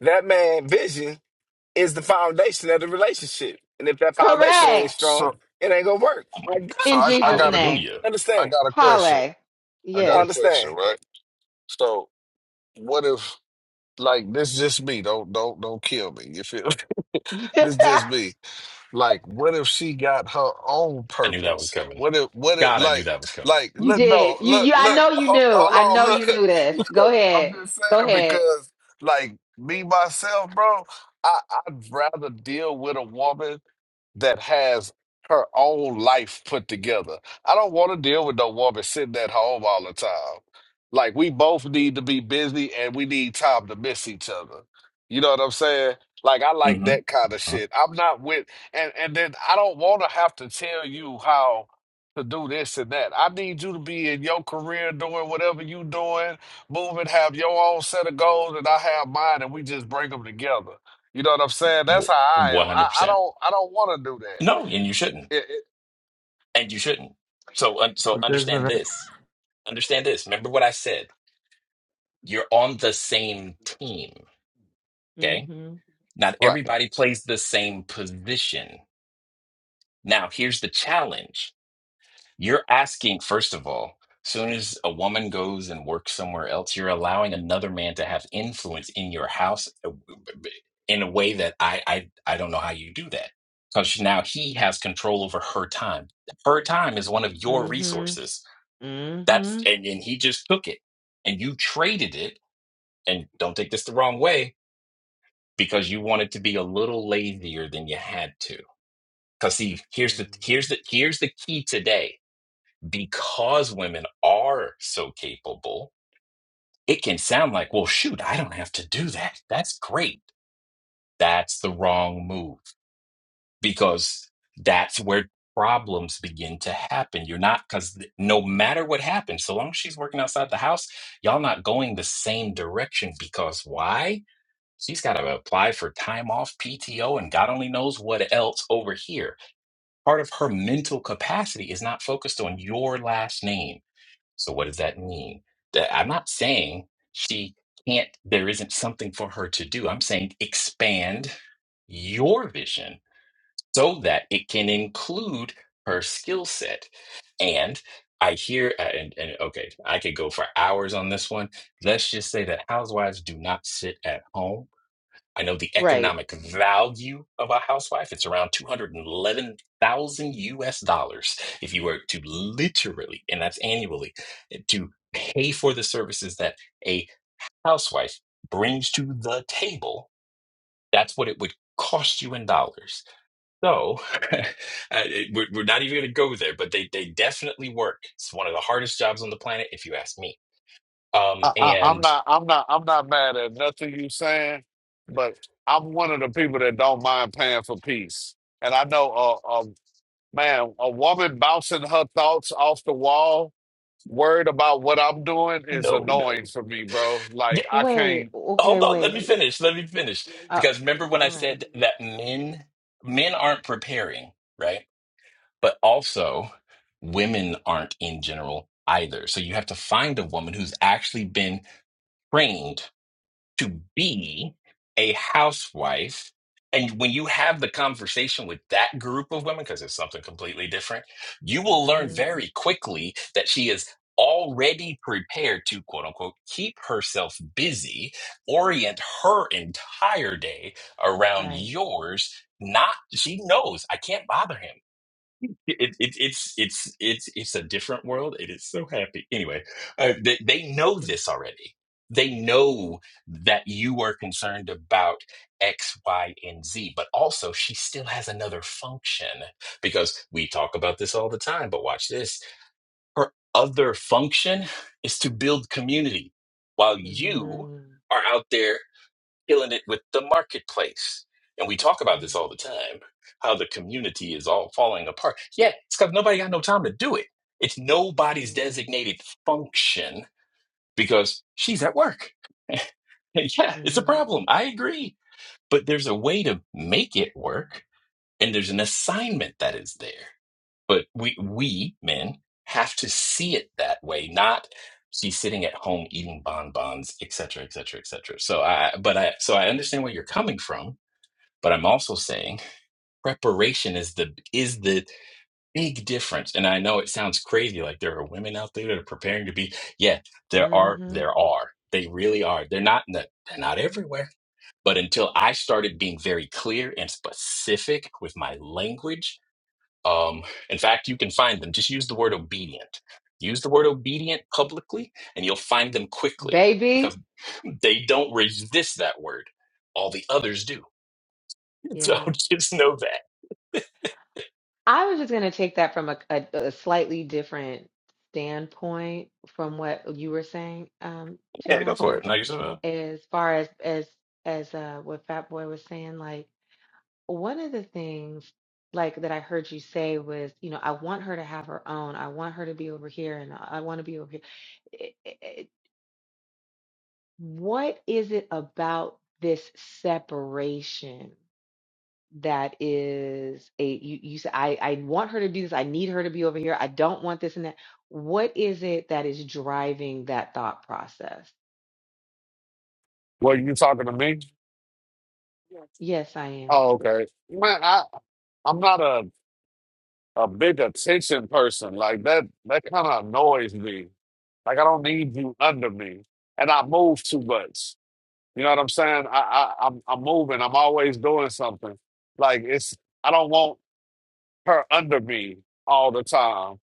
Speaker 8: that man vision is the foundation of the relationship. And if that foundation ain't
Speaker 10: Correct.
Speaker 8: strong,
Speaker 15: So
Speaker 8: it ain't gonna work.
Speaker 14: Oh my
Speaker 8: I
Speaker 14: g-
Speaker 8: got
Speaker 15: so
Speaker 10: In
Speaker 8: it.
Speaker 15: I, I
Speaker 10: Jesus'
Speaker 15: got a
Speaker 10: name.
Speaker 14: hallelujah.
Speaker 15: I
Speaker 8: Understand?
Speaker 15: got a question.
Speaker 10: hallelujah.
Speaker 15: I got
Speaker 8: I
Speaker 15: a
Speaker 10: Yes.
Speaker 15: question,
Speaker 8: understand.
Speaker 15: right? So what if like this just me? Don't don't don't kill me. You feel me? *laughs*
Speaker 10: *laughs* you
Speaker 15: This just me. Like what if she got her own
Speaker 14: I knew that was
Speaker 15: purpose?
Speaker 14: coming.
Speaker 15: What if what if
Speaker 14: God, I knew
Speaker 15: like
Speaker 14: that was coming.
Speaker 15: like look no
Speaker 10: did. You you
Speaker 15: look
Speaker 10: I
Speaker 15: look
Speaker 10: know you
Speaker 15: ho-
Speaker 10: knew. I
Speaker 15: hold on
Speaker 10: know you
Speaker 15: look.
Speaker 10: knew
Speaker 15: *laughs*
Speaker 10: this. Go
Speaker 15: I'm
Speaker 10: ahead.
Speaker 15: just
Speaker 10: Go
Speaker 15: saying
Speaker 10: ahead.
Speaker 15: because like me myself, bro, I, I'd rather deal with a woman that has her own life put together. I don't want to deal with no woman sitting at home all the time. Like we both need to be busy and we need time to miss each other. You know what I'm saying? Like I like
Speaker 14: Mm-hmm.
Speaker 15: that kind of shit. I'm not with and and then I don't want to have to tell you how to do this and that. I need you to be in your career doing whatever you doing, moving, have your own set of goals and I have mine and we just bring them together. You know what I'm saying? That's how I am. I, I
Speaker 14: 100%.
Speaker 15: don't I don't want to do that.
Speaker 14: No, and you shouldn't.
Speaker 15: It, it,
Speaker 14: And you shouldn't. So un- so
Speaker 16: what you guys
Speaker 14: understand this. understand this. Remember what I said. You're on the same team. Okay.
Speaker 10: Mm-hmm.
Speaker 14: Not
Speaker 15: right.
Speaker 14: everybody plays the same position. Now, here's the challenge. You're asking, first of all, soon as a woman goes and works somewhere else, you're allowing another man to have influence in your house uh, in a way that I I, I don't know how you do that. Because now he has control over her time. Her time is one of your
Speaker 10: Mm-hmm.
Speaker 14: resources. That's
Speaker 10: Mm-hmm.
Speaker 14: and, and he just took it and you traded it and don't take this the wrong way because you wanted to be a little lazier than you had to because see here's the here's the here's the key today because women are so capable it can sound like well shoot i don't have to do that that's great that's the wrong move because that's where problems begin to happen you're not because no matter what happens so long as she's working outside the house y'all not going the same direction because why She's got to apply for time off, PTO, and God only knows what else over here. Part of her mental capacity is not focused on your last name. So, what does that mean? That I'm not saying she can't, there isn't something for her to do. I'm saying expand your vision so that it can include her skill set. And I hear, uh, and, and okay, I could go for hours on this one. Let's just say that housewives do not sit at home I know the
Speaker 10: Right.
Speaker 14: economic value of a housewife. It's around 211,000 US dollars if you were to literally, and that's annually, to pay for the services that a housewife brings to the table. That's what it would cost you in dollars. So *laughs* uh, it- we're, we're not even going to go there, but they, they definitely work. It's one of the hardest jobs on the planet, if you ask me. Um,
Speaker 15: I, I, I'm
Speaker 14: and
Speaker 15: not I'm not I'm not mad at nothing you saying, but I'm one of the people that don't mind paying for peace. And I know a, a man, a woman bouncing her thoughts off the wall, worried about what I'm doing is
Speaker 14: no,
Speaker 15: annoying
Speaker 14: no.
Speaker 15: for me, bro.
Speaker 14: *laughs*
Speaker 15: Like I
Speaker 10: Wait,
Speaker 15: can't.
Speaker 10: okay,
Speaker 14: Hold on, let me
Speaker 10: wait.
Speaker 14: finish. Let me finish.
Speaker 10: Uh,
Speaker 14: Because remember when
Speaker 10: all
Speaker 14: I
Speaker 10: right.
Speaker 14: said that men men aren't preparing, right? But also women aren't in general either. So you have to find a woman who's actually been trained to be a housewife. And when you have the conversation with that group of women, because it's something completely different, you will learn
Speaker 10: Mm-hmm.
Speaker 14: very quickly that she is already prepared to quote unquote keep herself busy, orient her entire day around
Speaker 10: Right.
Speaker 14: yours. Not, she knows I can't bother him it, it it's it's it's it's a different world. It is so happy. Anyway, uh, they they know
Speaker 10: Mm-hmm.
Speaker 14: this already. They know that you are concerned about X, Y, and Z, but also she still has another function because we talk about this all the time. But watch this. Her other function is to build community while you are out there killing it with the marketplace. And we talk about this all the
Speaker 10: Mm-hmm.
Speaker 14: time how the community is all falling apart. Yeah, it's because nobody got no time to do it. It's nobody's designated function because she's at work. *laughs* And yeah, it's a
Speaker 10: Mm-hmm.
Speaker 14: problem. I agree. But there's a way to make it work, and there's an assignment that is there. But we, we men have to see it that way, not she's sitting at home eating bonbons, et cetera, et cetera, et cetera. So I, but I, so I understand where you're coming from but I'm also saying preparation is the is the big difference. And I know it sounds crazy, like there are women out there that are preparing to be. Yeah, there are,
Speaker 10: Mm-hmm.
Speaker 14: there are. They really are. They're not in the- they're not everywhere. But until I started being very clear and specific with my language, um, in fact, you can find them. Just use the word obedient. Use the word obedient publicly, and you'll find them quickly
Speaker 10: Baby.
Speaker 14: because they don't resist that word. All the others do. *laughs* So
Speaker 10: Yeah.
Speaker 14: just know that.
Speaker 10: I was just gonna take that from a, a, a slightly different standpoint from what you were saying, um, Jay
Speaker 14: Yeah, go for
Speaker 10: Massey,
Speaker 14: it. No, you said uh,
Speaker 10: as far as as as uh what Fat Boy was saying, like. one of the things like that I heard you say was, you know, I want her to have her own. I want her to be over here and I want to be over here. I- I- I- What is it about this separation that is a you you say I I want her to do this. I need her to be over here. I don't want this and that. What is it that is driving that thought process?
Speaker 15: What you talking to me?
Speaker 10: Yes, I am.
Speaker 15: Oh, okay. Man, I I'm not a a big attention person. Like that that kind of annoys me. Like I don't need you under me. And I move too much. You know what I'm saying? I, I I'm I'm moving. I'm always doing something. Like it's I don't want her under me all the time.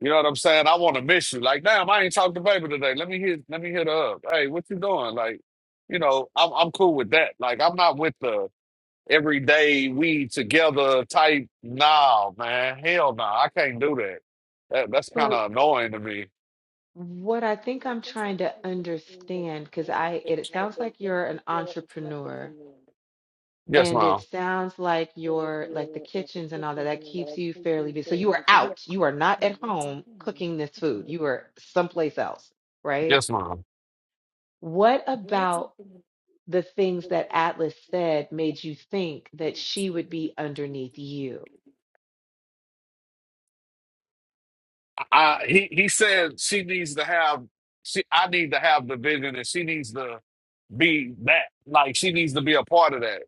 Speaker 15: You know what I'm saying? I want to miss you. Like, damn, I ain't talked to baby today. Let me hit let me hit her up. Hey, what you doing? Like, you know, I'm I'm cool with that. Like I'm not with the every day we together type. Nah, man, hell no, I can't do that. that that's kind of annoying to me.
Speaker 10: What I think I'm trying to understand, because I it, it sounds like you're an entrepreneur,
Speaker 15: Yes,
Speaker 10: and it
Speaker 15: mom.
Speaker 10: sounds like you're like the kitchens and all that that keeps you fairly busy. So you are out. You are not at home cooking this food. You are someplace else, right?
Speaker 15: Yes, mom.
Speaker 10: What about the things that Atlas said made you think that she would be underneath you?
Speaker 15: I, he he said she needs to have. She I need to have the vision, and she needs to be that. Like she needs to be a part of that.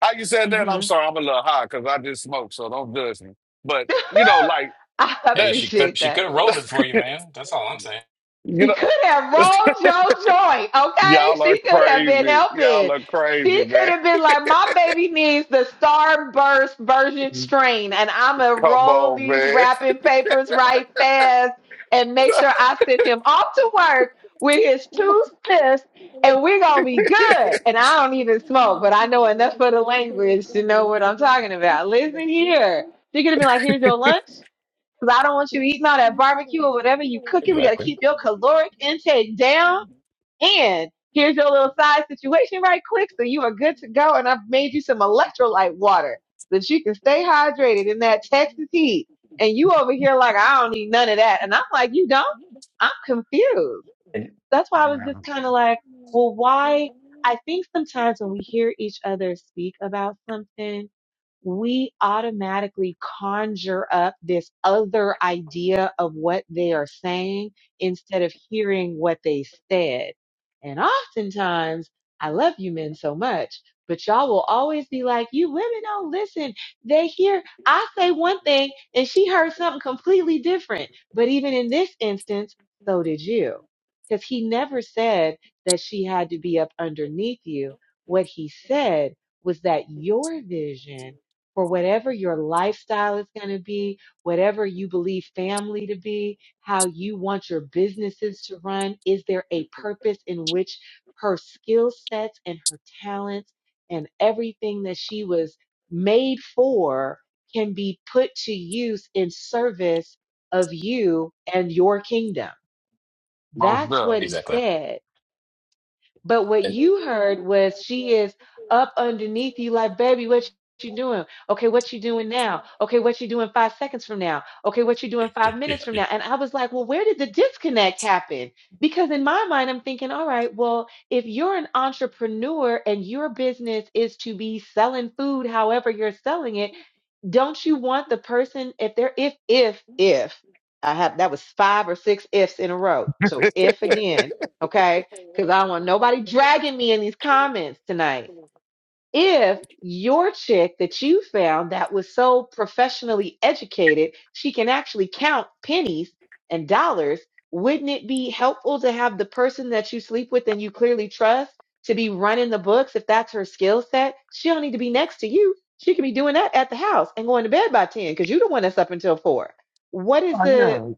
Speaker 15: How you said that? I'm
Speaker 10: hmm
Speaker 15: sorry, I'm a little high because I just smoked, so don't judge me. But
Speaker 10: *laughs*
Speaker 15: you know, like
Speaker 10: I
Speaker 14: Hey,
Speaker 15: that.
Speaker 14: she could
Speaker 10: appreciate
Speaker 14: she
Speaker 10: that.
Speaker 14: could have rolled it for
Speaker 15: *laughs*
Speaker 14: you, man. That's all I'm saying.
Speaker 15: you
Speaker 10: She
Speaker 15: know,
Speaker 10: could have
Speaker 15: *laughs*
Speaker 10: rolled your joint, okay?
Speaker 15: y'all are
Speaker 10: She could have been
Speaker 15: crazy. Y'all
Speaker 10: helping.
Speaker 15: are crazy,
Speaker 10: She could
Speaker 15: man.
Speaker 10: have been like, my baby needs the starburst version strain, and I'm gonna
Speaker 15: Come
Speaker 10: roll
Speaker 15: on,
Speaker 10: these
Speaker 15: man.
Speaker 10: wrapping papers right fast and make sure I send him off to work with his two fists, and we're gonna be
Speaker 15: *laughs*
Speaker 10: good. And I don't even smoke, but I know enough of the language to know what I'm talking about. Listen here. She could have been like, here's your lunch. Cause I don't want you eating all that barbecue or whatever you cooking. We got to keep
Speaker 14: Exactly.
Speaker 10: your caloric intake down. And here's your little side situation right quick. So you are good to go. And I've made you some electrolyte water so that you can stay hydrated in that Texas heat. And you over here like, I don't need none of that. And I'm like, you don't? I'm confused.
Speaker 14: And
Speaker 10: That's why I was
Speaker 15: Yeah,
Speaker 10: just kind of like, well, why? I think sometimes when we hear each other speak about something, we automatically conjure up this other idea of what they are saying instead of hearing what they said. And oftentimes, I love you men so much, but y'all will always be like, you women don't listen. They hear, I say one thing and she heard something completely different. But even in this instance, so did you. Because he never said that she had to be up underneath you. What he said was that your vision for whatever your lifestyle is going to be, whatever you believe family to be, how you want your businesses to run. Is there a purpose in which her skill sets and her talents and everything that she was made for can be put to use in service of you and your kingdom?
Speaker 15: Most
Speaker 10: That's what he
Speaker 14: exactly.
Speaker 10: said but what
Speaker 14: And
Speaker 10: you heard was she is up underneath you, like, baby, what you doing? Okay, what you doing now? Okay, what you doing five seconds from now? Okay, what you doing five minutes from now? And I was like, well, where did the disconnect happen? Because in my mind, I'm thinking, all right, well, if you're an entrepreneur and your business is to be selling food, however you're selling it don't you want the person if they're if if if I have that was five or six ifs in a row. So
Speaker 15: definitely. *laughs*
Speaker 10: if again, okay? Because I don't want nobody dragging me in these comments tonight if your chick that you found that was so professionally educated, she can actually count pennies and dollars, wouldn't it be helpful to have the person that you sleep with and you clearly trust to be running the books if that's her skill set? She don't need to be next to you. She could be doing that at the house and going to bed by 10 because you're the one that's up until four. What is the
Speaker 15: Oh,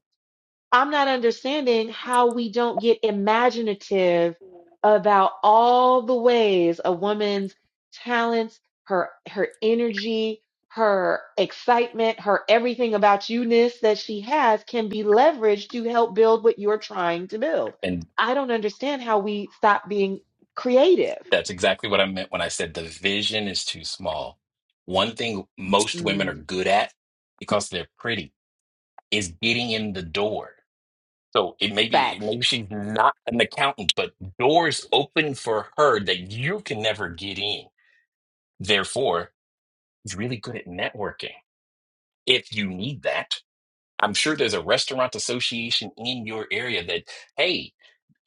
Speaker 10: I'm not understanding how we don't get imaginative about all the ways a woman's talents, her her energy, her excitement, her everything about you-ness that she has can be leveraged to help build what you're trying to build.
Speaker 14: and
Speaker 10: I don't understand how we stop being creative.
Speaker 14: that's exactly what I meant when I said the vision is too small. One thing most women are
Speaker 10: Mm,
Speaker 14: good at because they're pretty is getting in the door. So it may be
Speaker 10: facts
Speaker 14: maybe she's not an accountant, but doors open for her that you can never get in. Therefore, she's really good at networking if you need that I'm sure there's a restaurant association in your area that, hey,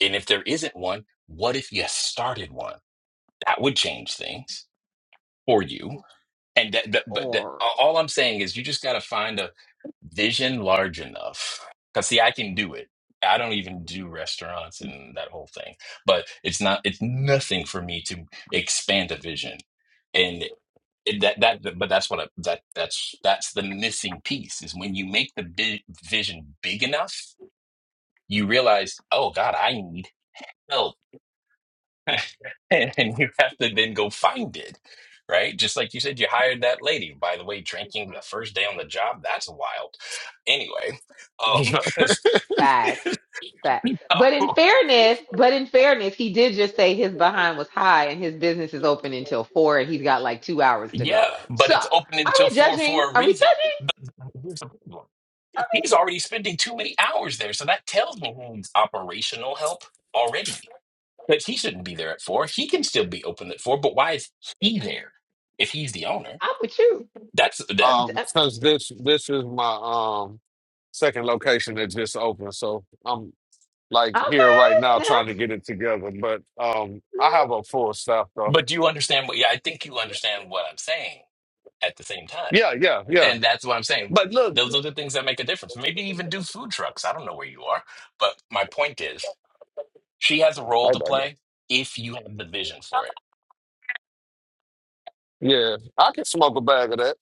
Speaker 14: and if there isn't one, what if you started one? That would change things for you. And that, that but that, all I'm saying is you just got to find a vision large enough. Cause see, I can do it. I don't even do restaurants and that whole thing, but it's not, it's nothing for me to expand a vision. And it- that, that, but that's what I, that, that's, that's the missing piece is when you make the bi- vision big enough you realize, oh God, I need help. *laughs* and and you have to then go find it, right? Just like you said, you hired that lady. By the way, drinking the first day on the job, that's wild. Anyway, um,
Speaker 15: yeah.
Speaker 14: *laughs*
Speaker 10: Facts.
Speaker 14: so,
Speaker 10: Fact. But in fairness, but in fairness, he did just say his behind was high and his business is open until four and he's got like two hours
Speaker 14: *laughs*
Speaker 10: to go.
Speaker 14: yeah, but
Speaker 10: So
Speaker 14: it's open
Speaker 10: are
Speaker 14: until
Speaker 10: we
Speaker 14: four
Speaker 10: judging?
Speaker 14: for a
Speaker 10: Are we
Speaker 14: reason.
Speaker 10: judging?
Speaker 14: Here's the problem.
Speaker 10: I mean,
Speaker 14: He's already spending too many hours there. So that tells me he needs operational help already. But he shouldn't be there at four. He can still be open at four, but why is he there if he's the owner?
Speaker 10: I'm with you.
Speaker 14: That's
Speaker 15: *laughs*
Speaker 10: I-
Speaker 14: that.
Speaker 10: d-
Speaker 15: um,
Speaker 10: uh,
Speaker 15: since this this is my um second location that just opened, so I'm like here right
Speaker 10: Okay,
Speaker 15: now trying to
Speaker 10: snaps.
Speaker 15: get it together. But um,
Speaker 10: snaps.
Speaker 15: I have a full staff though.
Speaker 14: But do you understand what? Yeah, I think you understand what I'm saying at the same time.
Speaker 15: Yeah, yeah, yeah.
Speaker 14: And that's what I'm saying.
Speaker 15: But look,
Speaker 14: Those are the things that make a difference. Maybe even do food trucks. I don't know where you are. But my point is, she has a role
Speaker 15: Hey,
Speaker 14: to
Speaker 15: baby.
Speaker 14: play if you have the vision for it.
Speaker 15: yeah, I can smoke a bag of that.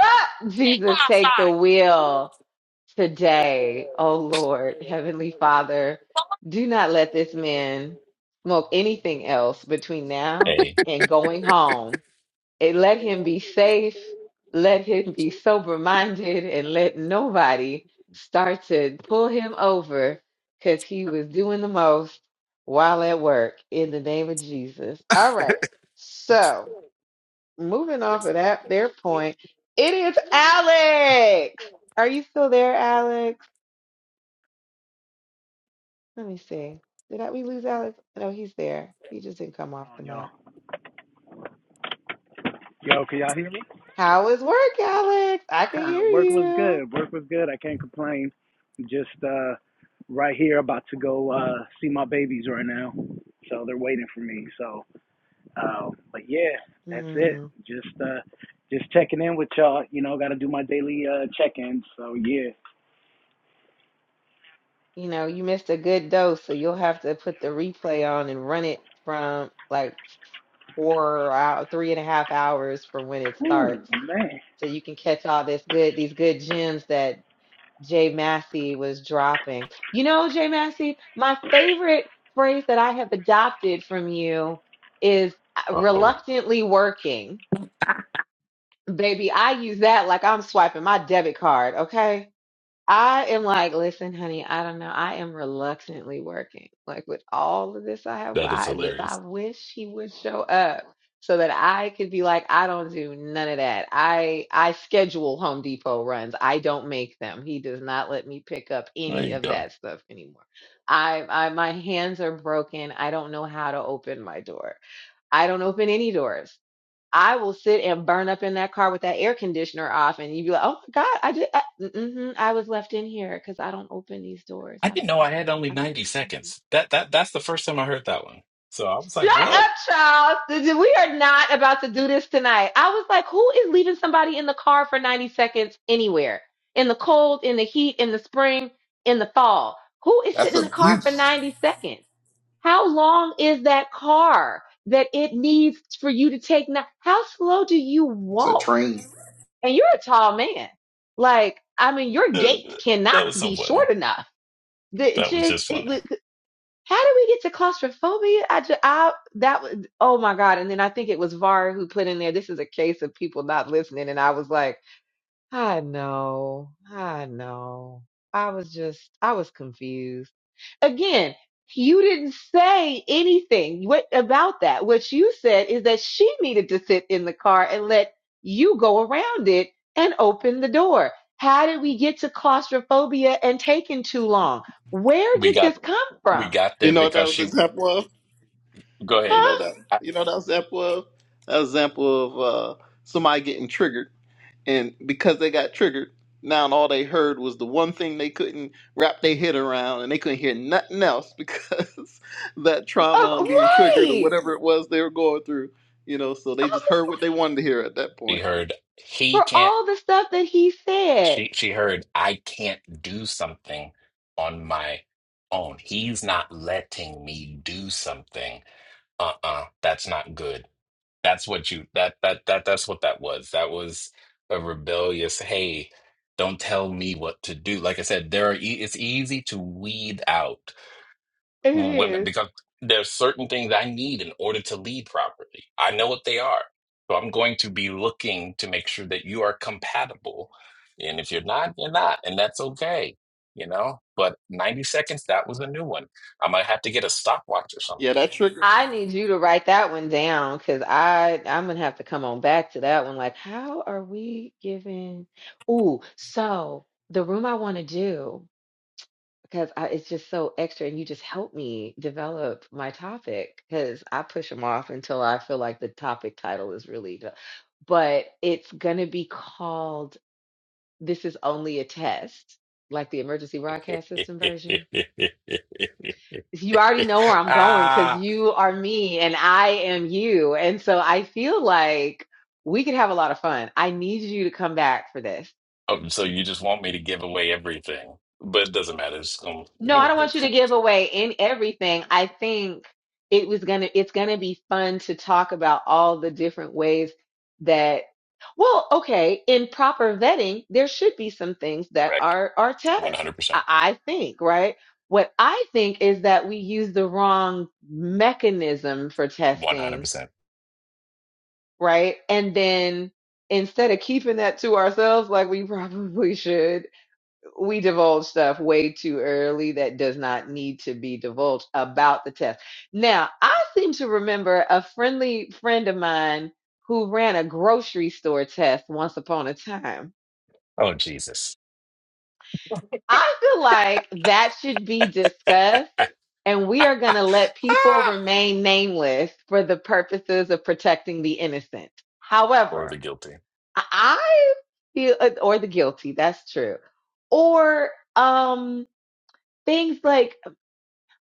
Speaker 10: Ah, Jesus, take the wheel today. Oh Lord, Heavenly Father, do not let this man smoke anything else between now
Speaker 14: Hey,
Speaker 10: and going home it, let him be safe, let him be sober minded, and let nobody start to pull him over because he was doing the most while at work in the name of Jesus. All right. So, moving off of that, their point, it is Alex. Are you still there, Alex? Let me see. Did I, we lose Alex? No, he's there. He just didn't come
Speaker 17: What's
Speaker 10: off
Speaker 17: going
Speaker 10: the
Speaker 17: on, y'all?
Speaker 10: mic.
Speaker 17: Yo, can y'all hear me?
Speaker 10: How is work, Alex? I can
Speaker 17: *laughs*
Speaker 10: hear
Speaker 17: Work was
Speaker 10: you.
Speaker 17: good. Work was good. I can't complain. Just uh, right here, about to go uh, see my babies right now. So they're waiting for me. So, uh, but yeah, that's
Speaker 10: Hmm.
Speaker 17: it. Just uh, just checking in with y'all. You know, got to do my daily uh, check-ins. So yeah.
Speaker 10: you know, you missed a good dose, so you'll have to put the replay on and run it from like four out three and a half hours from when it
Speaker 17: Ooh
Speaker 10: starts.
Speaker 17: man,
Speaker 10: So you can catch all this good these good gems that Jay Massey was dropping. You know, Jay Massey, my favorite phrase that I have adopted from you is uh,
Speaker 14: uh oh.
Speaker 10: reluctantly working. Baby, I use that like I'm swiping my debit card, okay? I am like, listen, honey, I don't know. I am reluctantly working. Like with all of this I have,
Speaker 14: That is
Speaker 10: I, li- I
Speaker 14: hilarious.
Speaker 10: wish he would show up so that I could be like, I don't do none of that. I I schedule Home Depot runs. I don't make them. He does not let me pick up
Speaker 14: There
Speaker 10: any
Speaker 14: you
Speaker 10: of that
Speaker 14: go.
Speaker 10: stuff anymore. I, I my hands are broken. I don't know how to open my door. I don't open any doors. I will sit and burn up in that car with that air conditioner off, and you'd be like, "Oh my God, I did. I, mm I was left in here because I don't open these doors.
Speaker 14: I
Speaker 10: I
Speaker 14: didn't
Speaker 10: don't.
Speaker 14: know
Speaker 10: I,
Speaker 14: I had only
Speaker 10: I don't
Speaker 14: 90
Speaker 10: open anything."
Speaker 14: seconds. That that That's the first time I heard that one. So I was like,
Speaker 10: Shut up,
Speaker 14: what? *laughs*
Speaker 10: Charles. Th- th- We are not about to do this tonight. I was like, "Who is leaving somebody in the car for ninety seconds anywhere in the cold, in the heat, in the spring, in the fall? Who is
Speaker 12: that's
Speaker 10: sitting in the car for
Speaker 12: abuse
Speaker 10: ninety seconds? How long is that car that it needs for you to take? Now, how slow do you
Speaker 12: it's a
Speaker 10: walk?"
Speaker 12: train
Speaker 10: and you're a tall man. Like, I mean, your gait
Speaker 14: That
Speaker 10: cannot
Speaker 14: was so
Speaker 10: be
Speaker 14: funny.
Speaker 10: short enough. The, it
Speaker 14: That was
Speaker 10: just
Speaker 14: just
Speaker 10: it
Speaker 14: funny.
Speaker 10: was. How did we get to claustrophobia? I just, I that was oh my god. And then I think it was Var who put in there. This is a case of people not listening. And I was like, I know, I know. I was just I was confused again, you didn't say anything what, about that. What you said is that she needed to sit in the car and let you go around it and open the door. How did we get to claustrophobia and taking too long? Where
Speaker 14: We
Speaker 10: did
Speaker 14: got
Speaker 10: this come
Speaker 14: we
Speaker 10: from?
Speaker 14: got
Speaker 12: you
Speaker 14: there
Speaker 12: know what that
Speaker 14: because
Speaker 12: was an
Speaker 14: she
Speaker 12: example of
Speaker 14: go
Speaker 12: You
Speaker 14: ahead.
Speaker 12: know
Speaker 10: Huh?
Speaker 12: that you know that example of that example of uh, somebody getting triggered, and because they got triggered, now all they heard was the one thing they couldn't wrap their head around, and they couldn't hear nothing else because *laughs* that
Speaker 10: Um,
Speaker 12: trauma and being triggered or
Speaker 10: right.
Speaker 12: whatever it was they were going through. You know, so
Speaker 10: Um,
Speaker 12: they just heard what they wanted to hear at that
Speaker 14: She
Speaker 12: point.
Speaker 14: heard he
Speaker 10: for
Speaker 14: can't
Speaker 10: all the stuff that he said.
Speaker 14: she she heard I can't do something on my own. He's not letting me do something. Uh-uh, that's not good. That's what you that that that that's what that was. That was a rebellious, hey, don't tell me what to do. Like I said, there are e- it's easy to weed out
Speaker 10: It
Speaker 14: women
Speaker 10: is.
Speaker 14: because there's certain things I need in order to lead properly. I know what they are. So I'm going to be looking to make sure that you are compatible. And if you're not, you're not. And that's okay. You know? But 90 seconds, that was a new one. I might have to get a stopwatch or
Speaker 12: Yeah,
Speaker 14: something.
Speaker 12: that trigger.
Speaker 10: I need you to write that one down because I I'm gonna have to come on back to that one. Like, how are we giving? Ooh, so the room I want to do because I, it's just so extra, and you just help me develop my topic because I push them off until I feel like the topic title is really. the- But it's gonna be called "This Is Only a Test," like the emergency broadcast system version you already know where
Speaker 14: *laughs*
Speaker 10: I'm going because
Speaker 14: ah.
Speaker 10: you are me and I am you. And so I feel like we could have a lot of fun. I need you to come back for this.
Speaker 14: Oh, so you just want me to give away everything. But it doesn't matter. It's um,
Speaker 10: No,
Speaker 14: *laughs*
Speaker 10: I don't want you to give away in everything. I think it was gonna it's gonna be fun to talk about all the different ways that well, okay, in proper vetting, there should be some things that
Speaker 14: correct.
Speaker 10: are are tests.
Speaker 14: 100%.
Speaker 10: I, I think, right? What I think is that we use the wrong mechanism for testing
Speaker 14: 100%.
Speaker 10: right? And then instead of keeping that to ourselves like we *laughs* probably should, we divulge stuff way too early that does not need to be divulged about the test. Now, I seem to remember a friendly friend of mine who ran a grocery store test once upon a time.
Speaker 14: Oh, Jesus.
Speaker 10: I feel like that should be discussed.
Speaker 14: *laughs*
Speaker 10: And we are
Speaker 14: *laughs*
Speaker 10: going to let people remain nameless for the purposes of protecting the innocent.
Speaker 14: or
Speaker 10: However,
Speaker 14: the guilty.
Speaker 10: I I feel, uh, or the guilty, that's true. Or um things like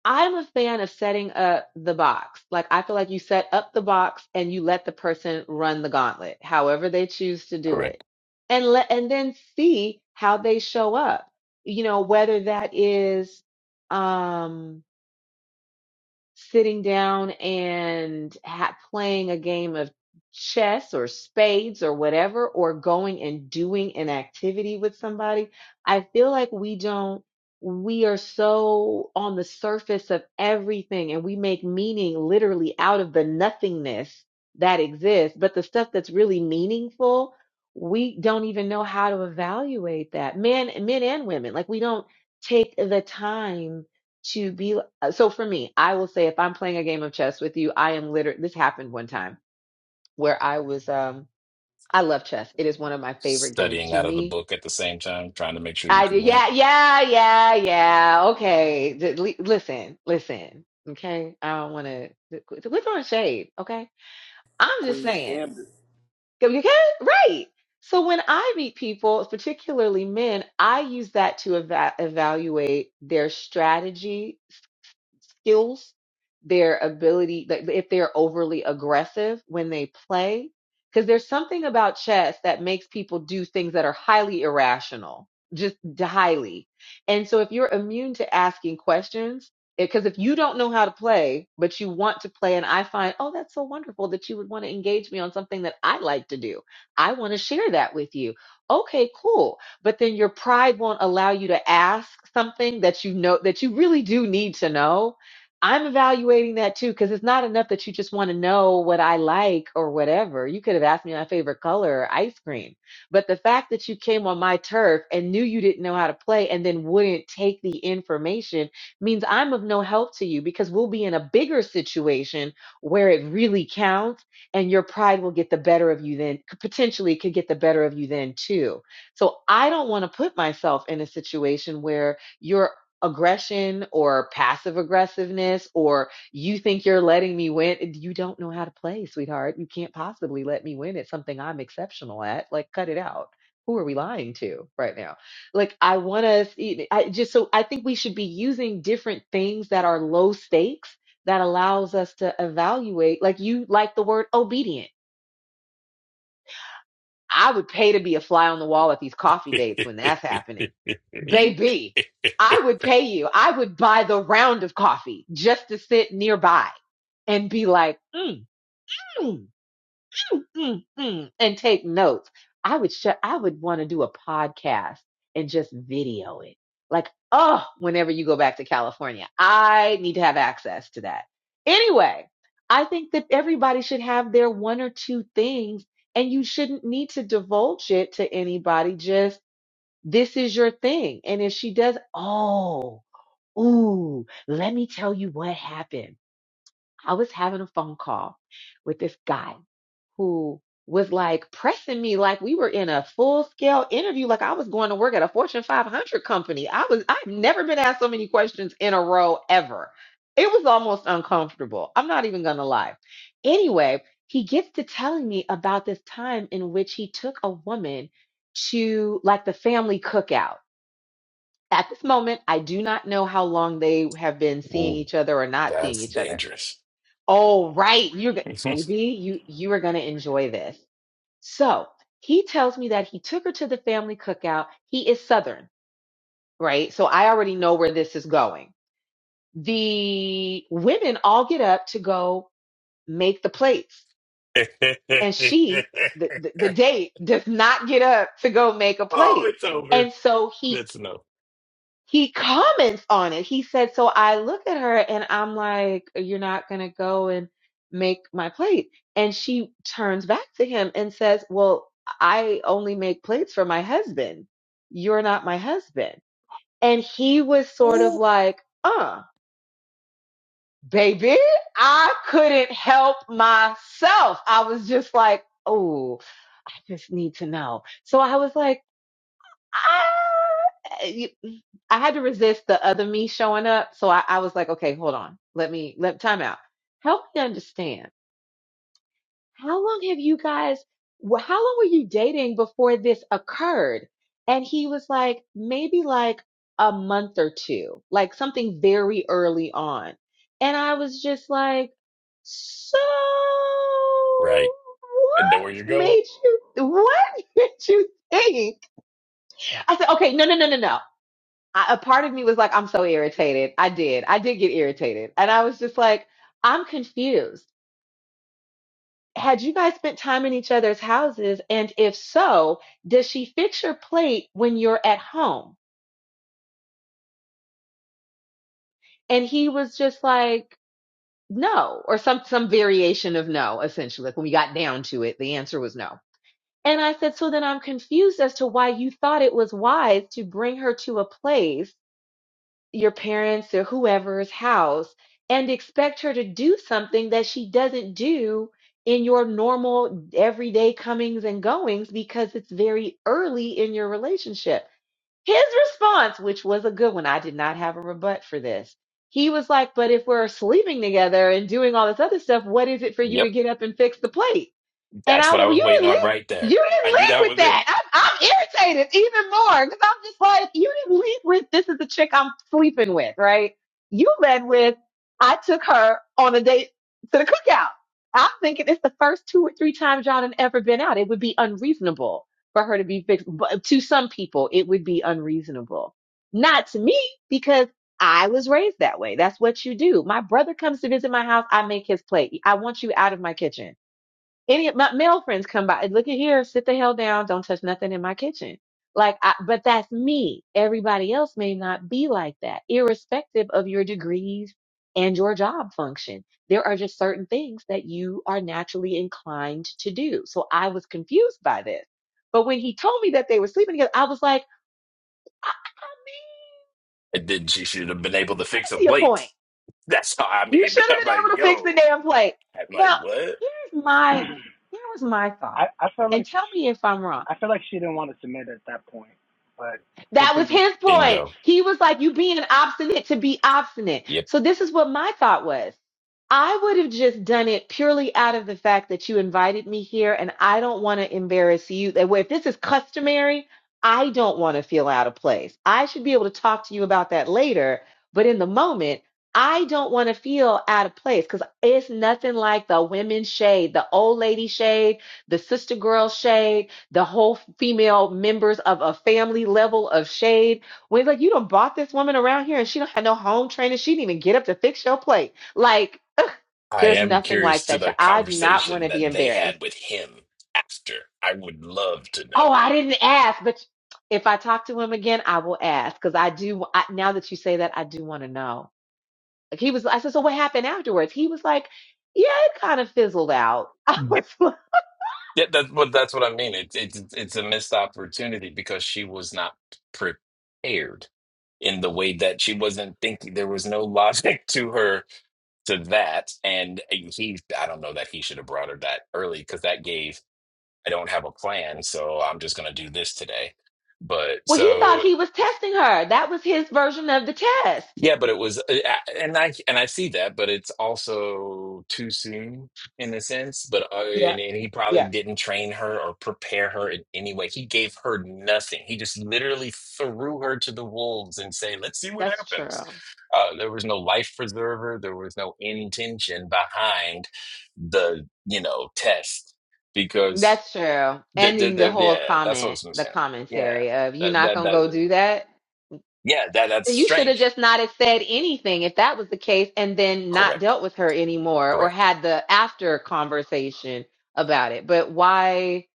Speaker 10: I'm a fan of setting up the box. Like I feel like you set up the box and you let the person run the gauntlet, however they choose to do it.
Speaker 14: Correct.
Speaker 10: And let and then see how they show up. You know, whether that is um sitting down and ha- playing a game of chess or spades or whatever, or going and doing an activity with somebody, I feel like we don't, we are so on the surface of everything and we make meaning literally out of the nothingness that exists. But the stuff that's really meaningful, we don't even know how to evaluate that. Men, men and women, like we don't take the time to be uh, so for me i will say if i'm playing a game of chess with you i am literally this happened one time where i was um i love chess it is one of my favorite games
Speaker 14: Studying
Speaker 10: to
Speaker 14: out of the
Speaker 10: me
Speaker 14: book at the same time, trying to make sure you
Speaker 10: i do
Speaker 14: could win.
Speaker 10: yeah yeah yeah yeah okay D- li- listen listen okay i don't want to We're throwing shade okay i'm just
Speaker 12: Queen's
Speaker 10: saying
Speaker 12: Gambit.
Speaker 10: okay right so when i meet people particularly men i use that to eva- evaluate their strategy skills, their ability, like, if they're overly aggressive when they play. Because there's something about chess that makes people do things that are highly irrational, just highly. And so if you're immune to asking questions, because if you don't know how to play, but you want to play, and I find, oh, that's so wonderful that you would want to engage me on something that I like to do. I want to share that with you. Okay, cool but then your pride won't allow you to ask something that you know that you really do need to know. I'm evaluating that too because it's not enough that you just want to know what I like or whatever. You could have asked me my favorite color, or ice cream. But the fact that you came on my turf and knew you didn't know how to play and then wouldn't take the information means I'm of no help to you because we'll be in a bigger situation where it really counts and your pride will get the better of you then, potentially could get the better of you then too so I don't want to put myself in a situation where your aggression or passive aggressiveness or you think you're letting me win you don't know how to play sweetheart you can't possibly let me win at something i'm exceptional at like cut it out who are we lying to right now like i want to i just so i think we should be using different things that are low stakes that allows us to evaluate like you like the word obedient I would pay to be a fly on the wall at these coffee dates when that's happening. Baby, I would pay you. I would buy the round of coffee just to sit nearby and be like, mm, mm mm, mm, and take notes. I would sh- I would want to do a podcast and just video it. Like, oh, whenever you go back to California, I need to have access to that. Anyway, I think that everybody should have their one or two things and you shouldn't need to divulge it to anybody. Just this is your thing. And if she does, oh, ooh, let me tell you what happened. I was having a phone call with this guy who was like pressing me like we were in a full scale interview, like I was going to work at a Fortune 500 company. I was, I've never been asked so many questions in a row ever. It was almost uncomfortable. I'm not even going to lie. Anyway, he gets to telling me about this time in which he took a woman to like the family cookout. At this moment, I do not know how long they have been
Speaker 14: *laughs*
Speaker 10: seeing
Speaker 14: Ooh,
Speaker 10: each other or not seeing
Speaker 14: that's
Speaker 10: each other
Speaker 14: dangerous.
Speaker 10: Oh, right. You're go-
Speaker 14: *laughs* oh,
Speaker 10: baby, you you are going to enjoy this. So, he tells me that he took her to the family cookout. He is southern, right? So I already know where this is going. The women all get up to go make the plates. And she the, the, the date does not get up to go make a plate.
Speaker 14: it's
Speaker 10: And
Speaker 14: over.
Speaker 10: so he
Speaker 14: That's no.
Speaker 10: he comments on it. He said, so I look at her and I'm like, you're not going to go and make my plate. And she turns back to him and says, well, I only make plates for my husband. You're not my husband. And he was sort of like, uh, baby, I couldn't help myself. I was just like, oh, I just need to know. So I was like, "Ah, eh, you- mm, I had to resist the other me showing up. So I, I was like, okay, hold on. Let me let time out. Help me understand. How long have you guys, wh- how long were you dating before this occurred? And he was like, maybe like a month or two, like something very early on. And I was just like, so
Speaker 14: Right. I know where you're
Speaker 10: what
Speaker 14: going.
Speaker 10: made you, what *laughs* did you think? I said, okay, no, no, no, no, no. I, a part of me was like, I'm so irritated. I did. I did get irritated. And I was just like, I'm confused. Had you guys spent time in each other's houses? And if so, does she fix your plate when you're at home? And he was just like, no, or some, some variation of no, essentially. Like when we got down to it, the answer was no. And I said, so then I'm confused as to why you thought it was wise to bring her to a place your parents or whoever's house and expect her to do something that she doesn't do in your normal everyday comings and goings because it's very early in your relationship. His response, which was a good one, I did not have a rebut for this. He was like, But if we're sleeping together and doing all this other stuff, what is it for you to
Speaker 14: Yep.
Speaker 10: get up and fix the plate? And
Speaker 14: That's
Speaker 10: I was
Speaker 14: what I
Speaker 10: like, well,
Speaker 14: was
Speaker 10: you
Speaker 14: waiting
Speaker 10: didn't
Speaker 14: on
Speaker 10: lead.
Speaker 14: right there.
Speaker 10: You didn't
Speaker 14: I knew
Speaker 10: lead
Speaker 14: that
Speaker 10: with
Speaker 14: was it.
Speaker 10: that. I'm, I'm irritated even more because I'm just like, you didn't lead with this is the chick I'm sleeping with, right? You led with I took her on a date to the cookout. I'm thinking it's the first two or three times y'all had ever been out. It would be unreasonable for her to be fixed. But to some people, it would be unreasonable. Not to me because I was raised that way. That's what you do. My brother comes to visit my house. I make his plate. I want you out of my kitchen any of my male friends come by look at here sit the hell down don't touch nothing in my kitchen like I, but that's me everybody else may not be like that irrespective of your degrees and your job function there are just certain things that you are naturally inclined to do so i was confused by this but when he told me that they were sleeping together i was like i
Speaker 14: And then she should have been able to fix a
Speaker 10: see a
Speaker 14: plate.
Speaker 10: point
Speaker 14: That's how I
Speaker 10: you
Speaker 14: mean.
Speaker 10: should
Speaker 14: *laughs* I'm
Speaker 10: have been
Speaker 14: like,
Speaker 10: able to fix the
Speaker 14: yo.
Speaker 10: damn plate
Speaker 14: I'm like,
Speaker 10: now
Speaker 14: what?
Speaker 10: here's my here was my thought
Speaker 17: I I felt like
Speaker 10: and
Speaker 17: she,
Speaker 10: tell me if i'm wrong
Speaker 17: I felt like she didn't want to submit at that point, but
Speaker 10: That was
Speaker 17: continue.
Speaker 10: his point.
Speaker 14: Bingo.
Speaker 10: He was like, you being obstinate to be obstinate.
Speaker 14: Yep.
Speaker 10: So this is what my thought was. I would have just done it purely out of the fact that you invited me here and I don't want to embarrass you. That way, If this is customary, I don't want to feel out of place. I should be able to talk to you about that later. But in the moment, I don't want to feel out of place because it's nothing like the women's shade, the old lady shade, the sister girl shade the whole female members of a family level of shade. When it's like you done bought this woman around here and she don't have no home training, she didn't even get up to fix your plate. Like ugh,
Speaker 14: I
Speaker 10: there's
Speaker 14: am
Speaker 10: nothing
Speaker 14: curious
Speaker 10: like
Speaker 14: to
Speaker 10: that.
Speaker 14: the
Speaker 10: I do not want
Speaker 14: conversation
Speaker 10: to be
Speaker 14: that they
Speaker 10: embarrassed.
Speaker 14: had with him after. I would love to
Speaker 10: Oh, I
Speaker 14: know.
Speaker 10: didn't ask, but if I talk to him again, I will ask because I do. I, now that you say that, I do want to know. Like he was, I said, so what happened afterwards? He was like, yeah, it kind of fizzled out. *laughs* I was
Speaker 14: Yep.
Speaker 10: like,
Speaker 14: Yeah, that's what that's what I mean. It's it's it's a missed opportunity because she was not prepared in the way that she wasn't thinking. There was no *laughs* logic to her to that, and uh, he. I don't know that he should have brought her that early because that gave. I don't have a plan, so I'm just gonna do this today. But
Speaker 10: well, he
Speaker 14: so
Speaker 10: thought he was testing her. That was his version of the test.
Speaker 14: Yeah, but it was, uh, and I and I see that, but it's also too soon in a sense. But uh, and, and he
Speaker 10: Yeah,
Speaker 14: probably didn't train her or prepare her in any way. He gave her nothing. He just literally threw her to the wolves and say, "Let's see what
Speaker 10: That's
Speaker 14: happens."
Speaker 10: true.
Speaker 14: Uh, there was no life preserver. There was no intention behind the you know test because
Speaker 10: That's true.
Speaker 14: the,
Speaker 10: And
Speaker 14: the,
Speaker 10: in the
Speaker 14: the,
Speaker 10: whole
Speaker 14: yeah, that's what
Speaker 10: comment,
Speaker 14: i was
Speaker 10: the
Speaker 14: saying. Yeah,
Speaker 10: commentary of you
Speaker 14: that
Speaker 10: not
Speaker 14: that
Speaker 10: gonna
Speaker 14: that
Speaker 10: go do that.
Speaker 14: yeah that that's
Speaker 10: You should have
Speaker 14: strange.
Speaker 10: just not have said anything if that was the case, and then not
Speaker 14: Correct.
Speaker 10: dealt with her anymore or
Speaker 14: Correct.
Speaker 10: had the after conversation about it. But why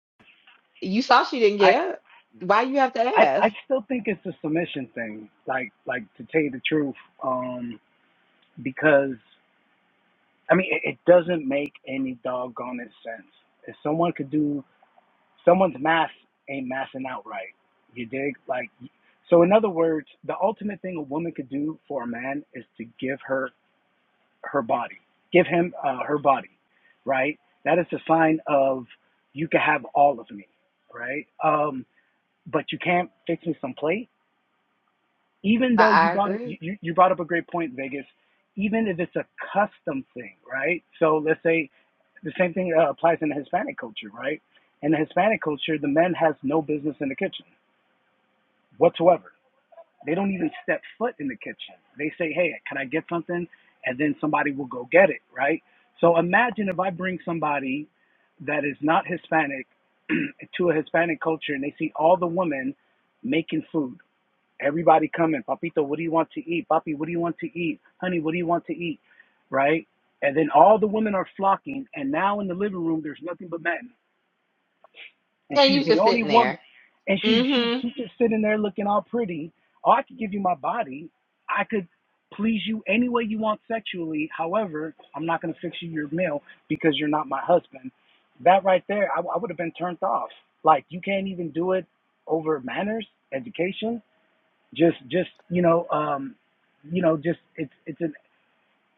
Speaker 10: you saw she didn't
Speaker 17: I.
Speaker 10: get up. Why you have to
Speaker 17: I, I
Speaker 10: ask?
Speaker 17: still think it's a submission thing. Like like to tell you the truth, um, because I mean it, it doesn't make any doggone sense. If someone could do someone's math ain't mathing out right. You dig? Like so in other words, the ultimate thing a woman could do for a man is to give her her body. Give him uh, her body, right? That is a sign of you can have all of me, right? Um, but you can't fix me some someplace even
Speaker 10: I,
Speaker 17: though you
Speaker 10: I
Speaker 17: brought up, you,
Speaker 10: agree.
Speaker 17: you brought up a great point, Vegas. Even if it's a custom thing, right? So let's say the same thing uh, applies in the Hispanic culture, right? In the Hispanic culture, the men has no business in the kitchen whatsoever. They don't even step foot in the kitchen. They say, "Hey, can I get something?" and then somebody will go get it, right? So imagine if I bring somebody that is not Hispanic *clears throat* to a Hispanic culture and they see all the women making food Everybody coming, Papito, what do you want to eat? Papi, what do you want to eat? Honey, what do you want to eat? Right? And then all the women are flocking, and now in the living room there's nothing but men, and
Speaker 10: And
Speaker 17: she's
Speaker 10: you
Speaker 17: the
Speaker 10: just
Speaker 17: only
Speaker 10: sitting
Speaker 17: woman,
Speaker 10: there.
Speaker 17: and she's she's
Speaker 10: Mm-hmm.
Speaker 17: she's just sitting there looking all pretty. Oh, I could give you my body, I could please you any way you want sexually. However, I'm not gonna fix you your meal because you're not my husband. That right there, I, I would have been turned off. Like you can't even do it over manners, education just just you know um you know just it's it's an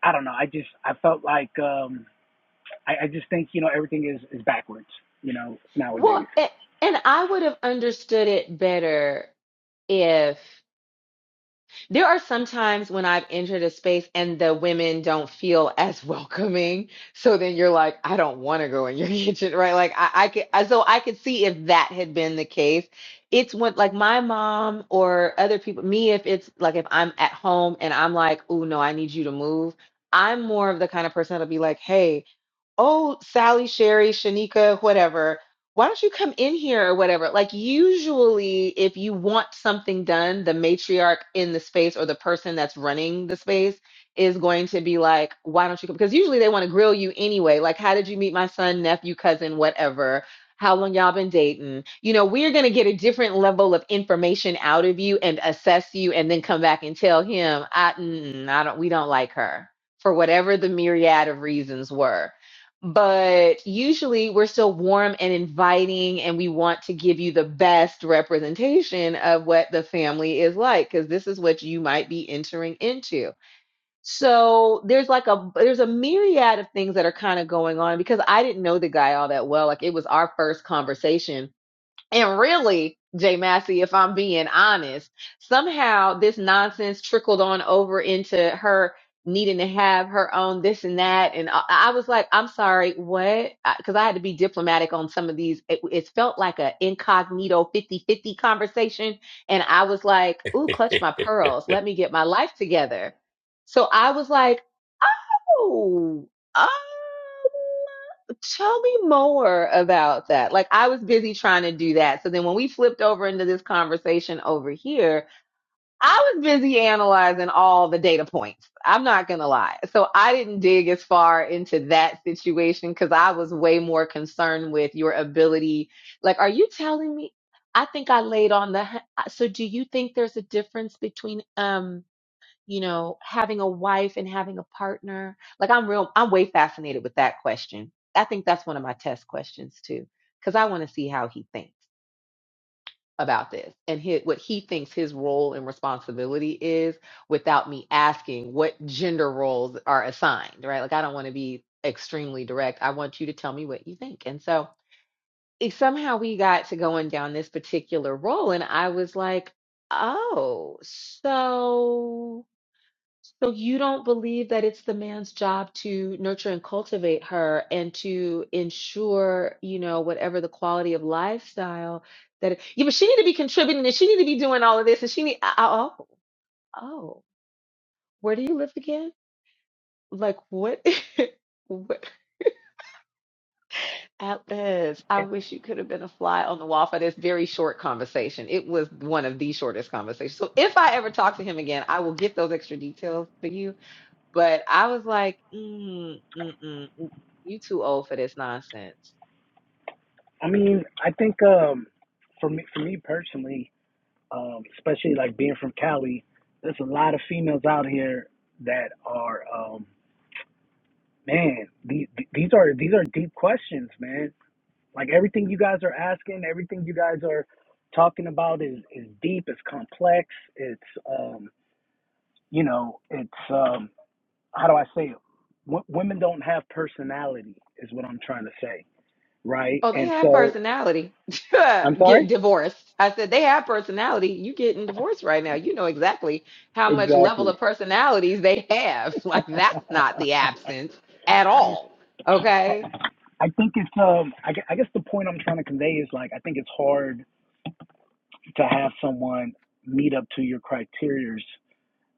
Speaker 17: i don't know i just i felt like um i, I just think you know everything is is backwards you know
Speaker 10: Well,
Speaker 17: nowadays
Speaker 10: a- and I would have understood it better if. There are some times when I've entered a space and the women don't feel as *laughs* welcoming. So then you're like, I don't want to go in your *laughs* kitchen, right? Like I, I could, I- so I could see if that had been the case. It's when like my mom or other people, me, if it's like if I'm at home and I'm like, oh no, I need you to move. I'm more of the kind of person that'll be like, hey, oh, Sally, Sherry, Shanika, whatever, why don't you come in here or whatever? Like, usually, if you want something done, the matriarch in the space or the person that's running the space is going to be like, why don't you come? Because usually they want to grill you anyway. Like, how did you meet my son, nephew, cousin, whatever? How long y'all been dating? You know, we're going to get a different level of information out of you and assess you and then come back and tell him, I, mm, I don't, we don't like her for whatever the myriad of reasons were but usually we're still warm and inviting and we want to give you the best representation of what the family is like because this is what you might be entering into so there's like a there's a myriad of things that are kind of going on because i didn't know the guy all that well like it was our first conversation and really, Jay Massey, if I'm being honest, somehow this nonsense trickled on over into her needing to have her own this and that. And I, I was like, I'm sorry, what? Because I had to be diplomatic on some of these. It, it felt like a incognito fifty-fifty conversation. And I was like, ooh, clutch my
Speaker 14: Mm-mm,
Speaker 10: pearls. Let me get my life together. So I was like, oh, oh. Tell me more about that. Like I was busy trying to do that. So then when we flipped over into this conversation over here, I was busy analyzing all the data points. I'm not going to lie. So I didn't dig as far into that situation cuz I was way more concerned with your ability. Like are you telling me I think I laid on the h- so do you think there's a difference between um you know, having a wife and having a partner? Like I'm real I'm way fascinated with that question. I think that's one of my test questions too cuz I want to see how he thinks about this and his, what he thinks his role and responsibility is without me asking what gender roles are assigned, right? Like I don't want to be extremely direct. I want you to tell me what you think. And so it, somehow we got to going down this particular role and I was like, "Oh, so so you don't believe that it's the man's job to nurture and cultivate her and to ensure, you know, whatever the quality of lifestyle that it, yeah, but she need to be contributing and she need to be doing all of this and she need oh oh, oh. where do you live again? Like what? *laughs* what Atlas, I
Speaker 17: it's
Speaker 10: wish you could have been a fly on the wall for this very short conversation. It was one of the shortest conversations. So if I ever talk to him again, I will get those extra details for you But I was like, mm, mm-mm, mm, mm, you too old for this nonsense.
Speaker 17: i mean i think um for me for me personally um especially like being from cali there's a lot of females out here that are um man these these are these are deep questions man like everything you guys are asking everything you guys are talking about is is deep it's complex it's um, you know, it's um, how do I say it? W- women don't have personality, is what I'm trying to say, right?
Speaker 10: Oh, they
Speaker 17: And
Speaker 10: have
Speaker 17: so,
Speaker 10: personality. *laughs*
Speaker 17: I'm
Speaker 10: Get
Speaker 17: sorry.
Speaker 10: divorced. I said, they have personality. You getting divorced right now. You know exactly how much level
Speaker 17: Exactly.
Speaker 10: of personalities they have. *laughs*
Speaker 17: *laughs*
Speaker 10: Like that's not the absence at all.
Speaker 17: I,
Speaker 10: Okay.
Speaker 17: I think it's um, I, gue- I guess the point I'm trying to convey is like I think it's hard to have someone meet up to your criterias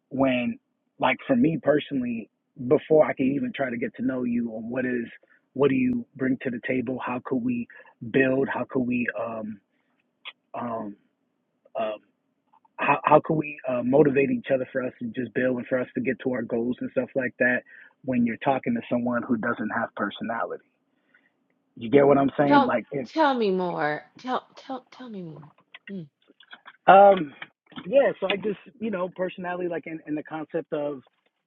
Speaker 17: when, like, for me personally, before I can even try to get to know you on what is what do you bring to the table, how could we build, how could we um um uh, how, how can we uh, motivate each other for us to just build and for us to get to our goals and stuff like that when you're talking to someone who doesn't have personality you get what i'm saying
Speaker 10: Tell
Speaker 17: like if
Speaker 10: tell me more. Tell tell tell me more. Mm.
Speaker 17: um yeah so i just you know personality like in, in the concept of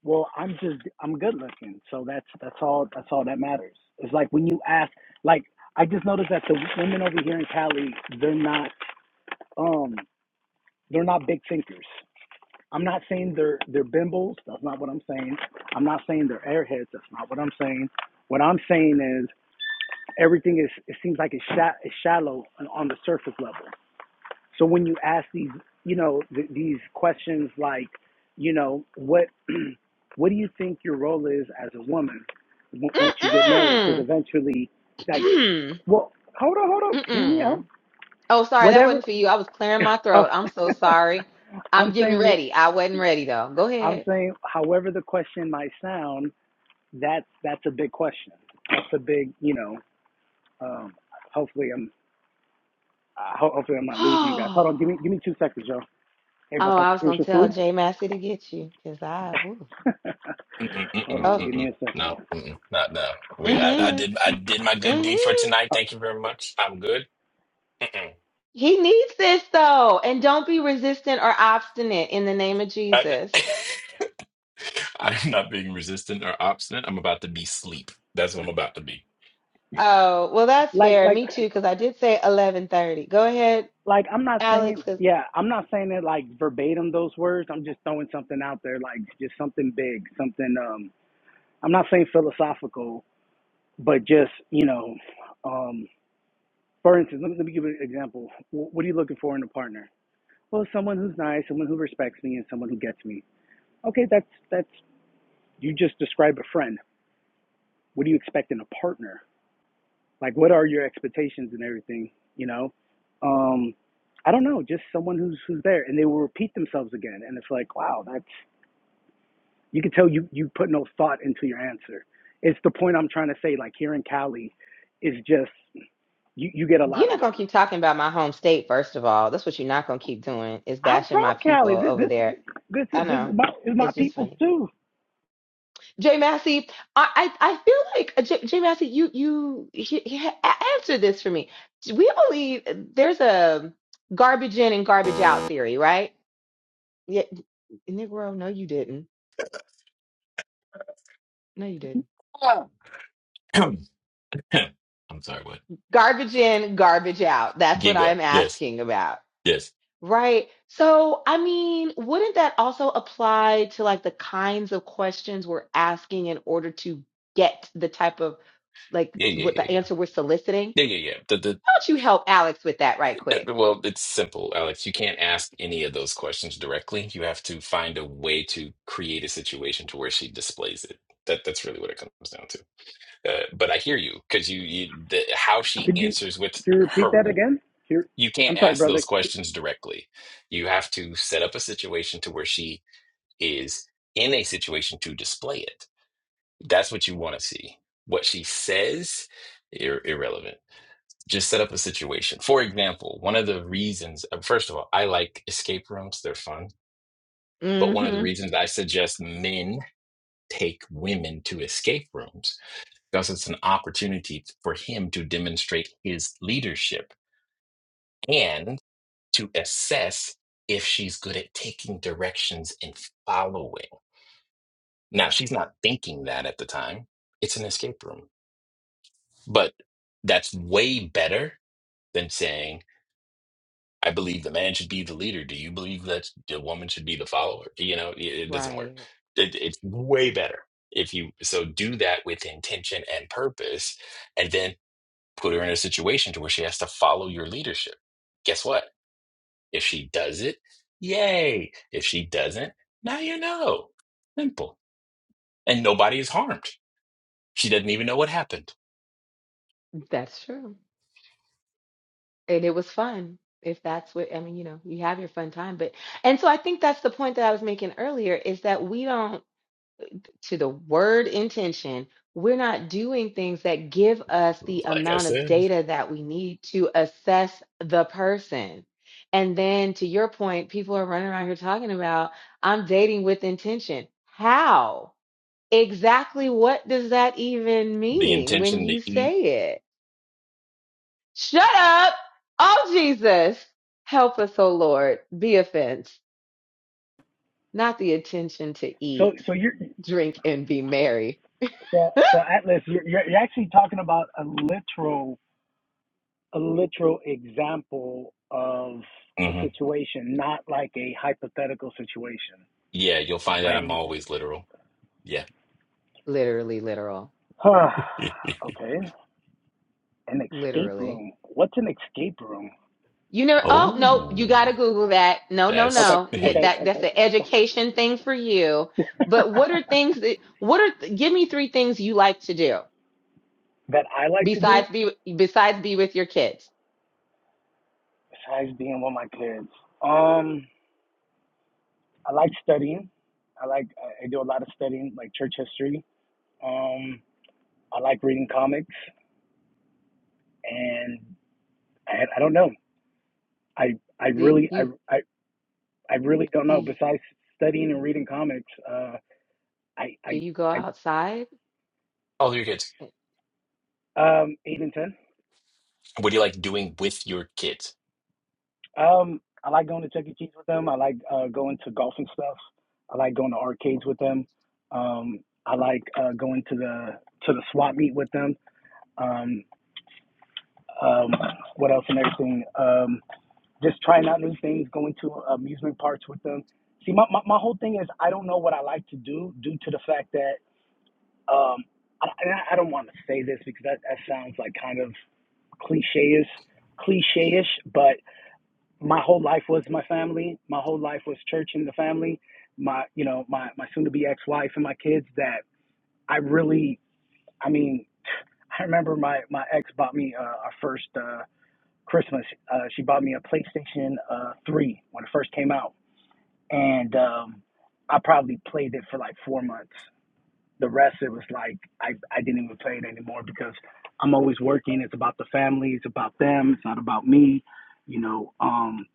Speaker 17: well i'm just i'm good looking so that's that's all that's all that matters it's like when you ask like i just noticed that the women over here in cali they're not um they're not big thinkers I'm not saying they're they're bimbos. That's not what I'm saying. I'm not saying they're airheads. That's not what I'm saying. What I'm saying is everything is it seems like it's, sha- it's shallow on on the surface level. So when you ask these you know th- these questions like you know what *clears throat* what do you think your role is as a woman w- once you get married? Because eventually, like,
Speaker 10: Mm-mm.
Speaker 17: well, hold on, hold
Speaker 10: *clears throat*
Speaker 17: on, hear me
Speaker 10: Mm-mm.
Speaker 17: out.
Speaker 10: Oh, sorry, that
Speaker 17: Whatever.
Speaker 10: wasn't for you. I was clearing
Speaker 17: *laughs*
Speaker 10: my
Speaker 17: Oh,
Speaker 10: throat. I'm so sorry.
Speaker 17: *laughs*
Speaker 10: I'm
Speaker 17: I'm
Speaker 10: getting
Speaker 17: saying.
Speaker 10: ready. I wasn't ready though. Go
Speaker 17: I'm
Speaker 10: ahead.
Speaker 17: saying, however the question might sound, that's that's a big question. That's a big, you know. Um, hopefully, I'm uh, ho- hopefully I'm not losing you guys. Hold on,
Speaker 10: *sighs*
Speaker 17: give me give me two seconds, Joe. Hey,
Speaker 10: Oh,
Speaker 17: Papa,
Speaker 10: I was gonna
Speaker 17: here's your
Speaker 10: tell
Speaker 17: food.
Speaker 10: Jay Massey to get you because I. Ooh.
Speaker 17: *laughs* Hold
Speaker 14: mm-mm,
Speaker 17: on,
Speaker 10: Oh,
Speaker 17: give me
Speaker 14: mm-mm.
Speaker 17: a second.
Speaker 14: No, mm-mm, not now. We, I, I
Speaker 10: mm-hmm,
Speaker 14: did, I did my good deed for
Speaker 10: mm-hmm.
Speaker 14: tonight.
Speaker 17: Uh,
Speaker 14: Thank you very much. I'm good. Mm-mm.
Speaker 10: He needs this though, and don't be resistant or obstinate in the name of
Speaker 14: I,
Speaker 10: Jesus.
Speaker 14: *laughs* I'm not being resistant or obstinate. I'm about to be sleep. That's what I'm about to be.
Speaker 10: Oh, well, that's
Speaker 17: like
Speaker 10: fair.
Speaker 17: like
Speaker 10: Me too, because I did say 11:30. Go ahead,
Speaker 17: like I'm not
Speaker 10: Alex.
Speaker 17: saying
Speaker 10: 'cause
Speaker 17: yeah, I'm not saying it like verbatim those words. I'm just throwing something out there, like just something big, something. Um, I'm not saying philosophical, but just you know. um, For instance, let me, let me give you an example. What are you looking for in a partner? Well, someone who's nice, someone who respects me, and someone who gets me. Okay, that's that's you just described a friend. What do you expect in a partner? Like, what are your expectations and everything? You know, um, I don't know. Just someone who's who's there, and they will repeat themselves again. And it's like, wow, that's you can tell you you put no thought into your answer. It's the point I'm trying to say. Like here in Cali, is just you you get a lot
Speaker 10: You're
Speaker 17: of
Speaker 10: not gonna
Speaker 17: those.
Speaker 10: keep talking about my home state, first of all. That's what you're not gonna keep doing is
Speaker 17: I'm
Speaker 10: bashing my
Speaker 17: from
Speaker 10: people
Speaker 17: Cali. This
Speaker 10: over
Speaker 17: this
Speaker 10: there.
Speaker 17: this
Speaker 10: I
Speaker 17: is this
Speaker 10: know.
Speaker 17: is my is my
Speaker 10: It's just
Speaker 17: people's
Speaker 10: funny.
Speaker 17: too.
Speaker 10: Jay Massey, I I, I feel like uh, Jay, Jay Massey, you you he, he, a- answer this for me. We only there's a garbage in and garbage out theory, right? Yeah, Negro, no, you didn't. No, you didn't.
Speaker 14: Ah. *clears throat* I'm sorry. What?
Speaker 10: Garbage in, garbage out. That's what
Speaker 14: Gigo.
Speaker 10: I'm
Speaker 14: Yes.
Speaker 10: asking about.
Speaker 14: Yes.
Speaker 10: Right. So, I mean, wouldn't that also apply to like the kinds of questions we're asking in order to get the type of like
Speaker 14: Yeah. Yeah.
Speaker 10: what
Speaker 14: Yeah.
Speaker 10: the answer
Speaker 14: Yeah.
Speaker 10: we're soliciting?
Speaker 14: Yeah. Yeah. Yeah.
Speaker 10: How about you help Alex with that right quick?
Speaker 14: Uh, Well, it's simple, Alex. You can't ask any of those questions directly. You have to find a way to create a situation to where she displays it. That that's really what it comes down to. Uh, but I hear you because you, you the, how she
Speaker 17: Could you
Speaker 14: answers with
Speaker 17: could you repeat
Speaker 14: her.
Speaker 17: that again? Here,
Speaker 14: You can't
Speaker 17: I'm sorry,
Speaker 14: ask
Speaker 17: brother.
Speaker 14: those questions directly. You have to set up a situation to where she is in a situation to display it. That's what you want to see. What she says, ir- irrelevant just set up a situation. For example, one of the reasons, uh, first of all, I like escape rooms, they're fun. But one of the
Speaker 10: hmm
Speaker 14: reasons I suggest men take women to escape rooms because it's an opportunity for him to demonstrate his leadership and to assess if she's good at taking directions and following. Now, she's not thinking that at the time, it's an escape room, but that's way better than saying, I believe the man should be the leader. Do you believe that the woman should be the follower? You know, it, it doesn't work.
Speaker 10: Right.
Speaker 14: It, it's way better if you so do that with intention and purpose, and then put her in a situation to where she has to follow your leadership. Guess what? If she does it, yay. If she doesn't, now you know. Simple. And nobody is harmed. She doesn't even know what happened.
Speaker 10: That's true. And it was fun. If that's what, I mean, you know, you have your fun time, but, and so I think that's the point that I was making earlier is that we don't. to the word intention, we're not doing things that give us the
Speaker 14: Like I
Speaker 10: amount of
Speaker 14: said,
Speaker 10: data that we need to assess the person. And then to your point, people are running around here talking about, I'm dating with intention. How? Exactly what does that even
Speaker 14: the
Speaker 10: mean when
Speaker 14: intention to
Speaker 10: you
Speaker 14: eat.
Speaker 10: say it? Shut up. Oh, Jesus. Help us, oh Lord. Be offense, not the intention to
Speaker 17: So
Speaker 10: eat,
Speaker 17: so you're
Speaker 10: drink, and be merry.
Speaker 17: so
Speaker 10: *laughs*
Speaker 17: so Atlas, you're you're, you're actually talking about a literal a literal example of a
Speaker 14: hmm
Speaker 17: situation, not like a hypothetical situation.
Speaker 14: Yeah, you'll find out
Speaker 17: Like,
Speaker 14: I'm
Speaker 10: Mm-mm.
Speaker 14: always literal. Yeah.
Speaker 10: Literally, literal,
Speaker 17: huh,
Speaker 14: *laughs*
Speaker 17: okay, an escape
Speaker 10: literally.
Speaker 17: room. What's an escape room?
Speaker 10: You know, oh no, you
Speaker 14: Oh,
Speaker 10: gotta Google that. No, no,
Speaker 17: Okay,
Speaker 14: that's
Speaker 10: no.
Speaker 14: *laughs*
Speaker 10: Get
Speaker 14: hey.
Speaker 17: okay,
Speaker 10: that. That's
Speaker 17: okay.
Speaker 10: an education thing for you.
Speaker 17: *laughs*
Speaker 10: But what are things that? What are? Give me three things you like to do
Speaker 17: that I like to do
Speaker 10: besides be besides be with your kids.
Speaker 17: besides being with my kids, um, I like studying. I like I do a lot of studying, like church history. Um, I like reading comics, and I, I don't know. I I
Speaker 10: Do
Speaker 17: really I,
Speaker 10: you
Speaker 17: I I really don't know.
Speaker 10: do,
Speaker 17: Besides studying and reading comics, uh, I
Speaker 10: do
Speaker 17: I
Speaker 10: you go
Speaker 17: I
Speaker 10: outside?
Speaker 14: All your kids.
Speaker 17: I um eight and ten.
Speaker 14: What do you like doing with your kids?
Speaker 17: Um, I like going to Chuck E. Cheese with them. I like uh, going to golf and stuff. I like going to arcades with them. Um, I like uh, going to the to the swap meet with them. Um, um, what else and everything. Um, just trying out new things, going to uh, amusement parks with them. See, my, my, my whole thing is I don't know what I like to do due to the fact that um, I, I don't want to say this because that, that sounds like kind of cliche-ish, cliche-ish, but my whole life was my family. My whole life was church and the family. My, you know, my, my soon-to-be ex-wife and my kids that I really, I mean, I remember my, my ex bought me uh, our first, uh, Christmas. Uh, she bought me a PlayStation uh, 3 when it first came out. And um, I probably played it for like four months. The rest, it was like I, I didn't even play it anymore because I'm always working. It's about the family, it's about them, it's not about me, you know. Um,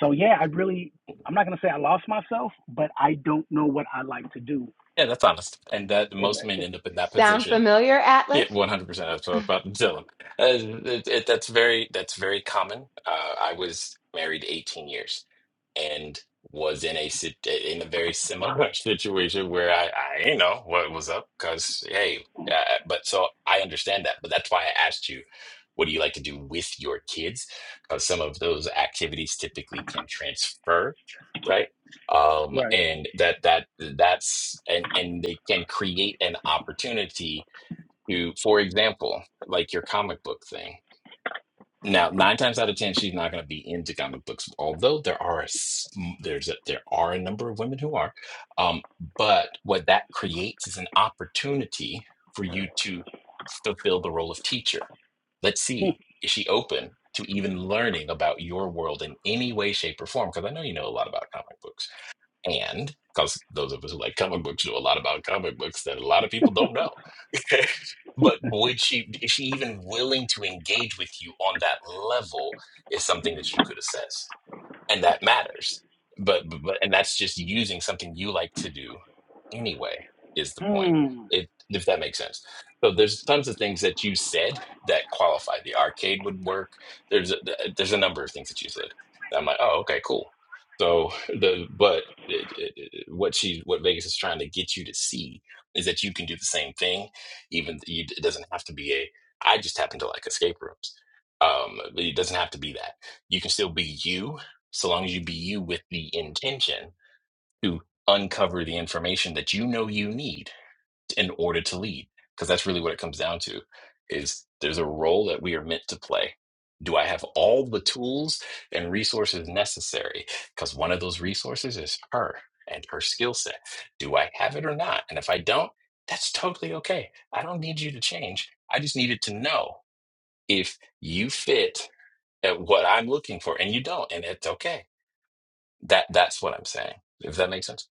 Speaker 17: so, yeah, I really, I'm not going to say I lost myself, but I don't know what I like to do.
Speaker 14: Yeah, that's honest. And that
Speaker 17: If,
Speaker 14: most men end up in that
Speaker 10: Sound
Speaker 14: position
Speaker 10: familiar,
Speaker 14: Yeah,
Speaker 10: Atlas?
Speaker 14: one hundred percent. That's what I thought, Dylan. Uh, it, it, that's very that's very common. Uh, I was married eighteen years and was in a sit- in a very similar *laughs* situation where I I did know what was up because hey, uh, but so I understand that. But that's why I asked you, what do you like to do with your kids? Because some of those activities typically can transfer, right? Um,
Speaker 17: right.
Speaker 14: and that that that's and and they can create an opportunity to, for example, like your comic book thing. Now, nine times out of ten, she's not going to be into comic books, although there are a, s- there's a, there are a number of women who are. Um, but what that creates is an opportunity for you to fulfill the role of teacher. Let's see, is she open to even learning about your world in any way, shape, or form? Because I know you know a lot about comic books and because those of us who like comic books know a lot about comic books that a lot of people don't know. *laughs* but would she is she even willing to engage with you on that level is something that you could assess and that matters but, but but- and that's just using something you like to do anyway is the point
Speaker 17: Hmm.
Speaker 14: it, if that makes sense so there's tons of things that you said that qualify the arcade would work there's a, there's a number of things that you said that i'm like oh okay cool so *laughs* the but it, it, it- what she what vegas is trying to get you to see is that you can do the same thing even you, it doesn't have to be a i just happen to like escape rooms um it doesn't have to be that you can still be you so long as you be you with the intention to uncover the information that you know you need in order to lead because that's really what it comes down to is there's a role that we are meant to play do i have all the tools and resources necessary because one of those resources is her and her skill set do i have it or not and if i don't that's totally okay i don't need you to change i just needed to know if you fit at what i'm looking for and you don't and it's okay that that's what I'm saying. If that makes sense.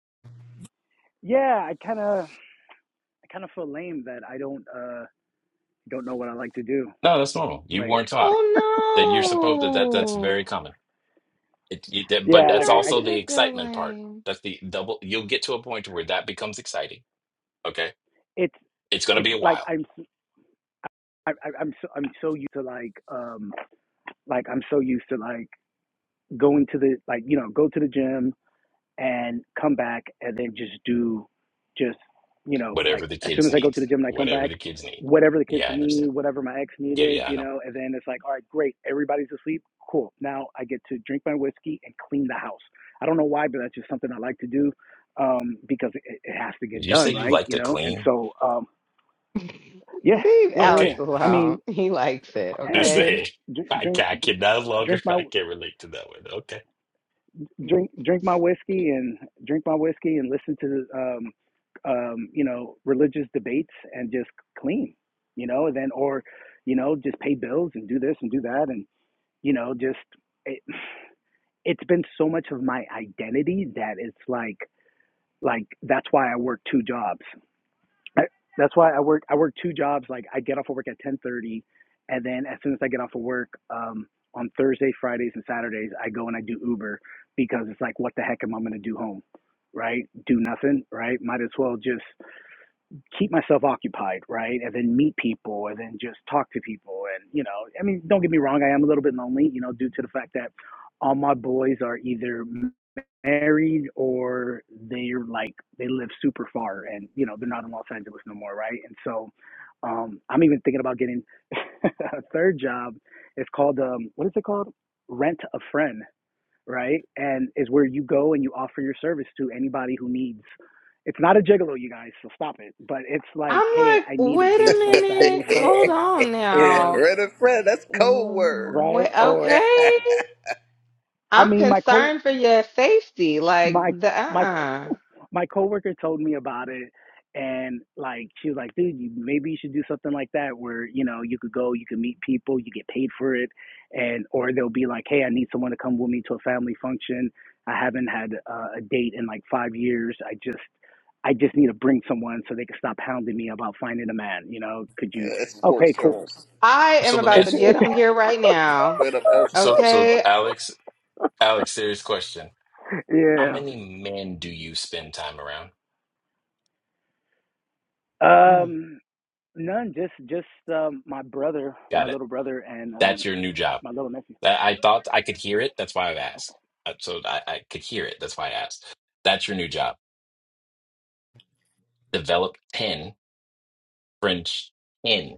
Speaker 17: Yeah, I kind of. I kind of feel lame that I don't uh don't know what I like to do.
Speaker 14: No, that's normal. You
Speaker 17: Like
Speaker 14: weren't taught that you're supposed to. That that's
Speaker 10: Oh
Speaker 14: very
Speaker 10: no.
Speaker 14: common. It, you, that, but
Speaker 17: yeah,
Speaker 10: We
Speaker 14: that's
Speaker 17: like I,
Speaker 10: don't want
Speaker 17: I
Speaker 10: you
Speaker 14: also the
Speaker 10: to feel
Speaker 14: excitement part.
Speaker 10: lame.
Speaker 14: That's the double. You'll get to a point where that becomes exciting. Okay,
Speaker 17: it's
Speaker 14: it's going to
Speaker 17: it's
Speaker 14: be a
Speaker 17: like
Speaker 14: while.
Speaker 17: I'm I, I, I'm so I'm so used to like um like I'm so used to like going to the like you know go to the gym and come back and then just do just you know like
Speaker 14: Whatever the
Speaker 17: as soon
Speaker 14: kids
Speaker 17: as I go
Speaker 14: need,
Speaker 17: to the gym and I come
Speaker 14: whatever
Speaker 17: back
Speaker 14: the kids need.
Speaker 17: whatever the kids
Speaker 14: Yeah, I
Speaker 17: need
Speaker 14: understand.
Speaker 17: whatever my ex
Speaker 14: Yeah,
Speaker 17: needed
Speaker 14: yeah, I
Speaker 17: you
Speaker 14: know.
Speaker 17: know and then it's like all right great everybody's asleep cool now I get to drink my whiskey and clean the house I don't know why but that's just something I like to do um because it, it has to
Speaker 14: Did
Speaker 17: get
Speaker 14: you say
Speaker 17: done
Speaker 14: you
Speaker 17: right
Speaker 14: like
Speaker 17: you
Speaker 14: to
Speaker 17: know and
Speaker 14: clean?
Speaker 17: so um
Speaker 10: *laughs*
Speaker 17: Yeah,
Speaker 10: Leave
Speaker 17: yeah, yeah.
Speaker 10: Alex
Speaker 17: yeah.
Speaker 14: Okay,
Speaker 17: I mean,
Speaker 10: alone. He likes it,
Speaker 14: *laughs* I'm
Speaker 17: yeah,
Speaker 14: just
Speaker 17: just
Speaker 10: okay?
Speaker 14: saying.
Speaker 17: dr-
Speaker 14: I
Speaker 17: drink,
Speaker 14: can, I can no longer.
Speaker 17: drink
Speaker 14: *laughs*
Speaker 17: my,
Speaker 14: I can't relate to that one. Okay.
Speaker 17: drink, drink my whiskey and drink my whiskey and listen to, um, um, you know, religious debates and just clean, you know, and then or, you know, just pay bills and do this and do that and you know, just it, it's been so much of my identity that it's like, like that's why I work two jobs I, that's why I work. I work two jobs. Like I get off of work at ten thirty, and then as soon as I get off of work um, on Thursday, Fridays, and Saturdays, I go and I do Uber because it's like, what the heck am I going to do home? Right? Do nothing. Right? Might as well just keep myself occupied. Right? And then meet people, and then just talk to people. And you know, I mean, don't get me wrong. I am a little bit lonely. You know, due to the fact that all my boys are either married or they're like they live super far and you know they're not in Los Angeles no more, right? And so um I'm even thinking about getting *laughs* a third job. It's called um what is it called? Rent a friend, right? And is where you go and you offer your service to anybody who needs it's not a gigolo, you guys, so stop it. But it's like,
Speaker 10: I'm
Speaker 17: hey,
Speaker 10: like,
Speaker 17: I need a
Speaker 10: wait a
Speaker 17: date
Speaker 12: *laughs*
Speaker 17: for a family
Speaker 10: minute. Hold
Speaker 17: function
Speaker 10: on
Speaker 17: or
Speaker 10: now.
Speaker 12: Red and Fred, that's code word.
Speaker 17: right
Speaker 10: Wait,
Speaker 17: or or
Speaker 10: okay.
Speaker 17: I
Speaker 10: I'm
Speaker 17: mean my co
Speaker 10: concerned for your safety. Like
Speaker 17: my
Speaker 10: the
Speaker 17: my
Speaker 10: uh-uh.
Speaker 17: my coworker told me about it and like she was like dude you, maybe you should do something like that where you know you could go you could meet people you get paid for it and or they'll be like hey i need someone to come with me to a family function i haven't had uh, a date in like five years i just i just need to bring someone so they can stop hounding me about finding a man you know could you
Speaker 12: *laughs* escort
Speaker 17: okay cool
Speaker 12: service.
Speaker 10: I
Speaker 14: So
Speaker 10: am
Speaker 14: let me
Speaker 10: about
Speaker 17: it's
Speaker 10: to
Speaker 14: ask.
Speaker 10: get
Speaker 17: it's
Speaker 10: on here right now.
Speaker 12: Straight up
Speaker 14: So
Speaker 12: escort.
Speaker 14: so
Speaker 10: Okay.
Speaker 14: Alex, Alex, serious question.
Speaker 17: *laughs*
Speaker 14: How
Speaker 17: yeah
Speaker 14: many men do you spend time around?
Speaker 10: Mm,
Speaker 17: um none just just um my brother my
Speaker 14: Got it.
Speaker 17: little brother and um
Speaker 14: That's your new job.
Speaker 17: my little nephew
Speaker 14: I, I thought I could hear it. That's why I've asked. Uh, So I, I could hear it. That's why I asked. That's your new job. Develop 10 French, 10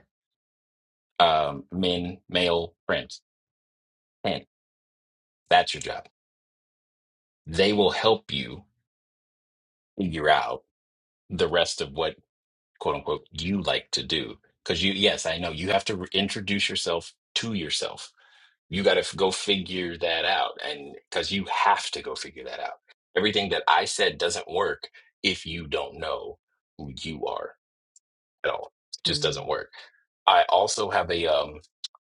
Speaker 14: um, men, male friends. 10. That's your job. They will help you figure out the rest of what, quote unquote, you like to do. Because you, yes, I know you have to re- introduce yourself to yourself You got to go figure that out. And because you have to go figure that out. Everything that I said doesn't work if you don't know who you are at all. It just
Speaker 10: mm,
Speaker 14: doesn't work. I also have a um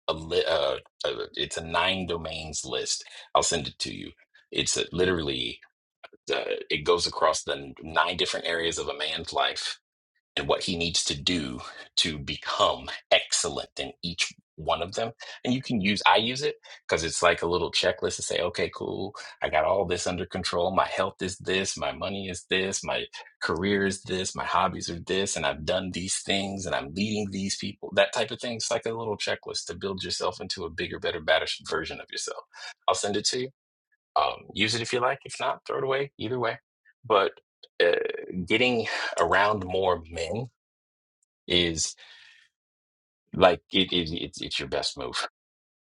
Speaker 14: a li- uh, uh it's a nine domains list. I'll send it to you. It's uh literally uh, it goes across the n- nine different areas of a man's life and what he needs to do to become excellent in each one of them. And you can use, I use it because it's like a little checklist to say, okay, cool, I got all this under control. My health is this, my money is this, my career is this, my hobbies are this, and I've done these things and I'm leading these people, that type of thing. It's like a little checklist to build yourself into a bigger, better, better version of yourself. I'll send it to you. Um, use it if you like. If not, throw it away. Either way. But uh, getting around more men is like it, it it's it's your best move. *laughs*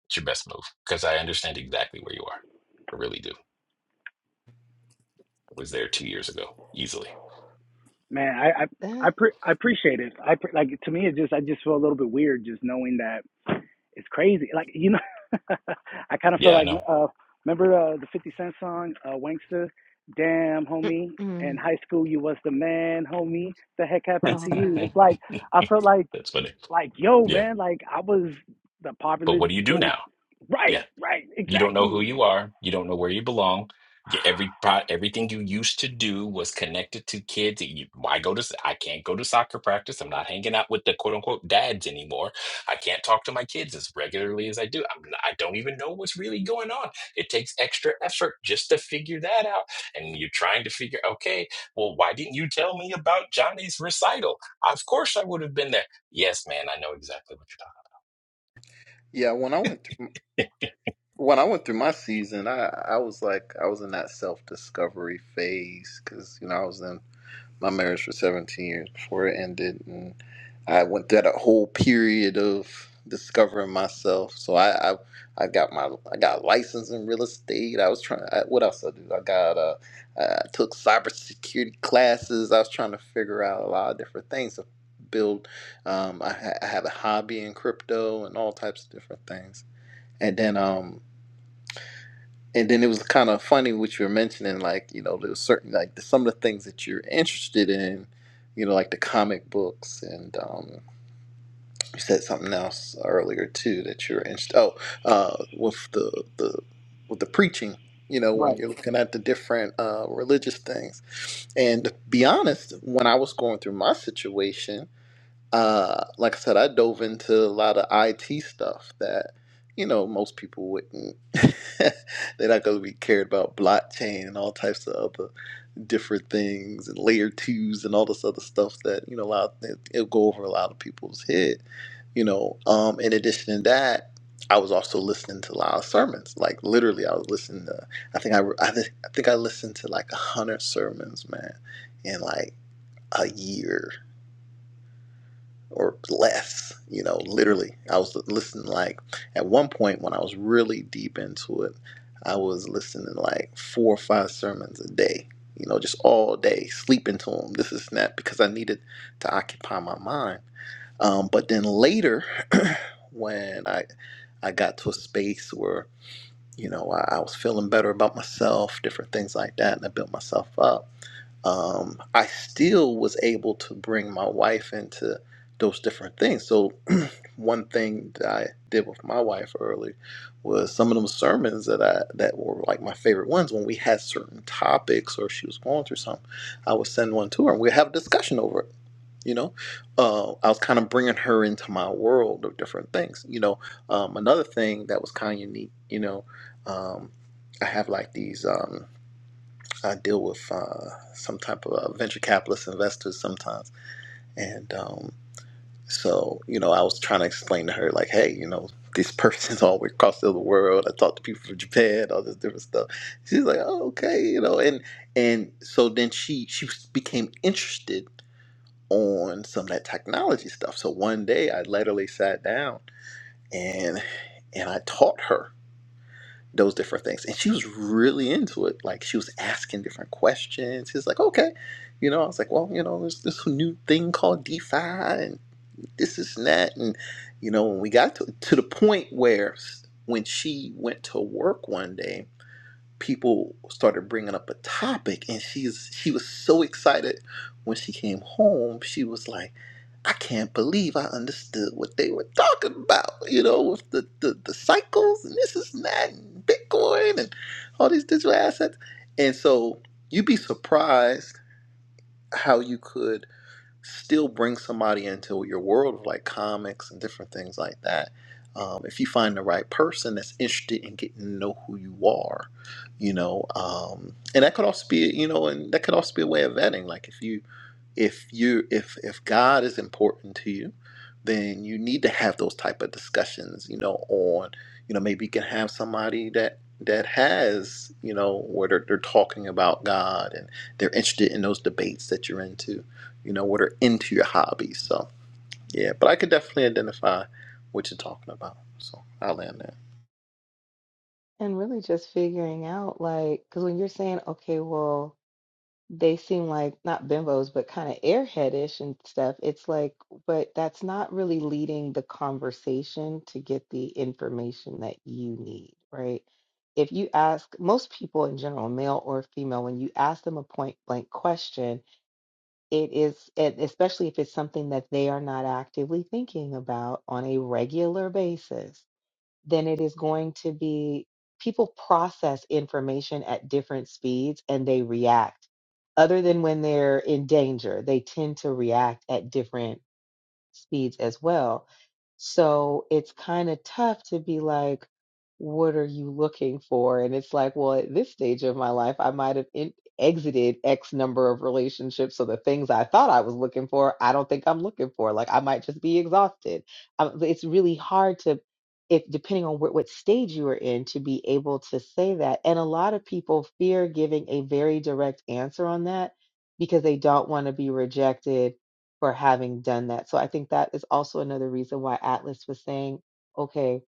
Speaker 14: It's your best move because I understand exactly where you are. I really do. I was there two years ago easily.
Speaker 17: Man, I
Speaker 10: uh,
Speaker 17: I I,
Speaker 10: mm,
Speaker 17: pre- I appreciate it. I pre- like to me it just I just feel a little bit weird just knowing that it's crazy. Like you know, *laughs* I kind of feel
Speaker 14: Yeah, I
Speaker 17: like
Speaker 14: know.
Speaker 17: uh, remember uh, the Fifty Cent song uh, "Wankster," damn homie. In
Speaker 10: mm.
Speaker 17: high school, you was the man, homie. The heck
Speaker 14: *laughs*
Speaker 17: happened
Speaker 14: That's
Speaker 17: to
Speaker 10: Oh God.
Speaker 17: you? It's like I felt like
Speaker 14: funny.
Speaker 17: like yo
Speaker 14: Yeah,
Speaker 17: man, like I was the
Speaker 14: but
Speaker 17: popular
Speaker 14: what do you do
Speaker 17: kid. and
Speaker 14: now? Yeah.
Speaker 17: right, right,
Speaker 14: You don't know who
Speaker 17: exactly.
Speaker 14: you are. You don't know where you belong. Your every pro- everything you used to do was connected to kids. that You, I go to s- I can't go to soccer practice. I'm not hanging out with the quote unquote dads anymore. I can't talk to my kids as regularly as I do. I'm, not- I don't even know what's really going on. It takes extra effort just to figure that out. And you're trying to figure, okay, well, why didn't you tell me about Johnny's recital? Of course I would have been there. Yes, man, I know exactly what you're talking
Speaker 12: Yeah, when I
Speaker 14: about.
Speaker 12: went to
Speaker 14: *laughs* I
Speaker 12: when I went through my season, I I was like I was in that self discovery phase because you know I was in my marriage for seventeen years before it ended, and I went through that whole period of discovering myself. So I I, I got my I got a license in real estate. I was trying. I, what else I did? I got uh I took cybersecurity classes. I was trying to figure out a lot of different things to build. Um, I, ha- I have a hobby in crypto and all types of different things. And then um and then it was kind of funny what you were mentioning like you know there was certain like the, some of the things that you're interested in you know like the comic books and um you said something else earlier too that you're interested oh uh with the the with the preaching you know when
Speaker 17: Right,
Speaker 12: you're looking at the different uh religious things and to be honest when i was going through my situation uh, like I said, I dove into a lot of IT stuff that you know most people wouldn't. *laughs* They're not going to be cared about blockchain and all types of other different things and layer twos and all this other stuff that you know a lot it, it'll go over a lot of people's head. You know, um, in addition to that. I was also listening to a lot of sermons. Like literally, I was listening to. I think I, I, thi- I think I listened to like a hundred sermons, man, in like a year or less, you know, literally. I was listening like at one point when I was really deep into it, I was listening like four or five sermons a day, you know, just all day, sleeping to them, this is that, because I needed to occupy my mind. Um, but then later, *clears throat* when I, I got to a space where, you know, I, I was feeling better about myself, different things like that, and I built myself up. Um, I still was able to bring my wife into those different things. So one thing that I did with my wife early was some of them sermons that I that were like my favorite ones when we had certain topics or she was going through something, I would send one to her and we'd have a discussion over it. You know, uh, I was kind of bringing her into my world of different things. You know, um, another thing that was kind of unique. You know, um, I have like these. Um, I deal with uh, some type of uh, venture capitalist investors sometimes, and um, so, you know, I was trying to explain to her, like, hey, you know, these persons *laughs* all the way across the other world. I talked to people from Japan, all this different stuff. She's like, oh, okay, you know, and and so then she she became interested on some of that technology stuff. So one day I literally sat down and and I taught her those different things. And she was really into it. Like she was asking different questions. She's like, okay. You know, I was like, well, you know, there's this new thing called DeFi and this is and that and you know when we got to, to the point where when she went to work one day people started bringing up a topic and she's she was so excited when she came home she was like i can't believe i understood what they were talking about you know with the the, the cycles and this is that and bitcoin and all these digital assets and so you'd be surprised how you could still bring somebody into your world of like comics and different things like that. Um, if you find the right person that's interested in getting to know who you are, you know, um, and that could also be, you know, and that could also be a way of vetting. Like if you, if you, if if God is important to you, then you need to have those type of discussions, you know, on, you know, maybe you can have somebody that that has, you know, where they're, they're talking about God and they're interested in those debates that you're into you know, what are into your hobbies. So, yeah, but I could definitely identify what you're talking about. So I'll land there.
Speaker 10: And really just figuring out like because when you're saying, okay, well, they seem like not bimbos, but kind of airheadish and stuff. It's like, but that's not really leading the conversation to get the information that you need, right? If you ask most people in general, male or female, when you ask them a point blank question, it is, and especially if it's something that they are not actively thinking about on a regular basis then it is going to be people process information at different speeds and they react. Other than when they're in danger, they tend to react at different speeds as well. So it's kind of tough to be like, what are you looking for? And it's like, well, at this stage of my life, I might have in- exited X number of relationships. So the things I thought I was looking for, I don't think I'm looking for. Like I might just be exhausted. Um, it's really hard to, if depending on what, what stage you are in, to be able to say that. And a lot of people fear giving a very direct answer on that because they don't want to be rejected for having done that. So I think that is also another reason why Atlas was saying, okay,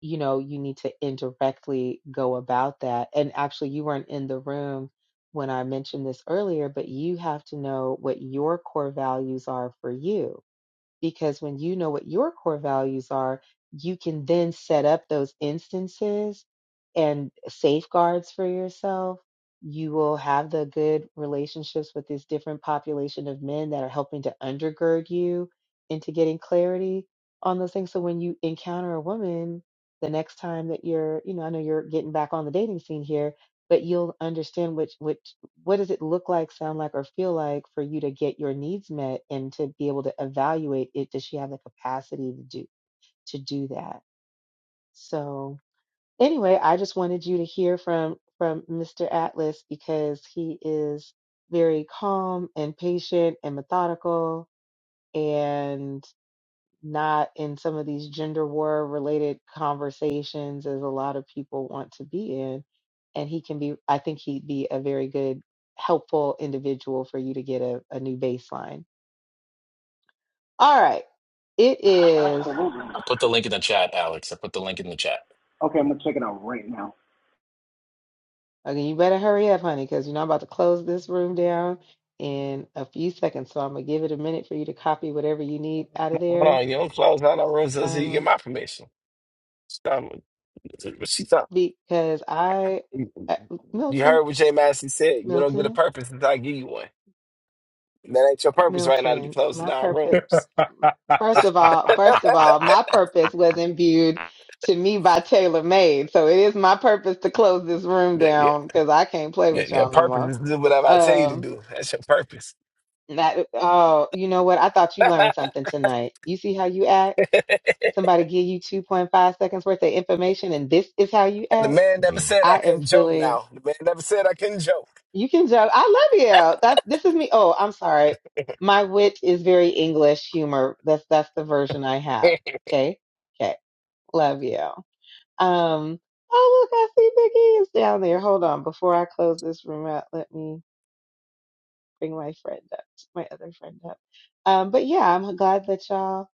Speaker 10: you know, you need to indirectly go about that. And actually, you weren't in the room when I mentioned this earlier, but you have to know what your core values are for you because when you know what your core values are, you can then set up those instances and safeguards for yourself. You will have the good relationships with this different population of men that are helping to undergird you into getting clarity on those things. So when you encounter a woman the next time that you're, you know, I know you're getting back on the dating scene here, but you'll understand which which what does it look like, sound like, or feel like for you to get your needs met and to be able to evaluate it? Does she have the capacity to do to do that? So anyway, I just wanted you to hear from from Mr. Atlas because he is very calm and patient and methodical and not in some of these gender war related conversations as a lot of people want to be in. And he can be, I think he'd be a very good, helpful individual for you to get a, a new baseline. All right. It is,
Speaker 17: absolutely.
Speaker 14: put the link in the chat, Alex. I put the link in the chat.
Speaker 17: Okay, I'm gonna check it out right now.
Speaker 10: okay, you better hurry up, honey, because you know I'm about to close this room down in a few seconds. So I'm going to give it a minute for you to copy whatever you need out of
Speaker 8: Hold
Speaker 10: there.
Speaker 8: on, you don't close down no rooms until you get
Speaker 10: Um,
Speaker 8: my permission. Stop. What she thought?
Speaker 10: because I, uh,
Speaker 8: You
Speaker 10: Milton,
Speaker 8: heard what Jay Massey said. You don't get a
Speaker 10: Milton,
Speaker 8: purpose until I give you one. And that ain't your purpose right now to be
Speaker 10: Milton,
Speaker 8: closing
Speaker 10: my
Speaker 8: down
Speaker 10: purpose.
Speaker 8: rooms.
Speaker 10: First of all, first of all, my purpose was imbued to me by Taylor Made. So it is my purpose to close this room
Speaker 8: Yeah, yeah,
Speaker 10: down because I can't play
Speaker 8: yeah.
Speaker 10: with
Speaker 8: Your
Speaker 10: y'all no
Speaker 8: purpose
Speaker 10: more.
Speaker 8: is to do whatever I tell you to
Speaker 10: Um
Speaker 8: do. That's your purpose.
Speaker 10: that oh, you know what? I thought
Speaker 8: *laughs*
Speaker 10: you
Speaker 8: and
Speaker 10: learned something tonight. You see how you act? Somebody give you 2.5 seconds worth of information and this is how you
Speaker 8: the
Speaker 10: act.
Speaker 8: man never
Speaker 14: Mm,
Speaker 8: said I
Speaker 10: I am
Speaker 8: couldn't joke.
Speaker 10: feeling
Speaker 8: Now the man never said I couldn't joke.
Speaker 10: you can joke. I love you. That this is me. Oh, I'm sorry. My wit is very English humor. That's that's the version I
Speaker 8: *laughs*
Speaker 10: have. Okay. Okay. Love you. Um, oh look, I see Big E is down there. Hold on, before I close this room out, let me bring my friend up, my other friend up. Um, but yeah, I'm glad that y'all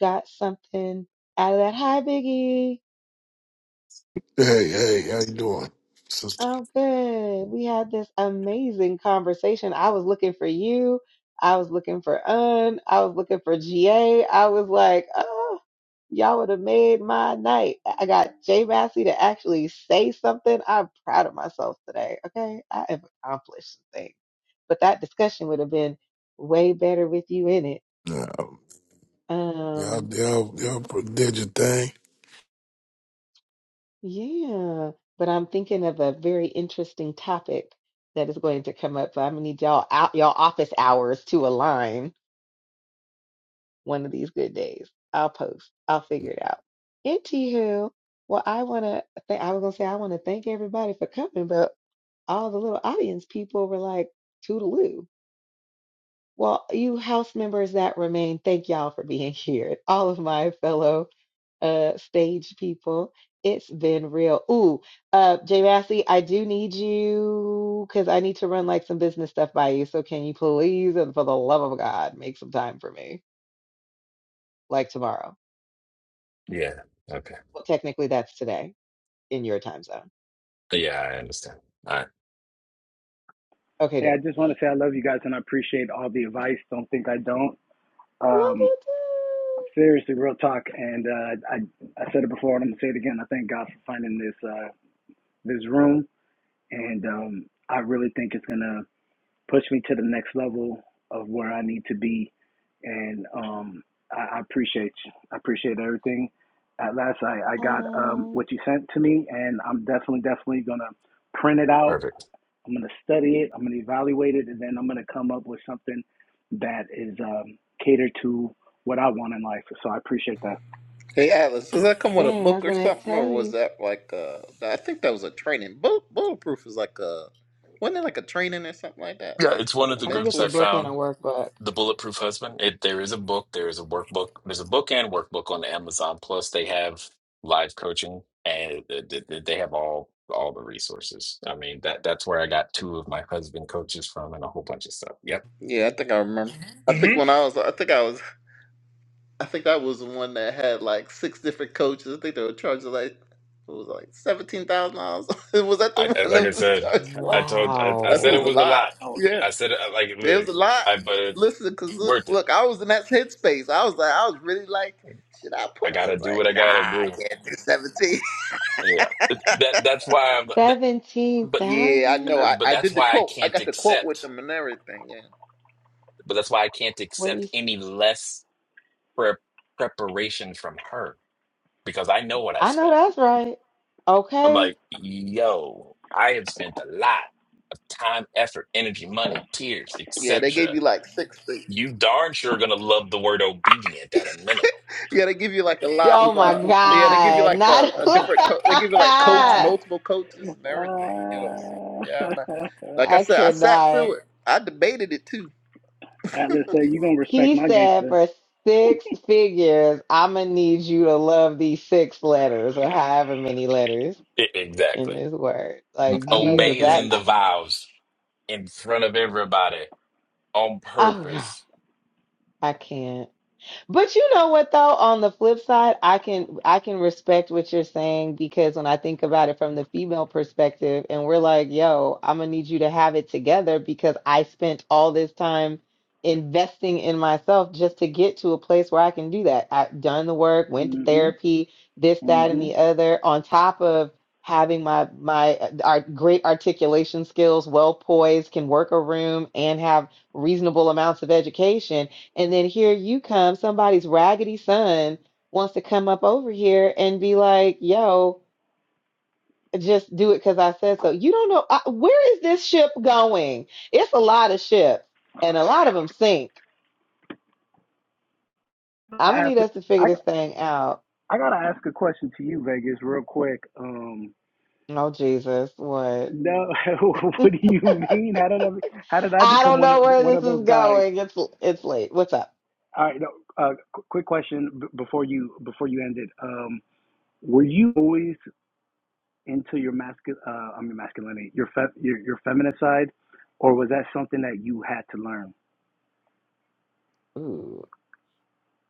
Speaker 10: got something out of that. Hi, Big E.
Speaker 18: Hey, hey, how you doing, sister?
Speaker 10: I'm good. We had this amazing conversation. I was looking for you. I was looking for Un. I was looking for GA. I was like, oh, y'all would have made my night. I I got Jay Massey to actually say something. I'm proud of myself today. Okay. I have accomplished some things. But that discussion would have been way better with you in it.
Speaker 18: Yeah, y'all,
Speaker 10: Um.
Speaker 18: y'all, y'all did your thing.
Speaker 10: Yeah, but I'm thinking of a very interesting topic that is going to come up. So I'm gonna need y'all out y'all office hours to align one of these good days. I'll post. I'll figure it out. Anywho, well, I wanna th I was gonna say I wanna thank everybody for coming, but all the little audience people were like toodaloo. Well, you house members that remain, thank y'all for being *laughs* here. All of my fellow. uh stage people. It's been real. Ooh, uh Jay Massey, I do need you because I need to run like some business stuff by you. So can you please and for the love of God make some time for me? Like tomorrow.
Speaker 14: yeah. Okay.
Speaker 10: Well, technically that's today in your time zone.
Speaker 14: Yeah, I understand. All right.
Speaker 10: Okay,
Speaker 17: Hey, I
Speaker 10: dope.
Speaker 17: just want to say I love you guys and I appreciate all the advice. Don't think I don't.
Speaker 10: Love
Speaker 17: Um,
Speaker 10: you
Speaker 17: seriously, real talk. And uh, I I said it before and I'm gonna say it again. I thank God for finding this uh, this room, and um, I really think it's gonna push me to the next level of where I need to be. And um, I, I appreciate you. I appreciate everything. At last, I I
Speaker 10: too.
Speaker 17: got um,
Speaker 10: Um,
Speaker 17: what you sent to me, and I'm definitely definitely gonna print it out
Speaker 14: Perfect.
Speaker 17: I'm going to study it. I'm going to evaluate it, and then I'm going to come up with something that is um, catered to what I want in life. So I appreciate that.
Speaker 12: Hey, Atlas, does that come with a
Speaker 10: dang, I
Speaker 12: book
Speaker 10: was
Speaker 12: or
Speaker 10: gonna
Speaker 12: something,
Speaker 10: tell
Speaker 12: or was
Speaker 10: you.
Speaker 12: that like uh I think that was a training. Bull, bulletproof is like a wasn't it like a training or something like that,
Speaker 14: Yeah,
Speaker 12: like
Speaker 14: it's one of
Speaker 12: a
Speaker 14: the
Speaker 10: I think it's
Speaker 14: groups
Speaker 10: a
Speaker 12: mentor
Speaker 14: I
Speaker 10: book
Speaker 12: training?
Speaker 10: and a
Speaker 14: found.
Speaker 10: workbook.
Speaker 14: The Bulletproof Husband. It, there is a book. There is a workbook. There's a book and workbook on Amazon. Plus, they have live coaching and th- th- th- they have all all the resources. I mean, that that's where I got two of my husband coaches from and a whole bunch of stuff. Yep.
Speaker 12: Yeah, I think I remember. I think
Speaker 14: hmm
Speaker 12: when I was, I think I was, I think that was the one that had like six different coaches. I think they were charging like it was like seventeen thousand dollars. *laughs* was that the
Speaker 14: I, I
Speaker 12: one
Speaker 14: like
Speaker 12: that
Speaker 14: I
Speaker 12: was
Speaker 14: said,
Speaker 12: charged? Like,
Speaker 14: I told I,
Speaker 12: I
Speaker 14: I
Speaker 12: think
Speaker 14: said
Speaker 12: it
Speaker 14: it
Speaker 12: was
Speaker 17: Ouch!
Speaker 12: a
Speaker 10: Wow.
Speaker 14: was a
Speaker 12: lot.
Speaker 14: lot.
Speaker 17: Ouch!
Speaker 12: Yeah.
Speaker 14: I said it like
Speaker 12: There was
Speaker 14: look,
Speaker 12: a lot.
Speaker 14: I but it,
Speaker 12: Listen, cause look,
Speaker 14: worth it.
Speaker 12: look, I was in that headspace. I was like, I was really like, should I
Speaker 14: I
Speaker 12: put? I
Speaker 14: gotta
Speaker 12: was
Speaker 14: do what
Speaker 12: like,
Speaker 14: I
Speaker 12: nah,
Speaker 14: gotta
Speaker 12: I
Speaker 14: do.
Speaker 12: can't do seventeen.
Speaker 14: Yeah, Th- that that's why I'm. That,
Speaker 10: Seventeen
Speaker 12: *laughs*
Speaker 14: but
Speaker 12: yeah, I know.
Speaker 14: uh,
Speaker 10: thousand?
Speaker 12: I,
Speaker 14: but
Speaker 12: I
Speaker 14: that's
Speaker 12: did the
Speaker 14: why I
Speaker 12: quote. I
Speaker 14: can't
Speaker 12: got the quote
Speaker 14: accept.
Speaker 12: with them and everything. Yeah,
Speaker 14: But that's why I can't
Speaker 10: What were you
Speaker 14: accept
Speaker 10: s-
Speaker 14: any less prep preparation from her because I know what I've
Speaker 10: I know
Speaker 14: spent.
Speaker 10: that's right.
Speaker 14: I'm
Speaker 10: Okay
Speaker 14: like, yo, I have spent a lot of time, effort, energy, money, tears,
Speaker 12: yeah. They
Speaker 14: etc.
Speaker 12: gave you like six things.
Speaker 14: You darn sure gonna love the word obedient at a minimum.
Speaker 12: Yeah, they give you like a lot
Speaker 10: Oh
Speaker 12: of.
Speaker 10: my
Speaker 12: uh
Speaker 17: *laughs*
Speaker 12: Yeah, they give you
Speaker 10: God.
Speaker 12: like a,
Speaker 10: Not
Speaker 12: a
Speaker 10: *laughs*
Speaker 12: different. Co- they give you like coach, multiple coaches and everything. You know. So
Speaker 17: uh, *laughs*
Speaker 12: yeah, I'm not, like I
Speaker 10: I
Speaker 12: said, I sat through
Speaker 10: cannot.
Speaker 12: it. I debated it too.
Speaker 17: Atlas say you gonna respect
Speaker 10: He
Speaker 17: my
Speaker 10: said
Speaker 17: gangster.
Speaker 10: for six figures, I'm gonna need you to love these six letters or however many letters
Speaker 14: E-
Speaker 10: in
Speaker 14: exactly.
Speaker 10: this word. Like
Speaker 17: I know that's
Speaker 10: Jesus,
Speaker 14: Obey is
Speaker 10: that
Speaker 14: in
Speaker 17: right.
Speaker 14: the vows in front of everybody on
Speaker 10: oh God,
Speaker 14: purpose.
Speaker 10: I can't. But you know what though, on the flip side, I can I can respect what you're saying because when I think about it from the female perspective and we're like, yo, I'm gonna need you to have it together because I spent all this time investing in myself just to get to a place where I can do that. I've done the work, went to
Speaker 17: mm Mhm.
Speaker 10: therapy, this, that,
Speaker 17: mm
Speaker 10: and
Speaker 17: Mhm.
Speaker 10: the other, on top of having my my uh, our great articulation skills, well poised, can work a room and have reasonable amounts of education and then here you come, somebody's raggedy son wants to come up over here and be like, yo, just do it because I said so. You don't know I, where is this ship going? It's a lot of ships and a lot of them sink.
Speaker 17: I
Speaker 10: I'm gonna
Speaker 17: ask.
Speaker 10: need us to figure
Speaker 17: I
Speaker 10: this thing out.
Speaker 17: I gotta ask a question to you, Vegas, real quick. Um,
Speaker 10: Oh Jesus, what?
Speaker 17: No, *laughs* what do you mean? How did I, how did I
Speaker 10: I
Speaker 17: become
Speaker 10: don't
Speaker 17: one of
Speaker 10: know where
Speaker 17: one
Speaker 10: this
Speaker 17: of
Speaker 10: is
Speaker 17: those guys?
Speaker 10: going. It's it's late. What's up?
Speaker 17: All right, no, uh, qu- quick question b- before you before you end it. Um, were you always into your masculine? Uh, I mean masculinity, your, fe- your your feminine side, or was that something that you had to learn?
Speaker 10: Ooh,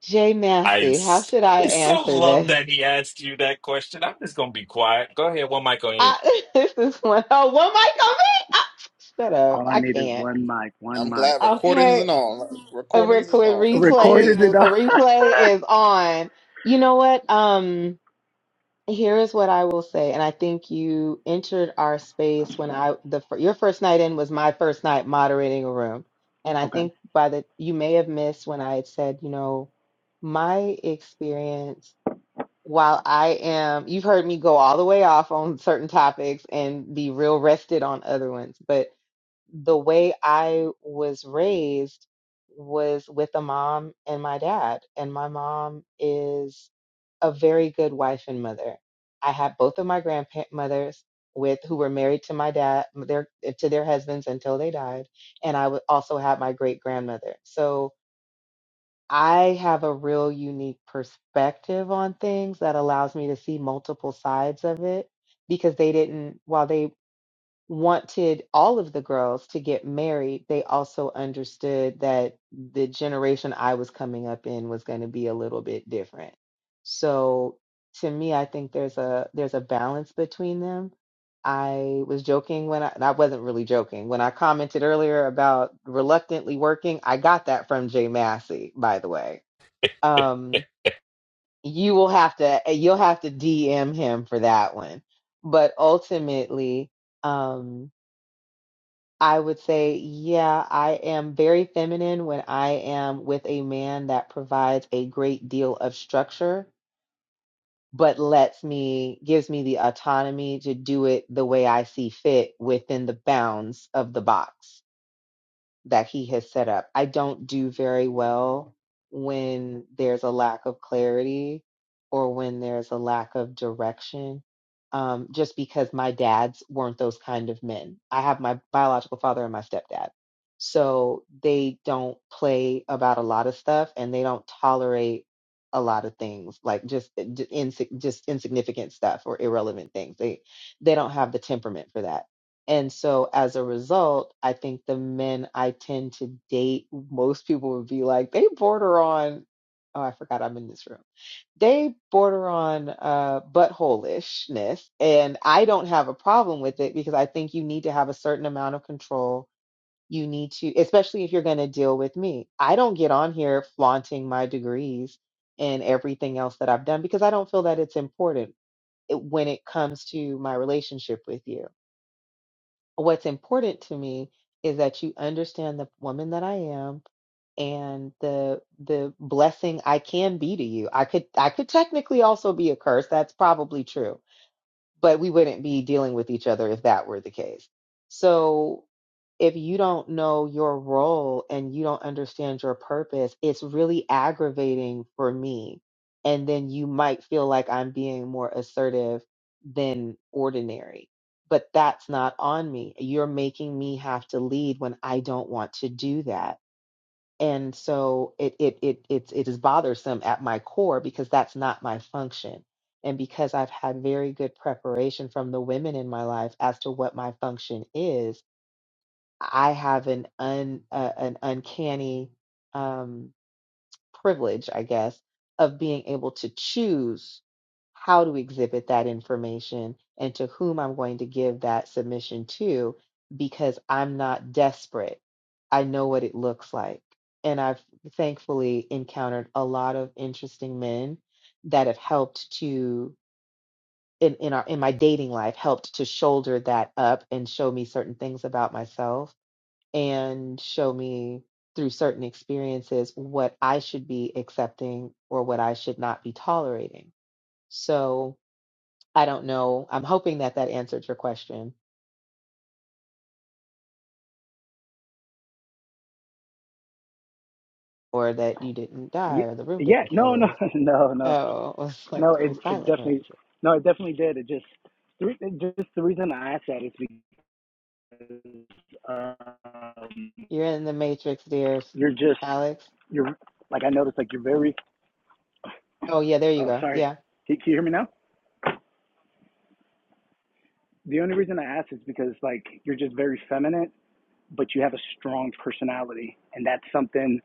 Speaker 10: Jay
Speaker 14: I,
Speaker 10: Massey, how
Speaker 14: s-
Speaker 10: should I
Speaker 14: I so
Speaker 10: answer
Speaker 14: love
Speaker 10: this?
Speaker 14: that he asked you that question. I'm just gonna be quiet. Go ahead, one mic on you.
Speaker 10: I, *laughs* this is one. Oh, one mic on me. Ah, shut up.
Speaker 17: All I
Speaker 10: I
Speaker 17: need is
Speaker 10: can't.
Speaker 17: one mic, one
Speaker 12: I'm
Speaker 17: mic.
Speaker 12: glad recordings
Speaker 10: Okay.
Speaker 12: and all.
Speaker 10: a
Speaker 12: Recordings is
Speaker 10: record
Speaker 12: on. Let's let's
Speaker 10: replays
Speaker 12: hear
Speaker 17: Recorded it
Speaker 10: is-
Speaker 12: this.
Speaker 10: a
Speaker 17: all.
Speaker 10: replay is on. You know what? Um, here is what I will say, and I think you entered our space when I the fir- your first night in was my first night moderating a room, and I
Speaker 17: *laughs* okay.
Speaker 10: think by the you may have missed when I had said, you know, my experience. While I am, you've heard me go all the way off on certain topics and be real rested on other ones, but the way I was raised was with a mom and my dad. And my mom is a very good wife and mother. I had both of my grandmothers with who were married to my dad, their to their husbands until they died, and I would also have my great grandmother. So I have a real unique perspective on things that allows me to see multiple sides of it because they didn't while they wanted all of the girls to get married, they also understood that the generation I was coming up in was going to be a little bit different. So to me, I think there's a there's a balance between them. I was joking when I, and I wasn't really joking when I commented earlier about reluctantly working. I got that from Jay Massey, by the way. Um, you will have to you'll have to DM him for that one. But ultimately, um, I would say, yeah, I am very feminine when I am with a man that provides a great deal of structure, but lets me, gives me the autonomy to do it the way I see fit within the bounds of the box that he has set up. I don't do very well when there's a lack of clarity or when there's a lack of direction, um, just because my dads weren't those kind of men. I have my biological father and my stepdad. So they don't play about a lot of stuff and they don't tolerate a lot of things like just eh, d- insi- just insignificant stuff or irrelevant things. They they don't have the temperament for that. And so as a result, I think the men I tend to date, most people would be like, they border on, oh, I forgot I'm in this room. They border on uh, buttholishness. And I don't have a problem with it because I think you need to have a certain amount of control. You need to, especially if you're going to deal with me. I don't get on here flaunting my degrees and everything else that I've done because I don't feel that it's important it- when it comes to my relationship with you what's important to me is that you understand the woman that I am and the the blessing I can be to you. I could I could technically also be a curse. That's probably true but we wouldn't be dealing with each other if that were the case. So if you don't know your role and you don't understand your purpose, it's really aggravating for me. And then you might feel like I'm being more assertive than ordinary. But that's not on me. You're making me have to lead when I don't want to do that and so it it it it it is bothersome at my core because that's not my function and because i've had very good preparation from the women in my life as to what my function is i have an un uh, an uncanny um privilege, I guess, of being able to choose how to exhibit that information and to whom I'm going to give that submission to because I'm not desperate. I know what it looks like. And I've thankfully encountered a lot of interesting men that have helped to in, in our in my dating life helped to shoulder that up and show me certain things about myself and show me through certain experiences what I should be accepting or what I should not be tolerating. So I don't know. I'm hoping that that answered your question or that you didn't die
Speaker 17: Yeah,
Speaker 10: or the room
Speaker 17: yeah.
Speaker 10: didn't
Speaker 17: No, no,
Speaker 10: close.
Speaker 17: *laughs* no, no,
Speaker 10: Oh, *laughs* it's like
Speaker 17: no. It
Speaker 10: very
Speaker 17: it
Speaker 10: silent around
Speaker 17: definitely
Speaker 10: here.
Speaker 17: no, it definitely did. It just the re- it just the reason I asked that is because
Speaker 10: You're in the matrix, dear
Speaker 17: You're just
Speaker 10: Alex.
Speaker 17: you're like I noticed like you're very
Speaker 10: Oh, yeah, there you
Speaker 17: oh
Speaker 10: go.
Speaker 17: sorry.
Speaker 10: Yeah,
Speaker 17: Can you hear me now? The only reason I ask is because like you're just very feminine, but you have a strong personality, and that's something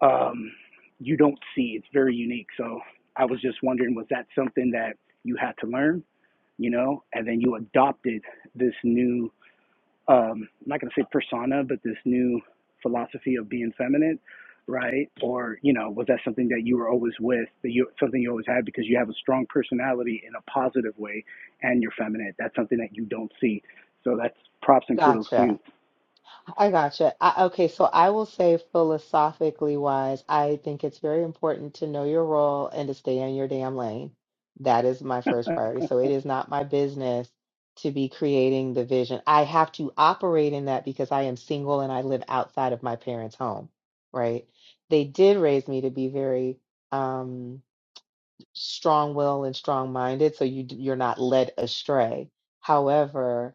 Speaker 17: um you don't see. It's very unique. So I was just wondering, was that something that you had to learn, you know, and then you adopted this new um, I'm not going to say persona, but this new philosophy of being feminine, right? Or you know, was that something that you were always with, that you something you always had because you have a strong personality in a positive way, and you're feminine. That's something that you don't see. So that's props and kudos to
Speaker 10: gotcha.
Speaker 17: you.
Speaker 10: I gotcha. I, okay, so I will say philosophically wise, I think it's very important to know your role and to stay in your damn lane. That is my
Speaker 17: *laughs*
Speaker 10: first priority. So it is not my business to be creating the vision. I have to operate in that because I am single and I live outside of my parents' home, right? They did raise me to be very um, strong-willed and strong-minded, so you d- you're not led astray. However,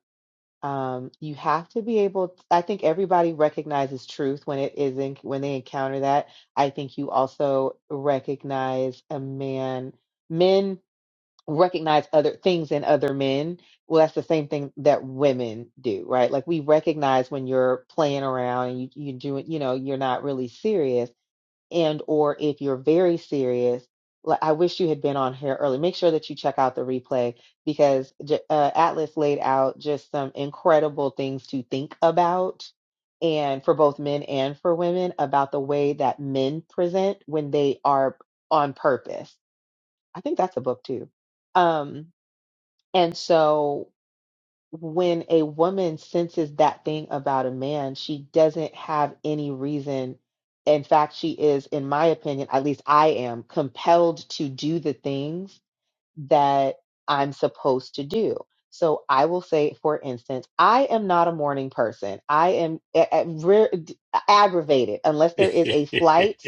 Speaker 10: um, you have to be able I think everybody recognizes truth when it isn't when they encounter that. I think you also recognize a man men recognize other things in other men. Well, that's the same thing that women do, right? Like we recognize when you're playing around and you you doing, you know, you're not really serious and or if you're very serious like i wish you had been on here early make sure that you check out the replay because J- uh, atlas laid out just some incredible things to think about and for both men and for women about the way that men present when they are on purpose i think that's a book too um and so when a woman senses that thing about a man, she doesn't have any reason. In fact, she is, in my opinion, at least I am, compelled to do the things that I'm supposed to do. So I will say, for instance, I am not a morning person. I am a- a- rare- aggravated unless
Speaker 14: *laughs*
Speaker 10: there
Speaker 14: I
Speaker 10: is a flight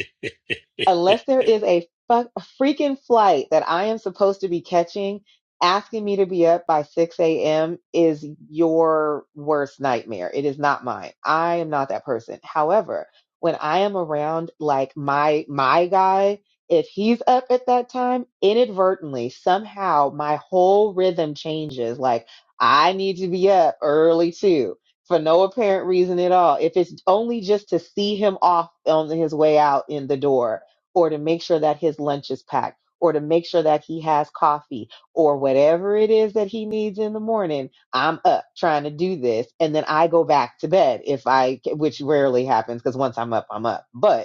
Speaker 10: unless there is a, fuck, a freaking flight that I am supposed to be catching, asking me to be up by 6 a.m. is your worst nightmare. It is not mine. I am not that person. However, when I am around like my my guy, if he's up at that time, inadvertently, somehow my whole rhythm changes. Like I need to be up early too. For no apparent reason at all. If it's only just to see him off on his way out in the door, or to make sure that his lunch is packed or to make sure that he has coffee or whatever it is that he needs in the morning i'm up trying to do this and then i go back to bed if i which rarely happens because once i'm up i'm up but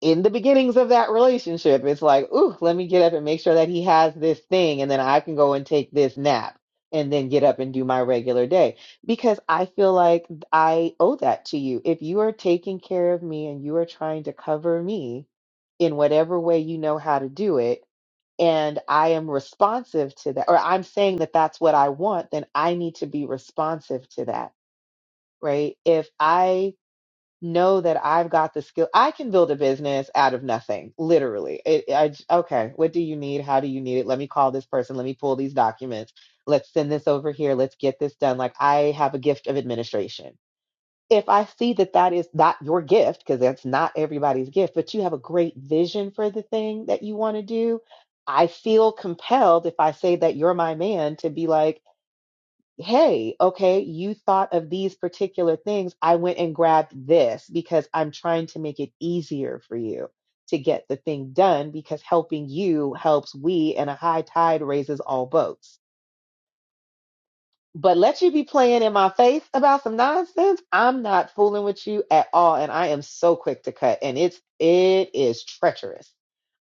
Speaker 10: in the beginnings of that relationship, it's like, ooh, let me get up and make sure that he has this thing, and then I can go and take this nap and then get up and do my regular day. Because I feel like I owe that to you. If you are taking care of me and you are trying to cover me in whatever way you know how to do it, and I am responsive to that, or I'm saying that that's what I want, then I need to be responsive to that, right? If I know that I've got the skill. I can build a business out of nothing, literally. It, I, j- okay, what do you need? How do you need it? Let me call this person. Let me pull these documents. Let's send this over here. Let's get this done. Like I have a gift of administration. If I see that that is not your gift, because that's not everybody's gift, but you have a great vision for the thing that you want to do, I feel compelled if I say that you're my man to be like, hey, okay, you thought of these particular things. I went and grabbed this because I'm trying to make it easier for you to get the thing done because helping you helps we, and a high tide raises all boats. But let you be playing in my face about some nonsense. I'm not fooling with you at all. And I am so quick to cut. And it's it is treacherous.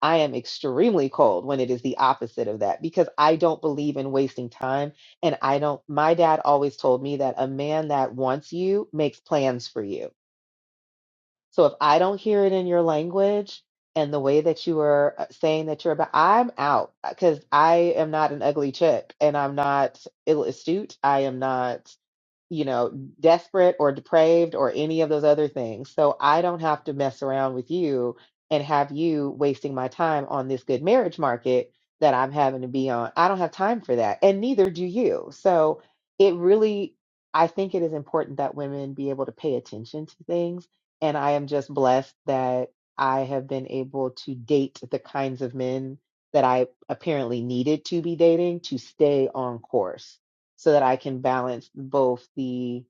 Speaker 10: I am extremely cold when it is the opposite of that because I don't believe in wasting time. And I don't my dad always told me that a man that wants you makes plans for you so if I don't hear it in your language and the way that you are uh, saying that you're about, I'm out because I am not an ugly chick and I'm not ill astute. I am not, you know, desperate or depraved or any of those other things. So I don't have to mess around with you and have you wasting my time on this good marriage market that I'm having to be on. I don't have time for that. And neither do you. So it really, I think it is important that women be able to pay attention to things and I am just blessed that I have been able to date the kinds of men that I apparently needed to be dating to stay on course so that I can balance both the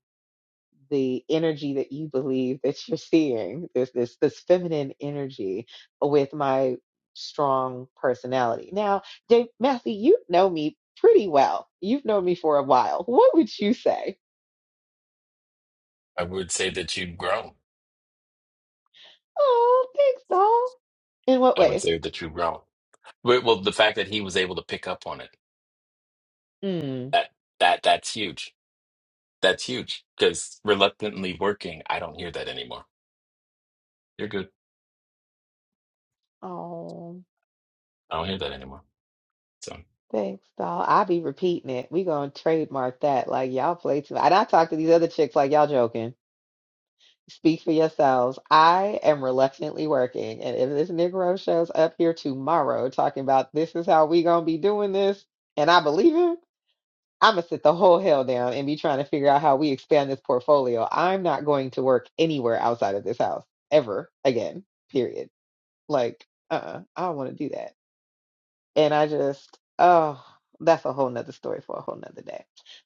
Speaker 10: the energy that you believe that you're seeing, this this this feminine energy with my strong personality. Now, Dave Matthew, you know me pretty well. You've known me for a while. What would you say?
Speaker 14: would say that you've grown.
Speaker 10: Oh, thanks, doll. In what
Speaker 14: I would
Speaker 10: ways?
Speaker 14: say that you've grown. But, well, the fact that he was able to pick up on it,
Speaker 10: Hmm.
Speaker 14: that that that's huge. That's huge because reluctantly working, I don't hear that anymore. You're good.
Speaker 10: Oh,
Speaker 14: I don't hear that anymore. So,
Speaker 10: thanks, doll. I'll be repeating it. We gonna trademark that. Like y'all play too. And I talk to these other chicks like y'all joking. Speak for yourselves. I am reluctantly working, and if this Negro shows up here tomorrow talking about this is how we gonna be doing this, and I believe him, I'm gonna sit the whole hell down and be trying to figure out how we expand this portfolio. I'm not going to work anywhere outside of this house ever again. Period. Like, uh-uh, I don't want to do that. And I just, oh, that's a whole nother story for a whole nother day.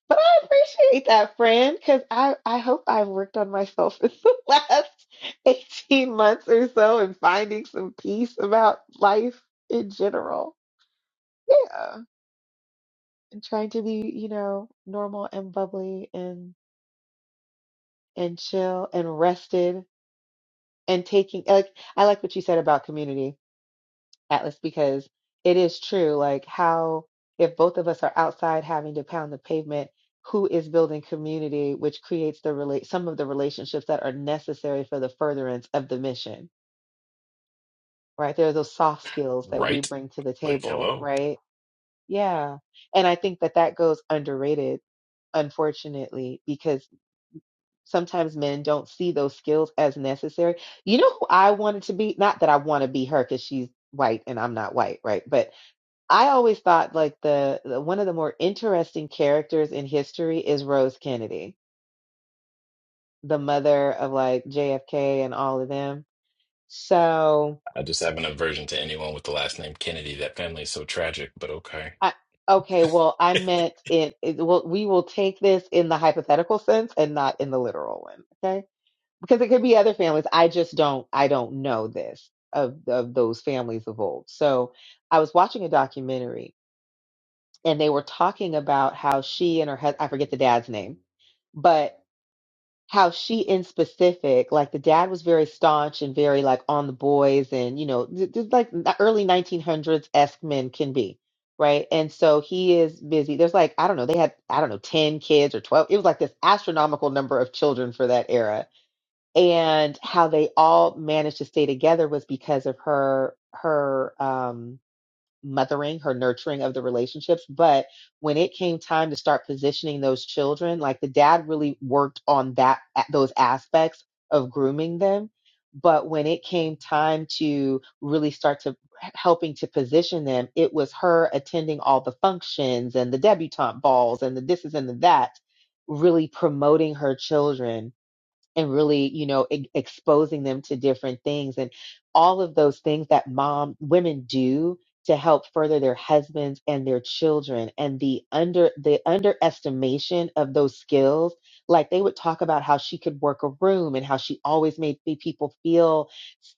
Speaker 10: But I appreciate that, friend, because I, I hope I've worked on myself *laughs* in the last 18 months or so and finding some peace about life in general. Yeah. And trying to be, you know, normal and bubbly and and chill and rested and taking like I like what you said about community Atlas, because it is true. Like, how, if both of us are outside having to pound the pavement, who is building community, which creates the relate some of the relationships that are necessary for the furtherance of the mission, right? There are those soft skills that we
Speaker 14: right?
Speaker 10: bring to the
Speaker 14: Like,
Speaker 10: table,
Speaker 14: hello.
Speaker 10: right? Yeah. And I think that that goes underrated unfortunately, because sometimes men don't see those skills as necessary. You know who I wanted to be? Not that I want to be her because she's white and I'm not white, right? But I always thought like the, the one of the more interesting characters in history is Rose Kennedy, the mother of like JFK and all of them. So
Speaker 14: I just have an aversion to anyone with the last name Kennedy. That family is so tragic, but okay.
Speaker 10: I okay, well I meant in it, well we will take this in the hypothetical sense and not in the literal one, okay? Because it could be other families. I just don't I don't know this of of those families of old. So I was watching a documentary and they were talking about how she and her husband I forget the dad's name but. how she in specific, like the dad was very staunch and very like on the boys and you know, th- th- like the early 1900s esque men can be, right? And so he is busy. There's like I don't know, they had I don't know 10 kids or 12. It was like this astronomical number of children for that era. And how they all managed to stay together was because of her her um, mothering, her nurturing of the relationships. But when it came time to start positioning those children, like the dad really worked on that those aspects of grooming them. But when it came time to really start to helping to position them, it was her attending all the functions and the debutante balls and the this is and the that, really promoting her children and really you know e- exposing them to different things and all of those things that mom women do to help further their husbands and their children and the under the underestimation of those skills like they would talk about how she could work a room and how she always made the people feel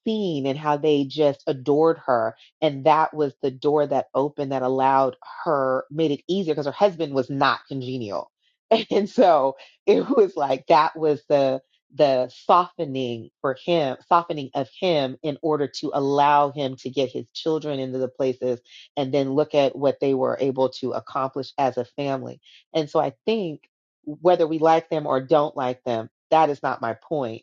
Speaker 10: seen and how they just adored her and that was the door that opened that allowed her made it easier because her husband was not congenial *laughs* and so it was like that was the the softening for him, softening of him in order to allow him to get his children into the places and then look at what they were able to accomplish as a family. And so I think whether we like them or don't like them, that is not my point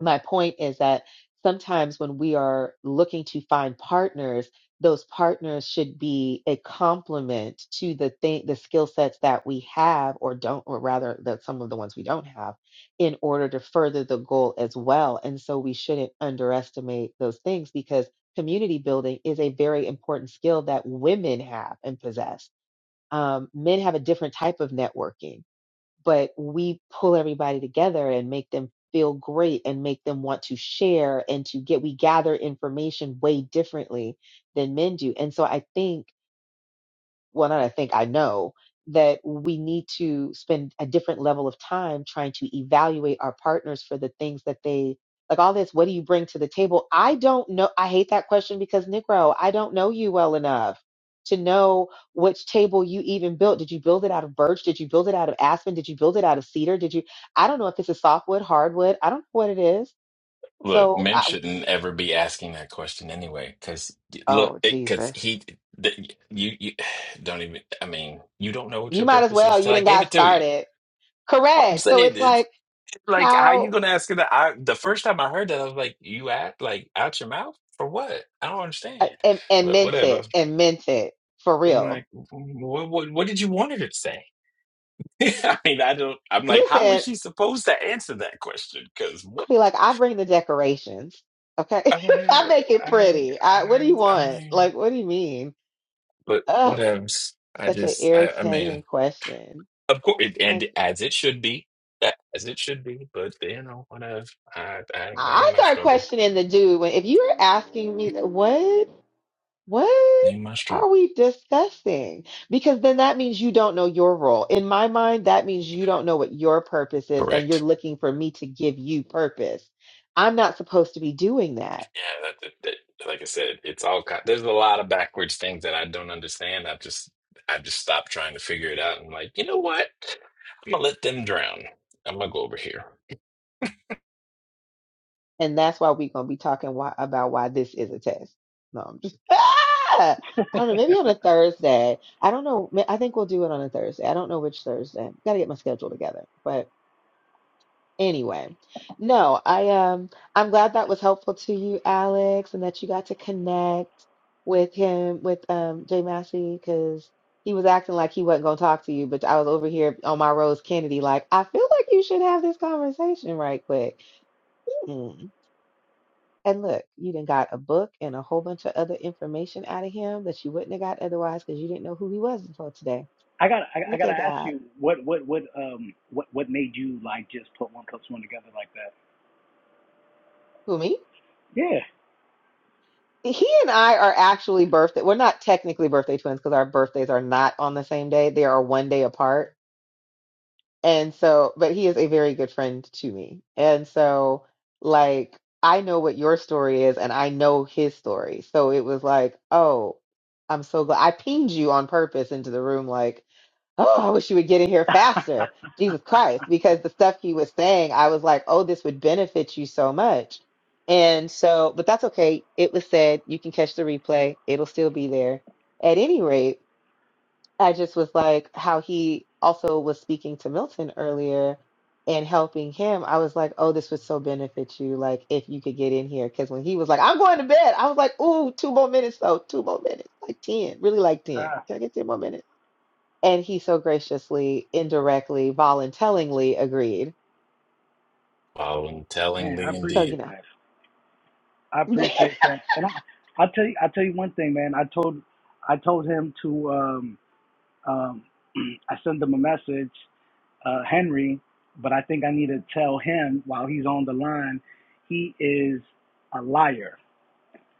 Speaker 10: my point is that sometimes when we are looking to find partners those partners should be a complement to the thing the skill sets that we have or don't or rather that some of the ones we don't have in order to further the goal as well and so we shouldn't underestimate those things because community building is a very important skill that women have and possess um, men have a different type of networking but we pull everybody together and make them feel great and make them want to share and to get we gather information way differently than men do and so i think well, not I think I know that we need to spend a different level of time trying to evaluate our partners for the things that they like all this, what do you bring to the table? I don't know. I hate that question because Negro, I don't know you well enough to know which table you even built. Did you build it out of birch? Did you build it out of aspen? Did you build it out of cedar? Did you, I don't know if it's a softwood, hardwood. I don't know what it is.
Speaker 14: Look,
Speaker 10: So
Speaker 14: men
Speaker 10: I,
Speaker 14: shouldn't ever be asking that question anyway, because look,
Speaker 10: oh
Speaker 14: because
Speaker 10: Jesus,
Speaker 14: he, the, you, you *sighs* don't even. I mean, you don't know what
Speaker 10: you
Speaker 14: your
Speaker 10: might as
Speaker 14: purpose
Speaker 10: well.
Speaker 14: is till
Speaker 10: You
Speaker 14: I
Speaker 10: done
Speaker 14: gave
Speaker 10: got
Speaker 14: it to you.
Speaker 10: started.
Speaker 14: All I'm
Speaker 10: Correct. So
Speaker 14: saying
Speaker 10: it's
Speaker 14: is,
Speaker 10: like,
Speaker 14: like, how
Speaker 10: how?
Speaker 14: you gonna ask her that? I, the first time I heard that, I was like, you act like out your mouth for what? I don't understand.
Speaker 10: uh, and, and
Speaker 14: But
Speaker 10: meant
Speaker 14: whatever.
Speaker 10: it and mint it for
Speaker 14: I'm like,
Speaker 10: real.
Speaker 14: what, what, what did you want her to say? *laughs* I mean, I don't. I'm like, how is
Speaker 10: Listen,
Speaker 14: she supposed to answer that question? Because
Speaker 10: I
Speaker 14: what?
Speaker 10: be like, I bring the decorations. Okay.
Speaker 14: I'm
Speaker 10: *laughs* I
Speaker 14: like,
Speaker 10: make it
Speaker 14: I,
Speaker 10: pretty. I, what
Speaker 14: I,
Speaker 10: do you
Speaker 14: I
Speaker 10: want?
Speaker 14: mean.
Speaker 10: Like, what do you mean?
Speaker 14: but
Speaker 10: Oh,
Speaker 14: whatevs. I
Speaker 10: such an
Speaker 14: just, I, I mean,
Speaker 10: irritating question.
Speaker 14: of course, it,
Speaker 10: Such,
Speaker 14: and as it should be, a- as it should be. But you know, whatever. I, I that
Speaker 10: I
Speaker 14: ain't my
Speaker 10: start
Speaker 14: struggle.
Speaker 10: questioning the dude when, if you were asking me that, what? What
Speaker 14: Ain't my struggle.
Speaker 10: are we discussing? Because then that means you don't know your role. In my mind, that means you don't know what your purpose is and you're
Speaker 14: Correct.
Speaker 10: looking for me to give you purpose. I'm not supposed to be doing that.
Speaker 14: Yeah. That, that, that, like I said, it's all. ki- There's a lot of backwards things that I don't understand. I've just, I've just stopped trying to figure it out. I'm like, you know what? I'm gonna let them drown. I'm gonna go over here.
Speaker 10: And that's why we're going to be talking why, about why this is a test. No, I'm just, *laughs* Ah! I don't know. Maybe on a Thursday. I don't know. Ma- I think we'll do it on a Thursday. I don't know which Thursday. Got to get my schedule together. Anyway, no, I um I'm glad that was helpful to you, Alex, and that you got to connect with him with um Jay Massey because he was acting like he wasn't gonna talk to you, but I was over here on my Rose Kennedy, like I feel like you should have this conversation right quick. Mm. And look, you done got a book and a whole bunch of other information out of him that you wouldn't have got otherwise because you didn't know who he was until today.
Speaker 17: I got I, I
Speaker 10: Look
Speaker 17: got to
Speaker 10: at
Speaker 17: ask
Speaker 10: God.
Speaker 17: you what what what um what what made you like just put one plus one together like that?
Speaker 10: Who me?
Speaker 17: Yeah.
Speaker 10: he and I are actually birthday. We're not technically birthday twins because our birthdays are not on the same day. They are one day apart. And so, but he is a very good friend to me. And so, like, I know what your story is and I know his story. So it was like, oh, I'm so glad I pinged you on purpose into the room. like oh, I wish you would get in here faster.
Speaker 17: *laughs*
Speaker 10: Jesus Christ. Because the stuff he was saying, I was like, oh, this would benefit you so much. And so, but that's okay. It was said, you can catch the replay, it'll still be there. At any rate, I just was like, how he also was speaking to Milton earlier and helping him. I was like, oh, this would so benefit you. Like, if you could get in here. Because when he was like, I'm going to bed, I was like, ooh, two more minutes, though, two more minutes, like 10, really like 10.
Speaker 17: Ah,
Speaker 10: Can I get 10 more minutes? And he so graciously, indirectly, voluntarily agreed.
Speaker 14: Following
Speaker 17: man, I
Speaker 14: tellingly,
Speaker 10: So, you
Speaker 17: appreciate
Speaker 14: indeed.
Speaker 17: that. I
Speaker 10: know,
Speaker 17: appreciate that. And I, I'll tell you, I'll tell you one thing, man. I told, I told him to, um, um, *clears throat* I sent him a message, uh, Henry, but I think I need to tell him while he's on the line, he is a liar,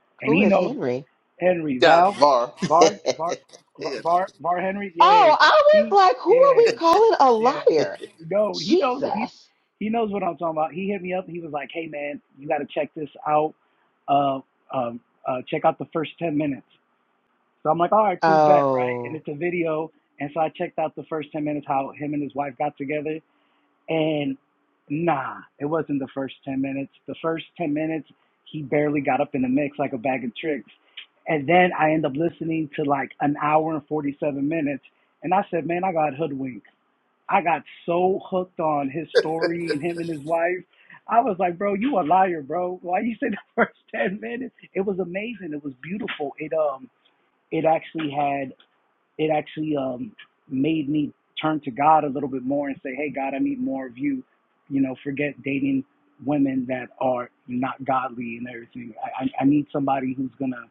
Speaker 10: *laughs*
Speaker 17: and
Speaker 10: who
Speaker 17: he
Speaker 10: is
Speaker 17: knows
Speaker 10: Henry?
Speaker 17: Henry
Speaker 12: Got
Speaker 17: Val,
Speaker 12: Var.
Speaker 17: Var,
Speaker 12: *laughs*
Speaker 17: Var, Var,
Speaker 12: Yeah.
Speaker 17: Var, Var Henry. Yeah,
Speaker 10: Oh, I was
Speaker 17: he,
Speaker 10: like, who are
Speaker 17: yeah.
Speaker 10: we calling a
Speaker 17: Yeah.
Speaker 10: liar?
Speaker 17: No, he knows he
Speaker 10: Jesus.
Speaker 17: he knows what I'm talking about. He hit me up. He was like, "Hey man, you got to check this out. Uh, um, uh, check out the first ten minutes." So I'm like, "All right, cool bet, right?" And
Speaker 10: Oh,
Speaker 17: it's a video, and so I checked out the first ten minutes how him and his wife got together, and nah, it wasn't the first ten minutes. The first ten minutes, he barely got up in the mix like a bag of tricks, and then I end up listening to like an hour and forty seven minutes, and I said, "Man, I got hoodwinked." I got so hooked on his story and him and his wife. I was like, bro, you a liar, bro. Why you say *laughs* the first ten minutes? It was amazing. It was beautiful. It um it actually had it actually um made me turn to God a little bit more and say, Hey God, I need more of you. You know, forget dating women that are not godly and everything. I I, I need somebody who's gonna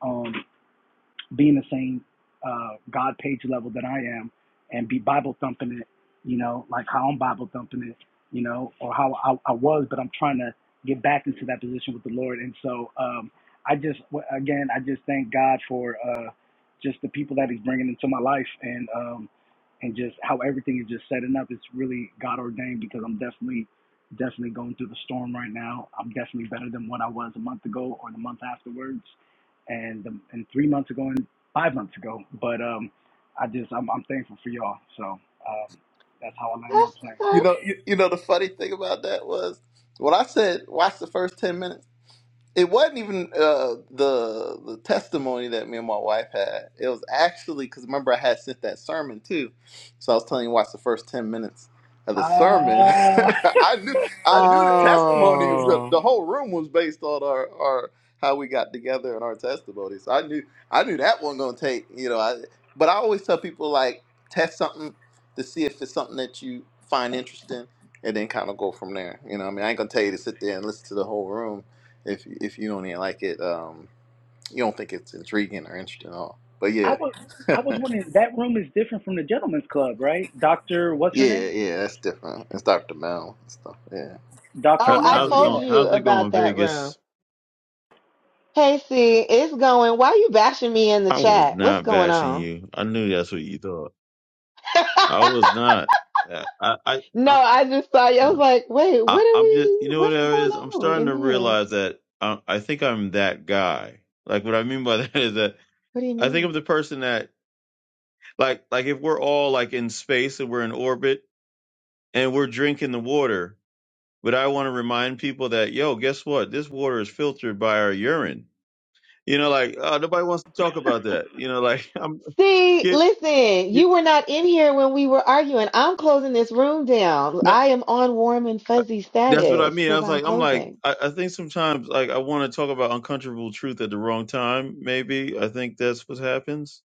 Speaker 17: um be in the same uh, God page level that I am and be Bible thumping it, you know, like how I'm Bible thumping it, you know, or how I, I was, but I'm trying to get back into that position with the Lord. And so um, I just, again, I just thank God for uh, just the people that He's bringing into my life and um, and just how everything is just setting up. It's really God ordained because I'm definitely definitely going through the storm right now. I'm definitely better than what I was a month ago or the month afterwards and the, and three months ago and five months ago. But um, I just I'm, I'm thankful for y'all. So um, that's how I land my
Speaker 10: that's
Speaker 17: plane.
Speaker 10: what's
Speaker 12: you
Speaker 10: up.
Speaker 12: know, you, you know the funny thing about that was when I said watch the first ten minutes. it wasn't even uh, the the testimony that me and my wife had. It was actually because remember I had sent that sermon too, so I was telling you watch the first ten minutes of
Speaker 17: Uh,
Speaker 12: the
Speaker 17: *laughs*
Speaker 12: sermon. *laughs* I knew I knew the testimony was gonna,
Speaker 10: Oh,
Speaker 12: the whole room was based on our our how we got together and our testimonies. I knew I knew that wasn't gonna take you know. I but I always tell people like test something to see if it's something that you find interesting. And then kind of go from there. You know, what I mean, I ain't gonna tell you to sit there and listen to the whole room if if you don't even like it, um, you don't think it's intriguing or interesting at all. But
Speaker 17: I
Speaker 12: yeah,
Speaker 17: was
Speaker 12: *laughs*
Speaker 17: I was
Speaker 12: yeah,
Speaker 17: wondering that room is different from the gentleman's club, right? Doctor, what's her name?
Speaker 12: yeah, that's different. It's Dr. Mel and stuff. Yeah.
Speaker 17: Doctor
Speaker 19: How,
Speaker 10: oh, I
Speaker 17: Mel.
Speaker 19: how's it
Speaker 10: told
Speaker 19: going?
Speaker 17: Yeah,
Speaker 10: you
Speaker 19: How's it going,
Speaker 10: about that room.
Speaker 19: Vegas?
Speaker 10: Hey, see, it's going. Why are you bashing me in the
Speaker 19: I was
Speaker 10: chat? What's
Speaker 19: not
Speaker 10: going
Speaker 19: bashing
Speaker 10: on?
Speaker 19: you. I knew that's what you thought. I was not. I, I, I,
Speaker 10: No,
Speaker 19: I
Speaker 10: I just saw you. I was like, wait, what
Speaker 19: I,
Speaker 10: are
Speaker 19: I'm just,
Speaker 10: we?
Speaker 19: you know what
Speaker 10: What's
Speaker 19: it
Speaker 10: going
Speaker 19: is? I'm
Speaker 10: on
Speaker 19: starting
Speaker 10: in
Speaker 19: to
Speaker 10: there?
Speaker 19: realize that I, I think I'm that guy. Like what I mean by *laughs* that is that
Speaker 10: What do you
Speaker 19: I
Speaker 10: mean?
Speaker 19: think I'm the person that, like, like if we're all like in space and we're in orbit and we're drinking the water, but I want to remind people that, yo, guess what? This water is filtered by our urine. You know, like uh, nobody wants to talk about that. You know, like *laughs* I'm.
Speaker 10: See,
Speaker 19: yeah,
Speaker 10: listen,
Speaker 19: Yeah,
Speaker 10: you were not in here when we were arguing. I'm closing this room down.
Speaker 19: no,
Speaker 10: I am on warm and fuzzy
Speaker 19: that's what I
Speaker 10: status
Speaker 19: mean. I
Speaker 10: because
Speaker 19: was
Speaker 10: I'm
Speaker 19: like, I'm like,
Speaker 10: closing.
Speaker 19: I, I think sometimes like I want to talk about uncomfortable truth at the wrong time. Maybe I think that's what happens,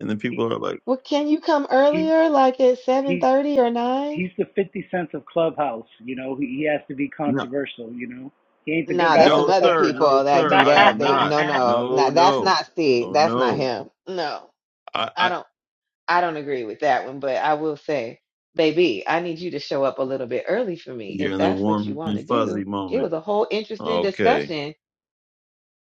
Speaker 19: and then
Speaker 17: he,
Speaker 19: people are like,
Speaker 10: Well, can you come
Speaker 17: he
Speaker 10: earlier, like at
Speaker 17: he's
Speaker 10: 7:30 or 9?
Speaker 17: he's the fifty cents of clubhouse. You know, he, he has to be
Speaker 19: no,
Speaker 17: controversial. You know, he ain't the good
Speaker 10: No,
Speaker 17: guy
Speaker 10: that's
Speaker 17: or
Speaker 10: some
Speaker 17: the
Speaker 19: no,
Speaker 10: other
Speaker 17: bad
Speaker 19: sir,
Speaker 17: guy.
Speaker 19: no,
Speaker 10: people that
Speaker 19: sir,
Speaker 10: do
Speaker 19: I
Speaker 10: that.
Speaker 19: am
Speaker 10: They
Speaker 19: not.
Speaker 10: no, no,
Speaker 19: No,
Speaker 10: no, that's
Speaker 19: no,
Speaker 10: not Steve.
Speaker 19: no,
Speaker 10: That's not
Speaker 19: no.
Speaker 10: him. No,
Speaker 19: I,
Speaker 10: I
Speaker 19: I
Speaker 10: don't, I don't agree with that one. But I will say, baby, I need you to show up a little bit early for me
Speaker 19: you're
Speaker 10: if
Speaker 19: in the
Speaker 10: that's what you
Speaker 19: warm
Speaker 10: want
Speaker 19: and
Speaker 10: to
Speaker 19: fuzzy
Speaker 10: do. It was
Speaker 19: moment.
Speaker 10: a whole interesting
Speaker 19: Okay.
Speaker 10: discussion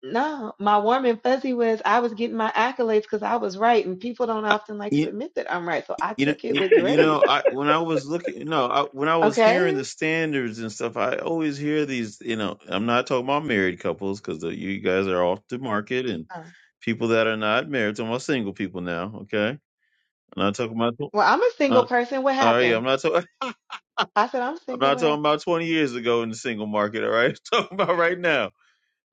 Speaker 10: No, my warm and fuzzy was I was getting my accolades because I was right, and people don't often like to admit that I'm right. So I
Speaker 19: You know,
Speaker 10: took it
Speaker 19: you,
Speaker 10: with
Speaker 19: you
Speaker 10: grace.
Speaker 19: know, I
Speaker 17: *laughs*
Speaker 19: when I was looking, no, I, when I was hearing
Speaker 10: Okay.
Speaker 19: the standards and stuff, I always hear these. You know, I'm not talking about married couples because you guys are off the market and
Speaker 10: Uh,
Speaker 19: people that are not married. I'm talking about single people now. Okay, I'm not talking about.
Speaker 10: Well, I'm a single
Speaker 19: Uh,
Speaker 10: person. What
Speaker 19: all right, I'm
Speaker 10: happened?
Speaker 19: not talking. *laughs*
Speaker 10: I said I'm
Speaker 19: I'm
Speaker 10: single.
Speaker 19: not
Speaker 10: What
Speaker 19: talking
Speaker 10: happened?
Speaker 19: about 20 years ago in the single market. All right, *laughs* I'm talking about right now.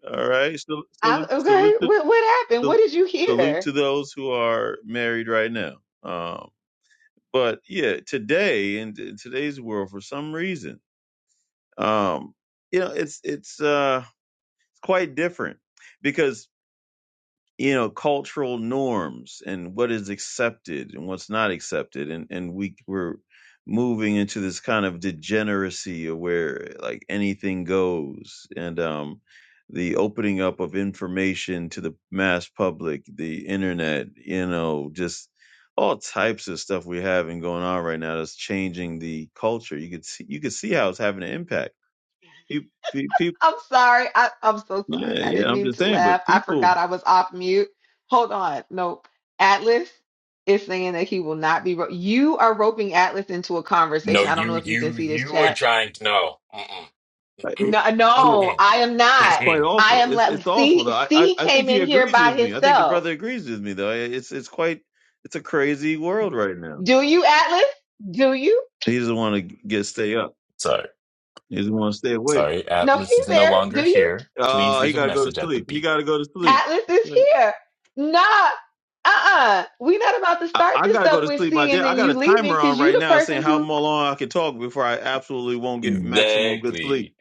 Speaker 19: All right, salute,
Speaker 10: I
Speaker 19: salute, salute,
Speaker 10: okay.
Speaker 19: to-
Speaker 10: What what happened? What did you
Speaker 19: salute
Speaker 10: hear?
Speaker 19: to those who are married right now. um, But yeah, today in, in today's world, for some reason, um, you know, it's it's uh, quite different because you know cultural norms and what is accepted and what's not accepted and and we we're moving into this kind of degeneracy of where like anything goes and um the opening up of information to the mass public the internet you know just all types of stuff we having going on right now that's changing the culture you could see you could see how it's having an impact people, people
Speaker 10: I'm sorry. I, I'm so sorry.
Speaker 19: yeah
Speaker 10: I
Speaker 19: yeah
Speaker 10: didn't
Speaker 19: i'm
Speaker 10: mean
Speaker 19: just
Speaker 10: to
Speaker 19: saying
Speaker 10: laugh.
Speaker 19: but
Speaker 10: I
Speaker 19: people
Speaker 10: forgot I was off mute. Hold on. Nope. Atlas is saying that he will not be. Ro- you are roping Atlas into a
Speaker 14: No,
Speaker 10: conversation. I don't know
Speaker 14: you,
Speaker 10: if you can
Speaker 14: you,
Speaker 10: see this
Speaker 14: you are
Speaker 10: chat
Speaker 14: trying to. No. Mm-mm,
Speaker 19: like,
Speaker 14: mm-mm,
Speaker 10: No, no,
Speaker 14: mm-mm,
Speaker 10: I am
Speaker 19: It's
Speaker 10: not.
Speaker 19: quite
Speaker 14: mm-mm.
Speaker 10: I
Speaker 19: awful.
Speaker 10: am
Speaker 19: It's
Speaker 10: let
Speaker 19: it's awful though.
Speaker 10: C
Speaker 19: I, I
Speaker 10: C
Speaker 19: I think
Speaker 10: came
Speaker 19: he
Speaker 10: in here
Speaker 19: agrees
Speaker 10: by
Speaker 19: with me. I think the
Speaker 10: himself.
Speaker 19: brother agrees with me though. It's it's quite it's a crazy world right now.
Speaker 10: Do you, Atlas? Do you?
Speaker 19: He doesn't want to get stay up.
Speaker 14: Sorry.
Speaker 19: He doesn't want to stay awake.
Speaker 14: Sorry,
Speaker 10: No,
Speaker 14: Atlas
Speaker 10: he's
Speaker 14: is no
Speaker 10: there. Do
Speaker 14: longer
Speaker 10: you?
Speaker 14: here. Please
Speaker 19: Uh, he
Speaker 14: leave a
Speaker 19: got to go to
Speaker 14: message at the
Speaker 19: sleep. He
Speaker 14: beep.
Speaker 19: got to go to sleep.
Speaker 14: Beep.
Speaker 10: Atlas is here. Nah. Uh-uh. We're not about to
Speaker 19: I,
Speaker 10: start
Speaker 19: I got
Speaker 10: this
Speaker 19: to go
Speaker 10: up
Speaker 19: to
Speaker 10: with
Speaker 19: sleep. My
Speaker 10: C
Speaker 19: dad.
Speaker 10: and
Speaker 19: I
Speaker 10: then
Speaker 19: got a
Speaker 10: you leaving
Speaker 19: timer on
Speaker 10: because you
Speaker 19: right
Speaker 10: the
Speaker 19: now saying
Speaker 10: person
Speaker 19: how
Speaker 10: who
Speaker 19: long I can talk before I absolutely won't get maximum good sleep.
Speaker 14: Exactly.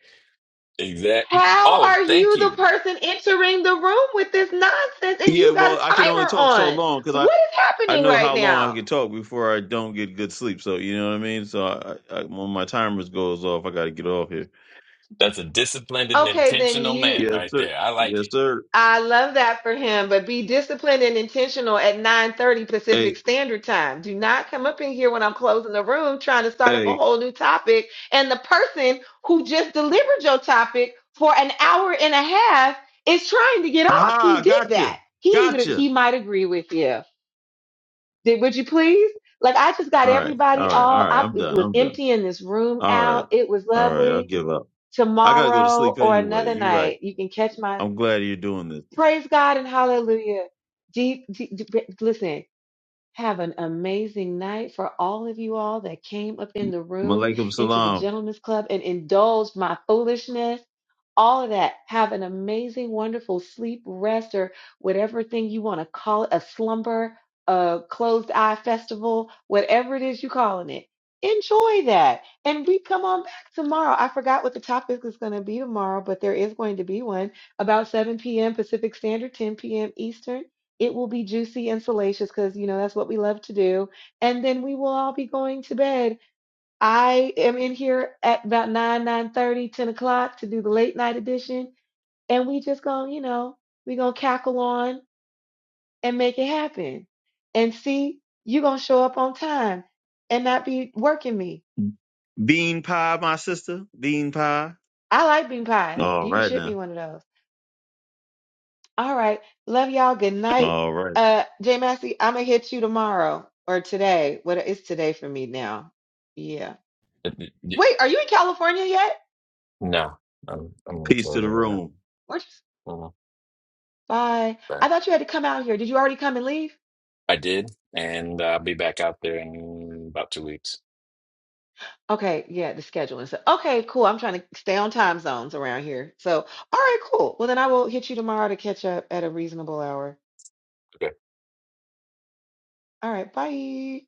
Speaker 14: Exact.
Speaker 10: how
Speaker 14: Oh,
Speaker 10: are
Speaker 14: thank
Speaker 10: you the
Speaker 14: you.
Speaker 10: person entering the room with this nonsense and
Speaker 19: Yeah,
Speaker 10: you got a
Speaker 19: well, I can only
Speaker 10: timer
Speaker 19: talk so
Speaker 10: on?
Speaker 19: long because I.
Speaker 10: What is
Speaker 19: I
Speaker 10: happening
Speaker 19: know
Speaker 10: right
Speaker 19: how long I
Speaker 10: now?
Speaker 19: can talk before I don't get good sleep. So you know what I mean. So I, I, when my timers goes off, I got to get off here.
Speaker 14: That's a disciplined and
Speaker 10: Okay, then
Speaker 14: intentional
Speaker 10: you.
Speaker 14: man
Speaker 19: Yes,
Speaker 14: right
Speaker 19: sir.
Speaker 14: there. I like
Speaker 19: Yes,
Speaker 14: it.
Speaker 19: sir.
Speaker 10: I love that for him, but be disciplined and intentional at 9:30
Speaker 19: Hey,
Speaker 10: Pacific Standard Time. Do not come up in here when I'm closing the room trying to start up a
Speaker 19: hey.
Speaker 10: whole new topic and the person who just delivered your topic for an hour and a half is trying to get off. He
Speaker 19: Ah,
Speaker 10: did
Speaker 19: gotcha.
Speaker 10: that. He would
Speaker 19: Gotcha.
Speaker 10: he might agree with you. Did would you please? Like I just got
Speaker 19: All right.
Speaker 10: everybody
Speaker 19: All right.
Speaker 10: all
Speaker 19: All right.
Speaker 10: I
Speaker 19: I'm
Speaker 10: it
Speaker 19: done.
Speaker 10: was
Speaker 19: I'm done.
Speaker 10: emptying this room
Speaker 19: All right.
Speaker 10: out. It was
Speaker 19: All right. I'll
Speaker 10: lovely.
Speaker 19: give up. I gotta go to sleep
Speaker 10: Tomorrow or
Speaker 19: anyway.
Speaker 10: another
Speaker 19: You're right.
Speaker 10: night, you can catch my
Speaker 19: I'm glad you're doing this.
Speaker 10: Praise God and hallelujah. Deep, deep, deep- listen, have an amazing night for all of you all that came up in the room
Speaker 19: Malaikum
Speaker 10: into the
Speaker 19: salam.
Speaker 10: Gentlemen's Club and indulged my foolishness. All of that. Have an amazing, wonderful sleep, rest, or whatever thing you want to call it a slumber, a closed eye festival, whatever it is you're calling it. Enjoy that. And we come on back tomorrow. I forgot what the topic is going to be tomorrow, but there is going to be one about 7 p.m. Pacific Standard, 10 p.m. Eastern. It will be juicy and salacious because, you know, that's what we love to do. And then we will all be going to bed. I am in here at about 9, nine thirty, ten o'clock to do the late night edition. And we just going, to you know, we going to cackle on and make it happen. And see, you going to show up on time and not be working me.
Speaker 19: Bean pie, my sister. Bean pie.
Speaker 10: I like bean pies.
Speaker 19: All
Speaker 10: You can
Speaker 19: right
Speaker 10: ship
Speaker 19: now.
Speaker 10: me one of those. All right. Love y'all. Good night.
Speaker 19: All right.
Speaker 10: Uh, Jay Massey, I'm gonna hit you tomorrow or today. What it's today for me now. Yeah.
Speaker 14: Uh, y- y-
Speaker 10: Wait, are you in California yet?
Speaker 14: No, I'm, I'm in
Speaker 19: Peace to the
Speaker 14: Florida right now.
Speaker 19: room.
Speaker 10: Where'd you-
Speaker 14: Mhm.
Speaker 10: Bye.
Speaker 14: But
Speaker 10: I thought you had to come out here. Did you already come and leave?
Speaker 14: I did, and I'll be back out there in about two weeks.
Speaker 10: Okay. Yeah, the schedule and stuff. Okay, cool. I'm trying to stay on time zones around here. So, all right, cool. Well, then I will hit you tomorrow to catch up at a reasonable hour. All right. Bye.